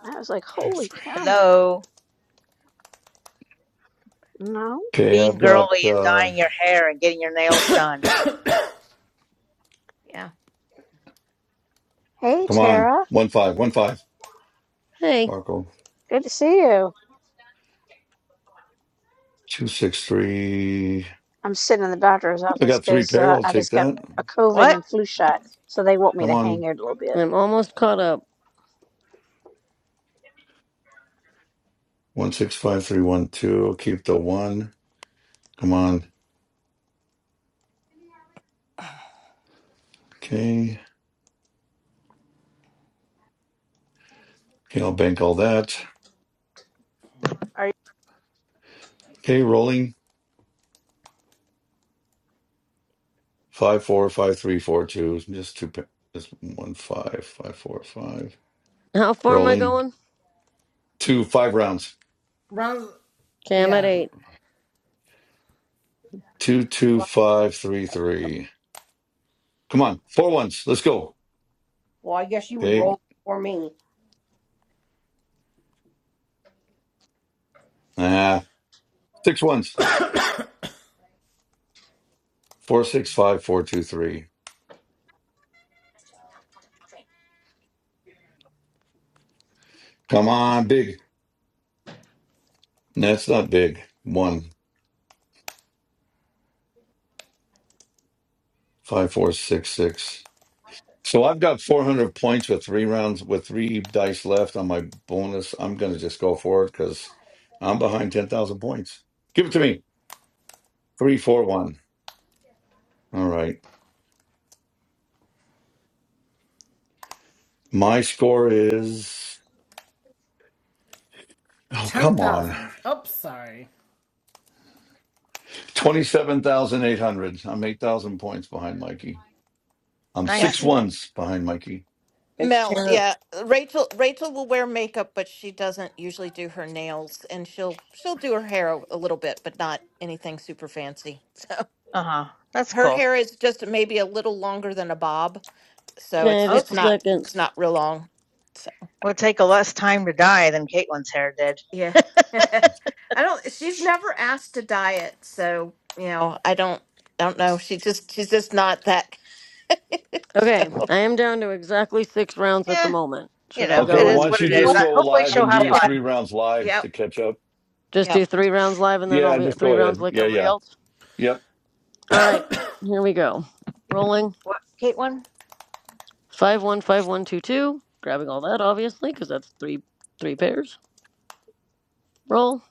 I was like, holy cow.
Hello,
No.
Okay,
being
I've got.
girly and
uh
dyeing your hair and getting your nails done.
yeah
Hey,
Come on,
Tara.
one five, one five.
Hey,
Farco.
Good to see you.
Two six three.
I'm sitting in the doctor's
I
office
got three
because
pair.
uh,
I'll
I
take
just got
that.
a COVID
What
and flu shot, so they want me
Come
to hang
on.
out a little bit.
I'm almost caught up.
One six five three one two. I'll keep the one. Come on. Okay. Okay. I'll bank all that.
are you?
Okay. Rolling. Five four five three four two. Just two. pa- Just one five five four five.
How far am I
Rolling.
going?
Two five rounds.
Rounds,
Okay, I'm at
yeah,
8.
Two two
Well, I don't
five three
know.
three. Come on. Four ones. Let's go.
Well, I guess you would
Okay.
roll for me.
Ah. Six ones. Four six five four two three. Come on. Big. That's not big. One. Five, four, six, six. So I've got 400 points with three rounds, with three dice left on my bonus. I'm going to just go for it because I'm behind 10,000 points. Give it to me. Three, four, one. All right. My score is, oh,
ten
come on.
thousand. Oops, sorry.
27,800. I'm 8,000 points behind Mikey. I'm
yeah
six
Nice.
ones behind Mikey.
It's
Mel
terrible.
yeah Rachel Rachel will wear makeup, but she doesn't usually do her nails, and she'll she'll do her hair a, a little bit, but not anything super fancy. So
Uh huh. That's
her
cool.
hair is just maybe a little longer than a bob, so
Okay,
it's
just
it's
a
Okay,
not
second.
it's not real long. so.
will take a less time to dye than Caitlin's hair did.
Yeah. *laughs* I don't she's never asked to diet, so you know, I don't I don't know. She just she's just not that *laughs*
Okay,
so
I am down to exactly 6 rounds at the
Yeah,
moment.
you
Should I
know
Okay.
it
go
Well,
is
why
and
don't
what
you
it is.
just
Uh,
do
go
Hopefully
live and
she'll
do
have
your
Yeah.
three
fun.
rounds live
Yep.
to catch up?
just do
Yep.
3 rounds live and then I'll
Yeah,
be at
just
3
go
rounds
ahead.
like
Yeah,
everybody
yeah.
else?
Yep.
Alright, here we go. Rolling.
What Caitlin?
515122. Grabbing all that, obviously, because that's 3 three pairs. Roll.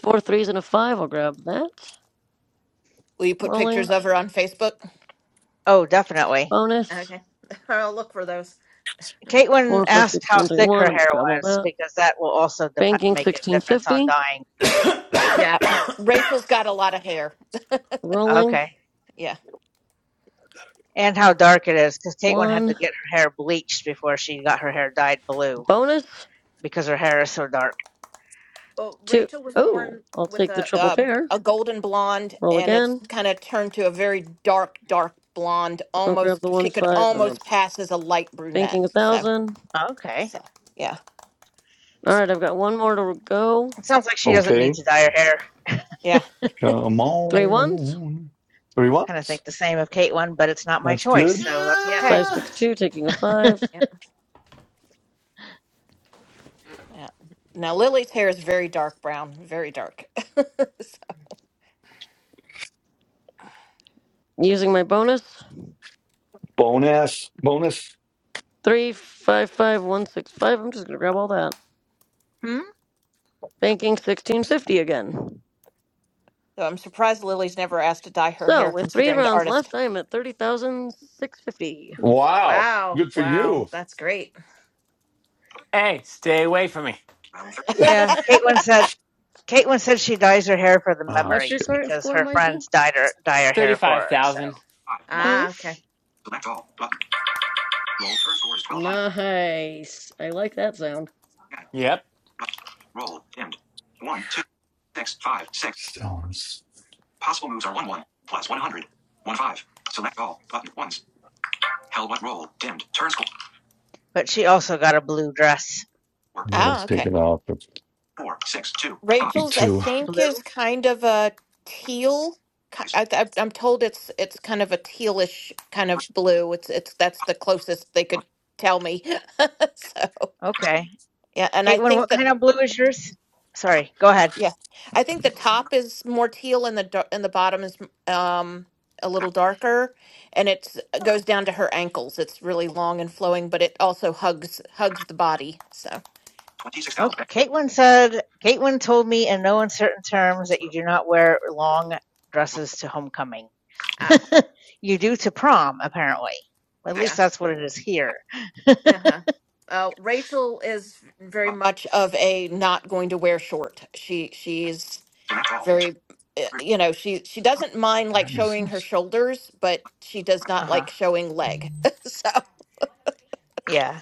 Four threes and a five. I'll grab that.
Will you put
Rolling.
pictures of her on Facebook?
Oh, definitely.
Bonus.
Okay. *laughs* I'll look for those.
Caitlin
Four, five,
asked
six,
how
one, three,
thick her
one. I'm gonna
hair
grab all
was
that.
because that will also dep
Banking
make a
sixteen
difference on
fifty.
dyeing.
Yeah. Rachel's got a lot of hair.
Rolling
Okay.
Yeah.
And how dark it is because Caitlin had to
one.
get her hair bleached before she got her hair dyed blue
Bonus
because her hair is so dark.
Well,
two.
Rachel was
Oh,
born
I'll
with
take the
a
triple
uh,
pair.
a golden blonde
Roll
and it's
again.
kind of turned to a very dark dark blonde
I'll grab the
almost
one
she could
five and I'm
almost pass as a light brunette
banking a
so
thousand.
Okay.
so yeah
All right, I've got one more to go.
It sounds like she doesn't
Okay.
need to dye her hair.
yeah
Come
Three ones.
on. Three
Kind of
ones.
think the same of Caitlin, but it's not my
That's
choice,
good.
so that's
Yep.
okay.
Five,
Uh...
six, two. Taking a five.
Yep. Yeah. Now Lily's hair is very dark brown, very dark. *laughs* so
Using my bonus.
Bonus. Bonus.
Three, five, five, one, six, five. I'm just gonna grab all that.
Hmm?
Banking sixteen fifty again.
I'm surprised Lily's never asked to dye her
So
hair
with three
considering the
rounds
artist.
left, I am at thirty thousand six fifty.
Wow.
Wow.
Good for
Wow.
you.
That's great. *laughs*
Hey, stay away from me.
Round 35.
Yeah.
*laughs*
Caitlin said Caitlin said she dyes her hair for the
What's your
memories
current
because
score,
her
Mikey?
friends dyed her dye her hair for
Thirty-five
her, so
thousand.
1.
Hmm?
Ah, okay.
Select all. Button. Roll first score is 1200.
Nice. I like that sound.
Again.
Yep,
Button. Roll. Dimmed. One, 2, 6, 5, six. Possible moves are 1, 1. Plus 100. 1, 5. Select all. Button. ones. Held but roll. Dimmed. Turn score.
but she also got a blue dress.
4,
And We'll
Ah,
take
okay.
it off of
four, 6, two, five.
Rachel's, I
two. What
think, is
Blue?
kind of a teal. ki-
Six,
I, I, I'm told it's it's kind of a tealish kind
3.
of blue. It's it's that's the closest they could tell me. *laughs* so
Okay.
yeah, and I
Caitlin,
think
what
the
kind of blue is yours? Sorry, go ahead.
Yeah, I think the top is more teal and the dar- and the bottom is um a little darker, and it's it goes down to her ankles. It's really long and flowing, but it also hugs hugs the body. So
Oh,
so
26,000. Roll.
Caitlin said, Caitlin told me in no uncertain terms that you do not wear long dresses to homecoming. *laughs*
ah
you do to prom, apparently. At
6.
least
yeah
that's what it is here.
Select.
uh huh. Uh, Rachel is very
Button.
much of a not going to wear short. She she's
Select all.
very
Turn.
uh,
100.
you know she she doesn't mind
the
like
heck is
showing her
this?
shoulders, but she does
Uh
not
huh.
like showing leg. *laughs* so
Yeah.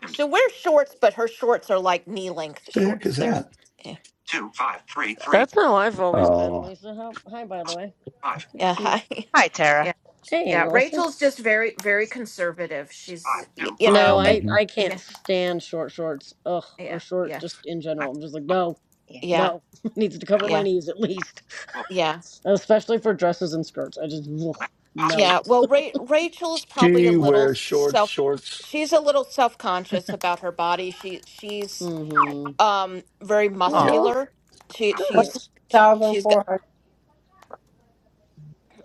Dimmed.
She wears shorts, but her shorts are like knee length
What the heck
shorts.
is
They're
that?
yeah.
Two, five, three,
So
three.
That's how I've always been,
Oh.
Lisa. How, hi, by the way.
Possible. 5,
It's
Possible.
good to
yeah,
see you.
I,
Hi,
*laughs*
Tara.
yeah,
Hey,
yeah.
Melissa.
Rachel's just very, very conservative.
5,
She's y- you
No,
know, and
I,
mhm.
I can't
yeah,
stand short shorts. Ugh, or
yeah,
short
yeah,
just in general. I'm just
Select.
like, no,
Yeah.
Button.
yeah,
no. *laughs* It Needs to cover my
yeah,
knees at least.
yeah,
Especially for dresses and skirts. I just, ugh, no.
yeah. Well, Ra- Rachel's probably a
She
little
wears short
self.
shorts.
She's a little self conscious about her body. She she's
Mm-hmm.
um very
Yep.
Aw,
Oh,
muscular. She
darn
she's
it.
she's got.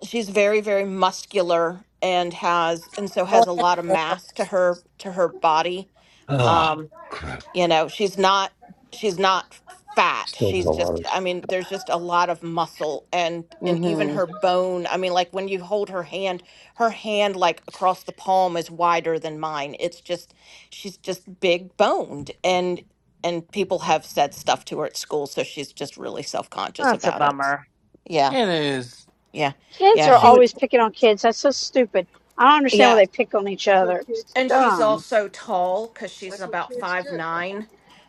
she's very very muscular and has and so
Go
has a
ahead,
lot of
Melissa.
mass to her to her body
Oh,
um
crap.
you know she's not she's not fat
Still got a
she's
lot
just
of
i mean there's just a lot of muscle and and even
Mm-hmm.
her bone i mean like when you hold her hand her hand like across the palm is wider than mine it's just she's just big boned and and people have said stuff to her at school so she's just really self-conscious
that's a
about it
bummer.
yeah
it is.
yeah
Kids
yeah
are
she would
always picking on kids. That's so stupid. I don't understand why
yeah
they pick on each other. It's
and she's
dumb.
also tall because she's about five nine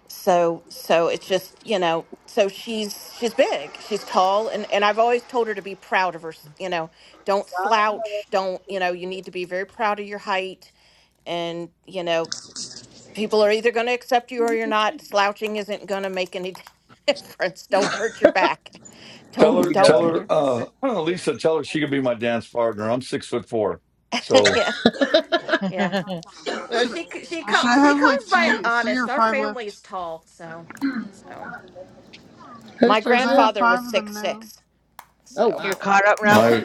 so so it's just you know so she's she's big she's tall and and i've always told her to be proud of her you know don't slouch don't you know you need to be very proud of your height and you know people are either going to accept you or you're not slouching isn't going to make any *laughs* difference don't hurt your back
Tell
don't
her
don't
tell
Yeah.
yeah
her
so-
uh well, Lisa, tell her she could be my dance partner. I'm six foot four.
*laughs*
So
yeah
*laughs*
yeah.
You're
well
Should,
she c- she
should I
comes she
have like
comes by it
three, three
honest
or
our
five
family
left?
is tall so so
*laughs* Whose
My
turn
Because
is
I
it?
have
grandfather
five
was
of them
six
now.
six,
Oh,
so
wow.
caught up now?
yeah.
my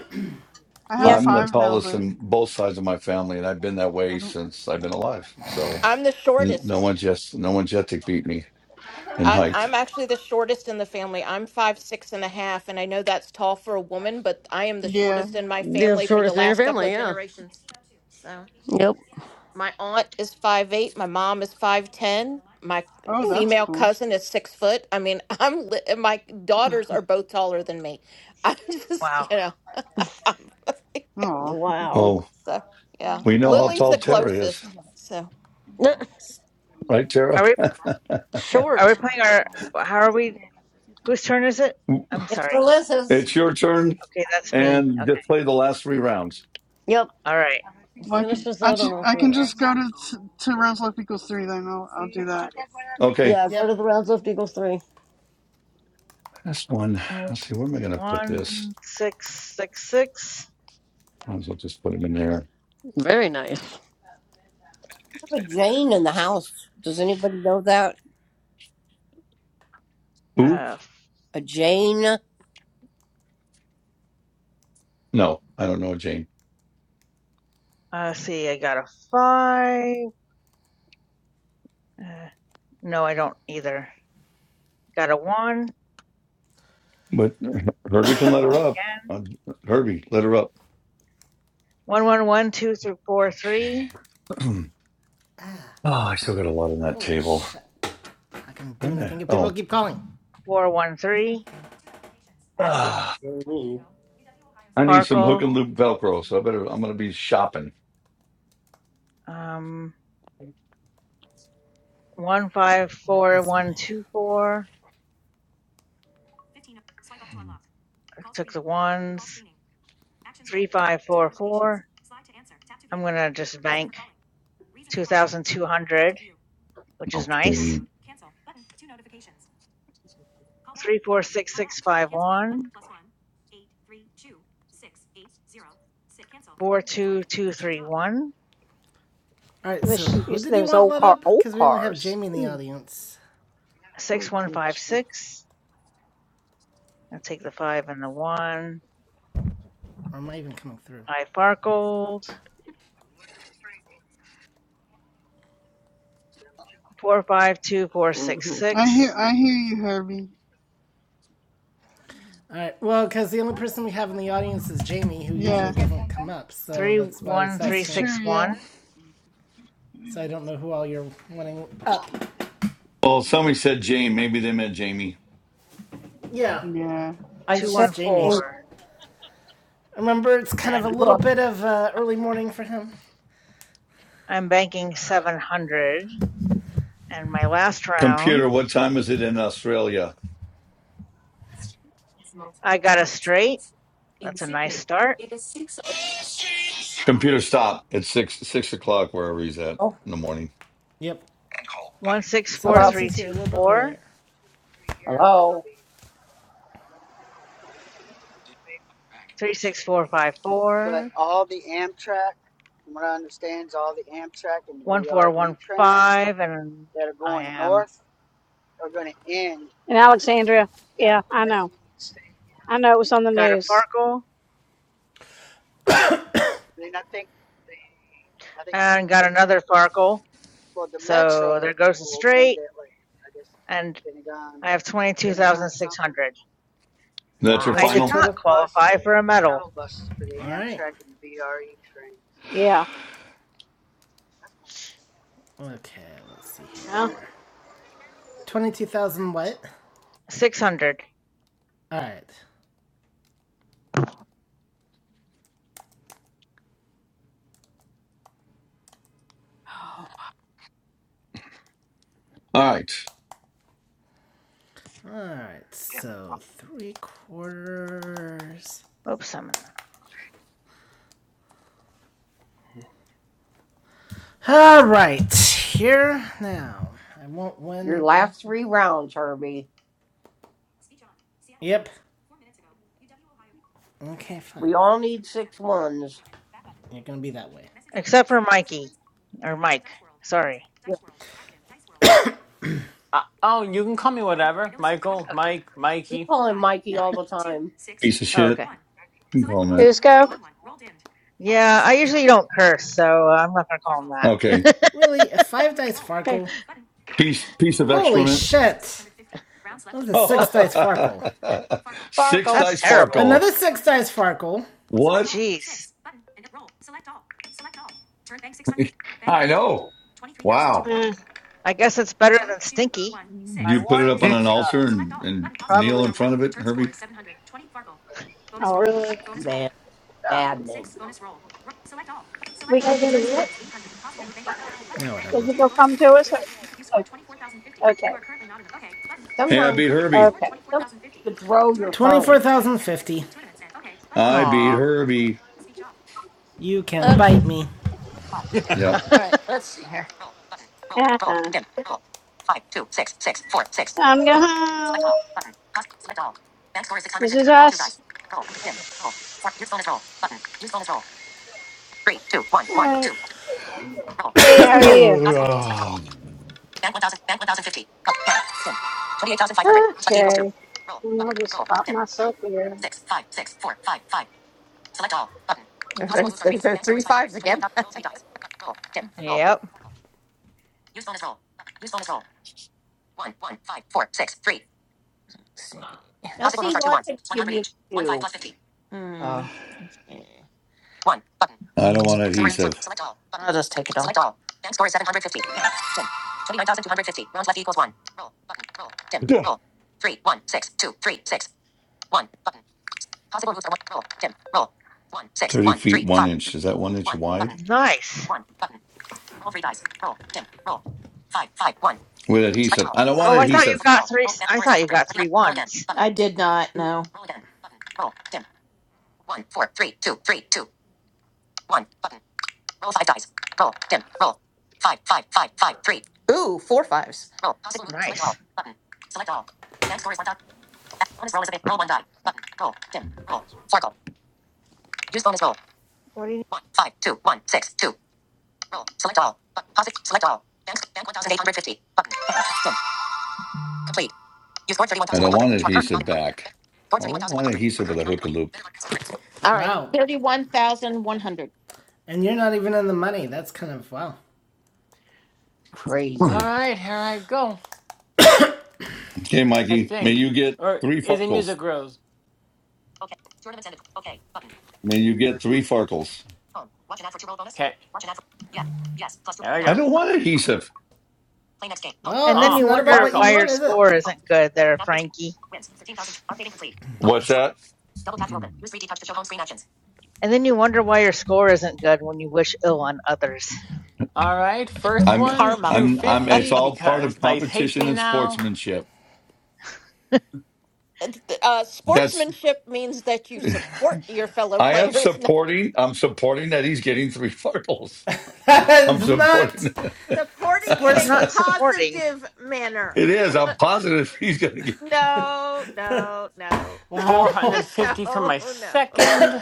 I have
Yes,
I'm the
five now,
tallest
but
in both sides of my family, and I've been that
I
way
don't.
since I've been alive. So
I'm the
n- no
shortest.
one's just no one's yet to beat me in
I,
height.
I'm actually the shortest in the family. I'm five six and a half, and I know that's tall for a woman, but I am the
Yeah.
shortest in my
The
family for the
shortest in your
last couple
family,
of
yeah.
generations.
1502. Two Two
So
notifications.
Yep.
Seattle Sports.
my
Now,
aunt is
UW Ohio
five
State
eight, my
Preview.
mom is
UW puts
five
Holman Streak on
ten,
the line
my
versus top ranked.
Oh, that's
female
cool.
cousin is six foot. I mean, *laughs* I'm li- and my daughters are both taller than me. *laughs* I'm just you
Wow.
know, *laughs* I'm, *laughs*
Oh.
Wow.
Well,
so yeah.
we know how
Lily's the
tall Tara is,
closest. So.
*laughs*
right, Tara?
Are we, yeah, are we
Short.
playing our, how are we, whose turn is it? I'm
it's
sorry.
Melissa's.
It's your turn,
Okay, that's me.
and
Okay.
just play the last three rounds.
Yep.
All right.
Well, I can,
Finishes
I,
out on
ju-
all
I
three
can just
rounds.
go to t- to rounds left equals three. Then I'll I'll do that.
Okay,
Yeah, go
Yep.
to the rounds left equals three.
that's one. Let's see, where am I going to put this?
one six six six.
Might as well just put it in there.
Very nice.
I have a Jane in the house. Does anybody know that?
Ooh,
Uh,
A Jane?
no, I don't know, Jane.
uh, see, I got a five. Uh, no, I don't either. Got a one.
But *laughs* Herbie can let her
Roll
up.
again.
Uh, Herbie, let her up.
One one one two three four three
Okay. *clears throat* oh, I still got a lot on that
Holy
table.
shit. I can not do
When the
anything if people
hell?
keep calling.
four one three.
1503. Two notifications. Seattle
Actually,
Ah,
Sports. One minute
Jane.
ago. UW Ohio
I
State
need
Preview.
some hook
Farkle.
and loop
UW puts Holman
Velcro,
Streak
so I
on the line
better. I'm
versus.
gonna be shopping.
Um, one five
What
four
is my.
one two four.
15. Swipe up to unlock.
I
Call
took the
screening. Call
ones.
screening. Actions
Three
available.
five
Two
four four.
notifications. Slide to answer. Tap to
I'm
view.
gonna just
Reason for
bank
calling. Reason
two
for calling.
thousand two
Tap to
hundred,
view.
which
I'm
is
Enter
nice.
passcode.
kidding.
Cancel. Button. Two notifications. Call back.
Three four
Button.
six
Call back.
six five
Cancel. Button.
one
Plus one. Eight. Three. two, six, eight, zero. Sit. Cancel.
four
Button.
two two
Speech
three
off.
one
All right,
It
so
was
who
just,
did
there
you
was
want
old
let
car,
up?
old
Because we only have
cars.
Jamie in the
Mm,
audience.
six
mm,
one five
mm.
six. I'll take the five and the one.
Or am I even coming through?
I Fargold four five two four six
I hear
six
I hear you, Herbie.
All right, well, because the only person we have in the audience is Jamie, who usually
Yeah,
doesn't come up. So
three
that's why I was
one three
it's
asking.
true.
six
Yeah,
one
So I don't know who all you're wanting up.
Well, somebody said Jane. Maybe they meant Jamie.
Yeah,
yeah.
I
two
that's
said
one
just
four.
Jamie.
Jane.
Remember, it's kind of a
And
little
Look.
bit of uh, early morning for him.
I'm banking seven hundred. And my last round,
Computer, what time is it in Australia?
I got a straight. That's a nice start.
Computer, stop. It's six six o'clock wherever he's at
Oh,
in the morning.
Yep.
And call.
One
Button.
six four
hello.
Sometimes
three
he's here a
two
little bit
four
earlier.
Hello. Dim. Back.
three
Dim.
six four five four one four one five. And I am
And Alexandria, yeah, I know. I know it was on the
got a
news.
Farkle and got another Farkle So there goes a straight, and I have 22,600.
That's your
I
That's your
did
final.
not
total?
qualify for a medal.
All right.
Yeah.
Okay, let's see
Well,
here. 22,000 what?
600.
All right.
All right,
All right.
Dim.
So,
Button.
three quarters.
Oops, I'm in the-
All right. Here now. I won't
Your
win.
last three rounds, Herbie.
Yep. Okay, fine.
We all need six ones.
You're going to be that way. Message from
Except
Chris.
for Mikey.
Simpleman's
Or
dice
Mike.
World.
Sorry.
music. Dice World. *coughs* Active. Dice World.
Uh,
*coughs*
oh,
Five.
you can
Dimmed.
call me
Button. And
whatever,
no roll.
Michael,
Okay.
Mike,
We
Mikey.
call him
Five,
Mikey all
five,
the
two,
time.
six,
piece of
two,
Oh,
shit.
okay.
one.
You can
Select
call
what
him
possible
who's
that.
moves are
go?
one, one. Roll dimmed. Roll turn
Yeah, I
score is
usually
100.
don't
Roll.
curse, so uh, I'm not going to call
Farkle.
him
Okay,
that.
Really? A five dice Roll. Farkle?
Hey.
piece piece of
Holy
excrement.
shit! That was a
*laughs*
Oh,
six
oh,
dice Farkle.
*laughs*
Farkle.
six
that's
dice
Bonus roll.
terrible.
Farkle.
Another six dice Farkle. Select
What?
all.
Jeez.
Six. Button. And roll. Select all. Select all. Turn bank
*laughs*
600. Bank.
I
Dimmed.
know. Wow.
23,002. Roll.
eh,
I guess it's better
two,
than
two,
stinky.
one,
Do
six,
You put it up
*laughs*
on
six,
All
an
six.
altar
Select
and,
all.
and
Button possible
kneel
moves
in
are one.
front of it,
Turn score
Herbie?
is 720. Fargo. Bonus
Oh,
roll.
really?
Bonus roll.
Man, maddening.
Six. Bonus roll. Select all.
We
Select
gonna
all.
do
Turn
the
score
what?
is 800. Possible move bank 800. Button. Yeah,
Does
whatever.
it go
Bonus.
come to us? Or?
You, you scored
Oh,
24,050. You
okay.
are currently not in the. Okay. Button.
Hey, I
Tournament.
Sometimes
beat
Okay. You
Herbie.
scored
Okay.
Sometimes
24,050.
you could
Oh,
throw your
tournament.
phone.
24,050. Tournaments and. Okay. Button.
I beat
Aw.
Herbie.
Speech off. You can bite me.
All
Yep. *sighs*
*laughs*
right, let's see here. Roll button. Roll.
Uh
Roll.
huh.
Dim. Roll. Five, two, six, six, four, six.
Time to go
Select
home.
all. Button. Cost. Select all. Bank score is
This
650.
is
Roll two
us.
dice. Roll. Dim. Roll. Four. Use bonus roll. Button. Use bonus roll. Three, two, one,
All
one,
right.
two, two. Roll.
Hey, how
Select
are
all.
you?
Possible.
Ugh.
Select all. Bank 1000. Bank 1050. Up. Down. Dim. 28,500. Select equals two.
Okay.
Roll.
And
Button.
I'll
Roll.
just pop
Dim. Roll.
myself here.
Six, five, six, four, five, five. Select all. Button. There's, *laughs* there's three fives again. *laughs* Roll three dice. Roll. Dim. Roll.
yep.
Use bonus roll. Use bonus roll. One, one, five, four, six, three. Let's see.
Now,
Possible
see,
moves are two
why
ones.
did I
One
give
hundred
you
each.
the
One five
two?
plus fifty. Hmm.
Oh,
Yeah. One button.
I don't want
Mm,
adhesive.
select all. Button. I'll just take it all. Select all. Bank score is seven hundred fifty. Dim. Twenty-nine thousand two hundred fifty. Rounds left equals one. Roll. Button. Roll. Dim.
Duh.
Roll. Three, one, six, two, three, six. One button. Possible moves are one. Roll. Dim. Roll. One, six,
30
one,
feet,
three,
one
five.
inch. Is that one inch
One
wide?
button.
Nice.
One button. Roll three dice. Roll. Dim. Roll. Five, five, one.
With
Select
adhesive.
all.
I don't want
Possible
Oh, I
moves are
thought you
adhesive.
select
got
all.
three.
Roll
s-
advance
I
score is
thought you
500.
got
29.
three
Roll again.
ones.
Button. I did not, no. Roll again. Button. Roll. Dim. 1, four, three, two, three, two, one. Button. Roll 5 dice. Roll. Dim. Roll. 5 5 5 5 3 Ooh, four fives. Roll. Possible move. Select all.
Nice.
Button. Select all. Bank score is 1. dot. Bonus roll is available. Roll 1 die. Button. Roll. Dim. Roll. Circle. Use bonus roll. 1, five, two, one, six, two. Roll. Select all. Button. Positive. Select all. Bank, bank 1850. Button. Dim. Complete. You scored
I don't
31,100.
want
You are currently not
adhesive
in the money.
back.
Scored
I wouldn't want
31,100. You are
adhesive with a
currently not in the
hook and
money.
loop.
Bet on- All right.
Wow.
31,100.
And you're not even in the money. That's kind of wow.
crazy.
*clears throat*
right, here I go.
okay,
I
Mikey. May
think,
you get
or
three
is it
farkles.
Music Rose?
Okay. Tournament ended. Okay. Button.
May you get three farkles.
Home. Watch an ad for two roll bonus.
Okay,
Watch an ad for. Yeah. Yes. Plus two.
here I
I
go.
No.
don't
Button.
want
No.
adhesive.
Play next game. Home.
Well,
And then
it's
you
Ah, oh,
not about
wonder
Home.
what you
Farco.
why
want,
your
is
Home.
it?
score
Home.
isn't good there,
Navigate.
Frankie.
Wins. 13,000. Updating complete. Home.
What's
Dice work.
that?
Double tap to open. Use 3D touch to show home screen actions.
And then you wonder why your score isn't good when you wish ill on others.
All right, first
I'm,
one,
Karma.
two
I'm, I'm, it's
fifty
all part
because
of
Dice hates
competition
me
and
now.
sportsmanship.
Uh,
That's.
sportsmanship means that you
*laughs*
support your fellow
I am
players. *laughs*
supporting. I'm supporting that he's getting three *laughs* fumbles. I'm
it's not
supporting. That. *laughs*
Supporting in
It's
a
sports.
not supporting.
positive
it
manner.
is. I'm positive he's going to get.
No, no, no.
Four hundred
Wow.
*laughs*
fifty for
no,
my
no.
second.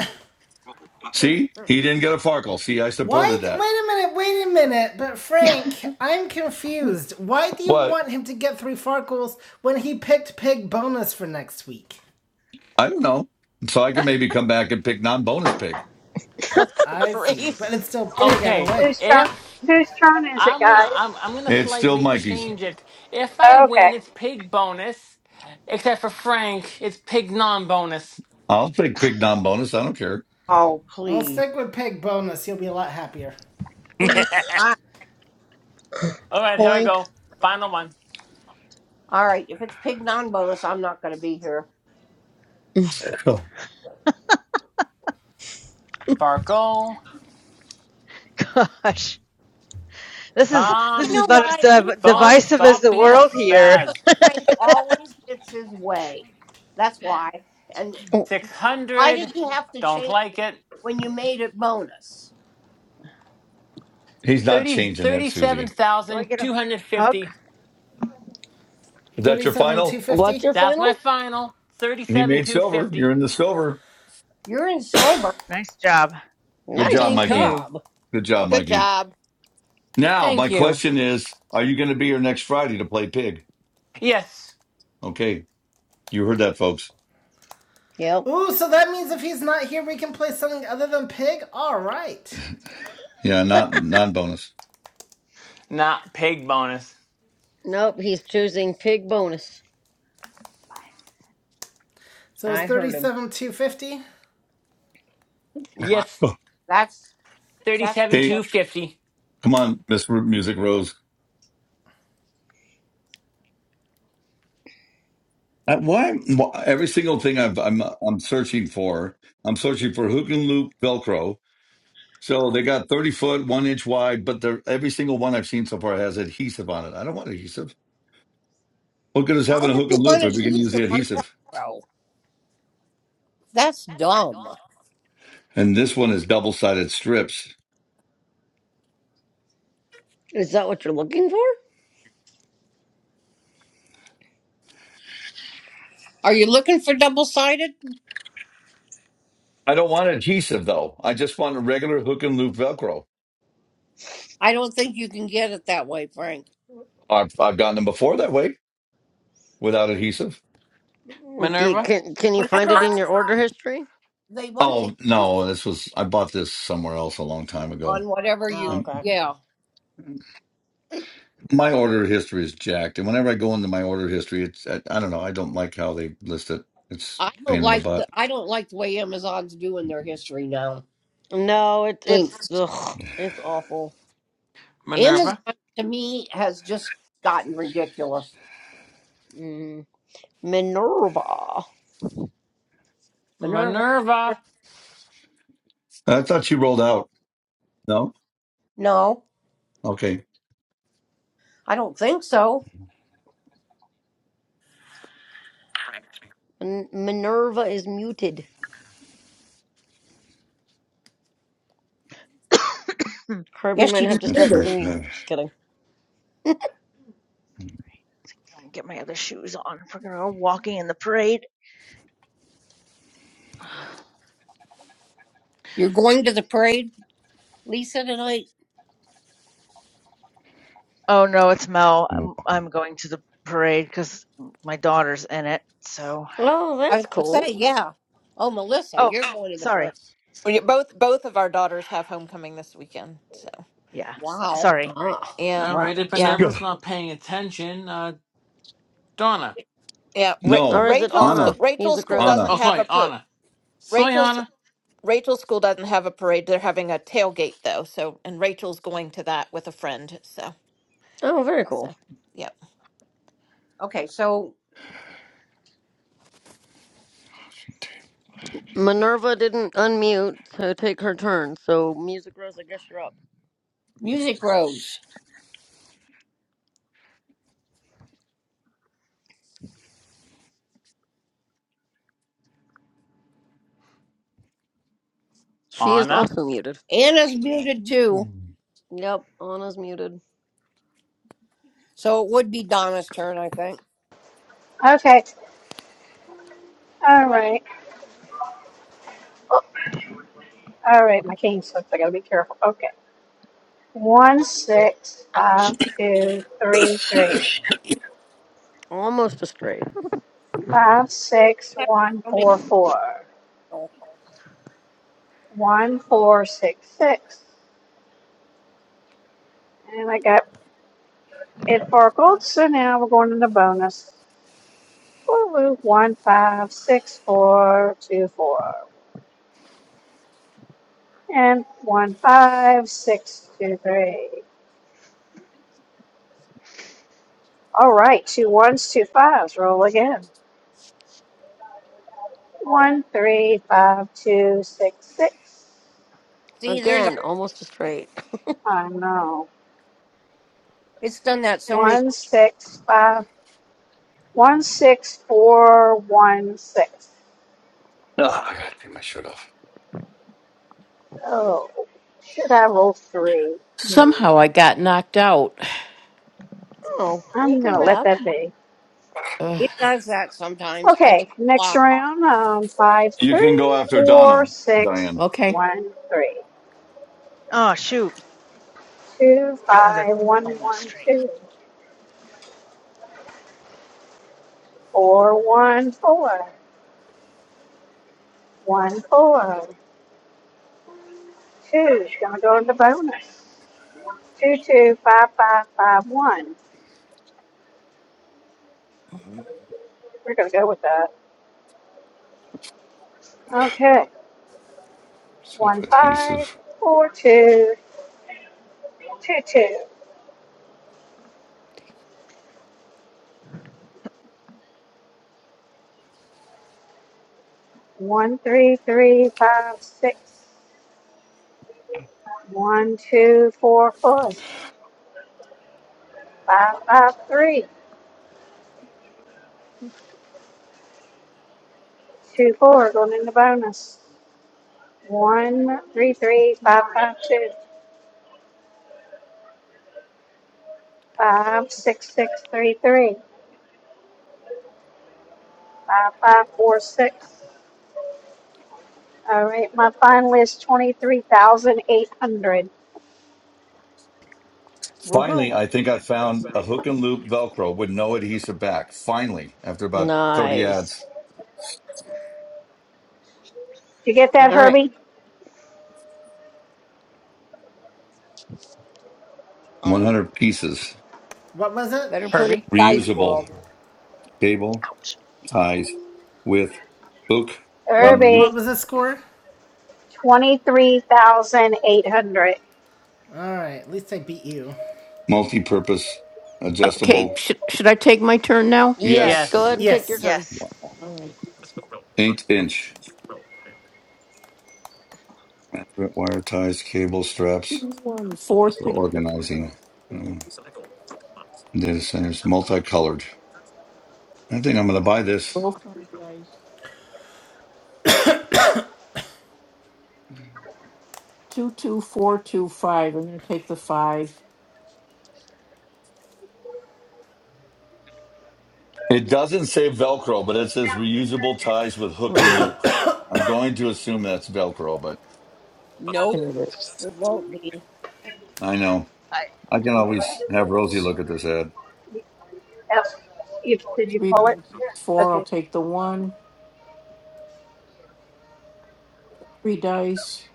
See, he didn't get a farkle. See, I
Why?
supported
Wait
that.
a minute. Wait a minute. But Frank, I'm confused. Why do you
What?
want him to get three Farkles when he picked Pig bonus for next week?
I don't know. So I can
*laughs*
maybe come back and pick non-bonus pick.
Oh, good
I see. But
grace.
it's still Pig
Who's,
either
Okay,
way.
whose turn?
if
Whose turn is it,
I'm gonna,
guys?
I'm, I'm gonna
It's still
slightly
Mikey's.
change it. If I
Okay.
win, it's pig bonus. Except for Frank, it's pig non-bonus.
I'll pick pick non-bonus. I don't care.
Oh,
I'll
please,
stick with Pig bonus. You'll be a lot happier.
*laughs* All
please. I,
right, here I
Blank.
go. Final one.
all right, if it's pig non bonus, I'm not going to be here.
Oh,
Farco,
*laughs* Gosh, this is this
You
is
come,
know
about as
why? You know
div-
why?
phone,
divisive as
stop
the
being
That
a
world here.
spaz.
Frank always gets his way. That's why. And why
600,
did you have to
don't
change
like it.
when you made it bonus?
He's not
30
changing it,
thirty-seven
Susie.
Do I
thousand
get a
two hundred
hug?
fifty.
Is that your
Thirty-seven
final?
two
What's
fifty.
your
That's my
final?
final.
He
Thirty-seven
made
two
silver.
fifty.
You're in the silver.
You're in silver.
Nice job.
Good
Nice
job,
Thank
Mikey.
you.
job.
Good job,
Good
Mikey.
job.
Now, my
Thank you.
question is, are you going to be here next Friday to play pig?
Yes,
Okay. You heard that, folks.
Yep.
Ooh, so that means if he's not here, we can play something other than Pig. All right.
Yeah, not non bonus.
not pig bonus.
Nope, he's choosing pig bonus.
So it's
I heard him.
thirty-seven two fifty.
Wow.
Yes,
That's that's
Thirty-seven
Okay.
two fifty.
Come on, Miss Ru- Music Rose. Uh, Why, why every single thing I've, I'm I'm searching for, I'm searching for hook and loop Velcro. So they got 30 foot, one inch wide, but they're, every single one I've seen so far has adhesive on it. I don't want adhesive. What good is
why
having a
would
hook
you
and loop
want
if we
to
can
use
use
the
the
one
adhesive?
bro? That's dumb.
And this one is double sided strips.
Is that what you're looking for?
Are you looking for double sided?
I don't want adhesive though. I just want a regular hook and loop Velcro.
I don't think you can get it that way, Frank.
I've I've gotten them before that way without adhesive.
Do you,
Minerva.
can can you find
Whenever
it
I
in your order
got-
history?
they want to
Oh no, this was I bought this somewhere else a long time ago.
on whatever
Oh,
you
Um,
okay.
yeah.
my order history is jacked, and whenever I go into my order history, it's I, I don't know. I don't like how they list it. It's
I
a
don't
pain in the
like the
butt.
I don't like the way Amazon's doing their history now.
No, it, it's ugh, it's awful.
Amazon
Minerva.
to me has just gotten ridiculous.
Mm. Minerva.
Minerva,
Minerva.
I thought you rolled out. No,
no,
okay,
I don't think so.
Min- Minerva is muted.
Hmm,
Kirby
Yes,
might
you,
have to
that's
start
for.
singing. Just kidding.
I'll get my other shoes on. If we're gonna go walking in the parade.
you're going to the parade, Lisa, tonight?
Oh no, it's Mel. I'm, I'm going to the parade because my daughter's in it. So.
Oh,
I
that's
was going to
cool.
say, yeah. Oh, Melissa,
Oh,
you're going to the parade.
sorry.
We- Both both of our daughters have homecoming this weekend. So,
Yeah,
so
Wow.
sorry.
Ah,
yeah.
All
wow.
right. If
*sighs*
Yeah.
Minerva's not paying attention, uh, Donna.
Yeah, Ra-
Or
no,
is it
Rachel's
Anna,
Anna?
sc- Rachel's
Music
Mhm.
school
Rose.
Anna.
doesn't
Oh,
have a
sorry,
per.
Anna. Sorry,
Rachel's
Anna.
Rachel's school doesn't have a parade. They're having a tailgate though. So and Rachel's going to that with a friend. So
Oh, very cool.
so yep.
Okay, so
Minerva didn't unmute to take her turn, so Music Rose, I guess you're up.
Music Rose.
She is
Anna.
also muted.
Anna's muted too,
Yep, Anna's muted.
so it would be Donna's turn, I think.
Okay. All right. Oh, all right. My cane slipped. I gotta be careful. Okay. One six five two three three
Almost a straight.
five six
have
one
so many
four four
people.
one four six six, and I got it for a gold. So now we're going into bonus. Woo-woo. One five six four two four and one five six two three. All right, two ones, two fives. Roll again. One three five two six six.
See, there's a-
Again, almost a straight.
I know.
it's done that so many.
One six five. One six four one six.
Ah, I gotta take my shirt off.
Oh, should I roll three? Hmm.
Somehow I got knocked out.
Oh,
I'm
welcome
gonna let
back.
that be.
Ugh,
It does that sometimes. I don't
Okay, next
know
round. Um, five
You can go
three
after
four
Donna,
six
Diane.
okay.
one three
Oh, shoot.
two
Another
five one
almost
one
straight.
two four one four one four two. Gonna go to the bonus. Two two five five five one. We're gonna go with that. Okay,
Self
one five
adhesive.
four two two two. One, three, three, five, six. One, two, four, full. Five, five, three. Two, four, going in the bonus. One, three, three, five, five, two. Five, six, six, three, three. Five, five, four, six. All right, my final is 23,800. Did
why.
Woohoo.
Finally, I think I found a hook and loop Velcro with no adhesive back. Finally, after about 30
Nice.
ads,
you get that,
Do-
All right.
Herbie?
Uh,
100 pieces,
What was it?
better put it
Herbie.
in dice
reusable
world.
cable ties with hook and
What
loop,
What
Herbie,
was the score?
23,800.
Alright, at least I beat you.
multi purpose,
Okay.
adjustable.
Should, should I take my turn now?
Yes,
Yes,
go
Yes.
ahead and take your
Yes.
turn.
Yes.
eight inch wire ties, cable straps
Four,
for
three,
organizing um, data centers, multicolored. I think I'm going to buy this.
two, two, four, two, five. I'm going to take the five.
It doesn't say Velcro, but it says reusable ties with hook
Where
and
is it?
loop. I'm going to assume that's Velcro, but
Nope, it won't be.
I know.
I
I can always have Rosie look at this ad.
Yep. did you pull it?
Four,
Okay.
One, three dice.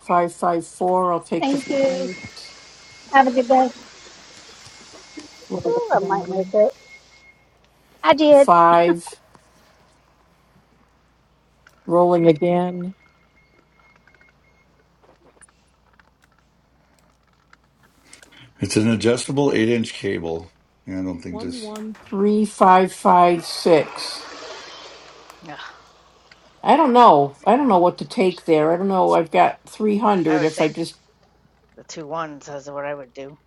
Five, five, four. I'll take the
Thank you.
five.
Ooh, I might make it.
Five. Rolling again.
It's an adjustable eight inch cable. Yeah, I don't think this.
Three, five, five, six.
ugh,
I don't know. I don't know what to take there. I don't know. I've got
I
300
would
if I
take
just,
the two ones as what I would do.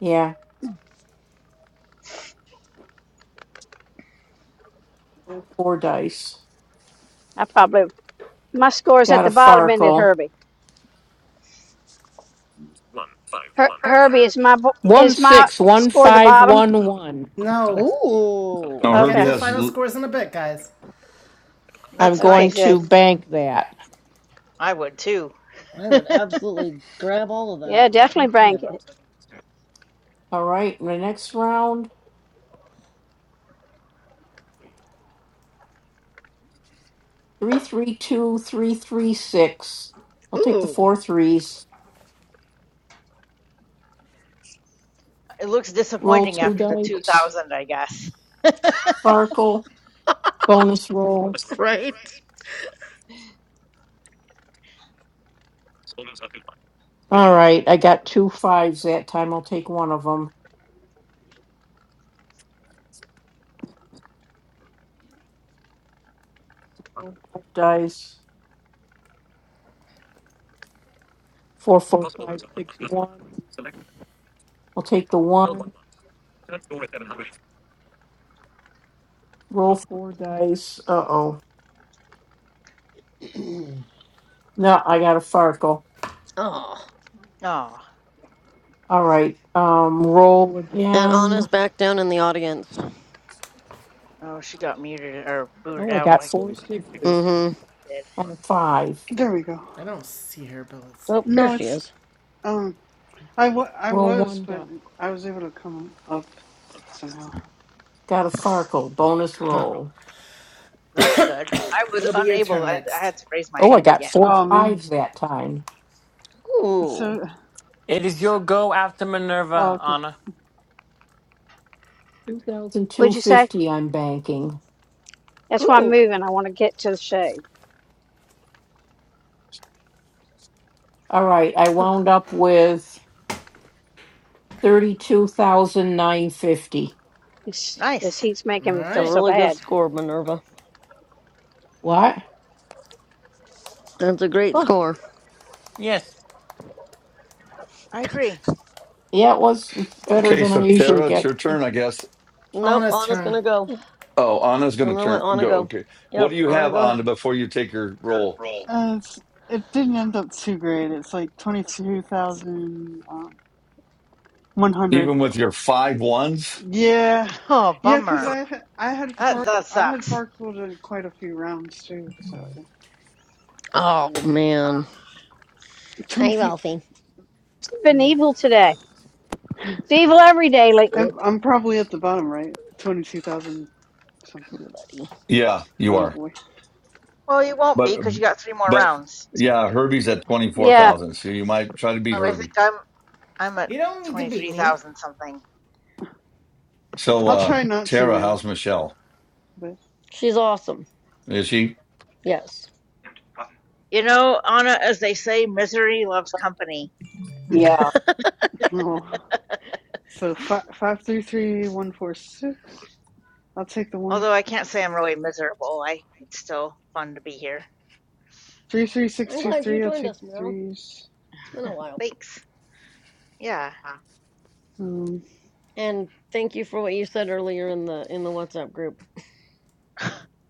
yeah, four dice.
I probably my score is at
Got a
the bottom, isn't it,
Farkle.
Herbie? Her, Herbie is my bo- is my score the bottom.
161511.
No.
Ooh,
No,
We'll get
Herbie
Okay,
to the
has.
final
l-
scores in a bit, guys.
That's
okay,
nice.
good.
Bank that.
I would too.
I
*laughs*
would
it
absolutely grab all of
Yeah,
that. Heck
definitely
yeah.
bank it.
All right, the next round, three, three, two, three, three, six. I'll take the
Ooh,
four threes.
looks
Roll
disappointing
two
after the
dice.
2000, I guess.
Farkle. Bone roll.
right?
All right, I got two fives that time. I'll take one of them. Dice. Four, four, five, six, one. I'll take the one. Roll four dice. Uh oh. No, I got a Farkle.
Oh.
Oh,
All right. Um, roll
And
again.
Anna's back down in the audience.
oh, she got muted or
Oh,
booted
I
out
got
like
four sixes
Mm-hmm.
you did.
and a five.
There we go.
I don't see her, but let's see.
Oh, there
No,
she
it's
is.
um. I wa- I
Roll
was,
one
but
die.
I was able to come up somehow.
Got a Farkle bonus roll.
That's good. I was
It'll be your
unable.
turn
I, I
next.
had to raise my
Oh, I
hand
got
again.
four
Oh man.
fives that time.
Ooh.
So
It is your go after
oh,
Minerva,
okay.
Anna.
And two
Would you say?
fifty. I'm banking.
That's why I'm
Ooh.
moving. I want to get to the shade.
All right, I
*laughs*
wound up with thirty two thousand nine fifty.
This, this
Nice.
heat's making me
It's
feel
a
Alright.
so
really good
bad.
score, Minerva.
What?
That's a great
Oh,
score.
Yes.
I agree.
Yeah, it was it's better
Okay,
than
so
I usually
Tara, it's your
get.
turn, I guess.
Nope,
Anna's
Anna's
turn.
gonna go.
it's
Oh, Anna's going
I'm
to
gonna let
turn.
Anna
Go.
go.
Okay. What do
Yep,
you
Anna,
have,
go
Anna,
ahead.
before you take your roll?
Uh, it's it didn't end up too great. It's like twenty two thousand. um, 100.
Even with your five ones?
Yeah.
*laughs* Oh,
Yeah, because
bummer.
I ha- I had
That
far
that
I had
sucks.
Farkled in quite a few rounds too, so
Oh, man.
twenty
Hi,
two.
Ralphie.
been
Yeah,
evil today. It's evil every day lately.
I'm I'm probably at the bottom right, twenty two thousand
Hey,
something.
buddy.
Yeah, you
Oh
are.
boy,
Well, you won't be
But,
because you got three more
but
rounds.
yeah, Herbie's at
Yeah,
24,000. So you might try to beat
Oh, I think
Herbie.
I'm I'm at
You don't need to
twenty
beat
three
me.
thousand something.
So,
I'll
uh,
try not to,
Tara,
man.
how's Michelle?
But
She's awesome.
Is she?
Yes.
button.
You know, Anna, as they say, misery loves company.
oh, so five five three three one four six. I'll take the one
Although I can't say I'm really miserable, I it's still fun to be here.
three three six
I'm
two
glad you
three. I'll
joined
take the
us, Mel.
threes.
It's been a while.
Thanks. Yeah,
Um,
And thank you for what you said earlier in the in the WhatsApp group.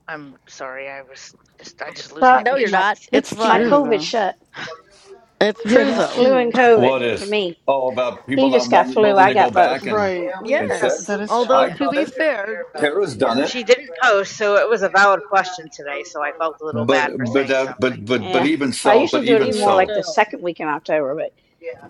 I'm sorry. I was just I just lose my
but
No, you're
my
not.
patience.
It's
it's
my
fine.
true
COVID
though.
shot.
It's
Yeah, it
true,
is
*sighs*
though.
Flu and
true.
COVID
What
for
is?
me.
Oh, about people
He
not
just got
wanting,
flu.
willing
I
to go
got both.
back and
Right,
and check.
Yes.
that is. Tr-
Although,
yeah,
I've
to
done
be
it.
fair, it-
Tara's
yeah.
done it.
she didn't post, so it was a valid question today. So I felt a little
But
bad for saying
but uh, but
something.
but but
Yeah.
even
I
so, but
usually do it
even
Even
more
so,
like the
still,
second week in October, but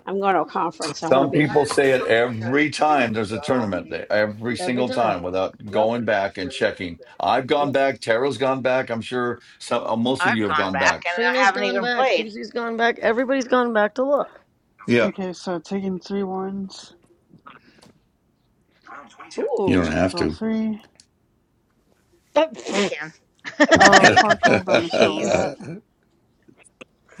I'm going to a conference. I want to
some
be.
people say it every time there's a tournament day, every
every
single
time.
time without
Yep,
going back and checking. I've gone
yep.
back. Tara's gone back. I'm sure some, uh, most of
I've
you have
gone
gone
back
back.
and I
Trina's
haven't
gone
even
back.
played.
Susie's gone back. Everybody's gone back to look.
Yeah,
okay, so taking three ones.
Round 22.
you
You
don't
Ooh.
score.
have
Roll
to.
three.
You
*laughs*
can.
Oh,
*laughs*
Frank.
Farkle bonus roll
Jeez.
that.
*laughs*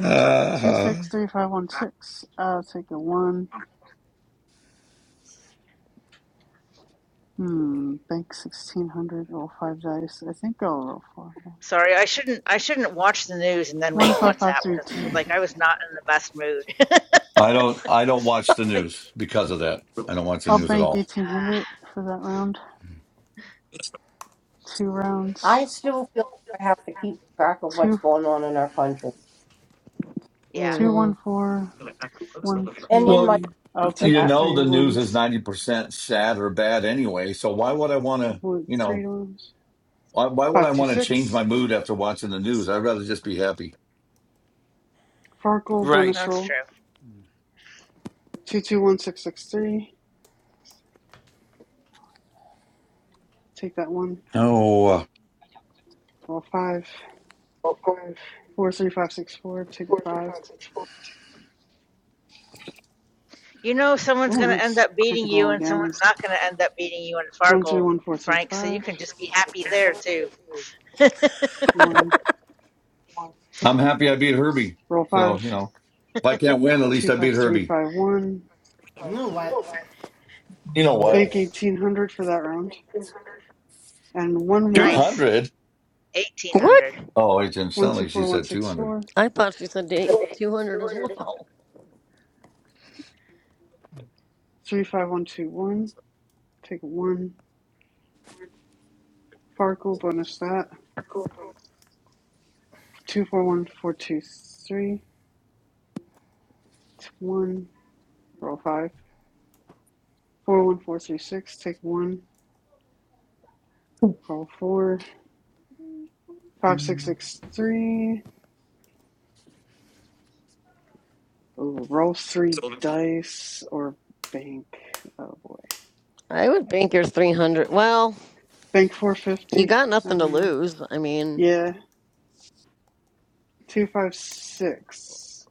Rounds left.
Two six three five one
Back.
six. I'll take a one.
100.
Hmm. Bank sixteen hundred. Roll five dice. I think I'll roll four.
Sorry, I shouldn't. I shouldn't watch the news and then read
One five five
WhatsApp
three
because it was like
two.
I was not in the best mood. *laughs*
I don't I don't watch the
Like,
news because of that. I don't watch the
I'll
news at
bank
all.
eighteen hundred for that round. Two
I
rounds.
still feel like I have to keep track of what's
Two
going on in our country
yeah,
two
hmm
one four one
and
two
in
Well,
my
one. I'll
for
take
You
the
that matter.
know
three
the news is
ones.
90% sad or bad anyway, so why would I want to,
Avoid
you know,
three ones.
why, why would I
Five two
want to change
six.
my mood after watching the news? I'd rather just be happy.
Farkle
Right.
bonus
that's true.
roll. Two two one six six three. Take that one.
Oh, uh,
Roll five. Four three five six four. Take a five.
You know, someone's
Oh,
gonna end
nice.
up
I
beating
can
you,
roll
and
again.
someone's not gonna end up beating you in
One three
Farkle,
one four three
Frank. So you
five.
can just be happy there too. *laughs*
One.
I'm happy I beat Herbie.
Roll
So, you
five.
know, if I can't win, at
Two
least I
five
beat
three
Herbie.
five one.
You know what?
You know what?
Bank eighteen hundred for that round. And one more.
nice,
200?
eighteen
What?
hundred.
Oh, it didn't
One
sound
two
like she
four one
said
six
200.
four.
I thought she said date 200 as well.
Three five one two one. Take a one. Farkle bonus that. Two four one four two three. T- One. Roll five. Four one four three six. Take one. Roll four. Five six six three. Ooh, roll three dice or bank. Oh boy.
I would bank yours 300. Well,
Bank
you
450.
got
I
nothing to
don't know.
lose. I mean,
Yeah, 256.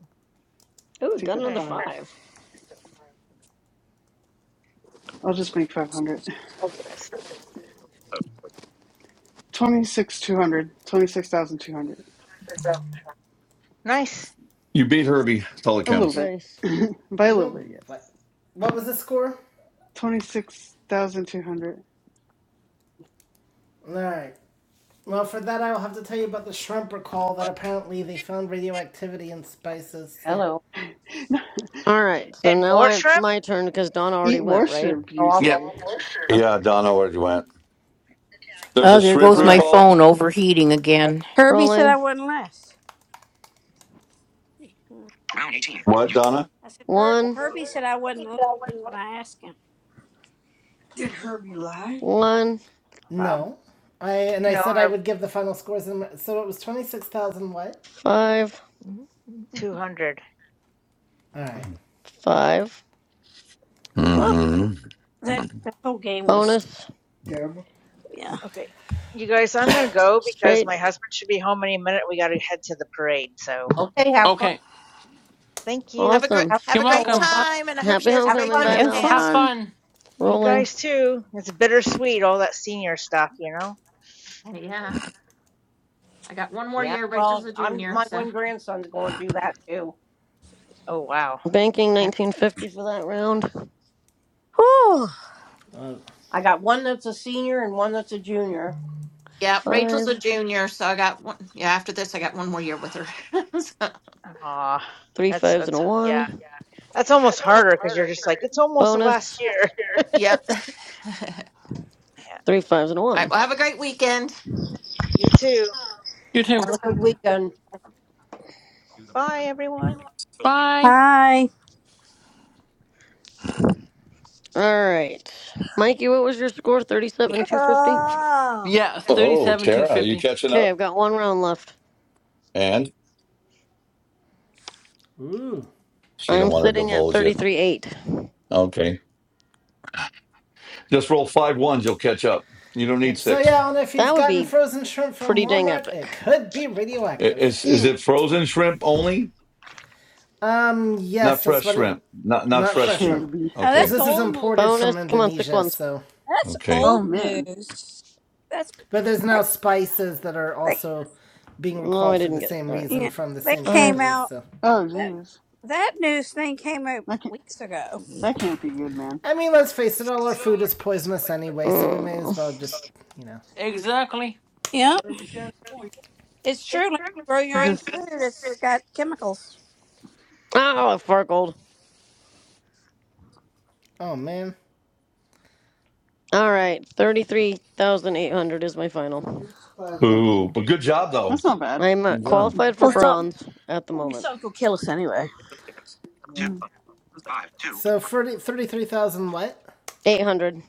ooh,
Take
got
that
Eh,
another
five.
five.
I'll just make 500.
That's
26,200. 26,200.
nice.
You beat Herbie. That's all that
A little
counts.
bit.
Nice.
*laughs* By a
You
little
know
bit, yes.
what? What was the score?
26,200.
Alright. Well, for that, I will have to tell you about the shrimp recall that apparently they found radioactivity in spices. So,
*laughs*
All right, so
And
now
more
I, it's
shrimp?
my turn because Dawn already
Eat
went,
more
right?
shrimp,
No,
you
I'll
Yep.
say?
come.
Yeah, Donna, where you went. There's a
Oh, there
shrimp
goes
All
my
right.
recall.
phone overheating again.
Herbie said I
Rolling.
wouldn't last. Hmm.
Round 18.
What,
You
Donna?
I said Her-
One,
Herbie said I wouldn't last when I asked him.
one,
Probably.
no, I and I
No,
said I
or
would give the final scores, in, so it was twenty six thousand. What?
five.
two hundred.
All right.
Five.
Oh, that that whole game was
Bonus.
yeah.
Okay, you guys, I'm gonna go because
Straight.
my husband should be home any minute. We gotta head to the parade. So
okay, have fun.
Okay.
thank you.
Have a great
Awesome.
Have
have
You're
a
fun,
great
welcome.
Alyssa.
time and I hope
Happy
she has a
Have
great
homecoming.
time
fun,
Bye,
at the
Lisa.
Have
Mel.
Have
dance.
fun.
fun.
You
Rolling.
guys too. It's bittersweet, all that senior stuff, you know?
Yeah, I got one more
Yeah,
year. Rachel's
well,
a
I'm
junior,
my
so
one grandson's going through that too.
Oh wow.
Banking
Yeah,
1950 for that round.
Whew.
I got one that's a senior and one that's a junior.
yeah Rachel's
Five.
a junior, so I got one yeah, after this I got one more year with her. *laughs* so,
Aw.
Three
That's
fives and
that's
a
yeah.
one.
That's almost harder because you're just like, it's almost the
Bonus.
last year. *laughs*
yep. All
Yeah.
Three fives and a
right,
one.
well have a great weekend.
You too.
You too.
Have a good weekend.
Bye everyone.
Bye.
Hi.
All right. Mikey, what was your score? 37, 250?
Yeah,
Oh,
thirty-seven two
Tara, are you
fifty.
catching
Okay,
up?
I've got one round left.
And
Ooh.
she don't
I'm
want to
sitting at
divulge it.
33, 8.
Okay, just roll five ones. You'll catch up. You don't need
Yep. So
six.
yeah, I don't know if you've
That would
gotten
be
frozen shrimp from
pretty dang
Walmart.
epic.
It could be
I-
radioactive.
Is is
Eh.
it frozen shrimp only?
Um.
Not
Yes, that's
fresh
what it.
shrimp. Not not
Not
fresh
fresh
shrimp.
shrimp,
Kirby.
Oh,
because
Okay,
that's
this is
old
imported
news.
Bonus.
from
Come on, six
Indonesia.
ones.
So,
That's
okay.
Oh,
old
man.
news. That's
but there's now spices that are
that.
also being
No, I
recalled for
didn't
the
get it.
same
All right.
reason
Yeah,
from the
that
same
came
Five.
company.
out.
So,
Oh,
That
jeez.
that news thing came out
That can't,
weeks ago.
that can't be good, man.
I mean, let's face it, all our food is poisonous anyway. So we may as
Mm.
well just, you know.
Exactly.
Yep, it's true. Like grow your own
This,
food. It's got chemicals.
Oh, a Fargold.
Oh man.
All right, 33,800 is my final.
Ooh, but good job though.
that's not bad.
I'm uh,
Good job.
*laughs*
qualified for
Well, so
bronze at the
we
moment.
should go kill us anyway.
Two,
Mm-hmm.
five, two,
So
four,
30, 33,000 what?
800.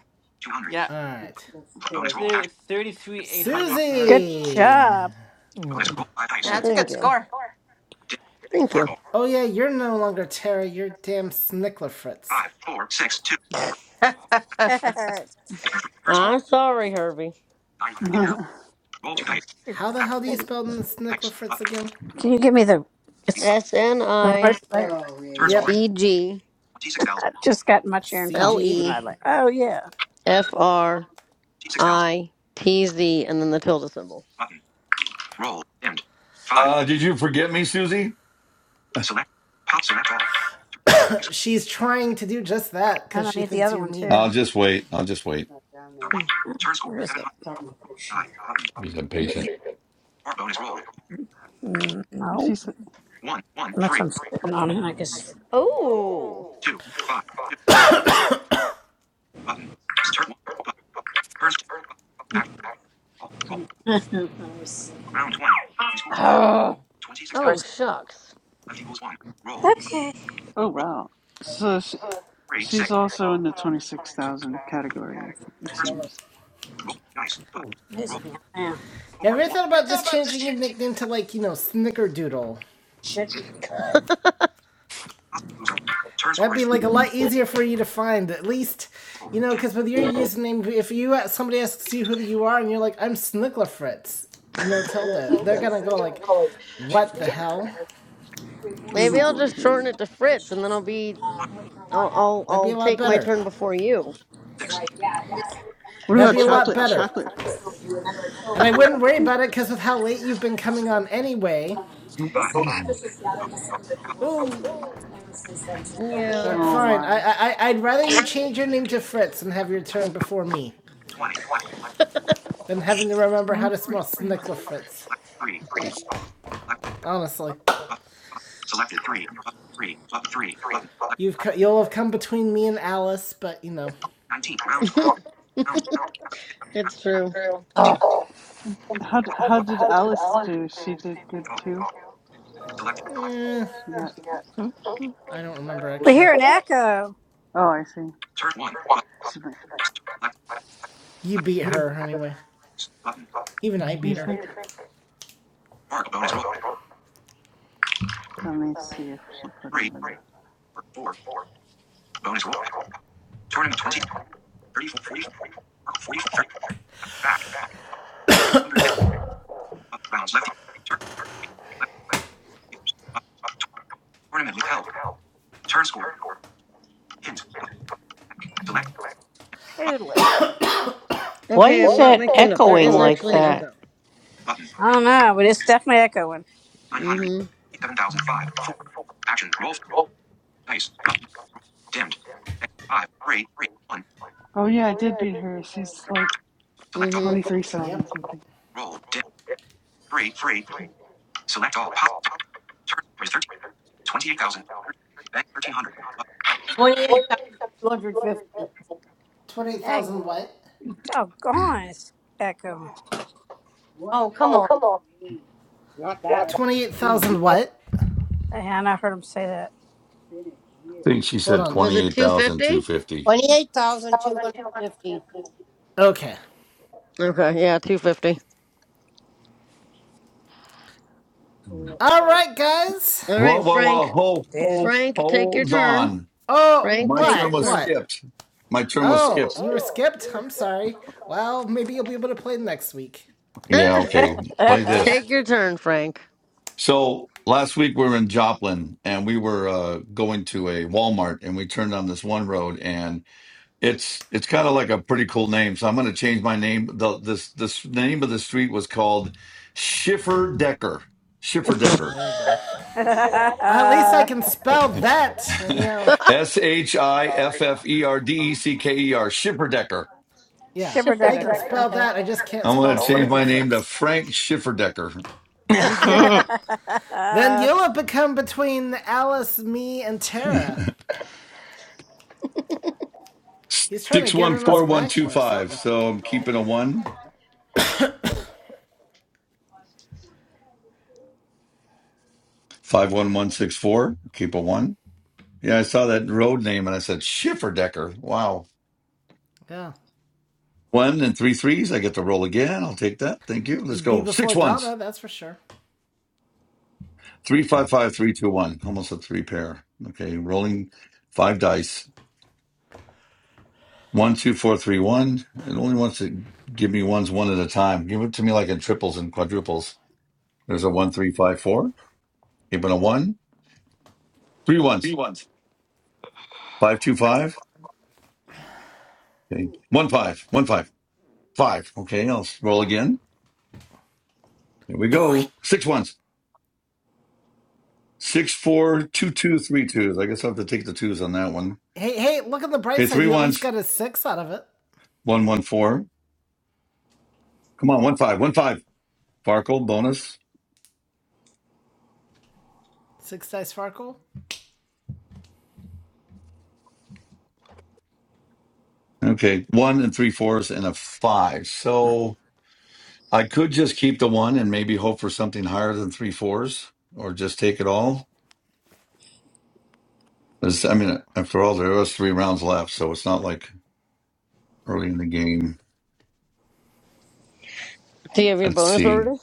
two hundred.
Yeah,
All right.
Bonus roll action.
thirty-three eight
Bu- bu-
hundred for her.
Good
Susie.
job.
Bonus roll five
Yeah,
dice.
that's a
Thank
good
you.
score.
Dim.
Thank you.
Sparkle.
Oh yeah, you're no longer Tara, you're damn Snicklerfritz.
Five, four, six, two,
*laughs*
*laughs*
Cricket,
oh
four. Turn score
I'm sorry, Herbie.
nine hundred. Give
*laughs*
Help. Roll two
shoot!
dice.
the
How the hell do you
thing-
spell
Action. Dice. Button.
Snicklerfritz again?
Can you give me the?
Three.
It's
five.
S N
the right
I
there. Oh yeah,
Turn
yeah.
score
Yep,
is
G G
twenty six thousand.
I just got in my chair and
L
coffee,
CG.
and
E
I like. Oh yeah,
F R
Twenty six thousand.
I T Z and then the tilde symbol.
Button. Roll. Dimmed. Five.
Uh, did you forget me, Susie?
Select. Pop. Select all. Six.
She's trying to do just that
and
because
I
she
need the
thinks
other
you're
one
mean.
I'll
too.
just wait. I'll just wait.
Or one. Turn score
Where is
seven hundred. Nine. Button.
He's
it?
impatient.
Or bonus roll.
No,
she's
One, one,
nothing
three,
on it. I guess.
Oh.
two, five, two, three. Button. Turn one. First action call. Roll
three.
round twenty. Oh. Twenty six
Oh,
thousand.
shucks.
Left equals one. Roll.
Oh
Roll.
wow. So she,
Three six.
she's also in the 26,000 category, I thi- it
First
seems.
roll dice. roll
You
four
ever
one.
thought about just changing your nickname to like, you know, Snickerdoodle?
Turn score
That'd be
is
like a lot easier for you to find, at least,
roll
you know,
dim.
because with your username, if you uh, somebody asks you who you are and you're like, I'm Snicklerfritz, you know, tell that they're gonna go like, what the hell?
Maybe
Oh
I'll
boy,
just
here.
shorten it to Fritz and then I'll be
Uh,
I'll I'll,
That'd be
I'll
a lot
take my
better.
turn before you.
Six
What
That'd
about
be a lot
chocolate
better.
chocolate fruits?
And I wouldn't worry about it because with how late you've been coming on anyway.
five. Up, up,
Ooh.
up,
Yeah.
But
Oh
fine,
my.
I, I, I- would rather you change your name to Fritz and have your turn before me
Twenty. Select.
than having to remember how to smell Snickler Fritz.
Select three. Up, select.
Honestly,
Up, five. Selected three. Up three. Up three. Button. Select.
you've co- you'll have come between me and Alice, but you know,
Nineteen. Round.
*laughs*
Round. Round. Round.
It's true.
Dim.
How d-
Up,
how did Alice do? She did good
roll.
too.
Selected
eh,
She got
three.
I don't remember actually.
Oh, I see.
Turn one. Button.
She might-
Select.
You
Select.
beat her anyway.
Button.
Even I
You
beat her.
think
Fargo bonus roll.
let me see if she put it
Three,
in there.
or four, Bonus roll. Tournament 20, 34, 44, 44, 30. back, up, 750, up, rounds left, turn, right, left, up, tournament withheld, turn score, hint, up, back, select, up,
Totally.
Why
Okay,
is
I'm not
that
making it up. There
echoing
is
like
actually an
that?
echo.
button,
I don't know, but it's definitely echoing.
900,
Mm-hmm.
7005, 4, action, roll, dice, button, roll, dimmed, 6, five, three, three, one,
Oh yeah, I did beat her. She's like
select all,
Mm-hmm.
23,000
Yep.
something.
roll, dimmed, 3, 3, select all, pop, turn score is 13, 28,000, bank 1300, up, 28,250.
Twenty-eight thousand what?
Doggone, it's Echo.
Oh, come on. Not that
Twenty-eight thousand
bad.
what?
I think she
Hold
said
on.
Was
twenty
it
eight thousand two
250?
fifty.
28,250.
Okay.
Okay, yeah, 250.
All right, guys.
All
Whoa,
right,
whoa, whoa!
Frank.
Hold, hold,
Frank, take your
hold
turn.
on.
Oh,
Frank,
My
take
turn
your
what?
was
turn.
What?
skipped. My turn was
Oh,
skipped.
you were skipped? I'm sorry. Well, maybe you'll be able to play next week.
*laughs*
Yeah, okay. Play
*laughs*
this.
take your turn, Frank.
So last week we were in Joplin and we were uh, going to a Walmart and we turned on this one road and it's it's kind of like a pretty cool name. So I'm going to change my name. The this this name of the street was called Schiffer Decker. Schiffer
Oh,
Decker.
there you go. *laughs* At least I can spell
*laughs*
that, you know.
*laughs*
S H I F F E R D E C K E R. Schiffer Decker.
Yeah, I can
Shipperdecker.
Schifferdecker. *laughs*
spell that, I just can't
I'm
spell
going to change my name to
Snicklerfritz.
Frank Schiffer Decker.
You
*laughs*
do
Do
that. Then
*laughs*
you'll have become between Alice, me, and
*laughs*
Tara. He's trying to get in on some action or
614125.
something.
So I'm keeping a one. 51164, keep a one. Yeah, I saw that road name and I said, Schifferdecker. Wow.
Yeah.
One and three threes. I get to roll again. I'll take that. Thank you. Let's
You'd be
go. Six
before
ones.
Donna, that's for sure.
Three, five, five, three, two, one. Almost a three pair. Okay. Rolling five dice. One, two, four, three, one. It only wants to give me ones one at a time. Give it to me like in triples and quadruples. There's a one, three, five, four. Keeping a one. Three ones. Five, two, five. Okay. One, five. One, five. Five. Okay. I'll roll again. Here we go. Six ones. Six, four, two, two, three twos. I guess I'll have to take the twos on that one.
Hey, hey, look on the bright
Okay,
side.
three
You at least
ones.
got a six out of it.
One, one, four. Come on, one, five, one, five. Farkle bonus.
Six dice Farkle?
Okay, one and three fours and a five. So I could just keep the one and maybe hope for something higher than three fours or just take it all. This- I mean, after all, there was three rounds left, so it's not like early in the game.
you have your
Let's
bonus
see.
already?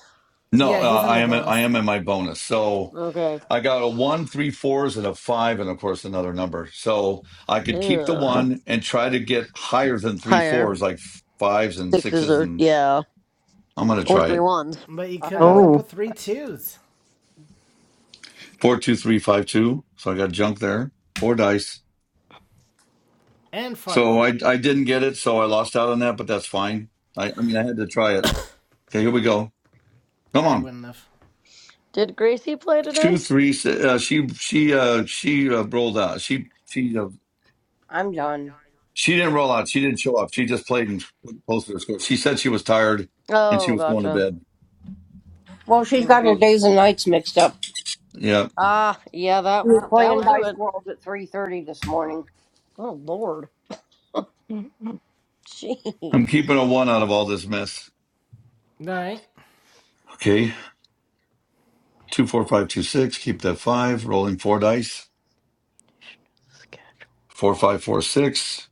No,
Yeah,
uh,
he's in
I
the
am I
bonus.
am in my bonus. So
Okay.
I got a one, three fours, and a five, and of course another number. So I could keep the
Ugh.
one and try to get higher than three
Higher.
fours, like fives and
Sixes
sixes,
or,
and
yeah,
I'm gonna
or
try
three
it.
ones.
But you
I
could end
would.
up
oh.
with three twos.
Four, two, three, five, two. So I got junk there. Four dice.
and
So
Farkle.
I I didn't get it, so I lost out on that, but that's fine. I I mean I had to try it. Okay, here we go. Come
I
on.
wouldn't have.
Did Gracie play
Two,
today?
three. si- Uh, she she uh, she uh, rolled out. She she uh,
I'm done.
She didn't roll out. She didn't show up. She just played and posted her score. She said she was tired and she
Oh,
was going to
gotcha.
bed.
Well, she's
Mm.
got her days and nights mixed up.
Yeah.
Ah, yeah, that,
We were
that
playing
would do
Dice
it.
World at 3.30 this morning.
Oh, Lord. *laughs*
I'm
Jeez.
keeping a one out of all this mess.
All right.
Okay. Two, four, five, two, six. Keep that five. Rolling four dice. Four, five, four, six.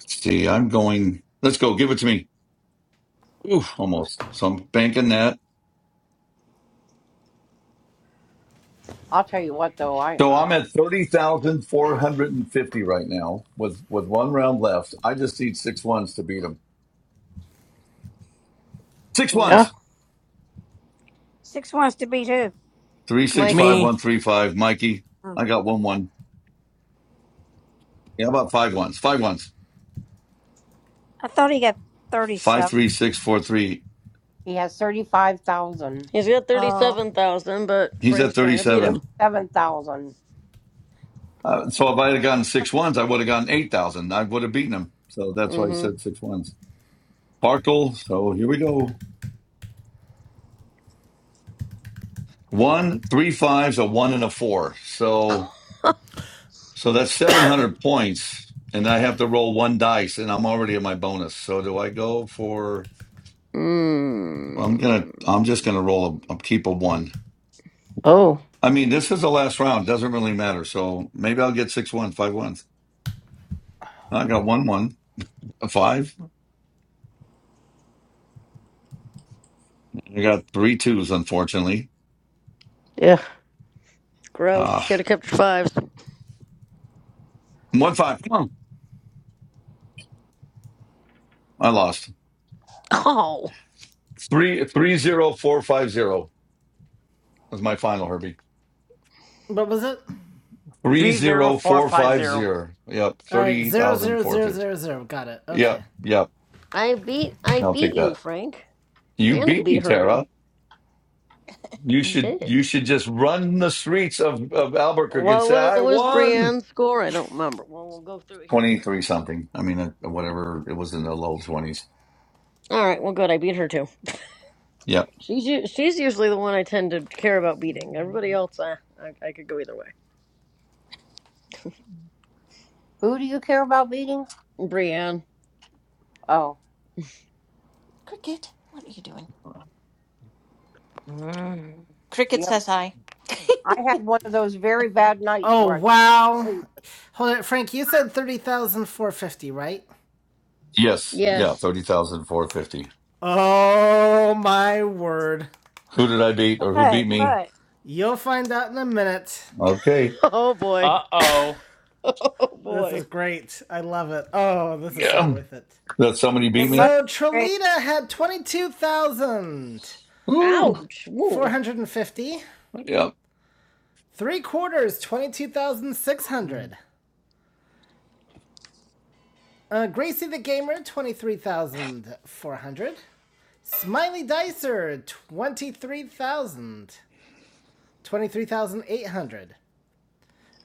Let's see. I'm going. Let's go. Give it to me. Oof, almost. So I'm banking that.
I'll tell you what, though. I
So
uh,
I'm at 30,450 right now with, with one round left. I just need six ones to beat him. Six
Mm.
Uh,
ones.
Six wants to beat who?
Three, six, five,
Mikey.
Me.
one, three, five. Mikey,
Oh,
I got one, one. Yeah, how about five ones? Five ones.
I thought he got
Five
37.
three six four three.
He has 35,000.
He's got
Oh.
37,000, but
He's
Frank's
at thirty
trying to beat him.
seven. Uh, so if I had gotten six ones, I would have gotten eight thousand. I would have beaten him. So that's why I
Mm
said six ones. Sparkle. So here we go. One, three fives, a one, and a four. So so that's seven hundred points, and I have to roll one dice, and I'm already at my bonus. So do I go for?
hmm.
well, I'm gonna. I'm
Mm.
just gonna roll a keep a one.
oh,
I mean, this is the last round. Doesn't really matter. So maybe I'll get six ones, five ones. I got one one. A five. I got three twos, unfortunately.
yeah.
Gross.
Uh,
Should have kept your fives.
one five. Come on. I lost.
Oh.
Three three zero four five zero was my final, Herbie.
What was it?
Three zero four five
30450.
zero. Yep.
All right.
Thirty
Zero
thousand
zero
four
zero
fifty.
zero zero. Got it.
Yep.
Okay.
Yep.
I beat I
I'll
beat
take
you,
that.
Frank.
You
And I
beat me,
beat Herbie.
Tara. You
I
should you
did.
should just run the streets of, of Albuquerque and
What
say,
was,
I
what was
won.
Brienne's score? I don't remember. Well, we'll go through it here in a
Twenty
second.
three
So,
something. I mean uh, whatever it was in the low twenties.
all right. Well, good. I beat her too.
Yep.
She's u- she's usually the one I tend to care about beating. Everybody else, uh, I I could go either way.
Who do you care about beating?
Brienne,
Oh,
what are you doing? Cricket
yep.
says hi.
I had one of those very bad nights
Oh
where I
wow.
couldn't
Hold it, Frank. You said thirty thousand four hundred fifty, right?
Yes. Yeah.
yes. *laughs*
Thirty thousand four fifty.
Oh my word.
Who did I beat or who beat me?
You'll find out in a minute.
Okay.
Oh boy.
Uh
*laughs*
oh.
Oh
This
boy.
is great. I love it. Oh, this is so
Yeah.
worth it.
That somebody beat me?
So Trelita had twenty-two thousand
Ooh.
Ouch.
four
Woo.
hundred and fifty.
Yeah.
Three quarters, twenty-two thousand six hundred. Uh, Gracie the Gamer, 23,400. Smiley Dicer, 23,000. 23,800.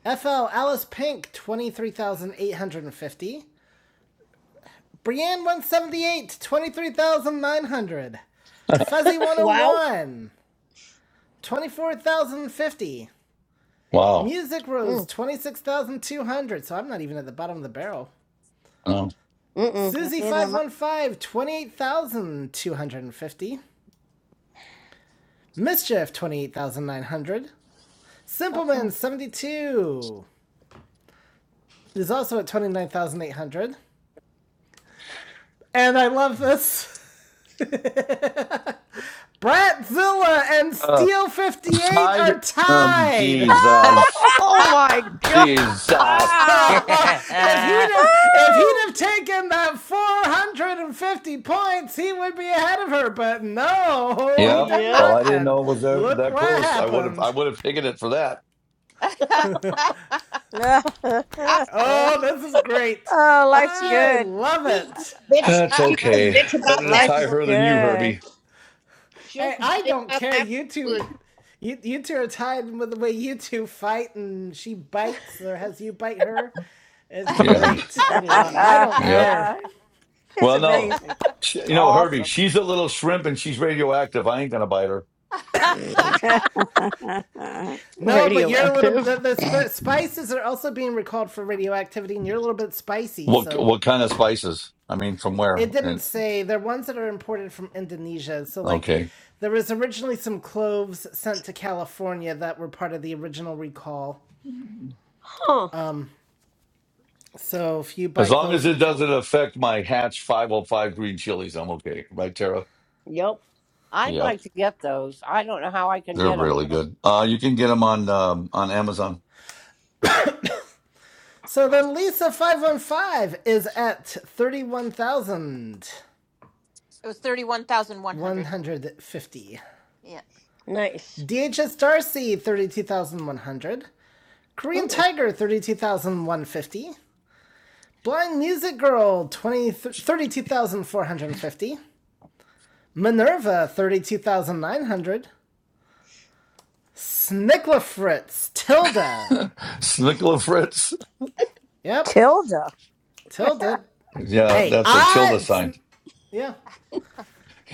FL Alice Pink, 23,850. brienne one seventy eight twenty three thousand nine hundred, fuzzy
*laughs*
one zero
Wow.
one twenty four thousand fifty,
Wow.
Music Rose,
Mm.
26,200. So I'm not even at the bottom of the barrel.
Um,
Mm-mm.
susie five one five twenty eight thousand two hundred fifty. Mischief 28,900. Simpleman 72 is also at 29,800. And I love this. *laughs* Bratzilla and
uh,
Steel 58
tied?
are
Um,
tied. *laughs*
*laughs*
Jesus.
Oh my god.
Jesus.
*laughs*
if he'd have if he'd have taken that 450 points, he would be ahead of her, but no, *laughs* he
Yeah.
did
Well,
Yep.
not
I didn't
and
know it was that,
look
that
what
close. I would have I
happened.
would have taken it for that.
*laughs*
*laughs*
Oh, this is great.
oh, life's
I
good.
sleep.
love it.
*laughs* it
bitch.
That's
she says
okay.
bitch about
Better to
that.
Life
tie
is
Well,
her than you,
good.
Herbie.
she'll,
Hey, I don't care. You two are you, you two are tied with the way you two fight and she bites or has you bite her. It's
Yeah.
great. I love I don't
*laughs*
Yep.
care.
it's
Well, no.
amazing.
She-
It's
You know, Herbie,
awesome.
she's a little shrimp and she's radioactive. I ain't gonna bite her.
*laughs*
No, but you're a little the,
Radioactive.
the sp- spices are also being recalled for radioactivity and you're a little bit spicy,
What
so
what kind of spices? I mean, from where?
it didn't
And
say they're ones that are imported from Indonesia. So like
okay.
there was originally some cloves sent to California that were part of the original recall.
Huh.
So if you
As
buy
long as
cloves
it
from
doesn't
Cal-
affect my Hatch 505 green chilies, I'm okay. Right, Tara?
Yep.
I'd
Yep.
like to get those. I don't know how I can
They're
get them,
really good. Uh, you can get them on um, on Amazon.
So then Lisa 515 is at 31,150.
was 31,100. Yeah.
Nice.
DHS Darcy 32,100. Korean
Oh.
Tiger 32,150. Blind Music Girl 20, 32,450. Minerva 32,900. Snickla Fritz
*laughs*
Tilda.
Snickle and Fritz.
Yep. Tilda.
Yeah,
Hey,
that's a
I.
tilde sign.
yeah.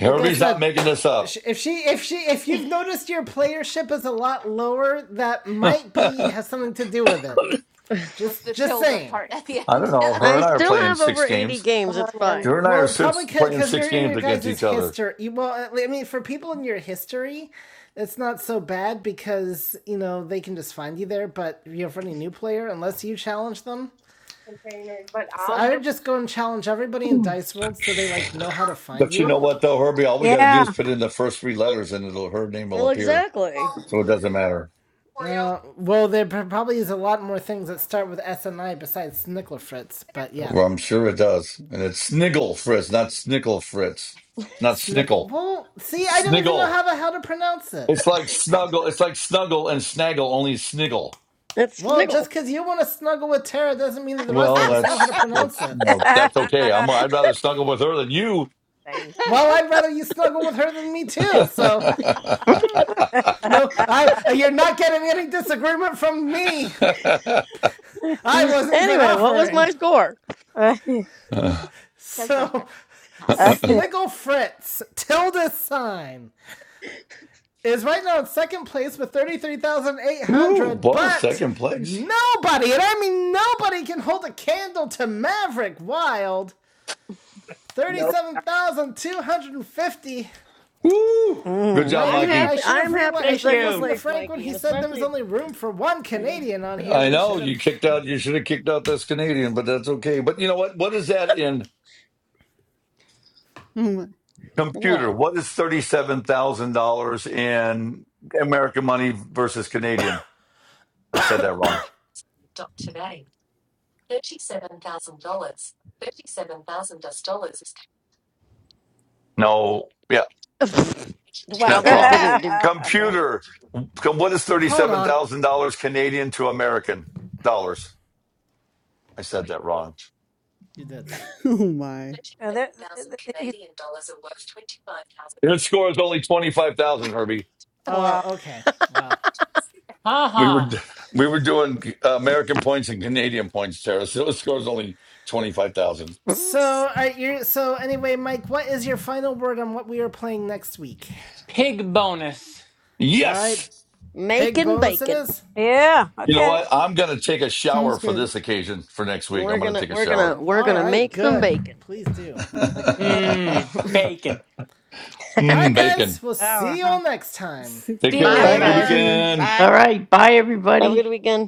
Like I
not
said,
making this up.
if she if she if you've noticed your playership is a lot lower, that
*laughs* I
might be
don't
has something to do with it.
With
Just
the
just
tilde
saying.
part at the end.
know. Her
I
and I are
still
playing
have
six
over 80
games.
games. It's fine.
Her and I
Well,
are
probably
six, playing
because
six
you're in
games
your
against
guys'
each other.
history. Well, uh, I mean, for people in your history, it's not so bad because you know they can just find you there. But if you're for any new player, unless you challenge them, so I would just go and challenge everybody in Dice World so they like know how to find
But you
you.
know what, though, Herbie? All we got to do is put in the first three letters and it'll her name will
Well,
appear.
exactly.
So it doesn't matter.
Uh, well, there probably is a lot more things that start with S and I besides Snicklefritz. but yeah.
Well, I'm sure it does. And it's Sniggle Fritz, not Snickle Fritz. It's not
Snickle.
Snickle.
Well, see, I don't even know
Sniggle.
how the hell to pronounce it.
It's like snuggle. It's like snuggle and snaggle, only sniggle.
It's
Well, just
nickel.
because you want to snuggle with Tara doesn't mean that the rest
Well,
of us know how to
that's
pronounce
that's
it.
you know that's okay. I'm I'd rather snuggle with her than you.
Well, I'd rather you snuggle with her than me too. So, no, I, uh, you're not getting any disagreement from me.
*laughs*
I wasn't even
Anyway, what was
offering.
my
*laughs*
score?
Right.
So,
*laughs*
Snicklefritz Fritz, tilde sign. is right now in second place with
Woo!
33,800,
Well,
but
second place.
nobody, and I mean nobody, can hold a candle to Maverick Wild.
though.
37,250.
Woo! Good
And
Mm.
job,
I
I'm
knew
Mikey.
I
happy.
should
I'm
have
happy
realized I
with
Thank
should have
second
listened
you.
to
place,
Frank when
Mikey,
he
and
said there was
especially
only room for one
against
Canadian on here.
I
We
know
should have
you kicked out. You should have kicked out this Canadian, but that's okay. But you know what? What is that in?
Oh my.
Computer,
what?
what is $37,000 in American money versus Canadian? I said that wrong. No, yeah,
*laughs* Wow,
that's
that
wrong.
didn't do
*laughs*
crap.
Computer, com- what is
Hold on.
$37,000 Canadian to American dollars? I said that wrong.
You did.
*laughs* Oh my.
And there- there- there- he's-
Your score is only 25,000, Herbie.
wow.
Oh, okay. Well.
We were
Haha.
we were doing uh, American points and Canadian points, Tara. So the score is only 25,000.
Mhm.
So, are you so anyway, Mike, what is your final word on what we are playing next week?
Pig bonus.
All right.
Yes.
Pig
Making
bonus it
bacon.
is.
Yeah.
You know
Okay.
what? I'm going to take a shower
Sounds
for
good.
this occasion for next week.
We're
I'm going to
gonna,
take a
we're gonna,
shower.
we're
All
gonna
right,
make some
good.
bacon.
Please
*laughs*
do.
Okay.
mm,
Mmm. Bacon.
All right, guys,
bacon.
we'll
Shower,
see you
huh?
all next
*laughs*
time.
See,
Take
See you
care.
Bye,
next
Have
Bye,
a
mm,
good
time.
guys.
see
everyone.
weekend.
ya.
Bye.
All right. Bye,
Have a good
everybody.
weekend.